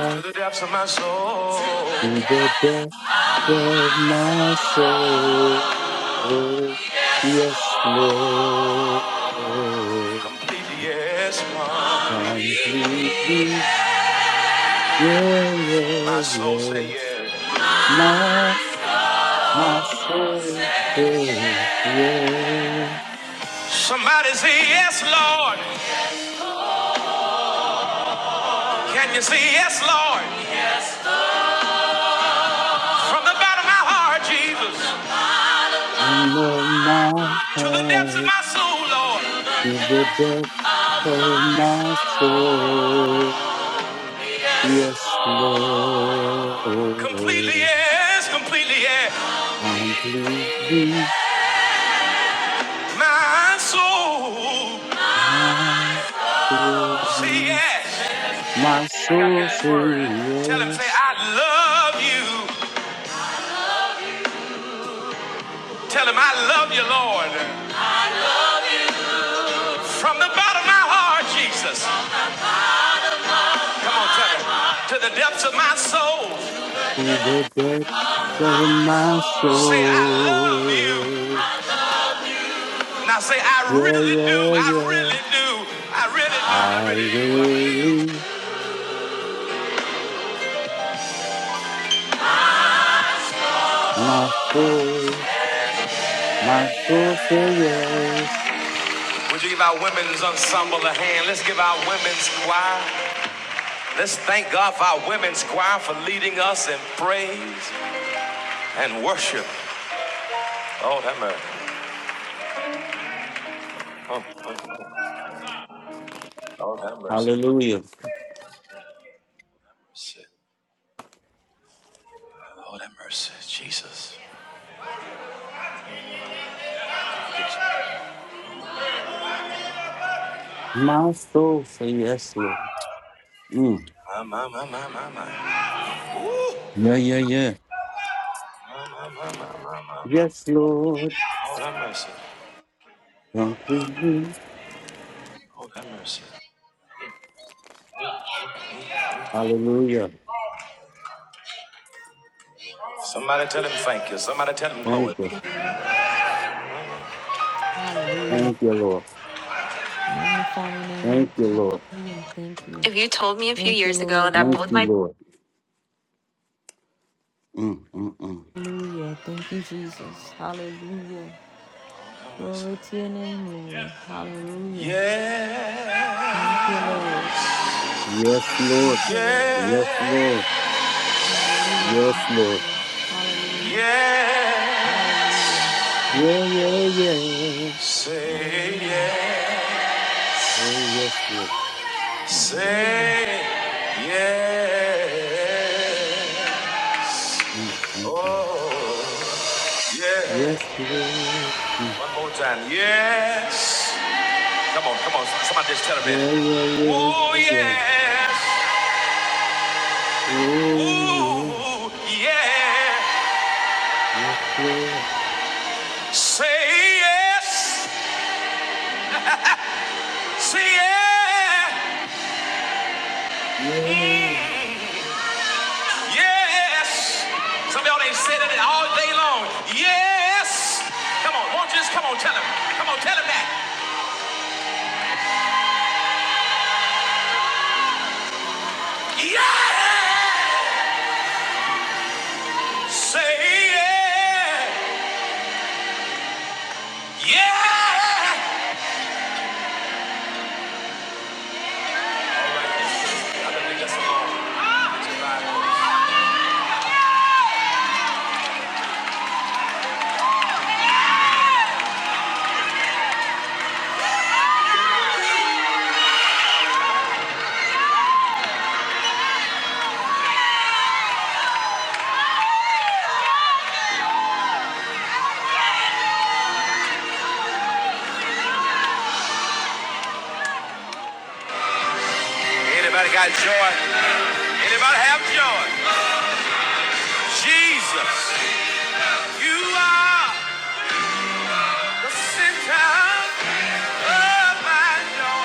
to the depths of my soul. Completely, yes. My soul say yes. Somebody say yes, Lord. Can you say yes, Lord? From the bottom of my heart, Jesus,
love my
to the depths of
heart
my soul, Lord.
to the depths of my soul. Yes,
Completely
Lord,
yes, completely yes.
completely
My soul,
my free.
say yes.
My soul says
Tell him, say,
yes
I love you. Tell him, I love you, Lord. From the bottom of my heart, Jesus. Come on, tell him. To the depths of my soul,
to the depths of my
say, I love you. Now say, I really do. I do. I really do. Would you give our women's ensemble a hand? Let's give our women's choir. Let's thank God for our women's choir for leading us in praise and worship. Oh, that mercy. Oh, oh, oh, oh, that mercy.
Hallelujah.
Mercy. Oh, that mercy. Jesus.
My soul says yes, Lord. Mm. Yeah, yeah, yeah. Yes, Lord,
Oh, that mercy.
completely.
That mercy.
Hallelujah.
Somebody tell him thank you. Somebody tell him glory.
Thank you. Thank you, Lord.
Heavenly Father, now we hallelujah, thank you. If you told me a few Thank you, years ago Lord, that
Thank-
both my
Mm, mm, mm.
Hallelujah. Thank you, Jesus. Hallelujah. Glory to your name, Lord. Hallelujah. Yeah. Thank you, Lord.
Yes, Lord. Yes, Lord. Yes, Lord.
Hallelujah.
Yeah, yeah, yeah.
Say yeah.
Oh, yes, Lord.
Say yeah.
Mm, mm, mm.
Oh yeah.
Yes, Lord. Mm.
One more time. Yes. Come on, come on. Somebody just tell him that.
Yeah, yeah, yeah,
Oh
yeah, yeah.
yes.
Oh, yeah.
Ooh yeah.
Yes, Lord. Yeah, yeah, yeah, yeah.
Somebody ought to say yeah. Yeah. Hallelujah. That's the Anybody got joy? Anybody have joy? Jesus, you are the center of my joy.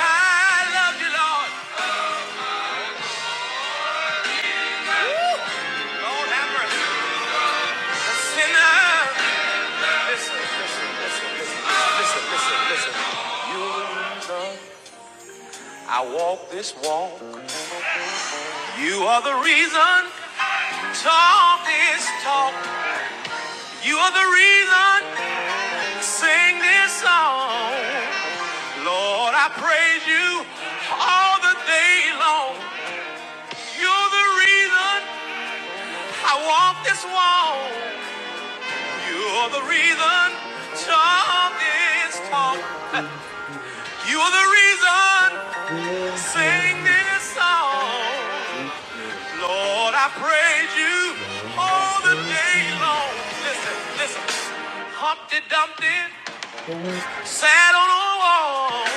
I love you, Lord. Lord, have mercy. Listen, listen, listen, listen, listen, listen, listen. You're the reason I walk this walk. You are the reason talk this talk. You are the reason sing this song. Lord, I praise you all the day long. You're the reason I walk this walk. You're the reason talk is talk. You're the reason I sing this song.
Yes, Lord.
Lord, I praise you
Lord, I
all the
thank
day
you.
long. Listen, listen. Humpty Dumpty sat on a wall.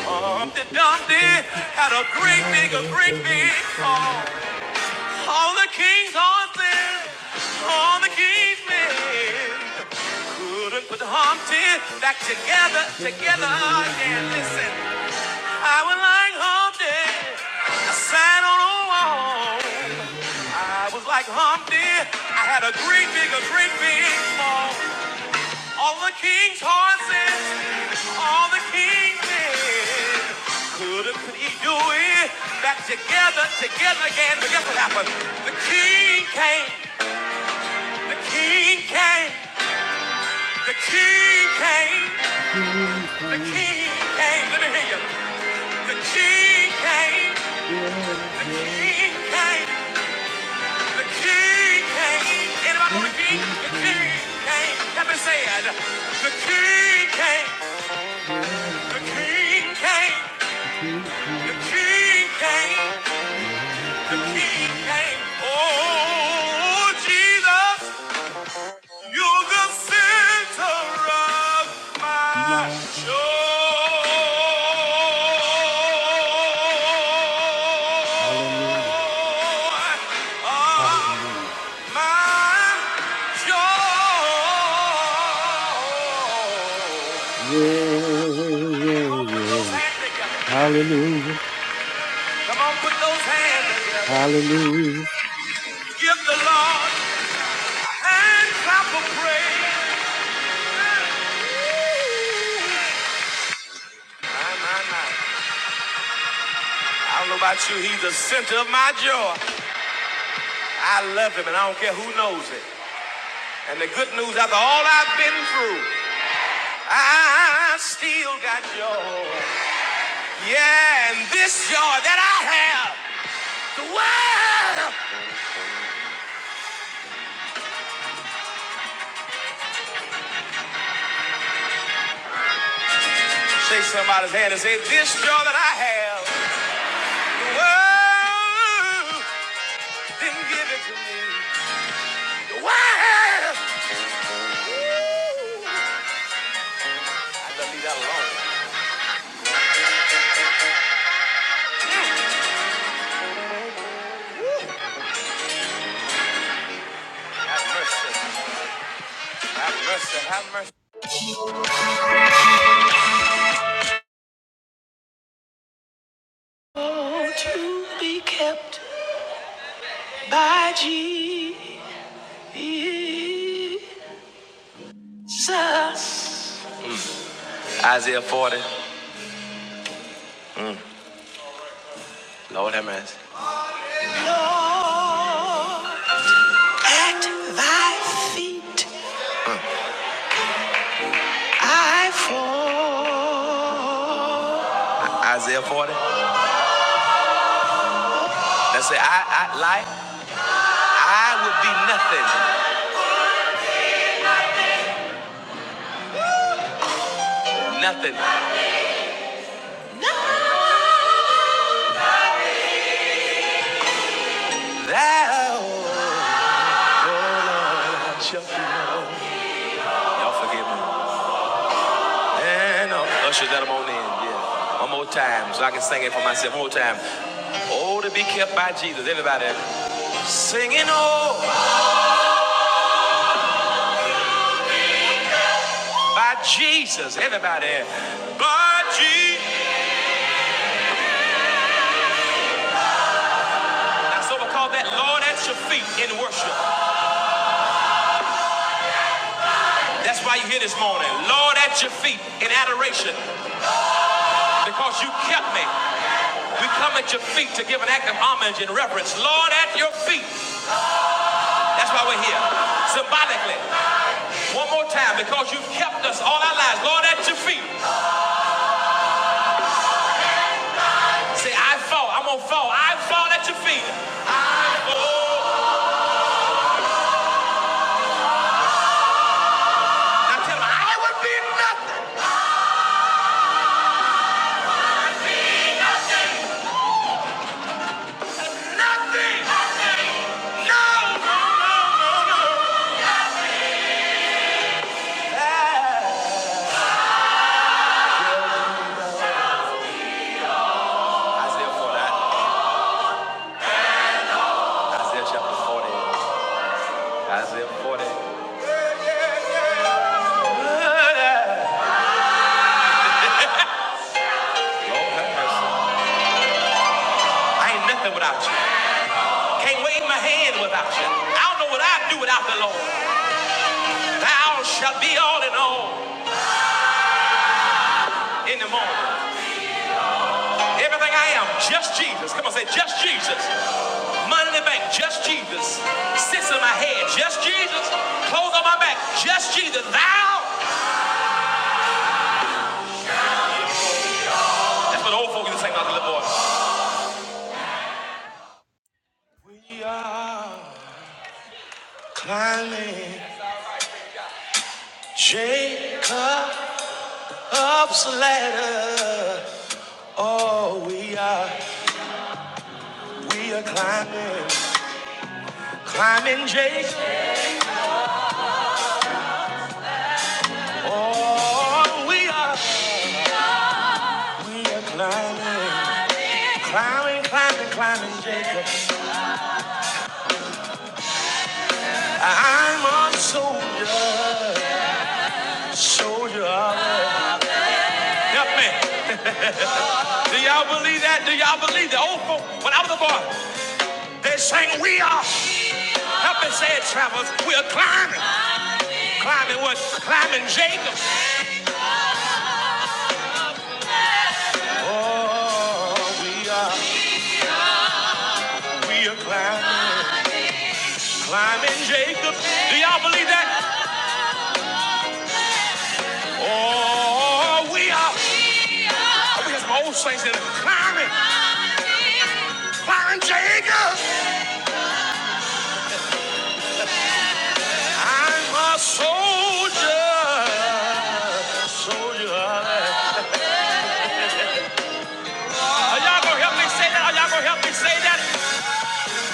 Humpty Dumpty had a great big, a great big fall. All the king's horses, all the king's men couldn't put Humpty back together, together again. Listen, I would like Humpty. Sign on a wall. I was like Humpty. I had a great big, a great big fall. All the king's horses, all the king did. Coulda, could he do it? Back together, together again. But guess what happened? The king came. The king came. The king came. The king came. Let me hear you. The king came. The king. Oh, Jesus. You're the center of my joy.
Hallelujah. Yeah, yeah, yeah. Hallelujah. Hallelujah.
My, my, my. I don't know about you, he's the center of my joy. I love him, and I don't care who knows it. And the good news, after all I've been through, I still got joy. Yeah, and this joy that I have, the world. Shake somebody's hand and say, this joy that I have, the world didn't give it to me. The world to be kept by Jesus. Isaiah 40, Lord have mercy. Lord, thy feet I fall. Isaiah 40, let's say, I, I, like, I would be nothing, nothing. Thou shalt be known. Y'all forgive me. And uh, usher that on in, yeah. One more time, so I can sing it for myself. One more time. Oh, to be kept by Jesus. Everybody. Singing oh by Jesus, everybody. By Jesus. That's what we call that Lord at your feet in worship. That's why you here this morning. Lord at your feet in adoration. Because you kept me. We come at your feet to give an act of homage and reverence. Lord at your feet. That's why we're here. Symbolically. One more time, because you've kept us all our lives. Lord at your feet. Say, I fall. I'm gonna fall. I fall at your feet. I fall. Isaiah 49. Isaiah chapter 40. Isaiah 40. Lord have mercy. I ain't nothing without you. Can't wave my hand without you. I don't know what I'd do without the Lord. Thou shalt be all in all in the morning. Everything I am, just Jesus. Come on, say just Jesus. Money in the bank, just Jesus. Sits in my head, just Jesus. Clothes on my back, just Jesus. Thou. That's what the old folk used to sing about the little boy. We are climbing Jacob's ladder. Oh, we are, we are climbing. Climbing Jacob, oh, we are climbing, climbing, climbing, climbing Jacob. Oh, yeah. help me. Do y'all believe that? Do y'all believe that? Old folk, when I was a boy, they sang, we are, help me say it, travelers, we are climbing, climbing what? Climbing Jacob. Oh, we are, we are climbing, climbing Jacob. Do y'all believe that? Oh, we are, I think it's my old saints, that climbing, climbing Jacob. I'm a soldier, soldier. Are y'all gonna help me say that? Are y'all gonna help me say that?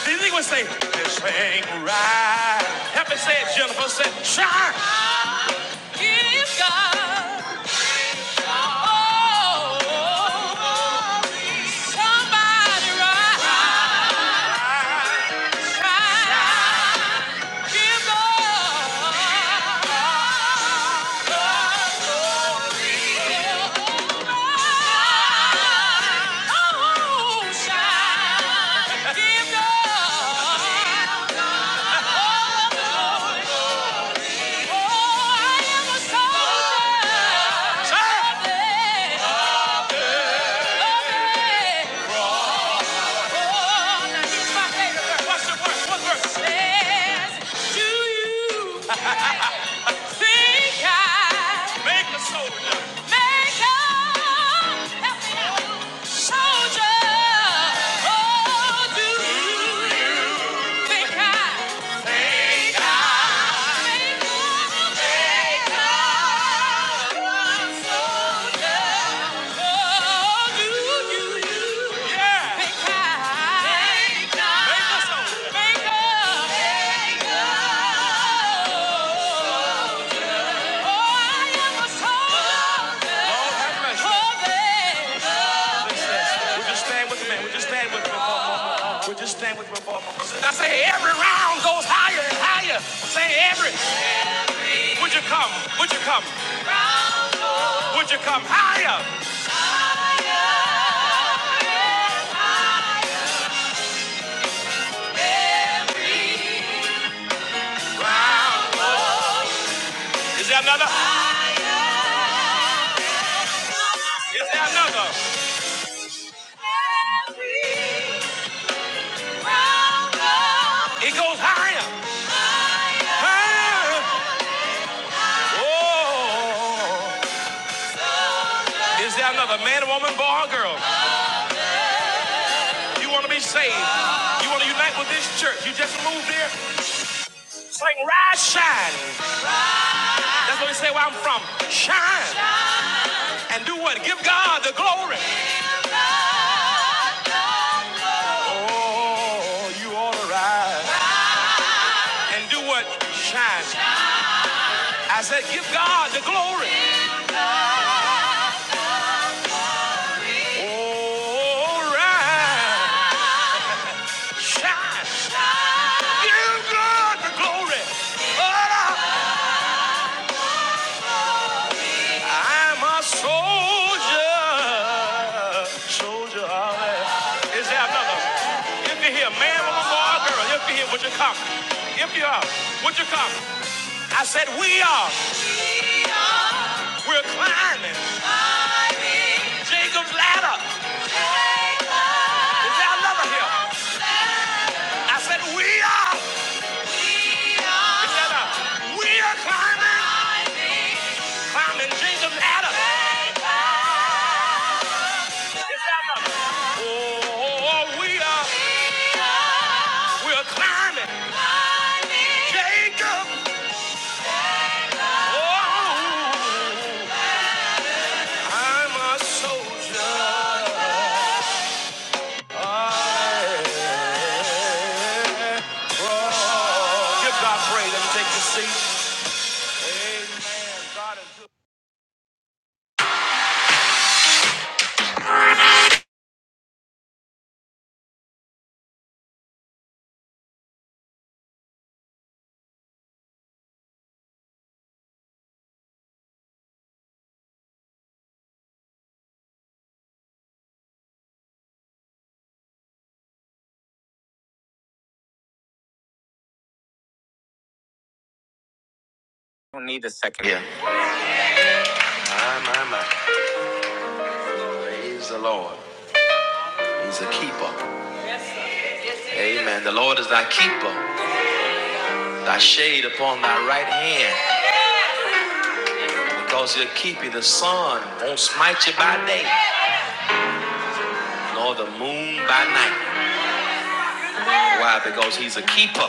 These niggas say, this ain't right. Help me say it, Jennifer. Say, try. Oh, somebody rise. Rise. So, hey, my favorite verse do you think I Stand with the man. We just stand with him. We'll just stand with your for I say every round goes higher and higher. Say every. Would you come? Would you come? Would you come higher? Is there another? Is there another? It goes higher. Higher. Oh. Is there another man, woman, boy, or girl? You want to be saved? You want to unite with this church? You just moved here. I shine. That's what we say where I'm from. Shine. And do what? Give God the glory. Oh, you are. And do what? Shine. I said, give God the glory. All right. Shout out the glory. I'm a soldier. Soldier. all right. Is there another? If you're here, man, woman, boy, or girl, if you're here, would you come? If you are, would you come? I said, we are. We're climbing Jacob's ladder. Is there another here? I said, we are. Is there another? We are climbing. I'm in Jesus' Adam. Oh, I'm a soldier. My, my, my. Praise the Lord. He's a keeper. Amen. The Lord is thy keeper, thy shade upon thy right hand. Because he'll keep you, the sun won't smite you by day, nor the moon by night. Why? Because he's a keeper.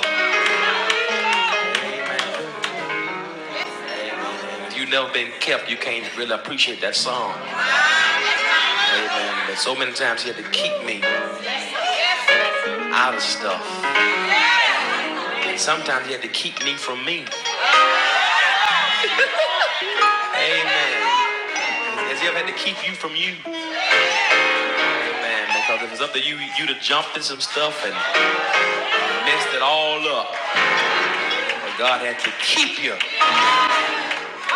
You keep me. Something. Amen. Has he ever had to keep you from you? Man, you, you messed up. But God had to keep you.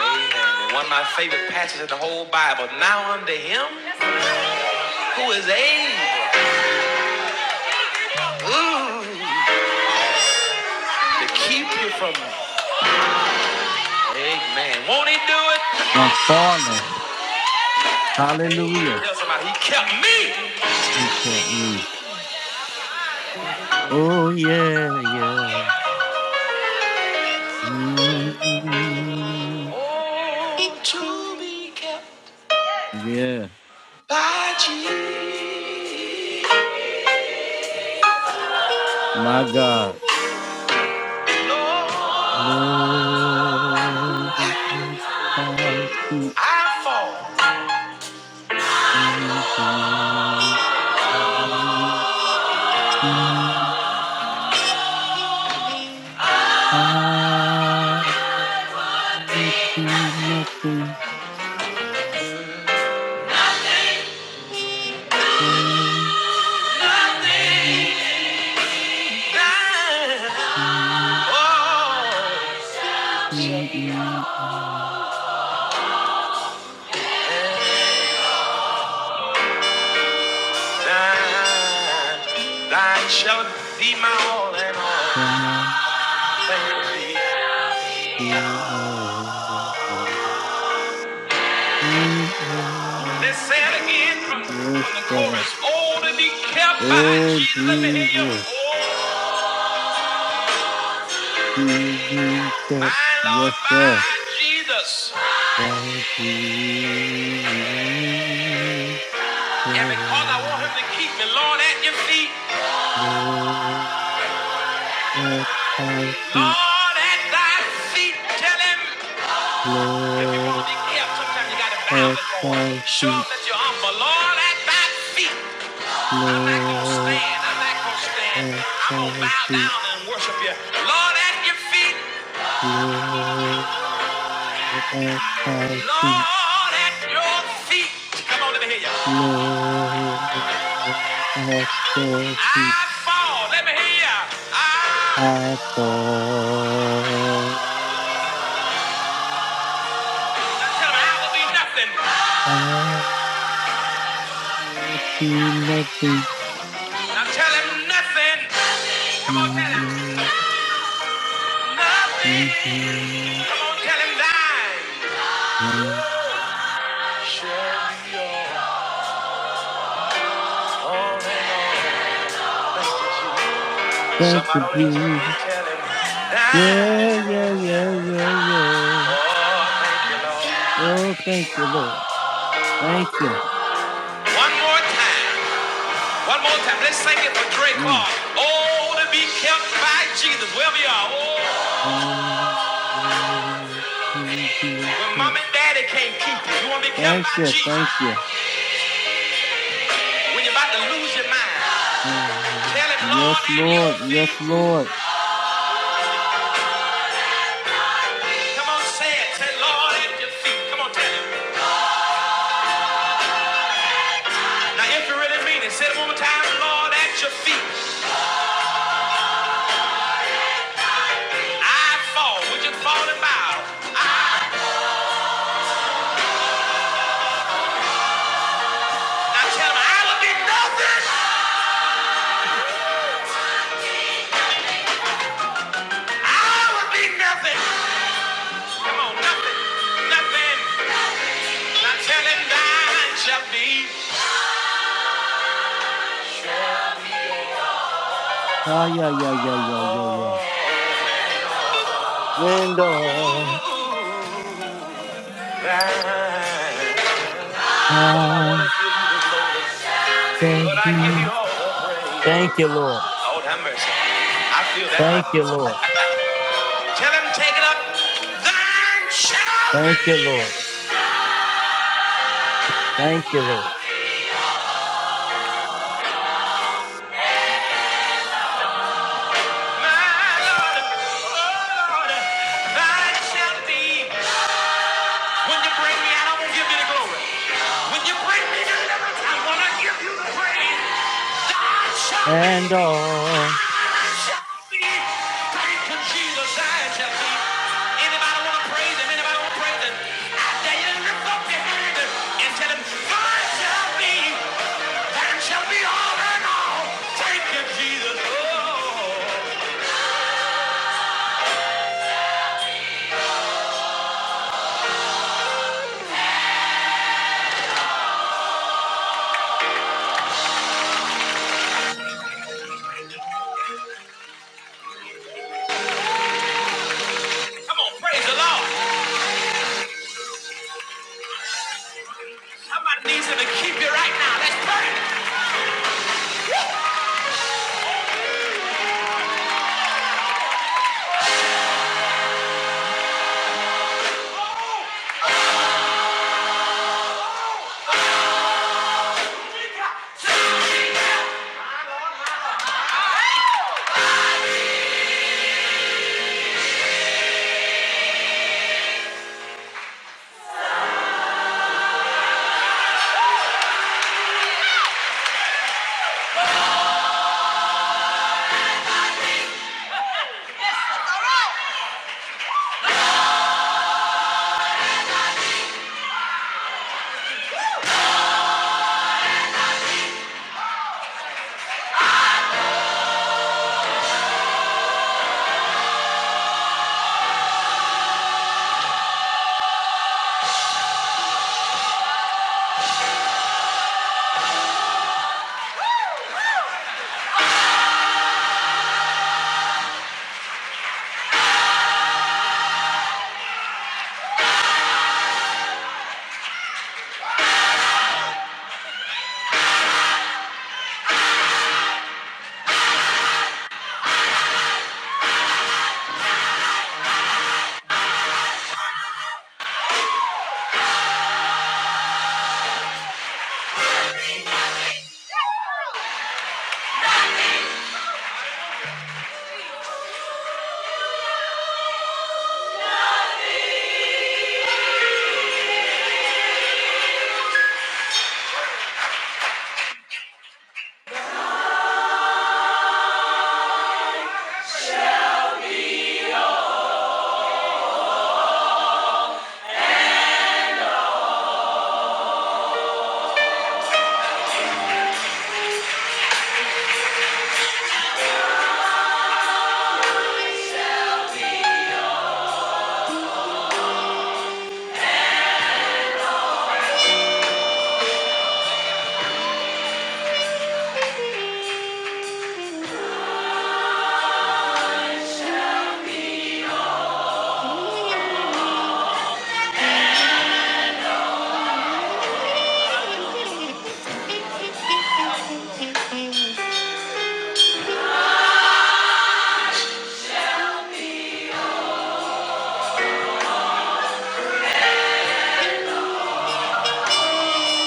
And one of my favorite passages in the whole Bible. Now unto him who is able ooh, to keep you from. Amen. Won't he do it?
I'm falling. Hallelujah.
Amen. Tell somebody he kept me.
He kept me. Oh, yeah, yeah. Mm. Yeah. My God. Lord, I seek you. I will see nothing from you. Yes,
Let's say it again from, from the
sir.
chorus. Oh, to be kept by
Oh,
Jesus. Let me hear you.
yes,
Oh,
you said,
my Lord,
yes,
by
sir.
Jesus.
Thank you, sir.
And because I want him to keep me, Lord, at your feet.
Lord, I seek
Lord, at thy feet. Tell him. If you want
Lord,
to be kept, sometimes you got to bow
help
before him.
our
Show
feet,
him that you're humble. Lord, at thy feet. I'm not going to
Lord,
stand. I'm not going to stand.
help
I'm going to
our
bow
feet,
down and worship you. Lord, at your feet.
Lord, help our feet,
Lord, at your feet. Come on, let me hear you.
Lord, help your
I
feet,
fall. Let me hear you. I.
I fall.
Now tell him I will be nothing.
I will be see
Now tell him nothing. Come on, tell him nothing.
nothing.
Oh,
Thank you,
Somebody else will
Jesus.
be telling.
Yeah, yeah, yeah, yeah, yeah.
Oh, thank you, Lord.
Oh, thank you, Lord. Thank you.
One more time. One more time. Let's sing it for Dre
Mm.
Clark. Oh, to be kept by Jesus. Wherever you are. Oh, when mom and daddy can't keep you, you want to be kept
Thank
by
you,
Jesus.
thank you.
When you're about to lose your mind, tell him, Lord,
Yes,
at your
Lord.
feet.
Yes, Lord.
Come on, say it. Say, Lord, at your feet. Come on, tell him. Now, if you really mean it, say it one more time. Lord, at your feet. I fall. Would you fall and bow? Now tell him, I would be nothing. I would be nothing. Come on, nothing. Nothing.
Ah, yeah, yeah, yeah, yeah, yeah, yeah. And all I shall
But I give you
be.
all.
Thank you, Lord.
Lord have mercy. I feel that thing.
Thank you, Lord.
<laughs> Tell him take it up. Shall be.
Thank you, Lord. Thank you, Lord.
When you bring me out, I'm gonna give you the glory. When you bring me out, I am going to give you the praise. God shall be.
And all.
God shall be. Anybody wanna praise him this day? And me shall be all and all. Give Jesus. Come on, praise the Lord. Somebody needs him to keep you right now. Let's pray. <laughs>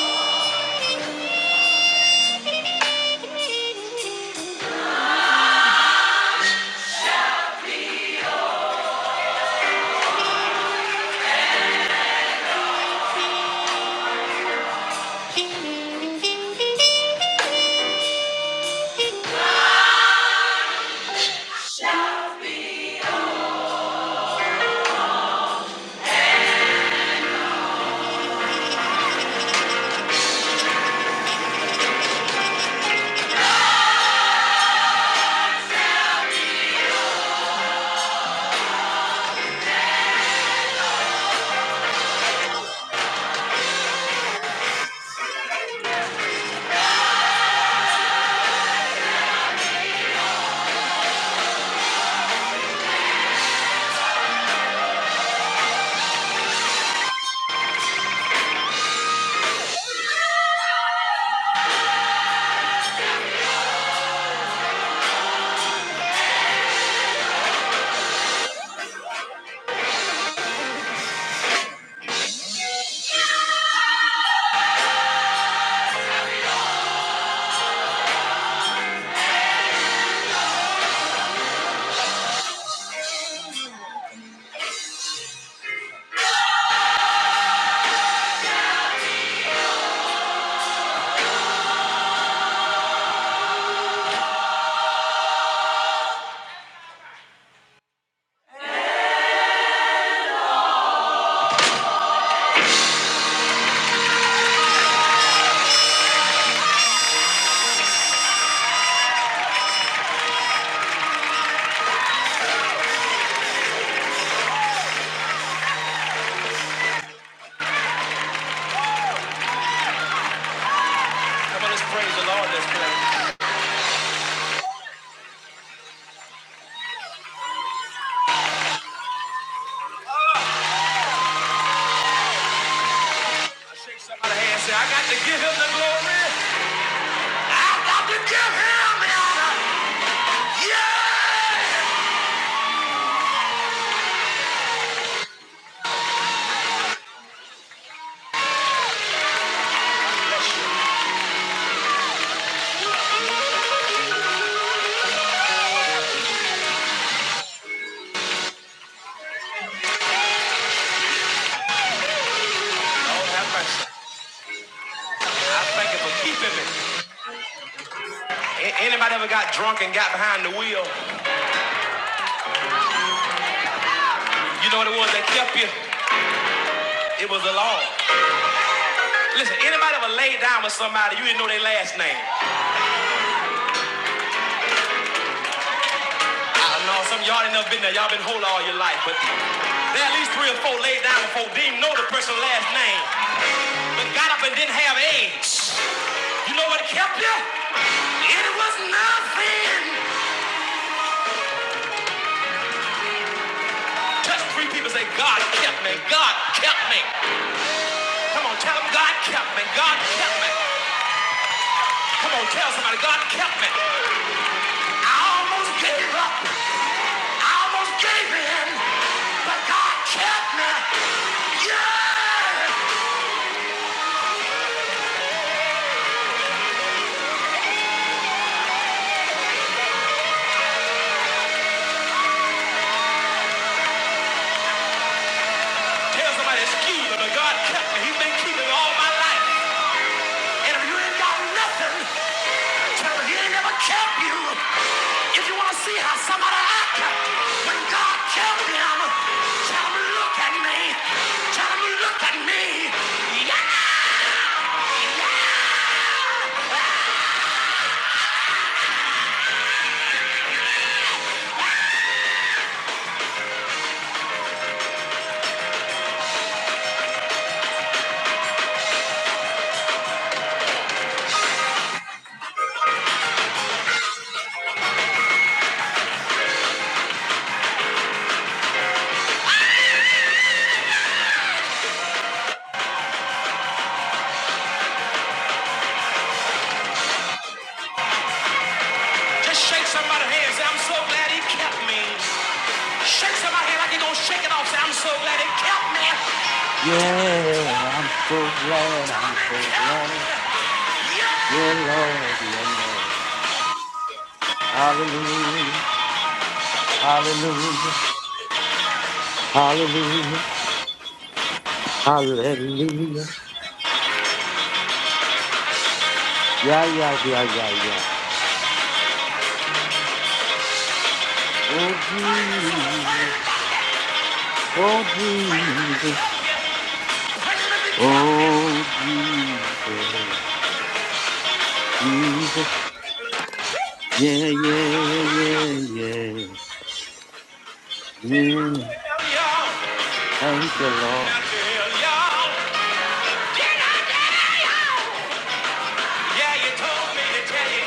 Thank you for keeping me. anybody ever got drunk and got behind the wheel? You know what it was that kept you? It was the law. Listen, anybody ever laid down with somebody, you didn't know their last name? I don't know some of y'all ain't never been there. Y'all been whole all your life, but there are at least three or four laid down before they didn't know the person's last name, but got up and didn't have AIDS. You know what kept you? It was nothing. That's three people say, God kept me, God kept me. Come on, tell them God kept me, God kept me. Come on, tell somebody, God kept me. I almost gave up, I almost gave in, but God kept me. Yeah! Tell somebody, it's you kept me. And if you ain't got nothing, tell them he ain't never kept you. If you want to see how somebody acted when God kept him, tell him, look at me. Tell him, look at me. Shake somebody like you're gonna shake it off. Say, I'm so glad it kept me. Tell me, tell
Yeah, I'm
me,
so glad,
tell
I'm
me, it
so
kept me.
glad. Yeah, Lord, yeah, Lord. Hallelujah, hallelujah, hallelujah, hallelujah. Yeah, yeah, yeah, yeah, yeah. Oh,
Praise him, so praise
Jesus,
him,
oh,
praise him, it
Jesus,
kept me. Praise him, it kept me.
oh, Jesus, Jesus. Yeah, yeah, yeah, yeah, yeah. Thank you, Lord.
Hell y'all, yeah, you told me to tell you.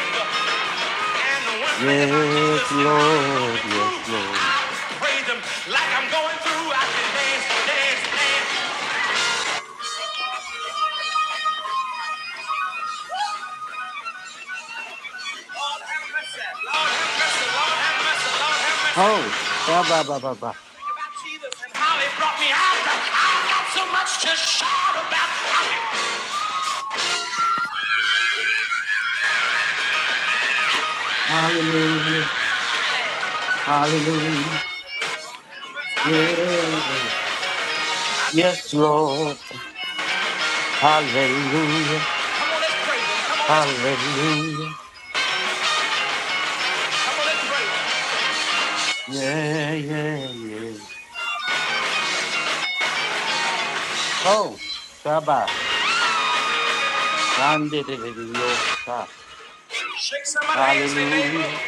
And the one thing about Jesus
Yes,
and how he brought me
Lord,
through,
yes,
I
Lord.
praise him like I'm going through. I can dance, dance, dance. Lord have mercy, Lord have mercy, Lord have mercy, Lord have mercy.
Oh, ba, ba, ba, ba, ba.
about Jesus and how he brought me out. I've got so much to shout about.
Hallelujah. Hallelujah. Yeah. Yes, Lord. Hallelujah. Hallelujah. Yeah, yeah, yeah. Oh, Shabbat. Sunday,
Shake somebody's hand, say neighbor.
Hallelujah.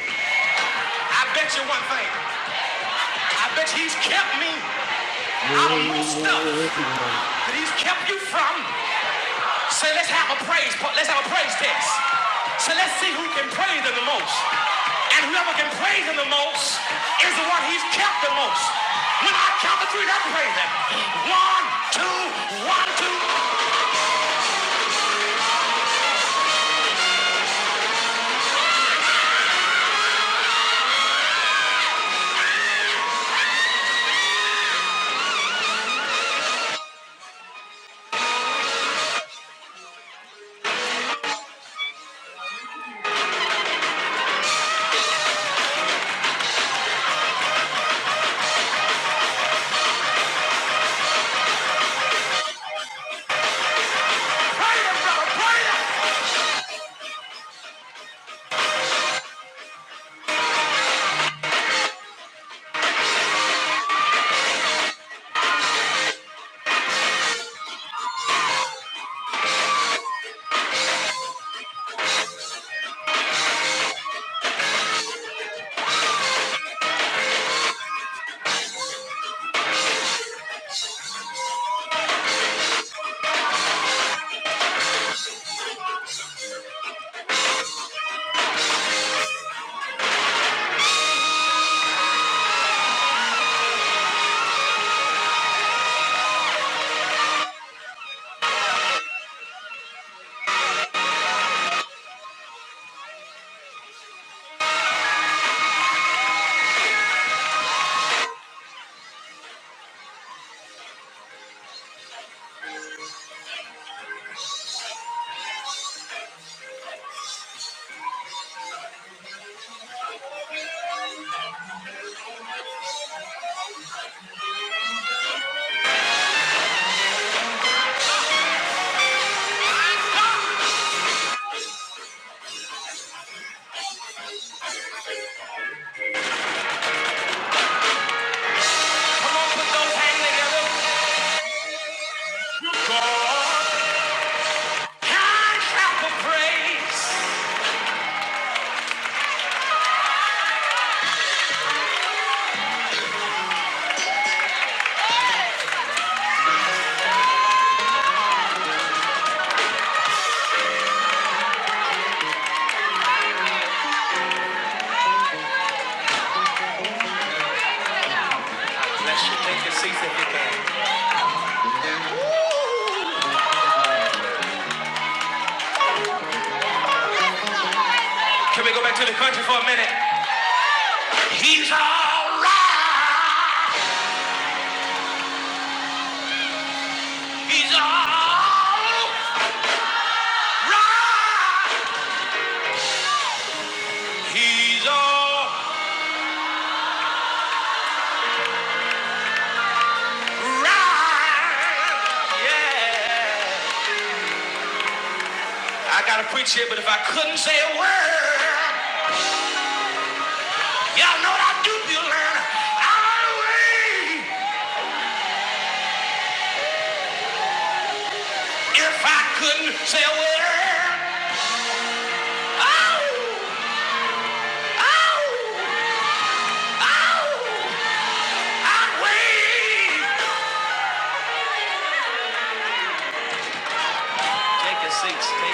I bet you one thing. I bet he's kept me out of
Yeah,
most stuff
yeah, yeah.
that he's kept you from. So let's have a praise. Let's have a praise test. So let's see who can praise him the most. And whoever can praise him the most is the one he's kept the most. When I count to three, let's praise him. One, two, one, two. I shout for praise. I gotta preach here, but if I couldn't say a word, y'all know what I do, Bueller. Hallelujah. If I couldn't say a word, oh, oh, oh, I'd wait. Take your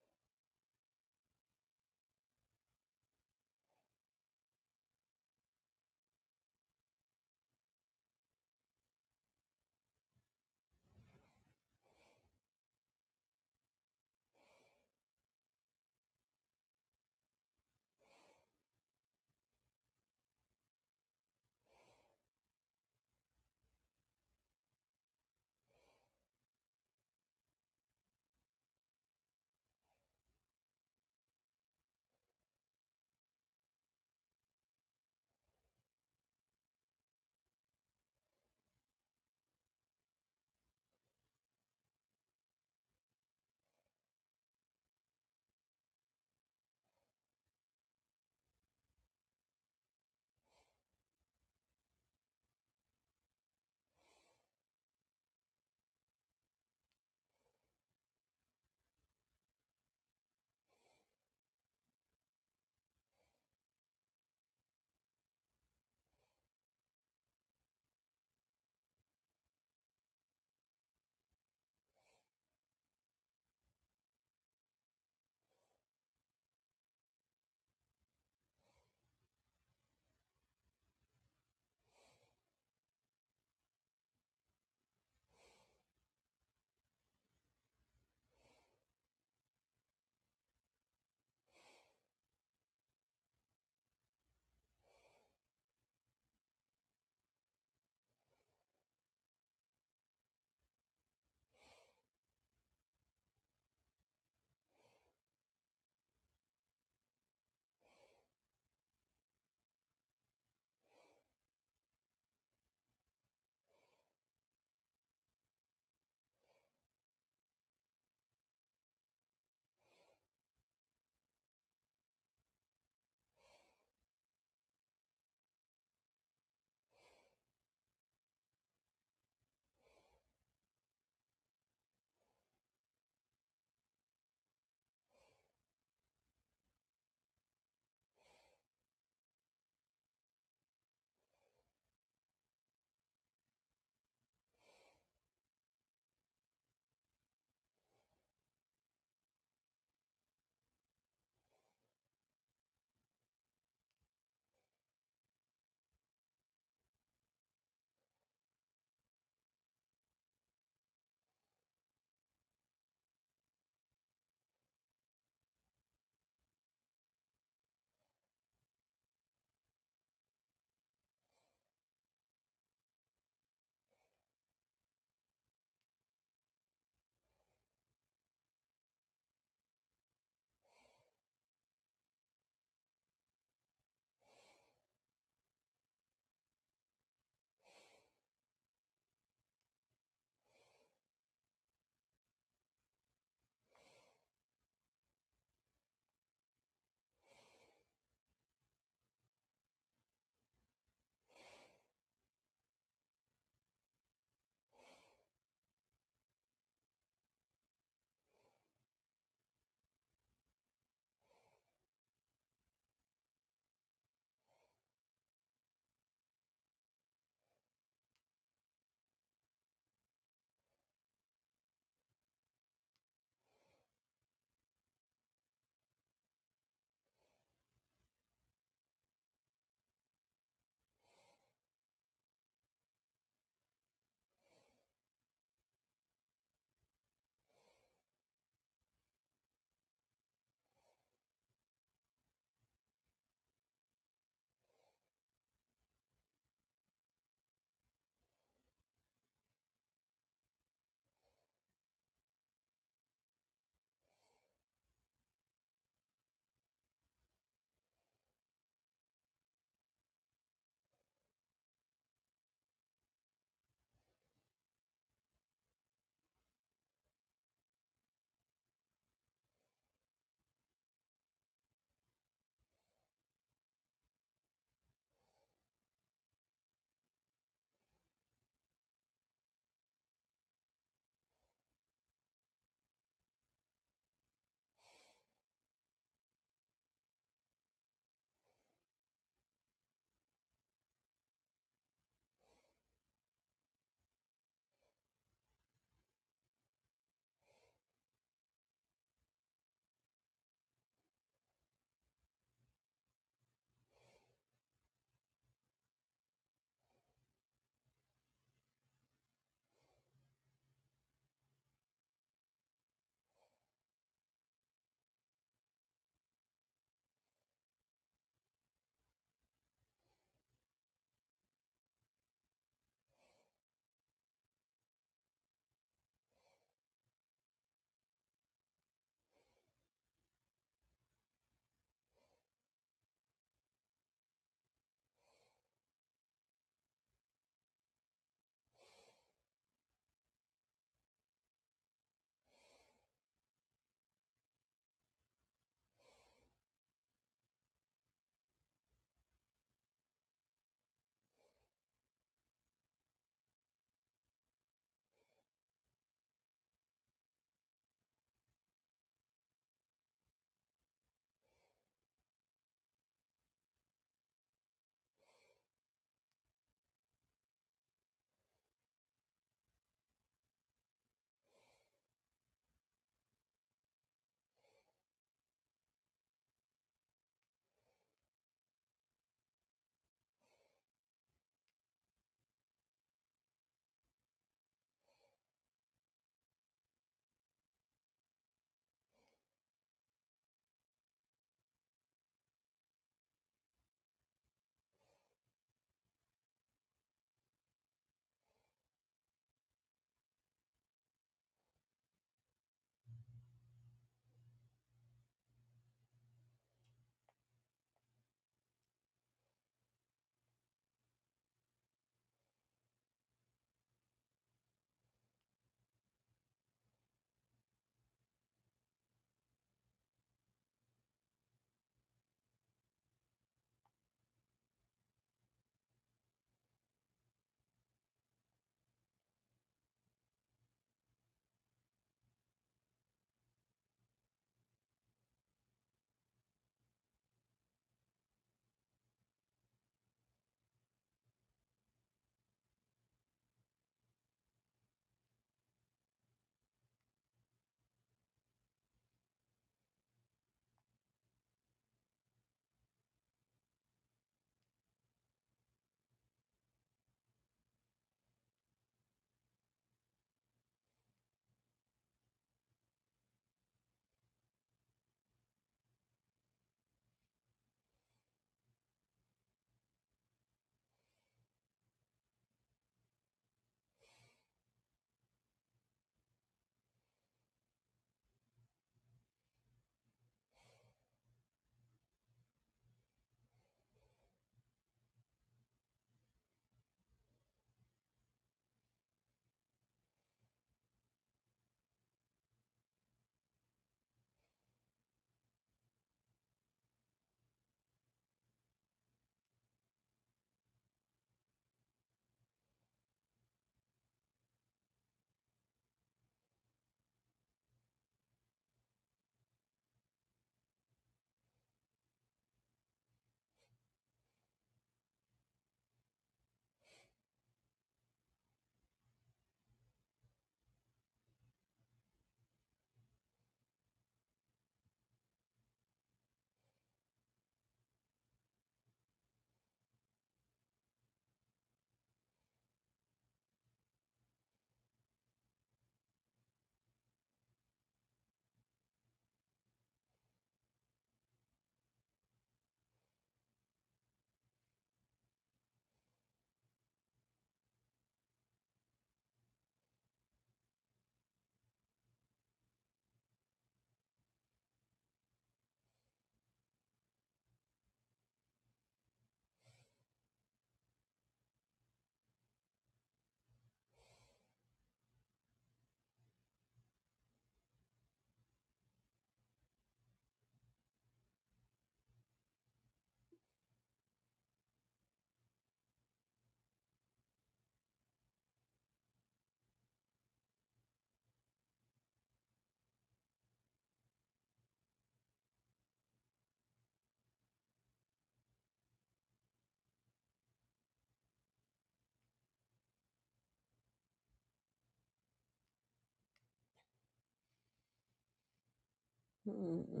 seats.